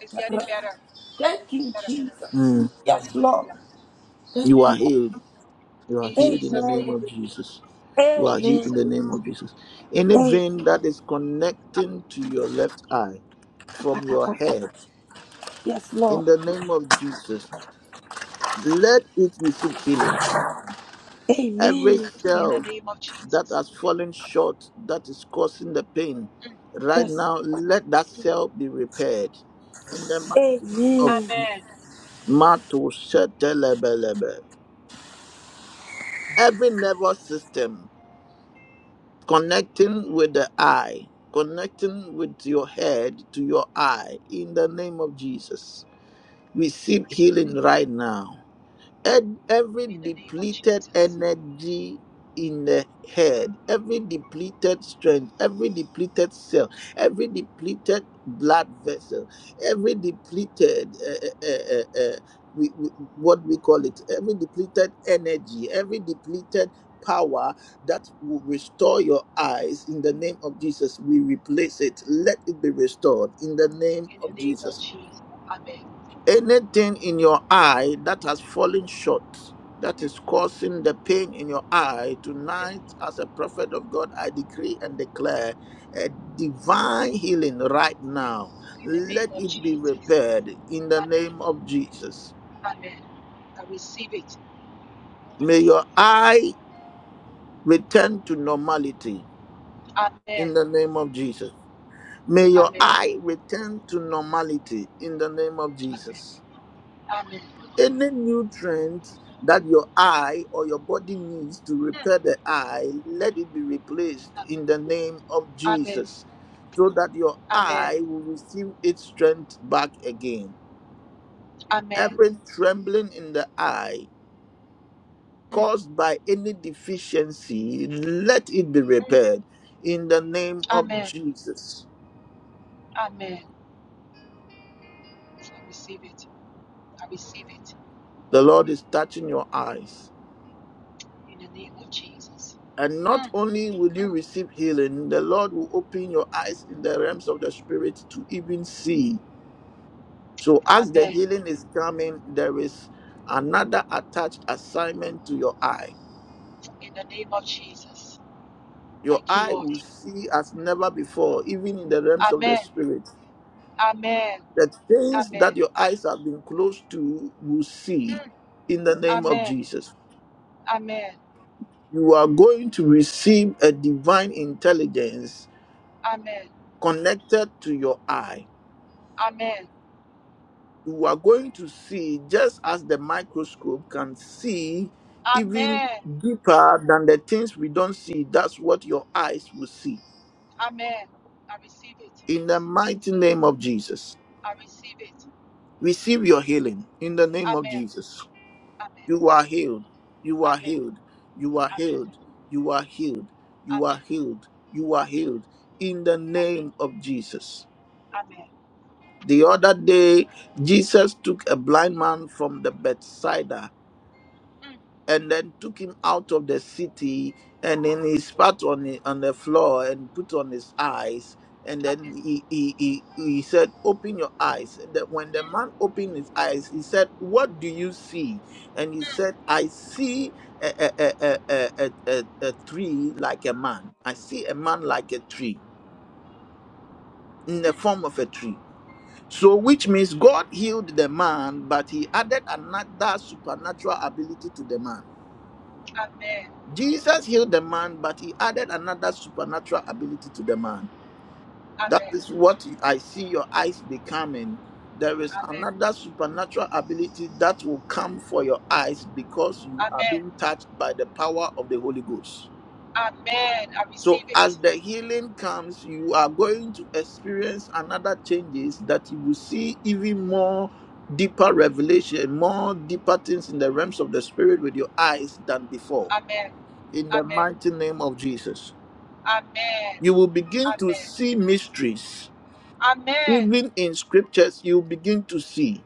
[SPEAKER 2] It's getting better.
[SPEAKER 4] Thank
[SPEAKER 2] It's
[SPEAKER 4] you,
[SPEAKER 2] better.
[SPEAKER 4] Jesus.
[SPEAKER 1] Mm.
[SPEAKER 4] Yes, Lord.
[SPEAKER 2] Hallelujah.
[SPEAKER 1] You
[SPEAKER 4] Thank you,
[SPEAKER 1] are
[SPEAKER 4] Lord.
[SPEAKER 1] healed. You are
[SPEAKER 2] In
[SPEAKER 1] healed in the
[SPEAKER 2] Jesus'
[SPEAKER 1] name
[SPEAKER 2] name.
[SPEAKER 4] Amen.
[SPEAKER 1] of Jesus. You
[SPEAKER 2] In
[SPEAKER 1] are healed in
[SPEAKER 2] Jesus.
[SPEAKER 1] the name of Jesus. Any vein that is connecting to your left eye from your head, in the name of Jesus, let it receive healing. Every
[SPEAKER 2] In the
[SPEAKER 1] cell
[SPEAKER 2] name of
[SPEAKER 1] that
[SPEAKER 2] Jesus.
[SPEAKER 1] has fallen short, that is causing the pain,
[SPEAKER 2] Mm,
[SPEAKER 1] right now, let that
[SPEAKER 2] mm.
[SPEAKER 1] cell be repaired. In the mighty name of
[SPEAKER 4] Amen.
[SPEAKER 1] Jesus.
[SPEAKER 2] Amen.
[SPEAKER 1] Matu shetelebelebe. Every nervous system connecting with the eye, connecting with your head to your eye, in the name of Jesus. Receive healing
[SPEAKER 2] Amen.
[SPEAKER 1] right now. Ed- every
[SPEAKER 2] In the name of
[SPEAKER 1] depleted
[SPEAKER 2] Jesus.
[SPEAKER 1] energy in the head, every depleted strength, every depleted cell, every depleted blood vessel, every depleted uh, uh, uh, uh, we, we, what we call it, every depleted energy, every depleted power that will restore your eyes in the name of Jesus. We replace it. Let it be restored in the name
[SPEAKER 2] In the
[SPEAKER 1] of
[SPEAKER 2] name of
[SPEAKER 1] Jesus
[SPEAKER 2] Jesus. Amen.
[SPEAKER 1] anything in your eye that has fallen short that
[SPEAKER 2] Mm.
[SPEAKER 1] is causing the pain in your eye tonight as a prophet of god i decree and declare a divine healing right now
[SPEAKER 2] In the name
[SPEAKER 1] let
[SPEAKER 2] of
[SPEAKER 1] it be
[SPEAKER 2] Jesus.
[SPEAKER 1] repaired in the
[SPEAKER 2] Amen.
[SPEAKER 1] name of jesus
[SPEAKER 2] Amen. I receive it. I
[SPEAKER 1] may your
[SPEAKER 2] receive it.
[SPEAKER 1] eye return to normality
[SPEAKER 2] Amen.
[SPEAKER 1] in the name of jesus may your
[SPEAKER 2] Amen.
[SPEAKER 1] eye return to normality in the name of
[SPEAKER 2] Amen.
[SPEAKER 1] jesus
[SPEAKER 2] Amen.
[SPEAKER 1] any nutrient that your eye or your body needs to repair the eye, let it be replaced in the name of
[SPEAKER 2] Amen.
[SPEAKER 1] Jesus, so that your
[SPEAKER 2] Amen.
[SPEAKER 1] eye will receive its strength back again.
[SPEAKER 2] Amen.
[SPEAKER 1] Every trembling in the eye caused by any deficiency, let it be repaired in the name of Jesus.
[SPEAKER 2] Amen. I receive it. I receive it
[SPEAKER 1] The Lord is touching your eyes.
[SPEAKER 2] in the name of Jesus.
[SPEAKER 1] And not only will you receive healing, the Lord will open your eyes in the realms of the spirit to even see. So, as the
[SPEAKER 2] Amen.
[SPEAKER 1] healing is coming, there is another attached assignment to your eye.
[SPEAKER 2] In the name of Jesus.
[SPEAKER 1] Your
[SPEAKER 2] Thank you,
[SPEAKER 1] eye
[SPEAKER 2] Lord.
[SPEAKER 1] will see as never before, even in the realms of the
[SPEAKER 2] Amen.
[SPEAKER 1] spirit.
[SPEAKER 2] Amen.
[SPEAKER 1] The things
[SPEAKER 2] Amen.
[SPEAKER 1] that your eyes have been closed to will see in the name of
[SPEAKER 2] Amen.
[SPEAKER 1] Jesus.
[SPEAKER 2] Amen. Amen.
[SPEAKER 1] You are going to receive a divine intelligence connected to your eye
[SPEAKER 2] Amen.
[SPEAKER 1] you are going to see just as the microscope can see even
[SPEAKER 2] Amen.
[SPEAKER 1] deeper than the things we don't see that's what your eyes will see
[SPEAKER 2] Amen. I receive it.
[SPEAKER 1] in the mighty name of jesus
[SPEAKER 2] I receive it.
[SPEAKER 1] receive your healing in the name of
[SPEAKER 2] Amen.
[SPEAKER 1] jesus
[SPEAKER 2] Amen.
[SPEAKER 1] you are healed you are
[SPEAKER 2] Amen.
[SPEAKER 1] healed you are
[SPEAKER 2] Amen.
[SPEAKER 1] healed you are healed you
[SPEAKER 2] Amen.
[SPEAKER 1] are healed you are
[SPEAKER 2] Amen.
[SPEAKER 1] healed in the
[SPEAKER 2] Amen.
[SPEAKER 1] name of jesus
[SPEAKER 2] Amen.
[SPEAKER 1] the other day jesus took a blind man from the bedside
[SPEAKER 2] Mm,
[SPEAKER 1] and then took him out of the city and then he spat on the, on the floor and put on his eyes and then
[SPEAKER 2] Amen.
[SPEAKER 1] he, he, he, he said open your eyes and that when the
[SPEAKER 2] Mm,
[SPEAKER 1] man opened his eyes he said what do you see and he
[SPEAKER 2] mm.
[SPEAKER 1] said i see a, a, a, a, a, a, a a tree like a man i see a man like a tree in the form of a tree so which means god healed the man but he added another supernatural ability to the man
[SPEAKER 2] Amen.
[SPEAKER 1] Jesus healed the man, but he added another supernatural ability to the man. That
[SPEAKER 2] Amen.
[SPEAKER 1] is what I see your eyes becoming. There is
[SPEAKER 2] Amen.
[SPEAKER 1] another supernatural ability that will come for your eyes because you are
[SPEAKER 2] Amen.
[SPEAKER 1] being touched by the power of the Holy Ghost.
[SPEAKER 2] Amen. I
[SPEAKER 1] So
[SPEAKER 2] receive
[SPEAKER 1] as
[SPEAKER 2] it.
[SPEAKER 1] the healing comes, you are going to experience another changes that you will see even more deeper revelation, more deeper things in the realms of the spirit with your eyes than before.
[SPEAKER 2] Amen.
[SPEAKER 1] In the
[SPEAKER 2] Amen.
[SPEAKER 1] mighty name of Jesus.
[SPEAKER 2] Amen.
[SPEAKER 1] you will begin to
[SPEAKER 2] Amen.
[SPEAKER 1] see mysteries.
[SPEAKER 2] Amen.
[SPEAKER 1] Even in scriptures, you begin to see.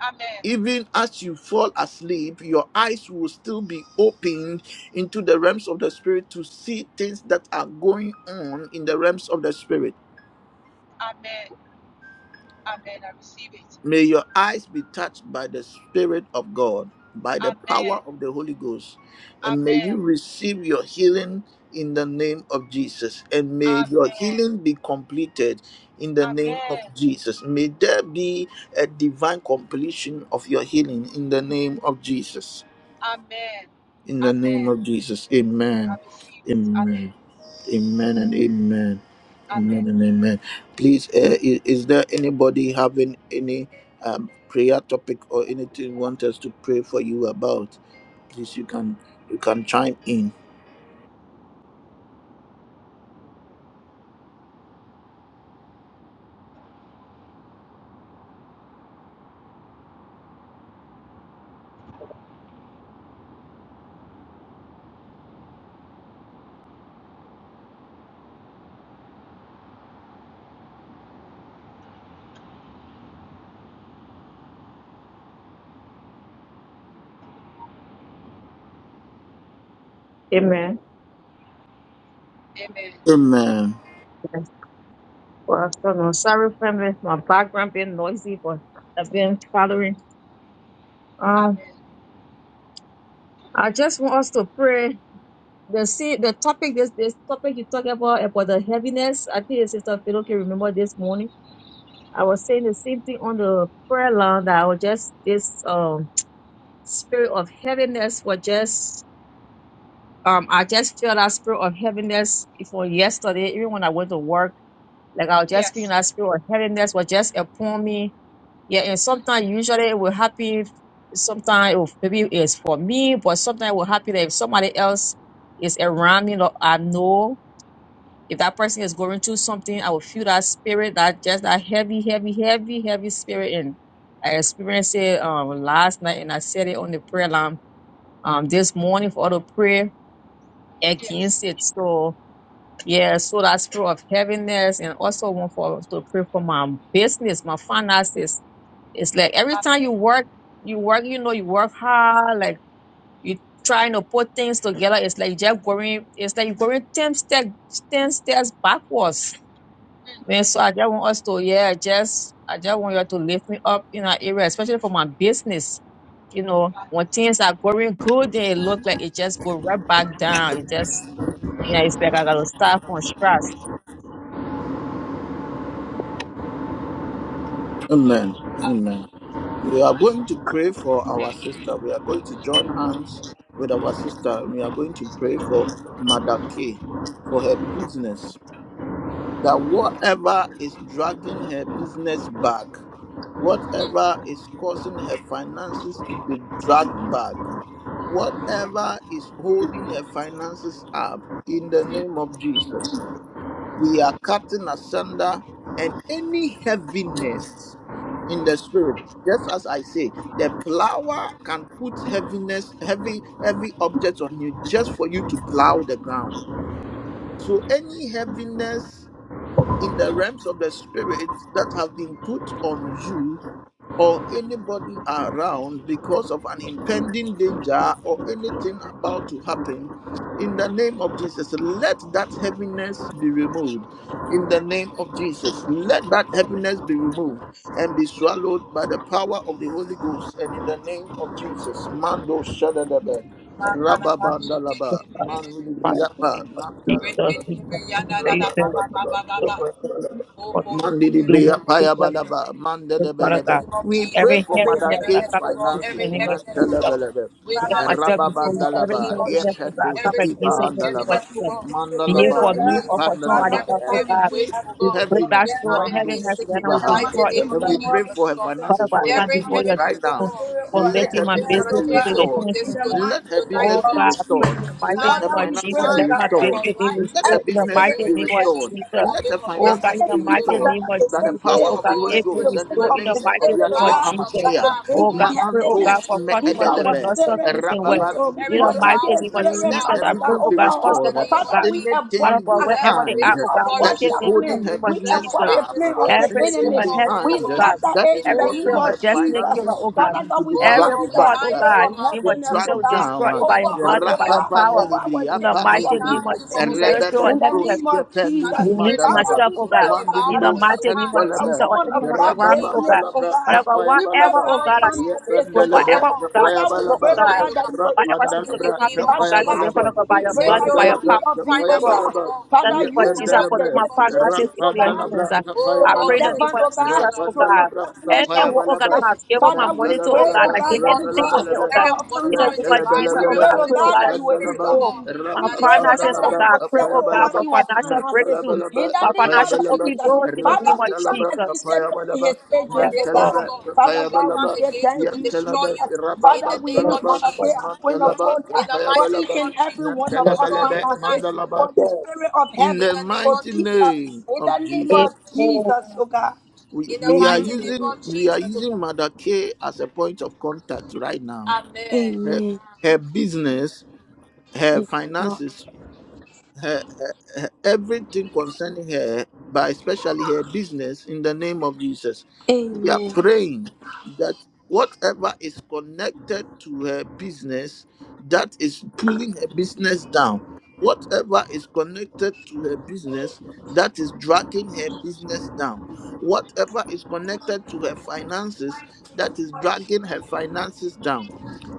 [SPEAKER 2] Amen.
[SPEAKER 1] Even as you fall asleep, your eyes will still be opened into the realms of the spirit to see things that are going on in the realms of the spirit.
[SPEAKER 2] Amen. Amen. I receive it.
[SPEAKER 1] May your eyes be touched by the Spirit of God, by the power
[SPEAKER 2] Amen.
[SPEAKER 1] of the Holy Ghost, and may you
[SPEAKER 2] Amen.
[SPEAKER 1] receive your healing in the name of Jesus. And may your
[SPEAKER 2] Amen.
[SPEAKER 1] healing be completed in the name of
[SPEAKER 2] Amen.
[SPEAKER 1] Jesus. May there be a divine completion of your healing in the name of Jesus.
[SPEAKER 2] Amen.
[SPEAKER 1] In the name
[SPEAKER 2] Amen.
[SPEAKER 1] of Jesus.
[SPEAKER 2] I
[SPEAKER 1] Amen.
[SPEAKER 2] receive it. Amen.
[SPEAKER 1] Amen. Amen and amen.
[SPEAKER 2] Amen.
[SPEAKER 1] Amen and amen. Please, uh, is, is there anybody having any um, prayer topic or anything you want us to pray for you about? Please, you can you can chime in.
[SPEAKER 5] Amen.
[SPEAKER 2] Amen.
[SPEAKER 1] Amen.
[SPEAKER 5] Yes. Well, I don't know. Sorry for me- my background being noisy, but I've been following. Um,
[SPEAKER 2] Amen.
[SPEAKER 5] I just want us to pray. The see the topic this this topic you talk about about the heaviness. I think Sister Philo can remember this morning. I was saying the same thing on the prayer line that I was just this um spirit of heaviness was just um, I just feel that spirit of heaviness before yesterday, even when I went to work, like I was just feeling
[SPEAKER 2] Yes.
[SPEAKER 5] that spirit of heaviness was just upon me. Yeah, and
[SPEAKER 2] Mm,
[SPEAKER 5] sometimes usually it will happen. Sometimes it will, maybe it's for me, but sometimes it will happen that if somebody else is around me, or I know if that person is going through something, I will feel that spirit, that just that heavy, heavy, heavy, heavy spirit. And I experienced it um, last night, and I said it on the prayer line um, this morning for all the prayer
[SPEAKER 2] Yes.
[SPEAKER 5] against it. So yeah, so that spirit of heaviness, and also want for to pray for my business, my finances. It's like every time you
[SPEAKER 2] Amen.
[SPEAKER 5] work, you work, you know, you work hard, like you trying to put things together. It's like you're just going, it's like you're going 10 steps, 10 steps backwards.
[SPEAKER 2] Mm,
[SPEAKER 5] Man, so I just want us to, yeah, just, I just want you to lift me up in that area, especially for my business. You know,
[SPEAKER 2] Amen.
[SPEAKER 5] when things are going good, then it look like it just go right back down. It just, yeah, it's like I gotta start from scratch.
[SPEAKER 1] Amen. Amen. We are going to pray for our sister. We are going to join hands with our sister. We are going to pray for Mother K for her business. that whatever is dragging her business back, whatever is causing her finances to be dragged back, whatever is holding her finances up, in the name of Jesus, we are cutting asunder and any heaviness in the spirit. Just as I say, the plower can put heaviness, heavy, heavy objects on you just for you to plow the ground. So any heaviness in the realms of the spirit that have been put on you or anybody around because of an impending danger or anything about to happen in the name of Jesus let that heaviness be removed in the name of Jesus let that heaviness be removed and be swallowed by the power of the Holy Ghost and in the name of Jesus mando shadadabe
[SPEAKER 5] and
[SPEAKER 2] Makarabashi
[SPEAKER 5] that's
[SPEAKER 2] kerere
[SPEAKER 5] just
[SPEAKER 1] rababandalaba
[SPEAKER 5] like
[SPEAKER 2] bebebe.
[SPEAKER 5] my name
[SPEAKER 1] mandilibriyapa
[SPEAKER 5] of
[SPEAKER 2] In
[SPEAKER 5] Jesus, in
[SPEAKER 2] the
[SPEAKER 5] the basis, what
[SPEAKER 1] Mandidi
[SPEAKER 5] you
[SPEAKER 1] Bria
[SPEAKER 5] want to
[SPEAKER 1] Paya
[SPEAKER 5] do,
[SPEAKER 1] Balaba,
[SPEAKER 5] just Father
[SPEAKER 1] Mandelebelebe.
[SPEAKER 5] God.
[SPEAKER 2] name of
[SPEAKER 1] We pray
[SPEAKER 2] Jesus,
[SPEAKER 5] Every
[SPEAKER 1] for
[SPEAKER 2] every
[SPEAKER 1] Mother
[SPEAKER 5] heaviness that
[SPEAKER 1] Case
[SPEAKER 2] heaviness
[SPEAKER 5] comes
[SPEAKER 2] will go,
[SPEAKER 5] against in the
[SPEAKER 2] every
[SPEAKER 4] Amen.
[SPEAKER 1] finances,
[SPEAKER 5] name of
[SPEAKER 2] heaviness will
[SPEAKER 5] Jesus,
[SPEAKER 2] go.
[SPEAKER 1] Mantelebelebe,
[SPEAKER 2] We
[SPEAKER 5] with
[SPEAKER 4] Father,
[SPEAKER 2] come and
[SPEAKER 4] in the
[SPEAKER 5] myself
[SPEAKER 2] release
[SPEAKER 5] before
[SPEAKER 4] name
[SPEAKER 5] you,
[SPEAKER 2] it
[SPEAKER 4] of
[SPEAKER 2] in the
[SPEAKER 5] every
[SPEAKER 2] name
[SPEAKER 4] Jesus,
[SPEAKER 1] Rababandalaba,
[SPEAKER 2] of
[SPEAKER 4] oh
[SPEAKER 5] heaviness
[SPEAKER 2] Jesus.
[SPEAKER 5] that I
[SPEAKER 1] Yependo
[SPEAKER 5] come
[SPEAKER 2] Every
[SPEAKER 1] Skipa
[SPEAKER 2] spirit
[SPEAKER 5] against in
[SPEAKER 2] of
[SPEAKER 5] the name of
[SPEAKER 1] Handalaba,
[SPEAKER 4] as
[SPEAKER 2] heaviness will
[SPEAKER 5] Jesus,
[SPEAKER 4] we
[SPEAKER 2] go.
[SPEAKER 4] begin to
[SPEAKER 5] be
[SPEAKER 2] We
[SPEAKER 4] pray,
[SPEAKER 5] it
[SPEAKER 4] O
[SPEAKER 2] come
[SPEAKER 5] for
[SPEAKER 1] Mandalaba,
[SPEAKER 2] and
[SPEAKER 5] me
[SPEAKER 4] God,
[SPEAKER 2] release
[SPEAKER 5] or
[SPEAKER 2] it
[SPEAKER 5] for
[SPEAKER 2] will go.
[SPEAKER 5] somebody
[SPEAKER 4] Father,
[SPEAKER 1] Yepandalaba,
[SPEAKER 4] we
[SPEAKER 5] else,
[SPEAKER 2] Every
[SPEAKER 5] oh
[SPEAKER 4] come
[SPEAKER 2] heavy
[SPEAKER 5] God.
[SPEAKER 4] against
[SPEAKER 2] weight
[SPEAKER 1] every
[SPEAKER 4] a
[SPEAKER 2] will
[SPEAKER 5] We
[SPEAKER 2] go.
[SPEAKER 4] spirit
[SPEAKER 5] break
[SPEAKER 4] of
[SPEAKER 5] that
[SPEAKER 2] We
[SPEAKER 1] heaviness,
[SPEAKER 5] store
[SPEAKER 2] come
[SPEAKER 5] of
[SPEAKER 2] and
[SPEAKER 4] heaviness
[SPEAKER 1] Mando
[SPEAKER 2] release
[SPEAKER 5] heaviness,
[SPEAKER 2] it in
[SPEAKER 5] and
[SPEAKER 4] in
[SPEAKER 2] the
[SPEAKER 5] we
[SPEAKER 4] the
[SPEAKER 1] Skivaha.
[SPEAKER 2] mighty
[SPEAKER 5] destroy it,
[SPEAKER 2] name
[SPEAKER 4] mighty
[SPEAKER 5] oh
[SPEAKER 2] of
[SPEAKER 1] And we
[SPEAKER 5] God.
[SPEAKER 4] name of
[SPEAKER 1] pray
[SPEAKER 2] Jesus
[SPEAKER 1] for
[SPEAKER 2] will
[SPEAKER 1] her
[SPEAKER 2] go.
[SPEAKER 4] Jesus.
[SPEAKER 5] Father
[SPEAKER 1] finances,
[SPEAKER 5] God, I
[SPEAKER 1] for her
[SPEAKER 5] thank
[SPEAKER 2] Every
[SPEAKER 4] We
[SPEAKER 5] you for
[SPEAKER 4] Come
[SPEAKER 1] business
[SPEAKER 5] your
[SPEAKER 2] heaviness
[SPEAKER 1] right
[SPEAKER 4] against
[SPEAKER 2] will
[SPEAKER 1] now.
[SPEAKER 5] for
[SPEAKER 4] a
[SPEAKER 2] go.
[SPEAKER 4] spirit
[SPEAKER 5] for
[SPEAKER 4] of
[SPEAKER 2] We
[SPEAKER 1] Let
[SPEAKER 5] making
[SPEAKER 1] her
[SPEAKER 5] my
[SPEAKER 4] heaviness,
[SPEAKER 1] business be
[SPEAKER 5] business
[SPEAKER 4] oh
[SPEAKER 5] into
[SPEAKER 2] commemorate
[SPEAKER 4] God,
[SPEAKER 2] to
[SPEAKER 5] your
[SPEAKER 2] you
[SPEAKER 1] restored.
[SPEAKER 4] in
[SPEAKER 2] this
[SPEAKER 5] oh
[SPEAKER 4] the
[SPEAKER 2] good
[SPEAKER 5] God.
[SPEAKER 1] Let her
[SPEAKER 4] mighty
[SPEAKER 2] tonight,
[SPEAKER 4] name
[SPEAKER 2] O
[SPEAKER 1] business
[SPEAKER 5] Oh
[SPEAKER 4] of
[SPEAKER 1] be
[SPEAKER 5] God, I
[SPEAKER 2] God.
[SPEAKER 5] pray
[SPEAKER 1] restored.
[SPEAKER 5] in the
[SPEAKER 2] We
[SPEAKER 4] Jesus.
[SPEAKER 1] Let
[SPEAKER 5] mighty
[SPEAKER 2] thank
[SPEAKER 1] her
[SPEAKER 5] name
[SPEAKER 2] you.
[SPEAKER 5] of
[SPEAKER 4] Father,
[SPEAKER 2] We
[SPEAKER 4] we
[SPEAKER 5] Jesus,
[SPEAKER 1] finances
[SPEAKER 4] pray, O
[SPEAKER 1] be
[SPEAKER 5] let
[SPEAKER 2] thank you
[SPEAKER 5] my
[SPEAKER 4] God,
[SPEAKER 2] for
[SPEAKER 4] that
[SPEAKER 2] her
[SPEAKER 1] restored.
[SPEAKER 5] business
[SPEAKER 4] we-
[SPEAKER 5] be
[SPEAKER 2] life.
[SPEAKER 1] Let her
[SPEAKER 5] restored in
[SPEAKER 4] every
[SPEAKER 5] the
[SPEAKER 2] In the
[SPEAKER 1] business
[SPEAKER 4] spirit
[SPEAKER 5] mighty
[SPEAKER 1] be
[SPEAKER 2] name
[SPEAKER 4] of
[SPEAKER 5] name
[SPEAKER 2] of
[SPEAKER 5] of
[SPEAKER 1] restored.
[SPEAKER 2] Jesus,
[SPEAKER 4] heaviness,
[SPEAKER 2] we
[SPEAKER 5] Jesus.
[SPEAKER 4] Father,
[SPEAKER 1] Let
[SPEAKER 2] commit
[SPEAKER 1] her
[SPEAKER 2] her
[SPEAKER 5] Oh God,
[SPEAKER 1] finances
[SPEAKER 2] business
[SPEAKER 5] in
[SPEAKER 2] to
[SPEAKER 1] be
[SPEAKER 5] the
[SPEAKER 4] anything,
[SPEAKER 2] you, oh
[SPEAKER 5] mighty
[SPEAKER 1] restored.
[SPEAKER 4] Father,
[SPEAKER 5] name
[SPEAKER 4] that
[SPEAKER 5] of
[SPEAKER 4] the
[SPEAKER 2] God.
[SPEAKER 1] By the
[SPEAKER 5] Jesus,
[SPEAKER 4] enemy
[SPEAKER 1] power
[SPEAKER 4] has
[SPEAKER 2] Oh
[SPEAKER 5] oh
[SPEAKER 1] of the
[SPEAKER 5] God,
[SPEAKER 2] God,
[SPEAKER 1] Holy
[SPEAKER 4] put
[SPEAKER 5] it
[SPEAKER 2] you
[SPEAKER 5] be
[SPEAKER 4] in
[SPEAKER 2] will,
[SPEAKER 4] the
[SPEAKER 1] Ghost and
[SPEAKER 2] you
[SPEAKER 4] book
[SPEAKER 1] in the
[SPEAKER 2] will
[SPEAKER 5] restored in
[SPEAKER 4] of
[SPEAKER 5] the
[SPEAKER 4] the
[SPEAKER 1] name
[SPEAKER 2] rebuke the
[SPEAKER 1] of
[SPEAKER 5] mighty
[SPEAKER 4] spirit,
[SPEAKER 5] name
[SPEAKER 4] O
[SPEAKER 5] of
[SPEAKER 2] devour
[SPEAKER 1] Yeshua
[SPEAKER 4] God
[SPEAKER 2] on her
[SPEAKER 5] Jesus.
[SPEAKER 4] that is
[SPEAKER 2] behalf, oh
[SPEAKER 1] HaMashiach,
[SPEAKER 5] Oh
[SPEAKER 4] bringing
[SPEAKER 5] God,
[SPEAKER 2] God.
[SPEAKER 5] I pray, oh
[SPEAKER 2] In
[SPEAKER 5] God,
[SPEAKER 4] heaviness
[SPEAKER 2] the
[SPEAKER 1] Ma'antos
[SPEAKER 5] for
[SPEAKER 2] name of
[SPEAKER 4] into
[SPEAKER 5] customers for the
[SPEAKER 4] our
[SPEAKER 2] Jesus,
[SPEAKER 1] Me'edeleve,
[SPEAKER 5] north, south,
[SPEAKER 4] spirit,
[SPEAKER 5] east, and west.
[SPEAKER 2] rebuke
[SPEAKER 4] into
[SPEAKER 5] In
[SPEAKER 2] every
[SPEAKER 5] the
[SPEAKER 4] mother
[SPEAKER 1] Rabababinibriyapa.
[SPEAKER 5] mighty
[SPEAKER 2] devour on
[SPEAKER 5] name
[SPEAKER 4] Mordecai's
[SPEAKER 5] of
[SPEAKER 2] her
[SPEAKER 4] spirit,
[SPEAKER 1] let
[SPEAKER 2] behalf,
[SPEAKER 5] Jesus,
[SPEAKER 1] her
[SPEAKER 2] oh
[SPEAKER 4] Father
[SPEAKER 5] I
[SPEAKER 4] God,
[SPEAKER 2] God.
[SPEAKER 5] pray,
[SPEAKER 1] business
[SPEAKER 5] oh
[SPEAKER 1] be
[SPEAKER 4] over
[SPEAKER 5] God,
[SPEAKER 2] In the
[SPEAKER 4] all.
[SPEAKER 1] restored.
[SPEAKER 5] customers,
[SPEAKER 2] name
[SPEAKER 5] oh
[SPEAKER 2] of
[SPEAKER 4] Father,
[SPEAKER 5] God.
[SPEAKER 4] we
[SPEAKER 2] Jesus,
[SPEAKER 4] abort
[SPEAKER 5] Father
[SPEAKER 1] Anything
[SPEAKER 5] God,
[SPEAKER 4] us.
[SPEAKER 2] let
[SPEAKER 5] wherever
[SPEAKER 2] her
[SPEAKER 5] they
[SPEAKER 1] behind
[SPEAKER 4] We
[SPEAKER 5] are, oh
[SPEAKER 2] business
[SPEAKER 5] God,
[SPEAKER 4] abort
[SPEAKER 1] that
[SPEAKER 2] flourish, oh
[SPEAKER 5] locate
[SPEAKER 1] is
[SPEAKER 4] your
[SPEAKER 5] them in
[SPEAKER 2] God.
[SPEAKER 5] the
[SPEAKER 4] plan.
[SPEAKER 1] holding her
[SPEAKER 5] name of
[SPEAKER 4] We
[SPEAKER 2] Let
[SPEAKER 1] business
[SPEAKER 2] her
[SPEAKER 4] abort
[SPEAKER 5] Jesus.
[SPEAKER 4] the
[SPEAKER 1] up,
[SPEAKER 2] business
[SPEAKER 4] plan of
[SPEAKER 2] go,
[SPEAKER 4] the
[SPEAKER 5] Every
[SPEAKER 2] go
[SPEAKER 5] school
[SPEAKER 1] anything
[SPEAKER 5] and
[SPEAKER 4] enemies.
[SPEAKER 2] forward,
[SPEAKER 5] heaven,
[SPEAKER 2] oh
[SPEAKER 4] We
[SPEAKER 5] oh
[SPEAKER 1] behind
[SPEAKER 2] God.
[SPEAKER 5] God.
[SPEAKER 4] scatter
[SPEAKER 1] that
[SPEAKER 4] it
[SPEAKER 2] In
[SPEAKER 1] is
[SPEAKER 4] in
[SPEAKER 2] the
[SPEAKER 5] Every
[SPEAKER 4] the
[SPEAKER 2] name
[SPEAKER 4] name
[SPEAKER 5] spirit
[SPEAKER 1] causing
[SPEAKER 2] of
[SPEAKER 5] of
[SPEAKER 4] of
[SPEAKER 1] her
[SPEAKER 5] destiny
[SPEAKER 2] Jesus, oh
[SPEAKER 4] Jesus.
[SPEAKER 5] killer,
[SPEAKER 1] finances
[SPEAKER 2] God.
[SPEAKER 5] oh
[SPEAKER 1] be-
[SPEAKER 4] Father
[SPEAKER 5] God.
[SPEAKER 1] to
[SPEAKER 4] God, we
[SPEAKER 1] be
[SPEAKER 4] come
[SPEAKER 2] Oh
[SPEAKER 5] Every
[SPEAKER 4] against
[SPEAKER 1] dragged
[SPEAKER 2] God, we
[SPEAKER 4] that
[SPEAKER 5] cord,
[SPEAKER 1] back,
[SPEAKER 5] oh
[SPEAKER 2] thank
[SPEAKER 4] spirit
[SPEAKER 2] you,
[SPEAKER 5] God,
[SPEAKER 4] of
[SPEAKER 2] oh
[SPEAKER 5] in the
[SPEAKER 1] to
[SPEAKER 2] God.
[SPEAKER 5] name
[SPEAKER 1] be
[SPEAKER 5] of
[SPEAKER 4] heaviness,
[SPEAKER 5] Jesus,
[SPEAKER 4] oh
[SPEAKER 5] we
[SPEAKER 1] dragged
[SPEAKER 4] God,
[SPEAKER 5] destroy
[SPEAKER 1] down.
[SPEAKER 5] it
[SPEAKER 2] In the
[SPEAKER 5] by
[SPEAKER 4] over
[SPEAKER 5] your
[SPEAKER 2] name of
[SPEAKER 5] blood
[SPEAKER 4] us,
[SPEAKER 5] and
[SPEAKER 4] oh
[SPEAKER 5] by your
[SPEAKER 4] God,
[SPEAKER 2] Jesus,
[SPEAKER 5] power.
[SPEAKER 4] over
[SPEAKER 2] God.
[SPEAKER 4] our
[SPEAKER 1] Rapapanilibri,
[SPEAKER 5] In the
[SPEAKER 4] children,
[SPEAKER 2] We
[SPEAKER 4] our
[SPEAKER 5] mighty
[SPEAKER 1] apanilibri,
[SPEAKER 5] name of
[SPEAKER 4] beautiful
[SPEAKER 2] thank you for
[SPEAKER 5] Jesus,
[SPEAKER 2] her
[SPEAKER 4] families,
[SPEAKER 5] every
[SPEAKER 2] business,
[SPEAKER 5] spirit
[SPEAKER 2] oh
[SPEAKER 5] of
[SPEAKER 4] in the
[SPEAKER 2] God.
[SPEAKER 5] heaven
[SPEAKER 1] rebebetos
[SPEAKER 4] name of
[SPEAKER 2] God,
[SPEAKER 1] kependus
[SPEAKER 4] Jesus.
[SPEAKER 2] we pray
[SPEAKER 5] Release
[SPEAKER 2] that you will
[SPEAKER 4] Father,
[SPEAKER 1] madalaba,
[SPEAKER 5] myself,
[SPEAKER 4] we
[SPEAKER 5] oh
[SPEAKER 2] rebuke
[SPEAKER 4] pray, oh
[SPEAKER 5] God.
[SPEAKER 2] the
[SPEAKER 4] God,
[SPEAKER 2] devour
[SPEAKER 5] In
[SPEAKER 4] that
[SPEAKER 2] on
[SPEAKER 5] the
[SPEAKER 2] her
[SPEAKER 1] mandilibros
[SPEAKER 4] you
[SPEAKER 5] mighty
[SPEAKER 1] and
[SPEAKER 5] name
[SPEAKER 2] behalf,
[SPEAKER 4] for
[SPEAKER 5] of
[SPEAKER 2] oh
[SPEAKER 4] your
[SPEAKER 5] Jesus
[SPEAKER 2] God.
[SPEAKER 1] telebe,
[SPEAKER 5] or
[SPEAKER 4] woman
[SPEAKER 5] anyone
[SPEAKER 4] of God
[SPEAKER 2] In the
[SPEAKER 5] around me,
[SPEAKER 2] name
[SPEAKER 5] oh
[SPEAKER 2] of
[SPEAKER 4] business,
[SPEAKER 5] God.
[SPEAKER 4] oh
[SPEAKER 1] rababandalabra,
[SPEAKER 2] Jesus,
[SPEAKER 4] God.
[SPEAKER 5] Father
[SPEAKER 2] oh
[SPEAKER 5] God,
[SPEAKER 2] God.
[SPEAKER 4] We pray
[SPEAKER 5] whatever,
[SPEAKER 1] tapayabalaba,
[SPEAKER 4] for
[SPEAKER 5] oh
[SPEAKER 4] her
[SPEAKER 5] God,
[SPEAKER 2] Thank
[SPEAKER 5] I'm
[SPEAKER 2] you for her
[SPEAKER 5] supposed to do,
[SPEAKER 4] finances, oh
[SPEAKER 2] business. We
[SPEAKER 1] yependelebe,
[SPEAKER 4] God.
[SPEAKER 2] lift
[SPEAKER 5] whatever, oh
[SPEAKER 2] our
[SPEAKER 5] God,
[SPEAKER 2] business
[SPEAKER 4] Father,
[SPEAKER 2] to
[SPEAKER 4] we
[SPEAKER 5] oh
[SPEAKER 1] tapayabalaba,
[SPEAKER 4] pray,
[SPEAKER 2] you
[SPEAKER 4] oh
[SPEAKER 2] tonight,
[SPEAKER 5] God,
[SPEAKER 4] God,
[SPEAKER 2] oh
[SPEAKER 4] that
[SPEAKER 2] God.
[SPEAKER 4] you will
[SPEAKER 5] whatever's supposed to
[SPEAKER 2] In
[SPEAKER 5] be
[SPEAKER 4] intervene.
[SPEAKER 1] rapandalabra,
[SPEAKER 2] the name
[SPEAKER 5] happening,
[SPEAKER 2] of
[SPEAKER 5] oh
[SPEAKER 4] Father
[SPEAKER 5] God,
[SPEAKER 2] Jesus.
[SPEAKER 5] today,
[SPEAKER 4] God,
[SPEAKER 1] tapayabalaba,
[SPEAKER 5] Father God, by
[SPEAKER 4] we
[SPEAKER 5] your
[SPEAKER 4] pray
[SPEAKER 5] blood,
[SPEAKER 4] that you
[SPEAKER 2] Secure
[SPEAKER 5] by
[SPEAKER 4] will
[SPEAKER 5] your
[SPEAKER 1] mandalabra,
[SPEAKER 2] her
[SPEAKER 5] power, oh
[SPEAKER 4] intervene, oh
[SPEAKER 5] God.
[SPEAKER 2] finances,
[SPEAKER 4] God.
[SPEAKER 2] oh
[SPEAKER 1] tapayabalaba,
[SPEAKER 2] God.
[SPEAKER 5] In the
[SPEAKER 4] Father,
[SPEAKER 5] name of
[SPEAKER 2] In
[SPEAKER 4] you
[SPEAKER 2] the
[SPEAKER 5] Jesus,
[SPEAKER 4] gave
[SPEAKER 5] for
[SPEAKER 2] mighty
[SPEAKER 4] the
[SPEAKER 1] yependelebre,
[SPEAKER 5] my
[SPEAKER 2] name of
[SPEAKER 5] Father, I say,
[SPEAKER 4] revelation,
[SPEAKER 5] into
[SPEAKER 2] Jesus,
[SPEAKER 4] oh
[SPEAKER 2] oh
[SPEAKER 5] your
[SPEAKER 2] God.
[SPEAKER 4] God,
[SPEAKER 1] rapandalabra,
[SPEAKER 5] hands. I
[SPEAKER 4] to
[SPEAKER 2] Oh
[SPEAKER 5] I
[SPEAKER 4] your
[SPEAKER 2] God, we
[SPEAKER 5] pray in
[SPEAKER 1] tapayabalaba,
[SPEAKER 5] the
[SPEAKER 2] say
[SPEAKER 5] name
[SPEAKER 4] servant,
[SPEAKER 5] of
[SPEAKER 4] oh
[SPEAKER 2] thank you,
[SPEAKER 4] God,
[SPEAKER 2] oh
[SPEAKER 5] Jesus,
[SPEAKER 2] God.
[SPEAKER 5] oh
[SPEAKER 4] to
[SPEAKER 5] God.
[SPEAKER 1] rapandalabra,
[SPEAKER 4] establish her
[SPEAKER 5] Anyone, oh God,
[SPEAKER 1] tapayabalaba,
[SPEAKER 5] I
[SPEAKER 4] business.
[SPEAKER 5] have given my
[SPEAKER 4] Father, we
[SPEAKER 5] money to,
[SPEAKER 4] pray,
[SPEAKER 5] oh
[SPEAKER 2] In
[SPEAKER 5] God,
[SPEAKER 4] oh
[SPEAKER 2] the
[SPEAKER 1] Nantalabalaba,
[SPEAKER 5] I give
[SPEAKER 4] God,
[SPEAKER 2] name
[SPEAKER 4] that
[SPEAKER 2] of
[SPEAKER 4] you
[SPEAKER 5] anything to
[SPEAKER 4] God
[SPEAKER 5] me,
[SPEAKER 2] Jesus,
[SPEAKER 5] oh
[SPEAKER 1] Rapalabalaba,
[SPEAKER 5] God.
[SPEAKER 2] every
[SPEAKER 4] for her
[SPEAKER 5] In the
[SPEAKER 2] monitoring
[SPEAKER 5] name
[SPEAKER 4] finances.
[SPEAKER 5] of
[SPEAKER 2] device,
[SPEAKER 5] Jesus,
[SPEAKER 4] We
[SPEAKER 5] oh
[SPEAKER 2] every
[SPEAKER 5] God,
[SPEAKER 4] pray,
[SPEAKER 5] I
[SPEAKER 1] Yantalabalaba,
[SPEAKER 4] oh
[SPEAKER 5] pray, oh
[SPEAKER 4] God,
[SPEAKER 5] God,
[SPEAKER 2] monitoring
[SPEAKER 5] I
[SPEAKER 4] that you
[SPEAKER 5] can
[SPEAKER 4] will
[SPEAKER 5] be
[SPEAKER 2] spirit,
[SPEAKER 1] Pandalaba,
[SPEAKER 2] oh
[SPEAKER 5] so
[SPEAKER 2] God,
[SPEAKER 4] intervene.
[SPEAKER 5] my
[SPEAKER 4] We
[SPEAKER 2] that is
[SPEAKER 4] pray, oh God,
[SPEAKER 5] finances, oh
[SPEAKER 4] that
[SPEAKER 2] monitoring
[SPEAKER 1] Rapapandalabra,
[SPEAKER 4] you
[SPEAKER 5] God.
[SPEAKER 4] will
[SPEAKER 5] Pray, oh
[SPEAKER 4] settle
[SPEAKER 5] God,
[SPEAKER 4] her
[SPEAKER 1] Apayabalaba,
[SPEAKER 5] for
[SPEAKER 4] in her
[SPEAKER 5] financial
[SPEAKER 4] finances.
[SPEAKER 5] breakthrough,
[SPEAKER 1] Nantalabalaba,
[SPEAKER 4] In the
[SPEAKER 5] for
[SPEAKER 4] name of
[SPEAKER 5] financial
[SPEAKER 1] Apayabalaba,
[SPEAKER 5] open
[SPEAKER 4] Jesus.
[SPEAKER 5] doors in the
[SPEAKER 4] Father,
[SPEAKER 5] name of
[SPEAKER 4] we come
[SPEAKER 1] Rapandalaba,
[SPEAKER 5] Jesus.
[SPEAKER 4] against it from
[SPEAKER 1] Apayabalaba,
[SPEAKER 4] his
[SPEAKER 2] our
[SPEAKER 5] Yes,
[SPEAKER 4] agents, oh
[SPEAKER 2] business,
[SPEAKER 5] God.
[SPEAKER 2] oh
[SPEAKER 1] Nantalaba,
[SPEAKER 4] God.
[SPEAKER 2] God,
[SPEAKER 4] Father
[SPEAKER 2] we
[SPEAKER 4] God, we
[SPEAKER 1] Apayabalaba,
[SPEAKER 2] come
[SPEAKER 4] say
[SPEAKER 2] against it,
[SPEAKER 4] thank
[SPEAKER 2] we
[SPEAKER 4] you,
[SPEAKER 2] destroy
[SPEAKER 4] Jesus.
[SPEAKER 1] Yantalaba,
[SPEAKER 2] you in
[SPEAKER 4] Father,
[SPEAKER 2] the
[SPEAKER 4] we
[SPEAKER 2] name
[SPEAKER 5] Yes,
[SPEAKER 4] use
[SPEAKER 2] of
[SPEAKER 1] Rababantalaba,
[SPEAKER 4] Malachi
[SPEAKER 5] God.
[SPEAKER 2] Jesus.
[SPEAKER 4] as point of
[SPEAKER 5] Yes,
[SPEAKER 1] Mantalaba,
[SPEAKER 2] In
[SPEAKER 4] contact
[SPEAKER 2] the
[SPEAKER 4] for
[SPEAKER 2] mighty
[SPEAKER 4] each
[SPEAKER 1] Apayabalaba,
[SPEAKER 2] name of
[SPEAKER 4] and every
[SPEAKER 2] Jesus, we
[SPEAKER 4] one of
[SPEAKER 5] God.
[SPEAKER 4] us
[SPEAKER 2] destroy
[SPEAKER 1] Nantalabalaba,
[SPEAKER 2] you tonight
[SPEAKER 4] finances,
[SPEAKER 1] Mandalaba,
[SPEAKER 4] for the
[SPEAKER 5] Yes.
[SPEAKER 4] spirit of
[SPEAKER 1] in
[SPEAKER 4] heaven
[SPEAKER 2] in
[SPEAKER 1] the
[SPEAKER 2] the name
[SPEAKER 4] to
[SPEAKER 2] of
[SPEAKER 1] mighty
[SPEAKER 4] leave us.
[SPEAKER 2] Jesus.
[SPEAKER 1] name
[SPEAKER 4] In
[SPEAKER 1] of
[SPEAKER 4] the name
[SPEAKER 1] Jesus
[SPEAKER 4] of
[SPEAKER 5] God. Amen.
[SPEAKER 4] Jesus, oh God.
[SPEAKER 1] we,
[SPEAKER 2] In the
[SPEAKER 1] we are
[SPEAKER 2] mighty
[SPEAKER 4] Amen.
[SPEAKER 2] name
[SPEAKER 1] using
[SPEAKER 2] of
[SPEAKER 1] we are
[SPEAKER 2] Jesus, oh
[SPEAKER 1] using
[SPEAKER 2] God.
[SPEAKER 1] Mother K as a point of contact right now.
[SPEAKER 2] Amen.
[SPEAKER 1] Her,
[SPEAKER 4] Amen.
[SPEAKER 1] her business, her
[SPEAKER 4] Amen.
[SPEAKER 1] finances her, her- her- everything concerning her, but especially her business, in the name of Jesus. We are
[SPEAKER 4] Amen.
[SPEAKER 1] praying that whatever is connected to her business that is pulling her business down, whatever is connected to her business that is dragging her business down, whatever is connected to her finances that is dragging her finances down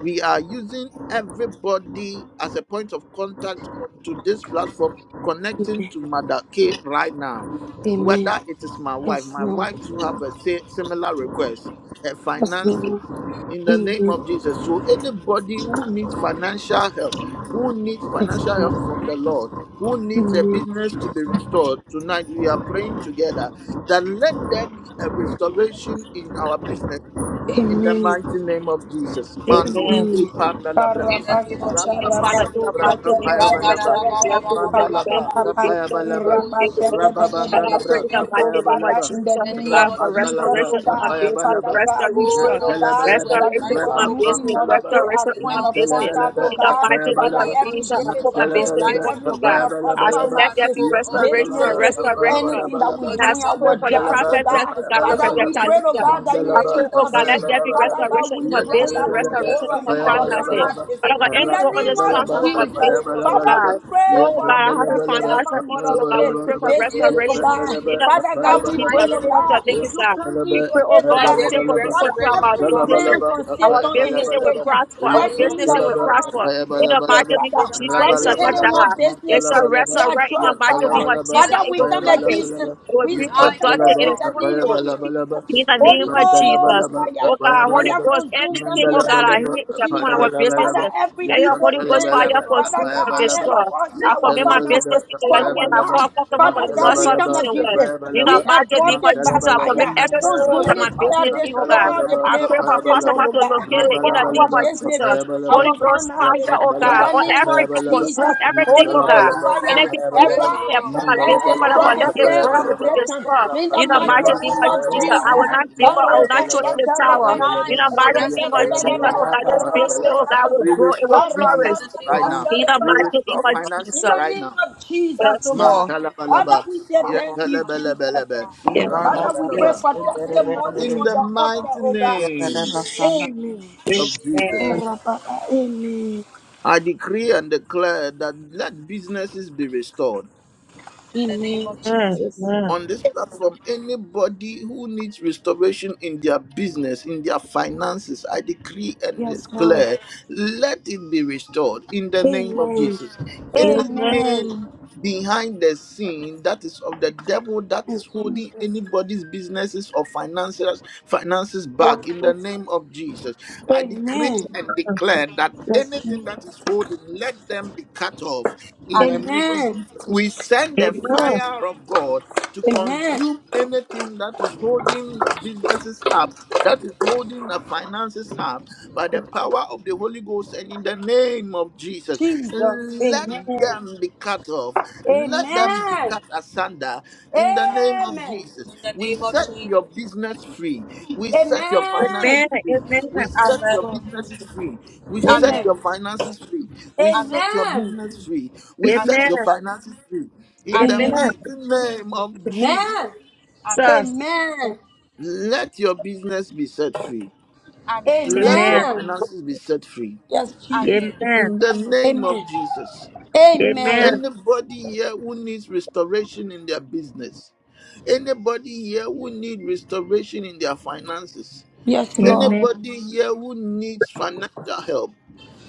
[SPEAKER 1] we are using everybody as a point of contact onto this platform connecting to mother k right now
[SPEAKER 4] Amen.
[SPEAKER 1] whether it is my wife my
[SPEAKER 4] Lord.
[SPEAKER 1] wife to have a say, similar request and
[SPEAKER 4] Yes,
[SPEAKER 1] finances
[SPEAKER 4] Lord.
[SPEAKER 1] in the name
[SPEAKER 4] Amen.
[SPEAKER 1] of jesus so anybody who needs financial help who needs
[SPEAKER 4] Yes,
[SPEAKER 1] financial
[SPEAKER 4] Lord.
[SPEAKER 1] help from the lord who needs a
[SPEAKER 4] Amen.
[SPEAKER 1] business to be restored tonight we are praying together that let there be a restoration in our business in the
[SPEAKER 4] Amen.
[SPEAKER 1] mighty name of Jesus. Mando
[SPEAKER 5] Amen.
[SPEAKER 4] indeed.
[SPEAKER 1] Sipandalabra.
[SPEAKER 2] In the name of
[SPEAKER 4] Karabasha,
[SPEAKER 5] So, then,
[SPEAKER 2] Jesus.
[SPEAKER 5] Father, in the
[SPEAKER 4] Karabato,
[SPEAKER 1] Rapapandalabra.
[SPEAKER 5] mighty
[SPEAKER 4] Shaka,
[SPEAKER 5] name of
[SPEAKER 1] Kapayabalaba.
[SPEAKER 5] Jesus, we bless you, we tell you,
[SPEAKER 1] Mandalabra.
[SPEAKER 5] thank
[SPEAKER 2] Ra-ba-da-da-ba-ba-ba-ba-ba-ba-ba.
[SPEAKER 5] you, thanks,
[SPEAKER 4] Papa,
[SPEAKER 5] we give
[SPEAKER 1] Kapayabalaba.
[SPEAKER 5] you
[SPEAKER 2] Oh, you go to the bush, you
[SPEAKER 5] Father,
[SPEAKER 2] get
[SPEAKER 5] I
[SPEAKER 4] Rabasha,
[SPEAKER 2] it,
[SPEAKER 5] pray
[SPEAKER 1] Rababandalabra.
[SPEAKER 5] in the
[SPEAKER 4] And
[SPEAKER 2] baby.
[SPEAKER 4] so,
[SPEAKER 5] mighty name of
[SPEAKER 4] Father,
[SPEAKER 1] Kapayabalaba.
[SPEAKER 4] in
[SPEAKER 5] Jesus,
[SPEAKER 2] In
[SPEAKER 4] the
[SPEAKER 2] the
[SPEAKER 5] oh
[SPEAKER 4] name
[SPEAKER 2] name
[SPEAKER 5] God,
[SPEAKER 4] of
[SPEAKER 2] of
[SPEAKER 5] for
[SPEAKER 2] Jesus,
[SPEAKER 4] Jesus,
[SPEAKER 1] Rapandalabra.
[SPEAKER 2] oh
[SPEAKER 4] oh
[SPEAKER 5] restoration in
[SPEAKER 2] God.
[SPEAKER 5] my
[SPEAKER 4] God,
[SPEAKER 5] business,
[SPEAKER 1] Kapayabalaba.
[SPEAKER 4] Father God, we
[SPEAKER 2] Oh
[SPEAKER 4] pray,
[SPEAKER 5] restoration,
[SPEAKER 4] oh
[SPEAKER 2] God, we
[SPEAKER 4] God,
[SPEAKER 2] say we
[SPEAKER 1] Nantalabalaba.
[SPEAKER 4] that you
[SPEAKER 5] restoration
[SPEAKER 2] rise
[SPEAKER 5] in
[SPEAKER 4] call
[SPEAKER 2] up,
[SPEAKER 5] my
[SPEAKER 2] oh
[SPEAKER 4] you see
[SPEAKER 2] God,
[SPEAKER 5] business,
[SPEAKER 1] Rababantalaba.
[SPEAKER 4] Moroke
[SPEAKER 2] in
[SPEAKER 4] as
[SPEAKER 5] restoration in
[SPEAKER 4] point
[SPEAKER 5] my
[SPEAKER 2] our
[SPEAKER 4] of
[SPEAKER 2] behalf,
[SPEAKER 5] business.
[SPEAKER 2] oh
[SPEAKER 4] contact,
[SPEAKER 1] Nantalabalaba.
[SPEAKER 4] oh
[SPEAKER 5] In
[SPEAKER 2] God.
[SPEAKER 5] the
[SPEAKER 4] God.
[SPEAKER 5] mighty
[SPEAKER 2] In the
[SPEAKER 5] name
[SPEAKER 4] Father,
[SPEAKER 5] of
[SPEAKER 1] Kapayabalaba.
[SPEAKER 2] name of
[SPEAKER 4] every
[SPEAKER 5] Jesus, I
[SPEAKER 2] Jesus,
[SPEAKER 5] put my
[SPEAKER 2] oh
[SPEAKER 4] difficulty
[SPEAKER 2] God,
[SPEAKER 5] business
[SPEAKER 4] in
[SPEAKER 1] Nantalabalaba.
[SPEAKER 2] rise
[SPEAKER 5] before
[SPEAKER 2] up,
[SPEAKER 4] every
[SPEAKER 5] you,
[SPEAKER 2] oh
[SPEAKER 5] oh
[SPEAKER 4] one
[SPEAKER 5] God.
[SPEAKER 4] of
[SPEAKER 2] God.
[SPEAKER 4] us
[SPEAKER 5] I say,
[SPEAKER 1] Kapayabalabalaba.
[SPEAKER 5] let
[SPEAKER 2] Father,
[SPEAKER 5] there
[SPEAKER 4] finances
[SPEAKER 5] be
[SPEAKER 2] oh God, we
[SPEAKER 5] restoration,
[SPEAKER 1] Yapandalaba.
[SPEAKER 2] thank
[SPEAKER 4] businesses,
[SPEAKER 2] you, oh God,
[SPEAKER 5] restoration.
[SPEAKER 4] anything that we
[SPEAKER 1] Kapayabalabalaba.
[SPEAKER 2] for
[SPEAKER 5] And I
[SPEAKER 4] do in
[SPEAKER 2] divine,
[SPEAKER 5] pray
[SPEAKER 4] our
[SPEAKER 5] for the
[SPEAKER 4] jobs,
[SPEAKER 1] Nantalaba.
[SPEAKER 4] oh
[SPEAKER 5] prophet,
[SPEAKER 4] God.
[SPEAKER 2] for
[SPEAKER 5] God,
[SPEAKER 4] Father,
[SPEAKER 2] spiritual
[SPEAKER 5] prophetess
[SPEAKER 4] we
[SPEAKER 1] Kapayabalabalaba.
[SPEAKER 4] pray,
[SPEAKER 2] blessings,
[SPEAKER 4] oh
[SPEAKER 2] oh
[SPEAKER 5] Talita.
[SPEAKER 4] God,
[SPEAKER 2] God,
[SPEAKER 4] that you
[SPEAKER 5] I
[SPEAKER 4] will
[SPEAKER 1] Mandalaba,
[SPEAKER 2] spiritual
[SPEAKER 5] pray, oh
[SPEAKER 2] blessings,
[SPEAKER 5] God, let
[SPEAKER 2] oh
[SPEAKER 4] intervene.
[SPEAKER 2] God.
[SPEAKER 5] there be
[SPEAKER 1] Apayabalaba,
[SPEAKER 4] Father God,
[SPEAKER 5] restoration
[SPEAKER 4] we
[SPEAKER 5] in my
[SPEAKER 2] In the
[SPEAKER 4] draw
[SPEAKER 5] business,
[SPEAKER 2] name
[SPEAKER 4] that
[SPEAKER 2] of
[SPEAKER 1] Yetalabalaba,
[SPEAKER 2] Jesus,
[SPEAKER 5] restoration in
[SPEAKER 4] devourer
[SPEAKER 2] oh
[SPEAKER 5] my
[SPEAKER 4] in
[SPEAKER 2] God,
[SPEAKER 4] our
[SPEAKER 2] we
[SPEAKER 5] finances.
[SPEAKER 1] Apayabalabalaba,
[SPEAKER 2] thank you,
[SPEAKER 4] finances.
[SPEAKER 2] oh
[SPEAKER 5] But I got
[SPEAKER 2] God.
[SPEAKER 4] In the
[SPEAKER 5] anyone on
[SPEAKER 4] name
[SPEAKER 5] this
[SPEAKER 2] We
[SPEAKER 1] Rapandalaba,
[SPEAKER 4] of
[SPEAKER 5] platform with a
[SPEAKER 2] thank you,
[SPEAKER 4] Jesus.
[SPEAKER 2] oh
[SPEAKER 5] business,
[SPEAKER 2] God.
[SPEAKER 5] oh
[SPEAKER 4] Father,
[SPEAKER 1] Apayabalabalaba,
[SPEAKER 5] God.
[SPEAKER 4] we pray
[SPEAKER 5] Oh
[SPEAKER 4] for
[SPEAKER 5] God, I have a
[SPEAKER 4] your
[SPEAKER 1] Yetandalabalaba,
[SPEAKER 5] financial
[SPEAKER 4] servant Mother
[SPEAKER 5] issue, oh God.
[SPEAKER 4] care
[SPEAKER 5] We pray
[SPEAKER 1] Apayabalabalaba,
[SPEAKER 5] for
[SPEAKER 2] In
[SPEAKER 4] business,
[SPEAKER 2] the
[SPEAKER 4] oh
[SPEAKER 5] restoration.
[SPEAKER 2] name of
[SPEAKER 4] God.
[SPEAKER 1] Yetandalaba,
[SPEAKER 5] In the
[SPEAKER 2] Jesus,
[SPEAKER 4] Father
[SPEAKER 5] name of
[SPEAKER 2] in
[SPEAKER 4] God,
[SPEAKER 2] the
[SPEAKER 4] we pray,
[SPEAKER 5] Jesus,
[SPEAKER 2] mighty
[SPEAKER 4] oh
[SPEAKER 1] Apayabalabalaba,
[SPEAKER 5] pray
[SPEAKER 2] name
[SPEAKER 5] for
[SPEAKER 4] God,
[SPEAKER 2] of
[SPEAKER 5] things
[SPEAKER 2] Jesus,
[SPEAKER 4] you
[SPEAKER 5] God.
[SPEAKER 4] come
[SPEAKER 1] Yetandalaba,
[SPEAKER 5] We
[SPEAKER 4] into
[SPEAKER 5] pray, oh
[SPEAKER 4] it, oh
[SPEAKER 2] let
[SPEAKER 5] God, that you
[SPEAKER 2] there
[SPEAKER 4] God.
[SPEAKER 5] take
[SPEAKER 2] be
[SPEAKER 5] for
[SPEAKER 1] Apayabalabalaba,
[SPEAKER 5] people
[SPEAKER 4] Father,
[SPEAKER 5] to
[SPEAKER 2] resurrection,
[SPEAKER 5] our
[SPEAKER 2] oh
[SPEAKER 4] every
[SPEAKER 2] God.
[SPEAKER 5] businesses.
[SPEAKER 4] plan
[SPEAKER 1] Mandalabalaba,
[SPEAKER 4] from
[SPEAKER 5] Our
[SPEAKER 4] Satan and his
[SPEAKER 5] businesses will
[SPEAKER 1] Apayabalabalaba,
[SPEAKER 4] agent,
[SPEAKER 2] In
[SPEAKER 5] prosper.
[SPEAKER 2] the
[SPEAKER 5] Our
[SPEAKER 2] name
[SPEAKER 4] watching
[SPEAKER 2] of
[SPEAKER 4] your
[SPEAKER 5] businesses
[SPEAKER 2] Jesus,
[SPEAKER 5] will
[SPEAKER 1] Yetandalaba,
[SPEAKER 4] servant
[SPEAKER 5] prosper. In the
[SPEAKER 4] business,
[SPEAKER 5] mighty
[SPEAKER 1] Apayabalabalaba,
[SPEAKER 5] name of
[SPEAKER 2] in
[SPEAKER 4] Father.
[SPEAKER 2] the
[SPEAKER 5] Jesus, it
[SPEAKER 2] mighty
[SPEAKER 4] Fighting
[SPEAKER 5] shall
[SPEAKER 2] name
[SPEAKER 5] not
[SPEAKER 2] of
[SPEAKER 1] Rabalabalaba,
[SPEAKER 4] anyone
[SPEAKER 2] Jesus.
[SPEAKER 5] die. It
[SPEAKER 4] businesses,
[SPEAKER 5] shall
[SPEAKER 4] they
[SPEAKER 1] Mandalabalaba,
[SPEAKER 4] are
[SPEAKER 5] resurrect in
[SPEAKER 1] Ya
[SPEAKER 5] the
[SPEAKER 4] job,
[SPEAKER 5] mighty name
[SPEAKER 4] Father.
[SPEAKER 5] of
[SPEAKER 1] talabalaba,
[SPEAKER 2] In the
[SPEAKER 5] Jesus.
[SPEAKER 4] Father,
[SPEAKER 2] name
[SPEAKER 5] It
[SPEAKER 4] we
[SPEAKER 5] will
[SPEAKER 2] of
[SPEAKER 4] come
[SPEAKER 5] flourish.
[SPEAKER 4] against
[SPEAKER 2] Jesus.
[SPEAKER 4] them.
[SPEAKER 1] tapayabalabalaba.
[SPEAKER 5] It will
[SPEAKER 4] We
[SPEAKER 1] Ya
[SPEAKER 5] be
[SPEAKER 2] Die,
[SPEAKER 4] scatter
[SPEAKER 2] O
[SPEAKER 4] all
[SPEAKER 5] productive.
[SPEAKER 1] pantalaba,
[SPEAKER 5] It
[SPEAKER 4] in
[SPEAKER 5] is
[SPEAKER 2] God.
[SPEAKER 4] the name
[SPEAKER 5] fruitful.
[SPEAKER 4] of
[SPEAKER 1] tapayabalabalaba.
[SPEAKER 4] Jesus.
[SPEAKER 5] In the
[SPEAKER 1] Ya
[SPEAKER 5] name
[SPEAKER 4] Holy
[SPEAKER 5] of
[SPEAKER 4] Ghost
[SPEAKER 5] Jesus.
[SPEAKER 1] pantalabalaba,
[SPEAKER 4] fire.
[SPEAKER 5] Oh God, Holy
[SPEAKER 4] Fire
[SPEAKER 1] tapayabalabalaba.
[SPEAKER 5] Ghost,
[SPEAKER 4] consume them
[SPEAKER 5] anything,
[SPEAKER 4] in
[SPEAKER 5] oh
[SPEAKER 4] the
[SPEAKER 5] God,
[SPEAKER 4] name
[SPEAKER 5] I
[SPEAKER 1] Mandalabalaba,
[SPEAKER 4] of
[SPEAKER 5] hear is upon
[SPEAKER 4] Jesus.
[SPEAKER 5] our
[SPEAKER 4] Father,
[SPEAKER 1] tapayabalabalaba.
[SPEAKER 5] businesses.
[SPEAKER 4] every
[SPEAKER 1] Ya
[SPEAKER 5] Let your
[SPEAKER 4] evil
[SPEAKER 5] Holy Ghost
[SPEAKER 4] plan,
[SPEAKER 2] Yes, O
[SPEAKER 5] fire
[SPEAKER 1] pantalabalaba,
[SPEAKER 2] God.
[SPEAKER 4] Father
[SPEAKER 5] consume and
[SPEAKER 4] God,
[SPEAKER 1] tapayabalabalaba.
[SPEAKER 4] ahead
[SPEAKER 5] destroy.
[SPEAKER 4] of us
[SPEAKER 1] Ya
[SPEAKER 4] in
[SPEAKER 5] I
[SPEAKER 4] our
[SPEAKER 5] commit my
[SPEAKER 1] talabalaba,
[SPEAKER 4] finances,
[SPEAKER 5] business into your
[SPEAKER 4] for
[SPEAKER 5] hand.
[SPEAKER 4] our
[SPEAKER 5] I
[SPEAKER 1] tapayabalabalaba.
[SPEAKER 5] call
[SPEAKER 2] In
[SPEAKER 4] life,
[SPEAKER 2] the
[SPEAKER 5] customer
[SPEAKER 2] name
[SPEAKER 5] for someone
[SPEAKER 2] of
[SPEAKER 4] Father
[SPEAKER 5] with
[SPEAKER 4] God,
[SPEAKER 5] loss
[SPEAKER 2] Jesus,
[SPEAKER 4] we
[SPEAKER 5] of
[SPEAKER 2] oh
[SPEAKER 4] come
[SPEAKER 1] Mantalabalaba,
[SPEAKER 5] peace
[SPEAKER 2] God.
[SPEAKER 5] and
[SPEAKER 4] against
[SPEAKER 5] wealth.
[SPEAKER 4] it.
[SPEAKER 5] In the
[SPEAKER 1] tapayabalabalaba.
[SPEAKER 4] We are
[SPEAKER 5] mighty
[SPEAKER 4] brought
[SPEAKER 5] name of
[SPEAKER 4] it by
[SPEAKER 5] Jesus, I
[SPEAKER 1] Mantalabalaba,
[SPEAKER 5] commit
[SPEAKER 4] fire.
[SPEAKER 5] every soul that
[SPEAKER 1] tapayabalabalaba.
[SPEAKER 4] Consuming
[SPEAKER 5] my
[SPEAKER 4] fire,
[SPEAKER 5] business in, oh God.
[SPEAKER 4] destroy the
[SPEAKER 1] Mantalabalaba,
[SPEAKER 5] I
[SPEAKER 4] plan
[SPEAKER 5] pray
[SPEAKER 4] of
[SPEAKER 5] for
[SPEAKER 4] Satan,
[SPEAKER 1] tapayabalabalaba.
[SPEAKER 5] customer
[SPEAKER 4] oh
[SPEAKER 5] to
[SPEAKER 2] In the
[SPEAKER 4] God
[SPEAKER 5] locate it
[SPEAKER 2] mighty
[SPEAKER 4] for
[SPEAKER 5] in the
[SPEAKER 2] name of
[SPEAKER 5] name
[SPEAKER 4] our
[SPEAKER 1] Rabalabalaba,
[SPEAKER 5] of
[SPEAKER 2] Jesus.
[SPEAKER 5] Jesus.
[SPEAKER 4] businesses, our
[SPEAKER 5] Holy
[SPEAKER 1] tapayabalabalaba.
[SPEAKER 5] Ghost
[SPEAKER 1] We
[SPEAKER 4] finances.
[SPEAKER 5] fire,
[SPEAKER 1] restore
[SPEAKER 5] oh
[SPEAKER 4] In
[SPEAKER 5] God,
[SPEAKER 4] the
[SPEAKER 5] on
[SPEAKER 4] name of
[SPEAKER 5] everything, consume
[SPEAKER 4] Jesus,
[SPEAKER 5] everything,
[SPEAKER 4] Holy
[SPEAKER 5] oh
[SPEAKER 2] Father,
[SPEAKER 4] Ghost
[SPEAKER 2] we
[SPEAKER 5] God.
[SPEAKER 2] declare
[SPEAKER 5] Anything
[SPEAKER 4] fire,
[SPEAKER 5] people
[SPEAKER 2] restoration, oh
[SPEAKER 5] say
[SPEAKER 4] arise
[SPEAKER 2] God.
[SPEAKER 5] upon my
[SPEAKER 4] and
[SPEAKER 5] business, Father
[SPEAKER 2] Over
[SPEAKER 4] destroy
[SPEAKER 5] God,
[SPEAKER 4] the
[SPEAKER 2] our
[SPEAKER 5] let it
[SPEAKER 4] plan
[SPEAKER 2] business,
[SPEAKER 5] burn
[SPEAKER 4] of
[SPEAKER 2] oh
[SPEAKER 5] and be
[SPEAKER 4] Satan.
[SPEAKER 5] destroyed.
[SPEAKER 2] God.
[SPEAKER 4] In the
[SPEAKER 5] In the
[SPEAKER 2] In the name
[SPEAKER 5] mighty
[SPEAKER 4] mighty
[SPEAKER 2] of
[SPEAKER 5] name
[SPEAKER 4] name
[SPEAKER 5] of
[SPEAKER 4] of
[SPEAKER 2] Jesus,
[SPEAKER 5] Jesus,
[SPEAKER 2] oh God.
[SPEAKER 5] I
[SPEAKER 4] Jesus.
[SPEAKER 5] will not give up. I will not throw
[SPEAKER 4] Kareba
[SPEAKER 5] in the
[SPEAKER 4] shaka
[SPEAKER 2] We
[SPEAKER 5] tower.
[SPEAKER 4] rababa,
[SPEAKER 5] In
[SPEAKER 2] thank
[SPEAKER 5] the
[SPEAKER 2] you for
[SPEAKER 5] mighty name of
[SPEAKER 2] restoration,
[SPEAKER 5] Jesus,
[SPEAKER 2] oh
[SPEAKER 4] rabadabadaba,
[SPEAKER 5] oh
[SPEAKER 2] God.
[SPEAKER 5] God, this business, oh God, will
[SPEAKER 4] rakadabadaba,
[SPEAKER 5] grow. It will
[SPEAKER 4] karababa
[SPEAKER 2] In
[SPEAKER 5] flourish.
[SPEAKER 2] the
[SPEAKER 1] businesses
[SPEAKER 2] name
[SPEAKER 1] right
[SPEAKER 2] of
[SPEAKER 3] you.
[SPEAKER 1] now.
[SPEAKER 4] shaka
[SPEAKER 5] In the
[SPEAKER 2] Jesus.
[SPEAKER 1] We
[SPEAKER 4] rababa.
[SPEAKER 5] mighty name
[SPEAKER 1] restore
[SPEAKER 5] of
[SPEAKER 1] finances
[SPEAKER 4] In
[SPEAKER 5] Jesus.
[SPEAKER 4] the
[SPEAKER 1] right
[SPEAKER 4] name
[SPEAKER 1] now.
[SPEAKER 4] of Jesus,
[SPEAKER 5] Yes,
[SPEAKER 4] oh God.
[SPEAKER 5] Lord.
[SPEAKER 4] Father,
[SPEAKER 1] Mantalabalaba,
[SPEAKER 4] we say
[SPEAKER 3] Hello,
[SPEAKER 4] thank you, Jesus.
[SPEAKER 1] yetelebelebelebe,
[SPEAKER 2] Hallelujah.
[SPEAKER 5] Yes,
[SPEAKER 4] Father,
[SPEAKER 5] Lord.
[SPEAKER 4] we
[SPEAKER 5] Yes.
[SPEAKER 4] pray
[SPEAKER 3] hello,
[SPEAKER 1] rapandalaba.
[SPEAKER 2] Yes,
[SPEAKER 4] for
[SPEAKER 2] Lord. We lift our
[SPEAKER 4] testimony
[SPEAKER 1] In
[SPEAKER 4] on
[SPEAKER 2] business
[SPEAKER 1] the
[SPEAKER 2] to
[SPEAKER 4] your
[SPEAKER 2] you,
[SPEAKER 4] altar,
[SPEAKER 1] mighty
[SPEAKER 2] God.
[SPEAKER 4] oh God.
[SPEAKER 1] name
[SPEAKER 4] Amen.
[SPEAKER 5] Amen.
[SPEAKER 1] of Jesus.
[SPEAKER 2] Amen.
[SPEAKER 5] Amen.
[SPEAKER 4] Arababa. Amen.
[SPEAKER 1] I decree and declare that let businesses be restored
[SPEAKER 2] In the name of Jesus.
[SPEAKER 5] Amen.
[SPEAKER 1] on this platform anybody who needs restoration in their business in their finances i decree and
[SPEAKER 4] Yes, Lord.
[SPEAKER 1] declare let it be restored in the name of
[SPEAKER 4] Amen.
[SPEAKER 1] jesus
[SPEAKER 4] Amen.
[SPEAKER 1] anything behind the scene that is of the devil that is holding
[SPEAKER 4] Jesus.
[SPEAKER 1] anybody's businesses or finances finances
[SPEAKER 4] Holy
[SPEAKER 1] back in the
[SPEAKER 4] Ghost.
[SPEAKER 1] name of jesus i decree
[SPEAKER 4] Amen.
[SPEAKER 1] and declare that
[SPEAKER 4] Yes,
[SPEAKER 1] anything that is
[SPEAKER 4] Jesus.
[SPEAKER 1] holding let them be cut off in the
[SPEAKER 2] Amen.
[SPEAKER 1] name of
[SPEAKER 4] Amen.
[SPEAKER 1] jesus we send the
[SPEAKER 5] Amen.
[SPEAKER 1] fire of god to consume anything that is holding the businesses up, that is holding the finances up by the power of the Holy Ghost and in the name of Jesus. Let them be cut off, let them be cut asunder in the name of Jesus.
[SPEAKER 2] In the
[SPEAKER 1] We
[SPEAKER 2] name of
[SPEAKER 1] set
[SPEAKER 2] Jesus.
[SPEAKER 1] your business free, we set your finances free,
[SPEAKER 5] Amen.
[SPEAKER 1] we set your
[SPEAKER 2] Amen.
[SPEAKER 1] businesses free, we set
[SPEAKER 2] Amen.
[SPEAKER 1] your finances free, we set
[SPEAKER 2] Amen.
[SPEAKER 1] your business free, we
[SPEAKER 2] Amen.
[SPEAKER 1] set
[SPEAKER 5] Amen.
[SPEAKER 1] your finances free. In the
[SPEAKER 2] Amen.
[SPEAKER 5] Amen.
[SPEAKER 1] mighty name of Jesus,
[SPEAKER 5] Sus.
[SPEAKER 2] Amen.
[SPEAKER 1] let your business be set free.
[SPEAKER 2] Amen.
[SPEAKER 1] Let your
[SPEAKER 5] Amen.
[SPEAKER 4] Amen.
[SPEAKER 1] finances be set free.
[SPEAKER 2] Amen.
[SPEAKER 5] Amen.
[SPEAKER 1] In the name of Jesus.
[SPEAKER 2] Amen.
[SPEAKER 5] Amen.
[SPEAKER 4] Amen.
[SPEAKER 1] Anybody here who needs restoration in their business, anybody here who needs restoration in their finances,
[SPEAKER 2] Mm.
[SPEAKER 5] Amen.
[SPEAKER 1] anybody here who needs financial help,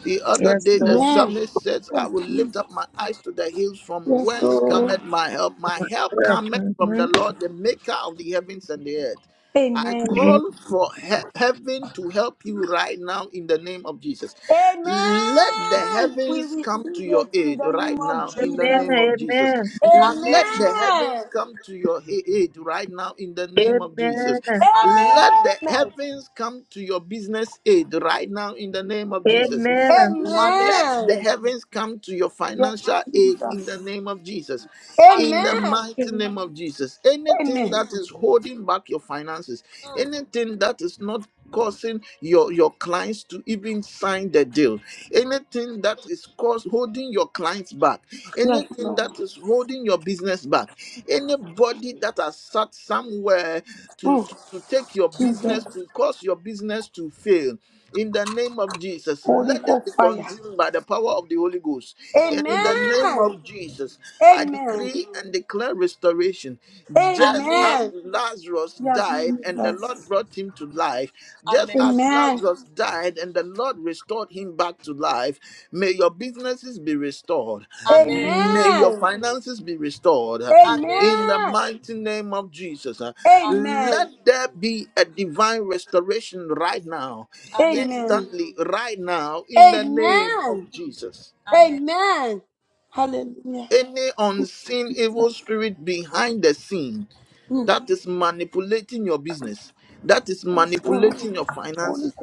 [SPEAKER 1] The other
[SPEAKER 5] Yes,
[SPEAKER 1] day, the
[SPEAKER 5] Lord.
[SPEAKER 4] Amen.
[SPEAKER 1] psalmist says, I
[SPEAKER 4] Yes,
[SPEAKER 1] will
[SPEAKER 4] Jesus.
[SPEAKER 1] lift up my eyes to the hills from
[SPEAKER 4] Yes,
[SPEAKER 1] whence
[SPEAKER 4] Lord.
[SPEAKER 1] cometh my help. My help
[SPEAKER 5] Well,
[SPEAKER 1] cometh from the
[SPEAKER 5] Amen.
[SPEAKER 1] Lord, the maker of the heavens and the earth. I
[SPEAKER 4] Amen.
[SPEAKER 5] Amen.
[SPEAKER 1] call for he- heaven to help you right now in the name of Jesus. Let the
[SPEAKER 4] Amen. We
[SPEAKER 1] heavens come to
[SPEAKER 4] receive
[SPEAKER 1] your
[SPEAKER 4] it in
[SPEAKER 1] aid
[SPEAKER 4] the name
[SPEAKER 1] right
[SPEAKER 4] of
[SPEAKER 1] now in the
[SPEAKER 4] Jesus.
[SPEAKER 1] name of Jesus.
[SPEAKER 2] Amen.
[SPEAKER 1] Let the heavens
[SPEAKER 4] Amen.
[SPEAKER 1] come to your he- aid right now in the name of
[SPEAKER 5] Amen.
[SPEAKER 1] Jesus.
[SPEAKER 2] Amen.
[SPEAKER 1] Let the
[SPEAKER 4] Amen.
[SPEAKER 1] heavens come to your business aid right now in the name of Jesus.
[SPEAKER 5] Amen.
[SPEAKER 2] Amen.
[SPEAKER 1] Let the
[SPEAKER 4] Amen.
[SPEAKER 1] heavens come to your
[SPEAKER 4] Yes.
[SPEAKER 1] financial aid in the name of Jesus. In
[SPEAKER 2] Amen.
[SPEAKER 1] the
[SPEAKER 4] Amen.
[SPEAKER 1] mighty name of Jesus. Anything
[SPEAKER 4] Amen.
[SPEAKER 1] that is holding back your finances,
[SPEAKER 2] Mm,
[SPEAKER 1] anything that is not causing your, your clients to even sign the deal,
[SPEAKER 2] mm,
[SPEAKER 1] anything that is cause, holding your clients back, anything that is holding your business back, anybody that has sat somewhere to, to, to take your business, to cause your business to fail in the name of Jesus,
[SPEAKER 2] mm.
[SPEAKER 1] let them be consumed by the power of the Holy Ghost.
[SPEAKER 2] In the
[SPEAKER 1] And in
[SPEAKER 2] name of
[SPEAKER 1] the
[SPEAKER 2] Jesus.
[SPEAKER 1] name of Jesus, I decree and declare restoration. Just
[SPEAKER 2] Amen.
[SPEAKER 1] as Lazarus
[SPEAKER 4] Yes,
[SPEAKER 1] died and the
[SPEAKER 4] Jesus.
[SPEAKER 1] Lord brought him to life, just
[SPEAKER 2] Amen.
[SPEAKER 1] as Lazarus died and the Lord restored him back to life, may your businesses be restored.
[SPEAKER 2] Amen.
[SPEAKER 1] May your finances be restored.
[SPEAKER 2] Amen.
[SPEAKER 1] In the mighty name of Jesus, uh,
[SPEAKER 2] Amen.
[SPEAKER 1] let there be a divine restoration right now
[SPEAKER 2] Amen.
[SPEAKER 1] instantly right now in the name of Jesus.
[SPEAKER 2] Amen.
[SPEAKER 1] Any unseen evil spirit behind the scene
[SPEAKER 2] Mm.
[SPEAKER 1] that is manipulating your business, that is manipulating your finances,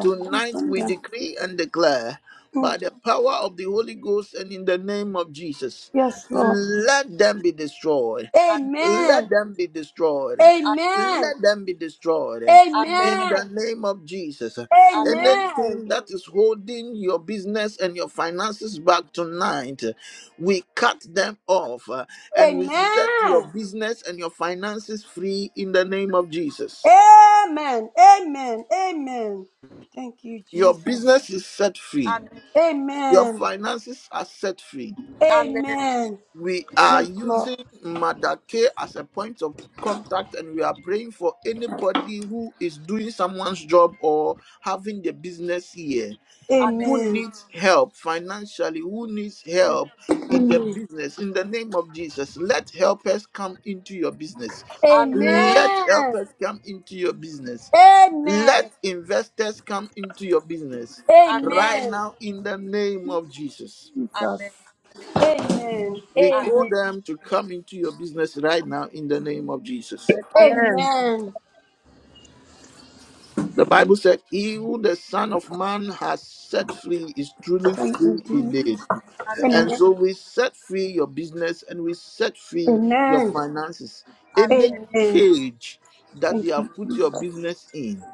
[SPEAKER 1] Tonight we decree and declare by the power of the Holy Ghost and in the name of Jesus, let them be destroyed.
[SPEAKER 2] Amen.
[SPEAKER 1] Let them be destroyed. Let them be destroyed.
[SPEAKER 2] Amen.
[SPEAKER 1] In the name of Jesus,
[SPEAKER 2] Amen.
[SPEAKER 1] anything that is holding your business and your finances back tonight, we cut them off uh, and we
[SPEAKER 4] Amen.
[SPEAKER 1] set your business and your finances free in the name of Jesus.
[SPEAKER 4] Amen. Amen. Amen. Thank you,
[SPEAKER 1] Your
[SPEAKER 4] Jesus.
[SPEAKER 1] business is set
[SPEAKER 2] Amen.
[SPEAKER 1] free
[SPEAKER 2] Amen.
[SPEAKER 1] Your
[SPEAKER 4] Amen.
[SPEAKER 1] finances are set free.
[SPEAKER 4] Amen.
[SPEAKER 1] We are using Mother K as a point of contact and we are praying for anybody who is doing someone's job or having the business here
[SPEAKER 2] Amen.
[SPEAKER 1] who
[SPEAKER 4] Amen.
[SPEAKER 1] needs help financially who needs
[SPEAKER 2] Mm.
[SPEAKER 1] help in the business in the name of Jesus let helpers come into your business
[SPEAKER 2] Amen.
[SPEAKER 1] let
[SPEAKER 4] Amen.
[SPEAKER 1] helpers come into your business let
[SPEAKER 4] Amen.
[SPEAKER 1] investors come into your business right
[SPEAKER 2] Amen.
[SPEAKER 4] Amen.
[SPEAKER 1] now in the name of Jesus
[SPEAKER 2] Amen.
[SPEAKER 1] We call
[SPEAKER 2] Amen.
[SPEAKER 1] them to come into your business right now in the name of Jesus.
[SPEAKER 2] Amen.
[SPEAKER 5] Amen.
[SPEAKER 4] Amen.
[SPEAKER 1] The Bible said, He who the Son of Man has set free is truly free indeed.
[SPEAKER 2] Amen.
[SPEAKER 1] And so we set free your business and we set free your finances.
[SPEAKER 2] Amen.
[SPEAKER 1] Any
[SPEAKER 4] Amen.
[SPEAKER 1] cage that
[SPEAKER 4] Thank
[SPEAKER 1] they
[SPEAKER 4] you, Jesus. Amen. Amen. Thank you,
[SPEAKER 1] have put your
[SPEAKER 4] Jesus.
[SPEAKER 1] business in,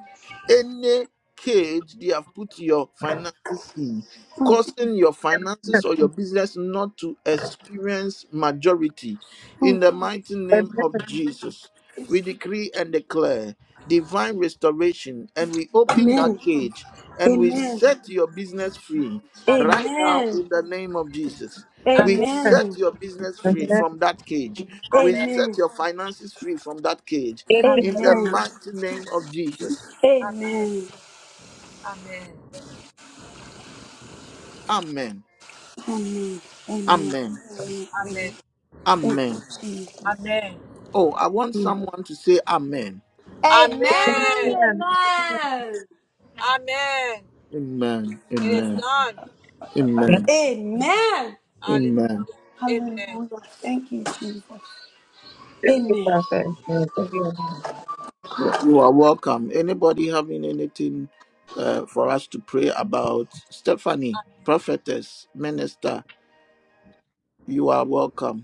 [SPEAKER 1] any cage they have put your finances in causing your finances or your business not to experience majority in the mighty
[SPEAKER 5] Amen.
[SPEAKER 1] name of jesus we decree and declare divine restoration and we open that
[SPEAKER 4] Amen.
[SPEAKER 1] cage and we set your business free
[SPEAKER 2] Amen.
[SPEAKER 1] right now
[SPEAKER 4] Amen.
[SPEAKER 1] in the name of jesus we
[SPEAKER 2] Amen.
[SPEAKER 4] Amen.
[SPEAKER 5] Amen.
[SPEAKER 1] set your business free from that cage we
[SPEAKER 2] Amen.
[SPEAKER 1] set your
[SPEAKER 4] Amen.
[SPEAKER 1] finances free from that cage
[SPEAKER 2] Amen.
[SPEAKER 1] in the mighty name of jesus
[SPEAKER 2] Amen. Amen.
[SPEAKER 1] Amen. Amen.
[SPEAKER 2] Amen.
[SPEAKER 1] Amen.
[SPEAKER 2] Amen.
[SPEAKER 1] Oh, I want someone to say Amen.
[SPEAKER 2] Amen.
[SPEAKER 5] Amen.
[SPEAKER 2] Amen.
[SPEAKER 1] Amen.
[SPEAKER 2] It is
[SPEAKER 1] Amen.
[SPEAKER 2] done.
[SPEAKER 5] Yes,
[SPEAKER 1] Amen.
[SPEAKER 4] Amen.
[SPEAKER 2] Hallelujah.
[SPEAKER 1] Amen.
[SPEAKER 4] Amen.
[SPEAKER 2] Amen.
[SPEAKER 4] Hallelujah. Thank you, Jesus.
[SPEAKER 5] I say. Yes, Amen.
[SPEAKER 1] You you are welcome. Anybody having anything uh, for us to pray about? Stephanie,
[SPEAKER 2] Amen.
[SPEAKER 1] prophetess, minister, you are welcome.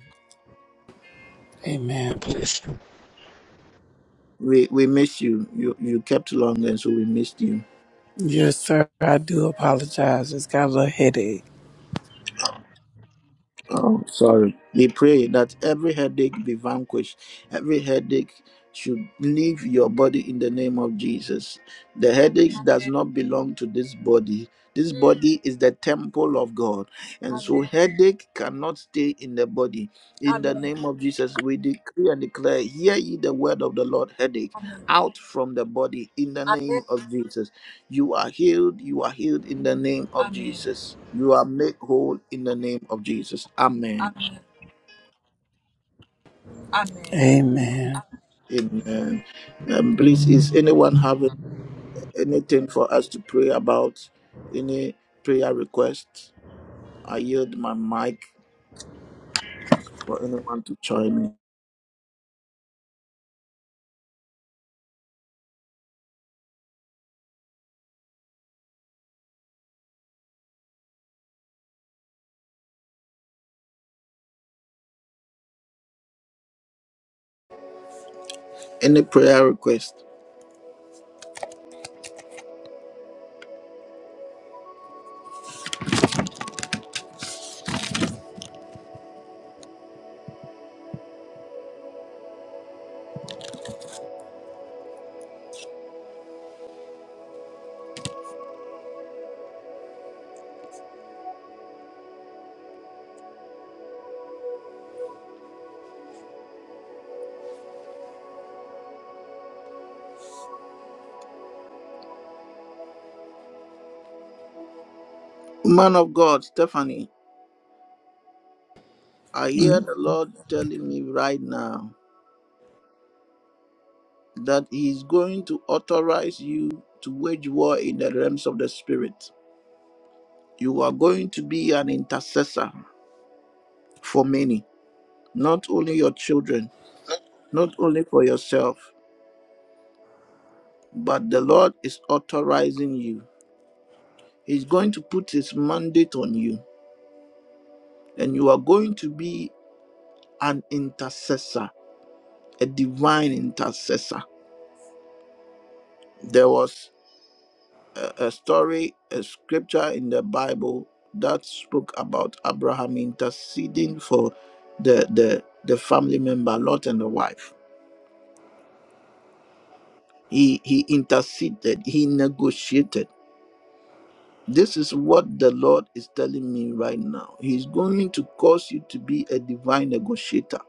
[SPEAKER 6] Amen. Bless you.
[SPEAKER 1] We we miss you. You you kept long, and so we missed you.
[SPEAKER 6] Yes, sir. I do apologize. It's got a little headache.
[SPEAKER 1] Oh, sorry. We pray that every headache be vanquished. Every headache should leave your body in the name of Jesus. The headache does
[SPEAKER 2] Amen.
[SPEAKER 1] not belong to this body. This
[SPEAKER 2] Mm.
[SPEAKER 1] body is the temple of God. And so
[SPEAKER 2] Amen.
[SPEAKER 1] headache cannot stay in the body. In the
[SPEAKER 2] Amen.
[SPEAKER 1] name of Jesus, we decree and declare, hear ye the word of the Lord, headache,
[SPEAKER 2] Amen.
[SPEAKER 1] out from the body in the name of Jesus. You are healed. You are healed in the name of
[SPEAKER 2] Amen.
[SPEAKER 1] Jesus. You are made whole in the name of Jesus. Amen.
[SPEAKER 2] Amen. Amen. Amen.
[SPEAKER 6] Amen.
[SPEAKER 1] Amen. Um, please, is anyone having anything for us to pray about? Any prayer request? I yield my mic for anyone to join me. Any prayer request? Man of God, Stephanie, I hear the Lord telling me right now that He is going to authorize you to wage war in the realms of the Spirit. You are going to be an intercessor for many, not only your children, not only for yourself, but the Lord is authorizing you. He's going to put his mandate on you, and you are going to be an intercessor, a divine intercessor. There was a, a story, a scripture in the Bible that spoke about Abraham interceding for the the, the family member, Lot and the wife. He he interceded, he negotiated. This is what the Lord is telling me right now. He's going to cause you to be a divine negotiator.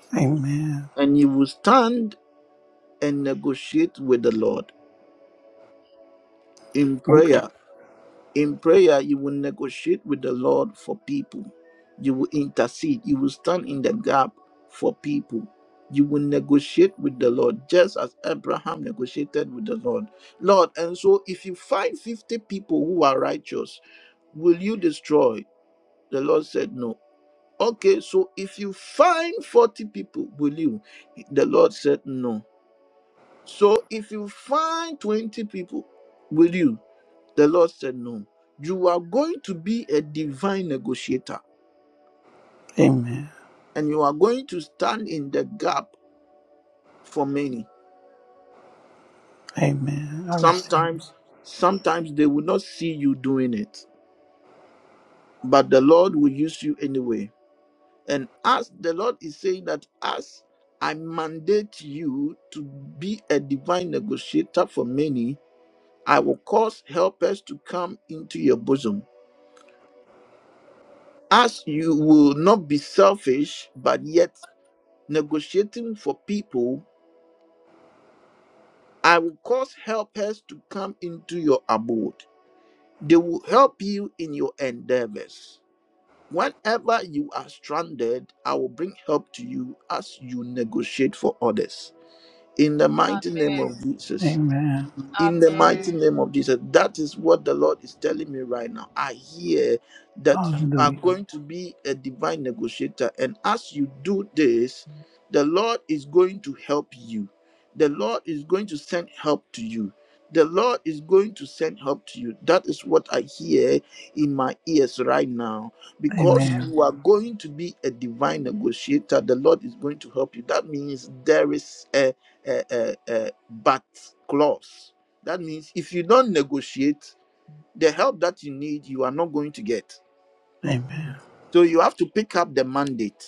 [SPEAKER 6] Amen.
[SPEAKER 1] And you will stand and negotiate with the Lord in prayer. In prayer, you will negotiate with the Lord for people. You will intercede. You will stand in the gap for people. You will negotiate with the Lord just as Abraham negotiated with the Lord. Lord, and so if you find 50 people who are righteous, Will you destroy? The Lord said, No. Okay, so if you find 40 people, will you? The Lord said, No. So if you find 20 people, will you? The Lord said, No. You are going to be a divine negotiator
[SPEAKER 6] Amen.
[SPEAKER 1] and you are going to stand in the gap for many.
[SPEAKER 6] Amen. I receive.
[SPEAKER 1] Sometimes, sometimes they will not see you doing it, but the Lord will use you anyway And as the Lord is saying that, as I mandate you to be a divine negotiator for many, I will cause helpers to come into your bosom. As you will not be selfish, but yet negotiating for people, I will cause helpers to come into your abode. They will help you in your endeavors. Whenever you are stranded, I will bring help to you as you negotiate for others. In the mighty name
[SPEAKER 2] Amen.
[SPEAKER 1] of Jesus.
[SPEAKER 6] Amen.
[SPEAKER 2] Amen.
[SPEAKER 1] In the mighty
[SPEAKER 2] Amen.
[SPEAKER 1] name of Jesus. That is what the Lord is telling me right now. I hear that you are
[SPEAKER 6] Hallelujah.
[SPEAKER 1] going to be a divine negotiator. And as you do this, the Lord is going to help you. The Lord is going to send help to you. The Lord is going to send help to you. That is what I hear in my ears right now. Because
[SPEAKER 6] Amen.
[SPEAKER 1] you are going to be a divine negotiator, the Lord is going to help you. That means there is a uh, uh, uh, but clause. That means if you don't negotiate, the help that you need, you are not going to get.
[SPEAKER 6] Amen.
[SPEAKER 1] So you have to pick up the mandate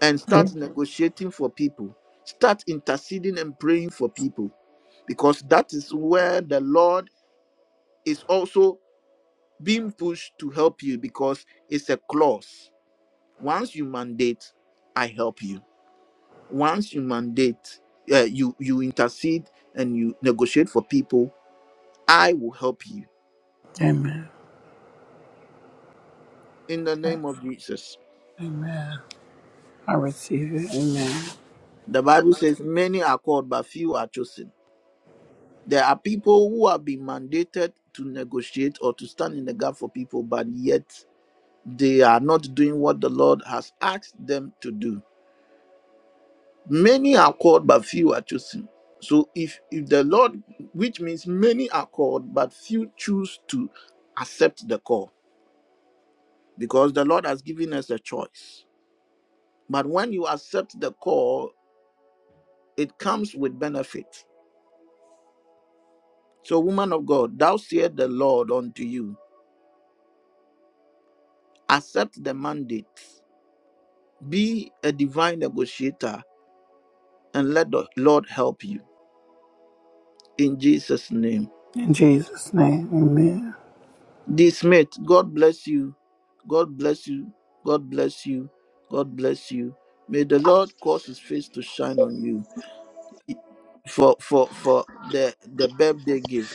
[SPEAKER 1] and start negotiating for people, start interceding and praying for people, because that is where the Lord is also being pushed to help you because it's a clause. Once you mandate, I help you. Once you mandate, uh, you you intercede and you negotiate for people I will help you
[SPEAKER 6] Amen.
[SPEAKER 1] in the name of Jesus.
[SPEAKER 6] Amen. I receive it. Amen.
[SPEAKER 1] The Bible says, Many are called, but few are chosen. There are people who have been mandated to negotiate or to stand in the gap for people, but yet they are not doing what the Lord has asked them to do. Many are called, but few are chosen. So if, if the Lord, which means many are called, but few choose to accept the call, because the Lord has given us a choice. But when you accept the call, it comes with benefit So, woman of God, thou said the Lord unto you, accept the mandate, be a divine negotiator, and let the Lord help you. In Jesus' name.
[SPEAKER 6] In Jesus' name. Amen.
[SPEAKER 1] D. Smith, God bless you. God bless you. God bless you. God bless you. May the Lord cause his face to shine on you for for for the the birthday gift.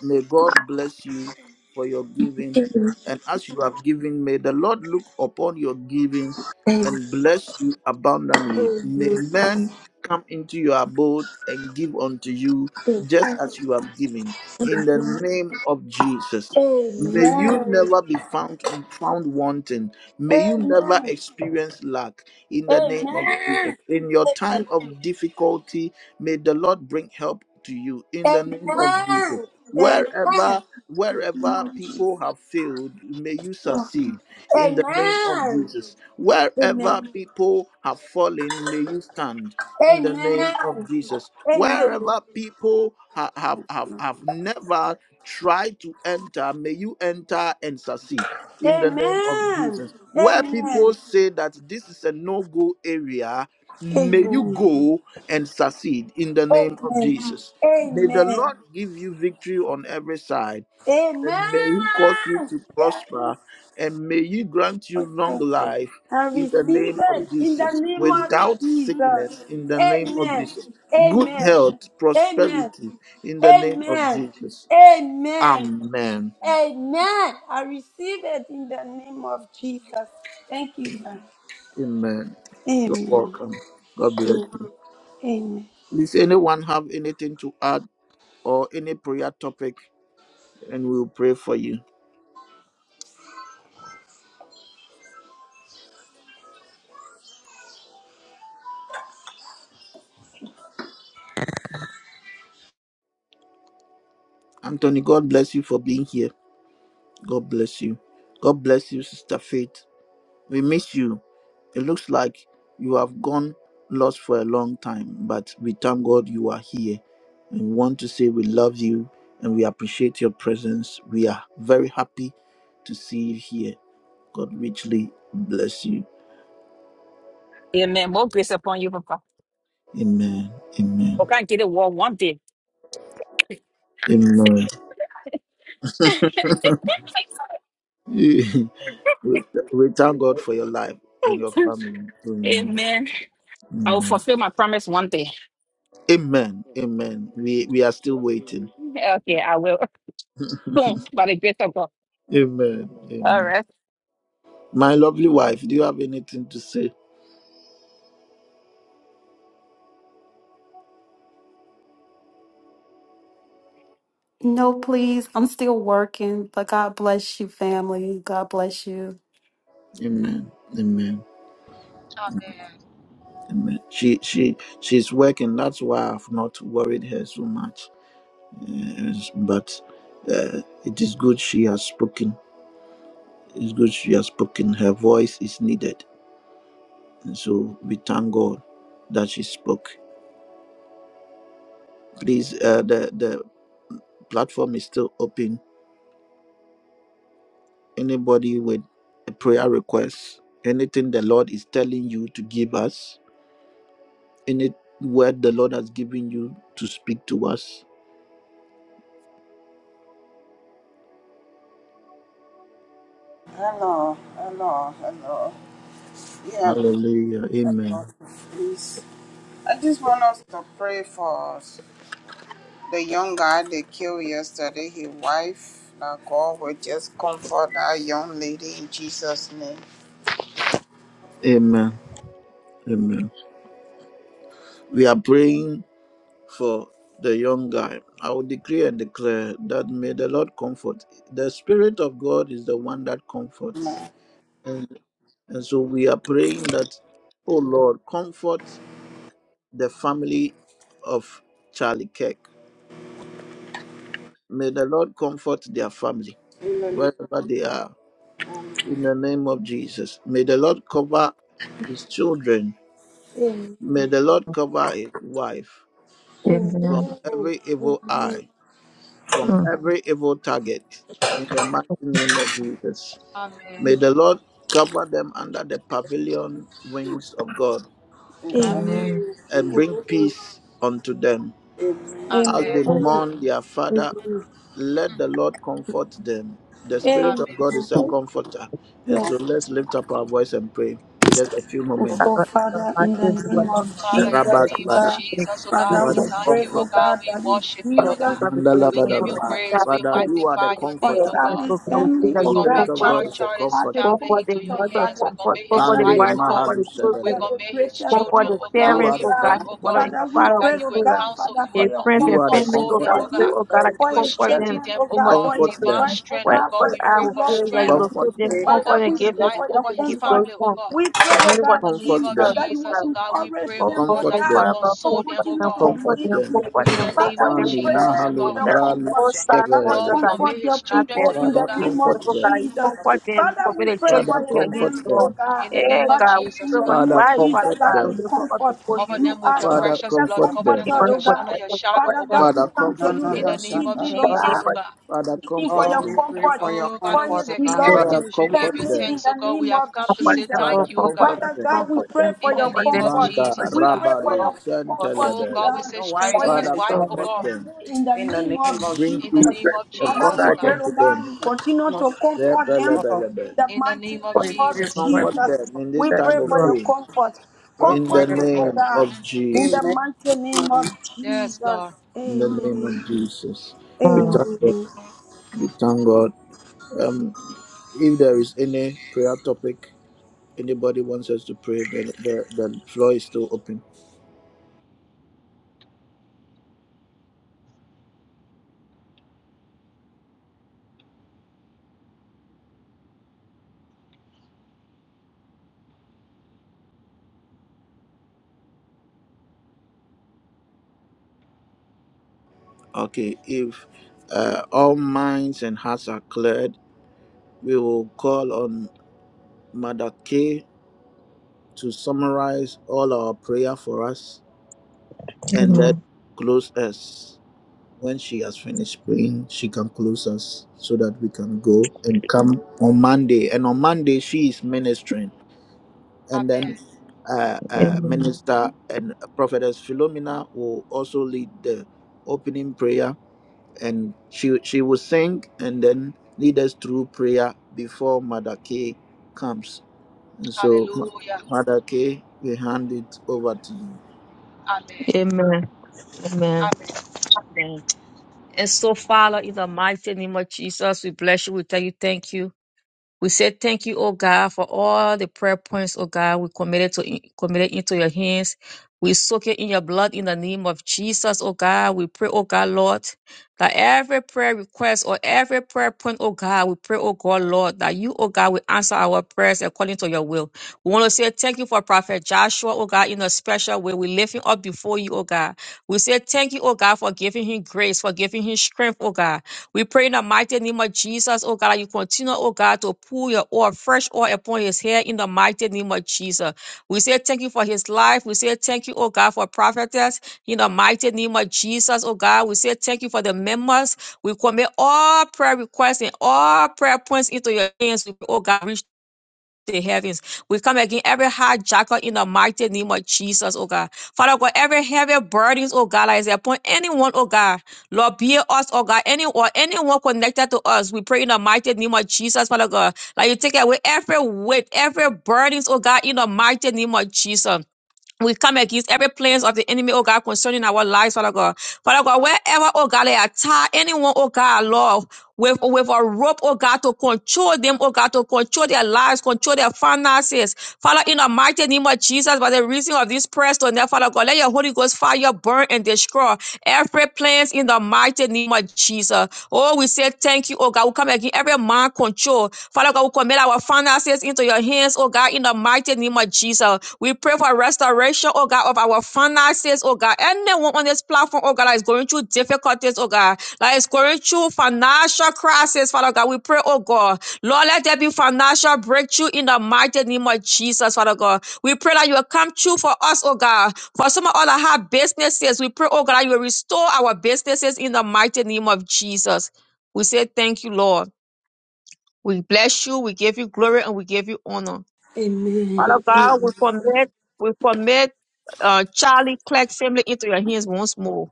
[SPEAKER 1] May God bless you for your giving. And as you have given, may the Lord look upon your giving and bless you abundantly. May men come into your abode and give unto you just as you have given. In the name of Jesus. May you
[SPEAKER 4] Amen.
[SPEAKER 1] never be found found wanting. May you never
[SPEAKER 4] Amen.
[SPEAKER 1] experience lack in the name of Jesus.
[SPEAKER 4] Amen.
[SPEAKER 1] In your
[SPEAKER 4] Amen.
[SPEAKER 1] time of difficulty, may the Lord bring help to you in the name of Jesus
[SPEAKER 4] Amen. Amen.
[SPEAKER 1] wherever wherever people have failed may you succeed in
[SPEAKER 4] Amen.
[SPEAKER 1] the name of jesus
[SPEAKER 4] Amen.
[SPEAKER 1] wherever people have fallen may you stand in the name
[SPEAKER 4] Amen.
[SPEAKER 1] of jesus
[SPEAKER 4] Amen.
[SPEAKER 1] wherever people ha- have have have never tried to enter may you enter and succeed in the name of
[SPEAKER 4] Amen.
[SPEAKER 1] jesus where people say that this is a no-go area may you
[SPEAKER 4] Amen.
[SPEAKER 1] go and succeed in the name of
[SPEAKER 4] Amen.
[SPEAKER 1] jesus May the Lord give you victory on every side,
[SPEAKER 4] Amen.
[SPEAKER 1] and may He cause you
[SPEAKER 4] Amen.
[SPEAKER 1] to
[SPEAKER 4] Yes,
[SPEAKER 1] prosper, and may He grant you long
[SPEAKER 4] Pastor.
[SPEAKER 1] life
[SPEAKER 4] I
[SPEAKER 1] in the
[SPEAKER 4] receive
[SPEAKER 1] name
[SPEAKER 4] it
[SPEAKER 1] of
[SPEAKER 4] in the
[SPEAKER 1] Jesus,
[SPEAKER 4] name of
[SPEAKER 1] without
[SPEAKER 4] Jesus.
[SPEAKER 1] sickness, in the name of
[SPEAKER 4] Amen.
[SPEAKER 1] Jesus, good
[SPEAKER 4] Amen.
[SPEAKER 1] health,
[SPEAKER 4] Amen.
[SPEAKER 1] prosperity, in the name of
[SPEAKER 4] Amen.
[SPEAKER 1] Jesus.
[SPEAKER 4] Amen.
[SPEAKER 1] Amen.
[SPEAKER 4] Amen. I receive it in the name of Jesus. Thank you, sir.
[SPEAKER 1] Amen. You're
[SPEAKER 4] Amen.
[SPEAKER 1] welcome. God bless
[SPEAKER 4] Amen.
[SPEAKER 1] you. Does anyone have anything to add or any prayer topic? And we'll pray for you. Anthony, God bless you for being here. God bless you. God bless you, Sister Faith. We miss you. It looks like you have gone lost for a long time, but we thank God you are here. And we want to say we love you and we appreciate your presence. We are very happy to see you here. God richly bless you.
[SPEAKER 7] Amen. More grace upon you, Papa.
[SPEAKER 1] Amen. Amen.
[SPEAKER 7] We can't get a war one day.
[SPEAKER 1] Amen. we we thank God for your life and your family. Amen.
[SPEAKER 7] Amen. I will
[SPEAKER 1] Amen.
[SPEAKER 7] fulfill my promise one day.
[SPEAKER 1] Amen. Amen. We we are still waiting.
[SPEAKER 7] Okay, I will. Soon, by the grace of God.
[SPEAKER 1] Amen.
[SPEAKER 7] All
[SPEAKER 1] Amen.
[SPEAKER 7] right.
[SPEAKER 1] My lovely wife, do you have anything to say?
[SPEAKER 8] No, please. I'm still working, but God bless you, family. God bless you.
[SPEAKER 1] Amen. Amen. Amen. She she she's working. That's why I've not worried her so much. Uh, but uh, it is good she has spoken. It's good she has spoken. Her voice is needed, and so we thank God that she spoke. Please, uh, the the platform is still open. Anybody with a prayer request, anything the Lord is telling you to give us, any word the Lord has given you to speak to us.
[SPEAKER 3] hello. Yeah,
[SPEAKER 1] Hallelujah. Amen.
[SPEAKER 3] hello, please. I just want us to pray for the young guy they killed yesterday, his wife. Now God will just comfort that young lady in Jesus' name.
[SPEAKER 1] Amen. Amen. We are praying for the young guy. I will decree and declare that may the Lord comfort. The Spirit of God is the one that comforts. And, and so we are praying that, oh Lord, comfort the family of Charlie Kirk. May the Lord comfort their family
[SPEAKER 3] Amen.
[SPEAKER 1] wherever they are. in the name of Jesus. May the Lord cover his children. May
[SPEAKER 4] Amen.
[SPEAKER 1] the Lord cover his wife
[SPEAKER 4] Amen.
[SPEAKER 1] from
[SPEAKER 5] Amen.
[SPEAKER 1] every evil
[SPEAKER 4] Amen.
[SPEAKER 1] eye, from
[SPEAKER 5] Hmm.
[SPEAKER 1] every evil target, in the mighty name of Jesus. May the Lord cover them under the pavilion wings of God
[SPEAKER 4] Amen. Amen.
[SPEAKER 2] Amen.
[SPEAKER 5] Amen.
[SPEAKER 2] Amen.
[SPEAKER 1] and bring peace unto them.
[SPEAKER 4] Amen.
[SPEAKER 1] As
[SPEAKER 2] Amen.
[SPEAKER 1] they
[SPEAKER 4] Amen.
[SPEAKER 1] mourn their father
[SPEAKER 4] Amen.
[SPEAKER 1] let
[SPEAKER 2] Mm.
[SPEAKER 1] the Lord comfort them. The Spirit
[SPEAKER 4] Amen.
[SPEAKER 1] of
[SPEAKER 2] Amen.
[SPEAKER 1] God is a
[SPEAKER 5] Okay.
[SPEAKER 1] comforter. And so
[SPEAKER 4] Yes.
[SPEAKER 1] let's lift up our voice and pray just a few
[SPEAKER 4] And
[SPEAKER 5] I
[SPEAKER 1] moments.
[SPEAKER 4] so,
[SPEAKER 5] got so
[SPEAKER 4] Father,
[SPEAKER 5] I
[SPEAKER 4] in the
[SPEAKER 5] did what
[SPEAKER 4] name of
[SPEAKER 5] you
[SPEAKER 2] Father,
[SPEAKER 5] do.
[SPEAKER 4] Jesus,
[SPEAKER 2] in the
[SPEAKER 5] but
[SPEAKER 4] oh
[SPEAKER 2] name of
[SPEAKER 5] I
[SPEAKER 1] Rabadabada.
[SPEAKER 4] God,
[SPEAKER 5] think
[SPEAKER 2] Jesus, oh God,
[SPEAKER 5] you
[SPEAKER 4] Father,
[SPEAKER 2] we
[SPEAKER 1] Father,
[SPEAKER 4] we
[SPEAKER 5] do.
[SPEAKER 2] thank
[SPEAKER 4] pray,
[SPEAKER 2] you, oh
[SPEAKER 1] comfort
[SPEAKER 4] oh
[SPEAKER 1] them.
[SPEAKER 2] God,
[SPEAKER 4] God,
[SPEAKER 2] we
[SPEAKER 4] that in
[SPEAKER 2] worship you,
[SPEAKER 5] Uh,
[SPEAKER 2] oh
[SPEAKER 4] Jesus'
[SPEAKER 2] God.
[SPEAKER 5] probably for the
[SPEAKER 2] We give
[SPEAKER 5] example,
[SPEAKER 2] you
[SPEAKER 5] the
[SPEAKER 1] Mandalabadaba.
[SPEAKER 2] praise, we
[SPEAKER 5] topic, I
[SPEAKER 1] Father,
[SPEAKER 5] think
[SPEAKER 1] you are the
[SPEAKER 2] magnify
[SPEAKER 5] you do.
[SPEAKER 2] your
[SPEAKER 4] for
[SPEAKER 2] name,
[SPEAKER 5] So, I
[SPEAKER 1] comforter.
[SPEAKER 2] oh
[SPEAKER 5] think
[SPEAKER 2] God.
[SPEAKER 5] you
[SPEAKER 4] Charlie's
[SPEAKER 5] can see
[SPEAKER 4] family,
[SPEAKER 1] The
[SPEAKER 5] that
[SPEAKER 2] We
[SPEAKER 4] oh
[SPEAKER 5] you are
[SPEAKER 4] God,
[SPEAKER 1] Spirit
[SPEAKER 2] commit
[SPEAKER 1] of
[SPEAKER 4] Father,
[SPEAKER 1] God
[SPEAKER 2] Charles
[SPEAKER 5] comforted,
[SPEAKER 1] is a
[SPEAKER 4] you
[SPEAKER 2] Charlie's
[SPEAKER 4] are the
[SPEAKER 1] comforter.
[SPEAKER 2] family
[SPEAKER 5] comforted,
[SPEAKER 2] into your
[SPEAKER 4] comforter,
[SPEAKER 5] mother,
[SPEAKER 2] hands. We
[SPEAKER 4] Father.
[SPEAKER 5] comfort,
[SPEAKER 2] commit his
[SPEAKER 5] comforted,
[SPEAKER 4] Father, you
[SPEAKER 2] wife,
[SPEAKER 1] Mande
[SPEAKER 5] wife,
[SPEAKER 2] oh
[SPEAKER 4] are the
[SPEAKER 2] God.
[SPEAKER 5] comforted,
[SPEAKER 2] We
[SPEAKER 5] children.
[SPEAKER 4] comforter,
[SPEAKER 1] Mahalushadalebe.
[SPEAKER 4] the
[SPEAKER 2] commit his
[SPEAKER 4] greatest
[SPEAKER 5] God, for
[SPEAKER 2] children,
[SPEAKER 5] the
[SPEAKER 2] oh
[SPEAKER 4] comforter,
[SPEAKER 1] You
[SPEAKER 2] God.
[SPEAKER 5] parents,
[SPEAKER 4] oh
[SPEAKER 1] are
[SPEAKER 2] We
[SPEAKER 1] the
[SPEAKER 5] oh
[SPEAKER 2] pray,
[SPEAKER 5] God,
[SPEAKER 4] God.
[SPEAKER 5] his
[SPEAKER 2] oh
[SPEAKER 1] comforter.
[SPEAKER 5] mother and
[SPEAKER 2] God,
[SPEAKER 5] his
[SPEAKER 4] Father, we
[SPEAKER 5] father,
[SPEAKER 4] pray,
[SPEAKER 2] that
[SPEAKER 5] oh
[SPEAKER 2] you
[SPEAKER 4] oh
[SPEAKER 2] will
[SPEAKER 5] God,
[SPEAKER 4] God,
[SPEAKER 2] counsel,
[SPEAKER 4] Father,
[SPEAKER 2] you
[SPEAKER 4] for
[SPEAKER 2] will,
[SPEAKER 5] their
[SPEAKER 4] your
[SPEAKER 5] friends
[SPEAKER 2] you
[SPEAKER 1] You
[SPEAKER 5] and
[SPEAKER 2] will
[SPEAKER 1] are the
[SPEAKER 4] comfort,
[SPEAKER 5] families,
[SPEAKER 2] console
[SPEAKER 5] oh
[SPEAKER 2] them,
[SPEAKER 5] God,
[SPEAKER 4] for
[SPEAKER 5] we
[SPEAKER 2] oh
[SPEAKER 1] comforter.
[SPEAKER 5] pray,
[SPEAKER 2] God.
[SPEAKER 4] him,
[SPEAKER 5] oh God, I
[SPEAKER 2] You
[SPEAKER 4] for
[SPEAKER 2] will
[SPEAKER 4] his
[SPEAKER 5] comfort them.
[SPEAKER 2] strengthen
[SPEAKER 4] children,
[SPEAKER 2] them,
[SPEAKER 4] oh
[SPEAKER 2] oh
[SPEAKER 5] You
[SPEAKER 4] God,
[SPEAKER 5] must
[SPEAKER 4] for
[SPEAKER 2] God.
[SPEAKER 4] his
[SPEAKER 1] Comfort
[SPEAKER 5] comfort.
[SPEAKER 2] Divine
[SPEAKER 4] wife,
[SPEAKER 1] them.
[SPEAKER 4] oh
[SPEAKER 2] strength,
[SPEAKER 5] Wherever
[SPEAKER 2] oh
[SPEAKER 4] God, for
[SPEAKER 2] God. We
[SPEAKER 4] his
[SPEAKER 5] I
[SPEAKER 2] pray
[SPEAKER 5] will
[SPEAKER 2] for
[SPEAKER 5] pray
[SPEAKER 4] beloved
[SPEAKER 5] that you
[SPEAKER 2] strength
[SPEAKER 4] family.
[SPEAKER 1] Comfort
[SPEAKER 5] locate them,
[SPEAKER 1] them.
[SPEAKER 2] over
[SPEAKER 5] comfort
[SPEAKER 4] Father,
[SPEAKER 5] and
[SPEAKER 4] we
[SPEAKER 2] his
[SPEAKER 5] give
[SPEAKER 4] pray
[SPEAKER 5] them
[SPEAKER 2] life,
[SPEAKER 4] for
[SPEAKER 5] strength
[SPEAKER 4] your
[SPEAKER 2] over
[SPEAKER 5] to
[SPEAKER 2] his
[SPEAKER 5] keep
[SPEAKER 4] comfort.
[SPEAKER 5] going
[SPEAKER 2] family, oh
[SPEAKER 5] on.
[SPEAKER 2] God.
[SPEAKER 4] We pray,
[SPEAKER 5] The name
[SPEAKER 4] Lord
[SPEAKER 2] In
[SPEAKER 5] of
[SPEAKER 4] God,
[SPEAKER 2] the
[SPEAKER 5] Jesus,
[SPEAKER 1] Comfort
[SPEAKER 2] name
[SPEAKER 4] Jesus,
[SPEAKER 2] of
[SPEAKER 5] oh
[SPEAKER 1] them.
[SPEAKER 4] that you will
[SPEAKER 2] Jesus,
[SPEAKER 5] God.
[SPEAKER 2] oh God, we
[SPEAKER 4] encourage
[SPEAKER 2] pray,
[SPEAKER 5] Comfort,
[SPEAKER 2] oh
[SPEAKER 4] them,
[SPEAKER 5] comfort,
[SPEAKER 2] God,
[SPEAKER 4] oh
[SPEAKER 1] Comfort
[SPEAKER 2] that
[SPEAKER 5] oh
[SPEAKER 2] you will
[SPEAKER 4] God,
[SPEAKER 1] them.
[SPEAKER 5] God,
[SPEAKER 4] to
[SPEAKER 2] console them,
[SPEAKER 5] comfort
[SPEAKER 2] oh
[SPEAKER 4] continue
[SPEAKER 5] them,
[SPEAKER 4] to
[SPEAKER 2] God.
[SPEAKER 5] comfort
[SPEAKER 1] Comfort
[SPEAKER 4] believe
[SPEAKER 5] them,
[SPEAKER 4] in
[SPEAKER 1] them.
[SPEAKER 4] you.
[SPEAKER 5] comfort
[SPEAKER 2] In
[SPEAKER 5] them,
[SPEAKER 2] the name
[SPEAKER 5] comfort
[SPEAKER 4] Father,
[SPEAKER 2] of
[SPEAKER 4] we
[SPEAKER 5] them,
[SPEAKER 1] Mandi
[SPEAKER 5] oh God.
[SPEAKER 2] Jesus,
[SPEAKER 4] pray
[SPEAKER 2] oh
[SPEAKER 4] for
[SPEAKER 2] God.
[SPEAKER 1] Mahalu
[SPEAKER 4] your comfort.
[SPEAKER 1] Ralus
[SPEAKER 4] Father,
[SPEAKER 2] Lord, we're
[SPEAKER 1] Keverelus.
[SPEAKER 2] going to
[SPEAKER 4] comfort
[SPEAKER 2] make his
[SPEAKER 4] your
[SPEAKER 2] children
[SPEAKER 4] people
[SPEAKER 2] to you,
[SPEAKER 4] in
[SPEAKER 2] oh
[SPEAKER 1] Father,
[SPEAKER 4] the
[SPEAKER 5] We
[SPEAKER 2] God.
[SPEAKER 4] name
[SPEAKER 5] pray,
[SPEAKER 1] comfort
[SPEAKER 4] of
[SPEAKER 5] oh
[SPEAKER 1] them.
[SPEAKER 5] God, you
[SPEAKER 4] Jesus.
[SPEAKER 5] comfort them,
[SPEAKER 4] Father,
[SPEAKER 5] commit
[SPEAKER 4] we
[SPEAKER 5] the
[SPEAKER 4] pray
[SPEAKER 5] church
[SPEAKER 4] for
[SPEAKER 1] Father,
[SPEAKER 5] people
[SPEAKER 4] your
[SPEAKER 5] in your
[SPEAKER 1] comfort
[SPEAKER 5] hands,
[SPEAKER 4] family,
[SPEAKER 5] Lord.
[SPEAKER 4] oh
[SPEAKER 1] them.
[SPEAKER 4] God.
[SPEAKER 2] In the
[SPEAKER 5] Eh,
[SPEAKER 2] name of
[SPEAKER 4] Father,
[SPEAKER 5] God, we
[SPEAKER 4] it's
[SPEAKER 2] Jesus,
[SPEAKER 4] in
[SPEAKER 2] oh
[SPEAKER 5] pray for
[SPEAKER 2] God.
[SPEAKER 5] the
[SPEAKER 4] you,
[SPEAKER 1] Father,
[SPEAKER 5] wise, Father
[SPEAKER 4] Jesus,
[SPEAKER 1] comfort
[SPEAKER 4] that
[SPEAKER 5] God, we
[SPEAKER 4] you
[SPEAKER 1] them.
[SPEAKER 5] lift up
[SPEAKER 4] comfort.
[SPEAKER 5] before
[SPEAKER 2] Cover
[SPEAKER 5] you,
[SPEAKER 4] You
[SPEAKER 2] them with
[SPEAKER 4] are
[SPEAKER 2] your
[SPEAKER 4] the
[SPEAKER 1] Father,
[SPEAKER 2] precious
[SPEAKER 4] greatest
[SPEAKER 2] blood.
[SPEAKER 1] comfort
[SPEAKER 2] Cover them
[SPEAKER 5] we
[SPEAKER 1] them.
[SPEAKER 5] pray
[SPEAKER 2] with
[SPEAKER 4] comforter,
[SPEAKER 2] your
[SPEAKER 4] oh
[SPEAKER 5] for
[SPEAKER 2] under
[SPEAKER 4] God.
[SPEAKER 5] them,
[SPEAKER 2] your shadow,
[SPEAKER 5] comfort
[SPEAKER 2] oh
[SPEAKER 4] Father
[SPEAKER 5] them,
[SPEAKER 2] God.
[SPEAKER 4] God, we
[SPEAKER 1] Father,
[SPEAKER 4] come to
[SPEAKER 1] comfort
[SPEAKER 4] you
[SPEAKER 2] In
[SPEAKER 1] them.
[SPEAKER 2] the
[SPEAKER 4] this
[SPEAKER 2] name of
[SPEAKER 4] evening, oh
[SPEAKER 5] we
[SPEAKER 2] Jesus,
[SPEAKER 4] God
[SPEAKER 2] oh
[SPEAKER 5] pray for
[SPEAKER 2] God.
[SPEAKER 1] Father,
[SPEAKER 4] seeking for
[SPEAKER 1] comfort
[SPEAKER 3] Oh,
[SPEAKER 4] your
[SPEAKER 3] we
[SPEAKER 1] them.
[SPEAKER 3] pray
[SPEAKER 4] comfort
[SPEAKER 3] for your
[SPEAKER 2] Oh,
[SPEAKER 4] for
[SPEAKER 2] Father, we
[SPEAKER 3] comfort,
[SPEAKER 4] his
[SPEAKER 3] O
[SPEAKER 2] say in
[SPEAKER 3] God.
[SPEAKER 4] beloved
[SPEAKER 5] them,
[SPEAKER 2] everything
[SPEAKER 1] Father,
[SPEAKER 2] we should give
[SPEAKER 1] comfort
[SPEAKER 2] you
[SPEAKER 4] family
[SPEAKER 1] them.
[SPEAKER 4] in
[SPEAKER 2] thanks, oh
[SPEAKER 4] the
[SPEAKER 2] God. We
[SPEAKER 4] name of
[SPEAKER 2] have come to
[SPEAKER 5] comfort
[SPEAKER 2] say
[SPEAKER 5] them,
[SPEAKER 4] Jesus.
[SPEAKER 1] Father,
[SPEAKER 5] Lord,
[SPEAKER 2] thank you, oh
[SPEAKER 5] comfort
[SPEAKER 2] God.
[SPEAKER 1] comfort
[SPEAKER 5] them,
[SPEAKER 4] Father
[SPEAKER 1] them.
[SPEAKER 4] God, we
[SPEAKER 5] comfort
[SPEAKER 4] pray
[SPEAKER 5] them,
[SPEAKER 4] for
[SPEAKER 2] In the
[SPEAKER 3] in
[SPEAKER 4] your
[SPEAKER 5] comfort
[SPEAKER 2] name
[SPEAKER 5] them,
[SPEAKER 2] of
[SPEAKER 5] in the
[SPEAKER 4] comfort.
[SPEAKER 5] name
[SPEAKER 1] Manda
[SPEAKER 5] of
[SPEAKER 2] Jesus, oh
[SPEAKER 4] We
[SPEAKER 2] God.
[SPEAKER 4] pray
[SPEAKER 5] Jesus.
[SPEAKER 4] for
[SPEAKER 1] Rabado
[SPEAKER 4] your comfort,
[SPEAKER 2] Oh
[SPEAKER 4] oh
[SPEAKER 2] God, we
[SPEAKER 1] Santelebelebe.
[SPEAKER 4] God,
[SPEAKER 2] say
[SPEAKER 4] for
[SPEAKER 2] strengthen
[SPEAKER 4] your
[SPEAKER 2] his
[SPEAKER 5] Silence,
[SPEAKER 1] Father,
[SPEAKER 2] wife, oh
[SPEAKER 4] servant
[SPEAKER 5] Lord,
[SPEAKER 1] comfort
[SPEAKER 2] God.
[SPEAKER 1] them.
[SPEAKER 4] family in the name of
[SPEAKER 1] Bring
[SPEAKER 2] In the
[SPEAKER 5] the
[SPEAKER 1] peace
[SPEAKER 4] Jesus.
[SPEAKER 2] name
[SPEAKER 5] spirit
[SPEAKER 2] of
[SPEAKER 5] of
[SPEAKER 1] and
[SPEAKER 4] Father,
[SPEAKER 2] Jesus,
[SPEAKER 5] God,
[SPEAKER 4] we
[SPEAKER 2] oh
[SPEAKER 1] comfort
[SPEAKER 5] and
[SPEAKER 4] pray,
[SPEAKER 2] God.
[SPEAKER 1] unto
[SPEAKER 4] oh God,
[SPEAKER 1] them.
[SPEAKER 4] you
[SPEAKER 3] the
[SPEAKER 4] continue
[SPEAKER 3] name of
[SPEAKER 4] to comfort them
[SPEAKER 3] Jesus.
[SPEAKER 4] in
[SPEAKER 1] Rebelebelebe.
[SPEAKER 4] the
[SPEAKER 2] In the
[SPEAKER 4] mighty
[SPEAKER 2] name of
[SPEAKER 5] comfort
[SPEAKER 4] name
[SPEAKER 5] them in
[SPEAKER 4] of
[SPEAKER 5] the
[SPEAKER 3] reproof,
[SPEAKER 2] Jesus.
[SPEAKER 5] name of
[SPEAKER 3] yep.
[SPEAKER 1] Comfort
[SPEAKER 4] Jesus.
[SPEAKER 1] them in this
[SPEAKER 4] We
[SPEAKER 5] Jesus,
[SPEAKER 4] pray
[SPEAKER 1] time
[SPEAKER 4] for
[SPEAKER 1] of
[SPEAKER 5] Lord.
[SPEAKER 4] your
[SPEAKER 1] pain.
[SPEAKER 4] comfort.
[SPEAKER 1] In the
[SPEAKER 4] Comfort them,
[SPEAKER 3] reproof
[SPEAKER 4] oh
[SPEAKER 3] her.
[SPEAKER 1] name
[SPEAKER 4] God,
[SPEAKER 1] of
[SPEAKER 2] Mm.
[SPEAKER 4] in
[SPEAKER 1] Jesus.
[SPEAKER 4] the
[SPEAKER 3] Amen.
[SPEAKER 4] mighty name of
[SPEAKER 3] Amen.
[SPEAKER 2] Yes,
[SPEAKER 4] Jesus.
[SPEAKER 2] Lord.
[SPEAKER 1] In the name of
[SPEAKER 4] Amen.
[SPEAKER 1] Jesus. We
[SPEAKER 5] Mm.
[SPEAKER 1] thank God.
[SPEAKER 4] Amen.
[SPEAKER 1] We thank God. Um, if there is any prayer topic, anybody wants us to pray, the, the, the floor is still open. Okay, if uh, all minds and hearts are cleared, we will call on Mother K to summarize all our prayer for us and then
[SPEAKER 5] Amen.
[SPEAKER 1] close us. When she has finished praying, she can close us so that we can go and come on Monday. And on Monday, she is ministering. and
[SPEAKER 2] Amen.
[SPEAKER 1] then uh, uh, minister and prophetess Philomena will also lead the opening prayer, and she she will sing and then lead us through prayer before Mother K comes. And so, Ma-
[SPEAKER 2] Hallelujah.
[SPEAKER 1] Mother K, we hand it over to you.
[SPEAKER 2] Amen.
[SPEAKER 5] Amen. Amen.
[SPEAKER 2] Amen.
[SPEAKER 5] Amen. And so, Father, in the mighty name of Jesus, we bless you. We tell you, thank you. We say thank you, oh God, for all the prayer points, oh God, we committed to committed into your hands. We soak it in your blood in the name of Jesus, oh God. We pray, oh God, Lord, that every prayer request or every prayer point, oh God, we pray, oh God, Lord, that you, oh God, will answer our prayers according to your will. We want to say thank you for Prophet Joshua, oh God, in a special way. We lift him up before you, oh God. We say thank you, oh God, for giving him grace, for giving him strength, oh God. We pray in the mighty name of Jesus, oh God, that you continue, oh God, to pour your oil, fresh oil upon his head in the mighty name of Jesus. We say thank you for his life. We say thank you, oh God, for prophetess in the mighty name of Jesus, oh God. We say thank you for the members. We commit all prayer requests and all prayer points into your hands, oh God the heavens. We come again every hijacker in the mighty name of Jesus, oh God. Father God, every heavy burdens, oh God, that is upon anyone, oh God. Lord, be it us, oh God, any or anyone connected to us. We pray in the mighty name of Jesus, Father God. Like you take away every weight, every burdens, oh God, in the mighty name of Jesus. We come against every plans of the enemy, oh God, concerning our lives, Father God. Father God, wherever, oh God, they are tied, anyone, oh God, Lord, with, with a rope, oh God, to control them, oh God, to control their lives, control their finances. Father, in the mighty name of Jesus, by the reason of this prayer tonight, Father God, let your Holy Ghost fire burn and destroy every plans praise in the mighty name of Jesus. Oh, we say thank you, oh God. We come again every man control. Father God, we commit our finances into your hands, oh God, in the mighty name of Jesus. We pray for restoration, oh God, of our finances, oh God. Anyone on this platform, oh God, that is going through difficulties, oh God, that is going through financial crisis, Father God, we pray, oh God, Lord, let there be financial breakthrough in the mighty name of Jesus, Father God. We pray that you will come true for us, oh God. For some of all that have businesses, we pray, oh God, that you will restore our businesses in the mighty name of Jesus. We say thank you, Lord. We bless you, we give you glory, and we give you honor.
[SPEAKER 4] Amen.
[SPEAKER 5] Father God, we commit, we commit uh, Charlie Clark's family into your hands once more.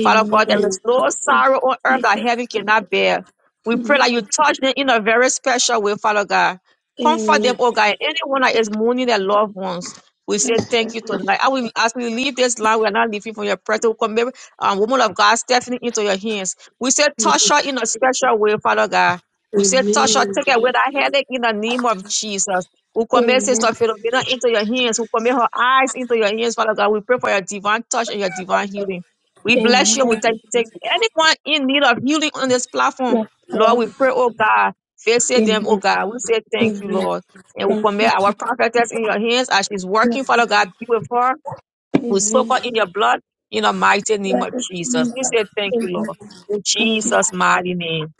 [SPEAKER 5] Father God, there is no sorrow on earth that heaven cannot bear. We pray that you touch them in a very special way, Father God. Comfort
[SPEAKER 4] Amen.
[SPEAKER 5] them, oh God. Anyone that is mourning their loved ones, we say thank you tonight. I will, as we leave this land, we are not leaving from your presence. We commit um, woman of God, Stephanie, into your hands. We say touch her in a special way, Father God. We say touch her, take away that headache in the name of Jesus. We commit Sister
[SPEAKER 4] Amen.
[SPEAKER 5] Philomena into your hands. We commit her eyes into your hands, Father God. We pray for your divine touch and your divine healing. We bless you. We
[SPEAKER 4] Amen.
[SPEAKER 5] thank you. Take anyone in need of healing on this platform,
[SPEAKER 4] Yes,
[SPEAKER 5] Lord.
[SPEAKER 4] Lord.
[SPEAKER 5] We pray, oh God, visit them, oh
[SPEAKER 4] Amen.
[SPEAKER 5] God. We say thank you,
[SPEAKER 4] Amen.
[SPEAKER 5] Lord. And we
[SPEAKER 4] Thank you.
[SPEAKER 5] commit our prophetess in your hands as she's working, Father God. Be with her. We soak
[SPEAKER 4] Amen.
[SPEAKER 5] her in your blood in the mighty name
[SPEAKER 4] Lord
[SPEAKER 5] of
[SPEAKER 4] of
[SPEAKER 5] Jesus.
[SPEAKER 4] Jesus.
[SPEAKER 5] We say thank you,
[SPEAKER 4] Amen.
[SPEAKER 5] Lord. In
[SPEAKER 4] Thank you.
[SPEAKER 5] Jesus' mighty name.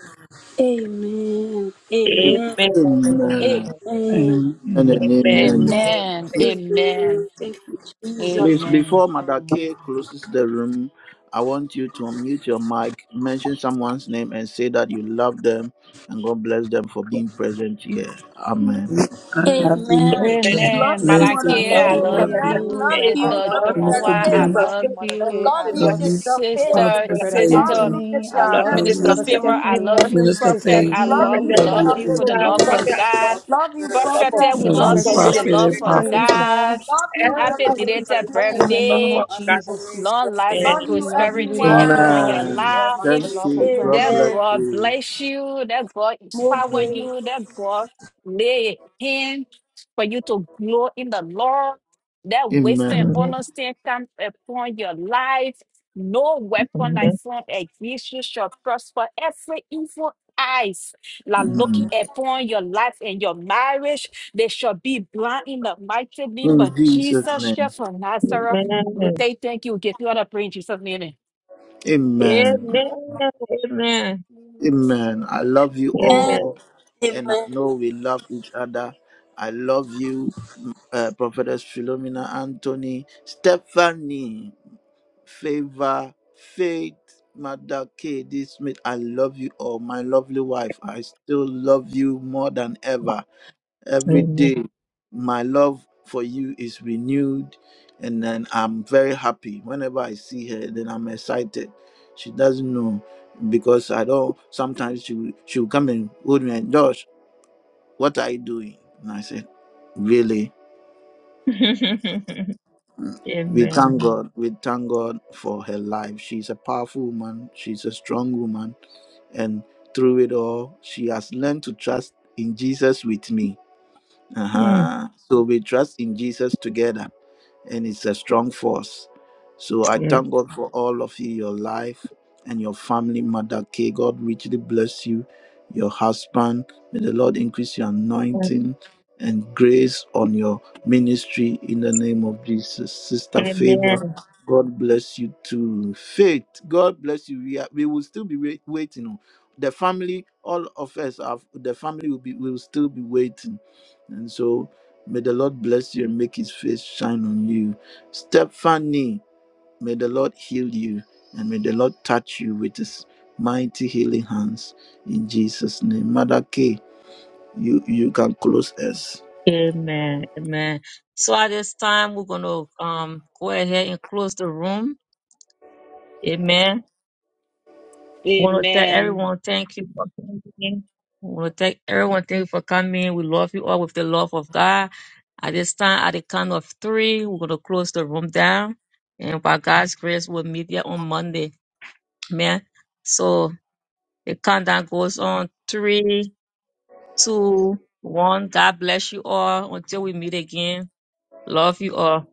[SPEAKER 4] Amen. Amen.
[SPEAKER 5] Amen.
[SPEAKER 1] Amen
[SPEAKER 4] Amen.
[SPEAKER 1] and
[SPEAKER 5] Amen.
[SPEAKER 6] Amen. Amen.
[SPEAKER 1] amen.
[SPEAKER 4] Hallelujah.
[SPEAKER 5] Amen.
[SPEAKER 7] Amen.
[SPEAKER 4] Amen.
[SPEAKER 7] Amen.
[SPEAKER 4] Thank you, Jesus.
[SPEAKER 1] Please,
[SPEAKER 7] Amen.
[SPEAKER 1] before Mother K closes the room, I want you to unmute your mic, mention someone's name, and say that you love them and God bless them for being present here. Amen.
[SPEAKER 6] I love you,
[SPEAKER 5] Amen.
[SPEAKER 4] Amen.
[SPEAKER 6] Mother Kay.
[SPEAKER 4] Love
[SPEAKER 7] Amen.
[SPEAKER 4] you,
[SPEAKER 7] Malachi,
[SPEAKER 6] Blessings.
[SPEAKER 5] Lord,
[SPEAKER 7] I
[SPEAKER 6] I
[SPEAKER 5] we pray
[SPEAKER 7] love
[SPEAKER 4] Mordecai.
[SPEAKER 6] love
[SPEAKER 5] that your
[SPEAKER 6] you.
[SPEAKER 7] you.
[SPEAKER 4] Love
[SPEAKER 5] favor,
[SPEAKER 4] you,
[SPEAKER 7] Sister
[SPEAKER 5] Lord,
[SPEAKER 2] I love
[SPEAKER 6] Minister
[SPEAKER 4] Prophetess
[SPEAKER 7] Domowa, I
[SPEAKER 5] is
[SPEAKER 6] D.
[SPEAKER 5] the
[SPEAKER 4] Favor.
[SPEAKER 7] love
[SPEAKER 5] field, Lord,
[SPEAKER 7] you.
[SPEAKER 4] Love
[SPEAKER 5] this is
[SPEAKER 4] you,
[SPEAKER 5] the
[SPEAKER 6] Love you.
[SPEAKER 4] Sister
[SPEAKER 5] Lord,
[SPEAKER 4] Faith.
[SPEAKER 5] we
[SPEAKER 7] Sister,
[SPEAKER 5] pray
[SPEAKER 6] Father
[SPEAKER 5] that the
[SPEAKER 4] Love
[SPEAKER 7] sister,
[SPEAKER 5] Lord
[SPEAKER 6] favor.
[SPEAKER 4] you, Sister
[SPEAKER 7] uh,
[SPEAKER 3] Now
[SPEAKER 6] Love
[SPEAKER 3] you
[SPEAKER 5] is the
[SPEAKER 3] are
[SPEAKER 6] you.
[SPEAKER 7] Minister
[SPEAKER 5] step,
[SPEAKER 7] Favor,
[SPEAKER 2] Sister
[SPEAKER 4] Stephanie.
[SPEAKER 7] I love
[SPEAKER 5] Lord,
[SPEAKER 2] Stephanie,
[SPEAKER 5] we
[SPEAKER 7] you.
[SPEAKER 6] Minister
[SPEAKER 7] Prophet,
[SPEAKER 2] Sister
[SPEAKER 6] Faith,
[SPEAKER 7] I
[SPEAKER 4] Love
[SPEAKER 5] pray
[SPEAKER 7] love,
[SPEAKER 4] you,
[SPEAKER 2] D,
[SPEAKER 7] we
[SPEAKER 5] that
[SPEAKER 6] love
[SPEAKER 5] I
[SPEAKER 7] love
[SPEAKER 6] you,
[SPEAKER 4] Sister
[SPEAKER 5] is
[SPEAKER 7] you for the
[SPEAKER 6] and
[SPEAKER 5] the
[SPEAKER 7] love
[SPEAKER 4] Philomena.
[SPEAKER 7] of
[SPEAKER 5] prophet of
[SPEAKER 2] Prophetess,
[SPEAKER 5] God,
[SPEAKER 7] God.
[SPEAKER 3] prophet,
[SPEAKER 4] Love you,
[SPEAKER 5] the love
[SPEAKER 7] Prophet,
[SPEAKER 5] of
[SPEAKER 4] Prophet.
[SPEAKER 5] God,
[SPEAKER 7] we
[SPEAKER 6] love
[SPEAKER 5] the
[SPEAKER 4] Love
[SPEAKER 7] love
[SPEAKER 6] you,
[SPEAKER 5] love
[SPEAKER 4] you,
[SPEAKER 7] you
[SPEAKER 5] of
[SPEAKER 7] with
[SPEAKER 3] apostle,
[SPEAKER 7] the
[SPEAKER 5] God,
[SPEAKER 2] Prophetess
[SPEAKER 6] prophet
[SPEAKER 4] Prophet.
[SPEAKER 7] love
[SPEAKER 6] and
[SPEAKER 7] of
[SPEAKER 6] prophetess.
[SPEAKER 2] Telisha,
[SPEAKER 7] God.
[SPEAKER 4] Love you,
[SPEAKER 5] and the
[SPEAKER 7] Happy
[SPEAKER 4] Brother
[SPEAKER 5] love of
[SPEAKER 7] belated
[SPEAKER 2] in
[SPEAKER 5] the
[SPEAKER 4] Anthony.
[SPEAKER 2] the
[SPEAKER 5] love
[SPEAKER 2] name
[SPEAKER 7] birthday
[SPEAKER 2] of
[SPEAKER 5] of God,
[SPEAKER 3] unto
[SPEAKER 2] Jesus.
[SPEAKER 3] me,
[SPEAKER 7] long life
[SPEAKER 3] definite.
[SPEAKER 7] and
[SPEAKER 5] amen.
[SPEAKER 4] Love
[SPEAKER 9] You're
[SPEAKER 2] We
[SPEAKER 4] you,
[SPEAKER 2] love you, we
[SPEAKER 7] prosperity
[SPEAKER 3] Now
[SPEAKER 2] love you, we
[SPEAKER 4] everyone.
[SPEAKER 7] upon
[SPEAKER 3] you
[SPEAKER 2] love
[SPEAKER 7] your
[SPEAKER 2] you, we
[SPEAKER 1] Amen.
[SPEAKER 2] love
[SPEAKER 7] life.
[SPEAKER 2] you with the
[SPEAKER 3] are
[SPEAKER 1] Thank
[SPEAKER 2] love
[SPEAKER 1] you.
[SPEAKER 2] of
[SPEAKER 1] God
[SPEAKER 7] That
[SPEAKER 2] Christ.
[SPEAKER 1] bless
[SPEAKER 4] Amen.
[SPEAKER 7] God
[SPEAKER 1] you.
[SPEAKER 7] bless you. That God
[SPEAKER 4] More
[SPEAKER 7] empower
[SPEAKER 4] grace.
[SPEAKER 7] you. That God lay a hand for you to grow in the Lord. That wisdom
[SPEAKER 1] Amen.
[SPEAKER 7] and understanding come upon your life. No weapon that
[SPEAKER 5] Amen.
[SPEAKER 7] formed against you shall prosper. Every evil eyes that looking upon your life and your marriage, they shall be blind in the mighty name of
[SPEAKER 1] In Jesus'
[SPEAKER 7] Jesus
[SPEAKER 1] name.
[SPEAKER 7] Christ of Nazareth.
[SPEAKER 5] Amen.
[SPEAKER 7] We say thank you. We give you all the praise in Jesus' name.
[SPEAKER 1] Amen.
[SPEAKER 5] Amen.
[SPEAKER 1] Amen. I love you
[SPEAKER 5] Amen.
[SPEAKER 1] all, and I
[SPEAKER 4] Amen.
[SPEAKER 1] know we love each other. I love you, uh, Prophetess Philomena Anthony, Stephanie. Favor, Faith, Mother K, D. Smith, I love you all. My lovely wife, I still love you more than ever. Every
[SPEAKER 5] Amen.
[SPEAKER 1] day, my love for you is renewed, and then I'm very happy. Whenever I see her, then I'm excited. She doesn't know because I don't. Sometimes she will- she will come and hold me and Josh, what are you doing? And I said, really. We thank God. We thank God for her life. She's a powerful woman. She's a strong woman. And through it all, she has learned to trust in Jesus with me.
[SPEAKER 5] Mm.
[SPEAKER 1] Uh-huh. So we trust in Jesus together, and it's a strong force. So I thank God for all of you, your life and your family, Mother K. God richly bless you, your husband. May the Lord increase your anointing and grace on your ministry in the name of Jesus. Sister Favor, God bless you too. Faith, God bless you. We, are, we will still be wait, waiting. The family, all of us, have, the family will be will still be waiting and so may the Lord bless you and make his face shine on you. Stephanie, may the Lord heal you and may the Lord touch you with his mighty healing hands in Jesus' name. Mother K, you, you can close us.
[SPEAKER 5] Amen. Amen. So at this time, we're going to um go ahead and close the room. Amen. Want to tell
[SPEAKER 7] Amen.
[SPEAKER 5] everyone thank you for coming. We Want to tell everyone thank you for coming. We love you all with the love of God. At this time, at the count of three, we're gonna close the room down, and by God's grace, we'll meet again on Monday, Amen. So the countdown goes on: three, two, one. God bless you all until we meet again. Love you all.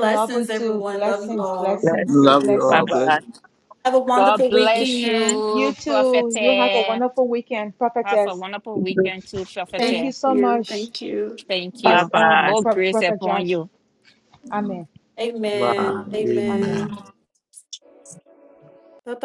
[SPEAKER 2] Love you too.
[SPEAKER 8] everyone. Love you
[SPEAKER 2] Blessings,
[SPEAKER 8] all.
[SPEAKER 5] Bless
[SPEAKER 2] blessings,
[SPEAKER 5] you.
[SPEAKER 1] Love you
[SPEAKER 5] Bye
[SPEAKER 1] all.
[SPEAKER 2] blessings.
[SPEAKER 1] Bless
[SPEAKER 5] bye.
[SPEAKER 1] you.
[SPEAKER 8] Have a
[SPEAKER 7] God
[SPEAKER 8] wonderful
[SPEAKER 7] bless
[SPEAKER 8] weekend.
[SPEAKER 2] You
[SPEAKER 7] you, Prophet.
[SPEAKER 2] too. You have a
[SPEAKER 7] Have
[SPEAKER 2] wonderful weekend,
[SPEAKER 7] a
[SPEAKER 2] Prophetess.
[SPEAKER 7] wonderful weekend too, Prophet.
[SPEAKER 2] Thank
[SPEAKER 8] Thank
[SPEAKER 2] you so
[SPEAKER 8] you.
[SPEAKER 2] much,
[SPEAKER 8] Thank you.
[SPEAKER 7] Thank
[SPEAKER 5] Bye
[SPEAKER 7] you.
[SPEAKER 2] Pastor, um,
[SPEAKER 5] bye.
[SPEAKER 7] More
[SPEAKER 2] Pro-
[SPEAKER 7] grace
[SPEAKER 2] Prophet
[SPEAKER 7] upon
[SPEAKER 2] Josh.
[SPEAKER 7] you.
[SPEAKER 2] Amen.
[SPEAKER 1] Bye.
[SPEAKER 8] Amen.
[SPEAKER 2] Amen.
[SPEAKER 1] Amen.
[SPEAKER 8] Amen. Bye bye.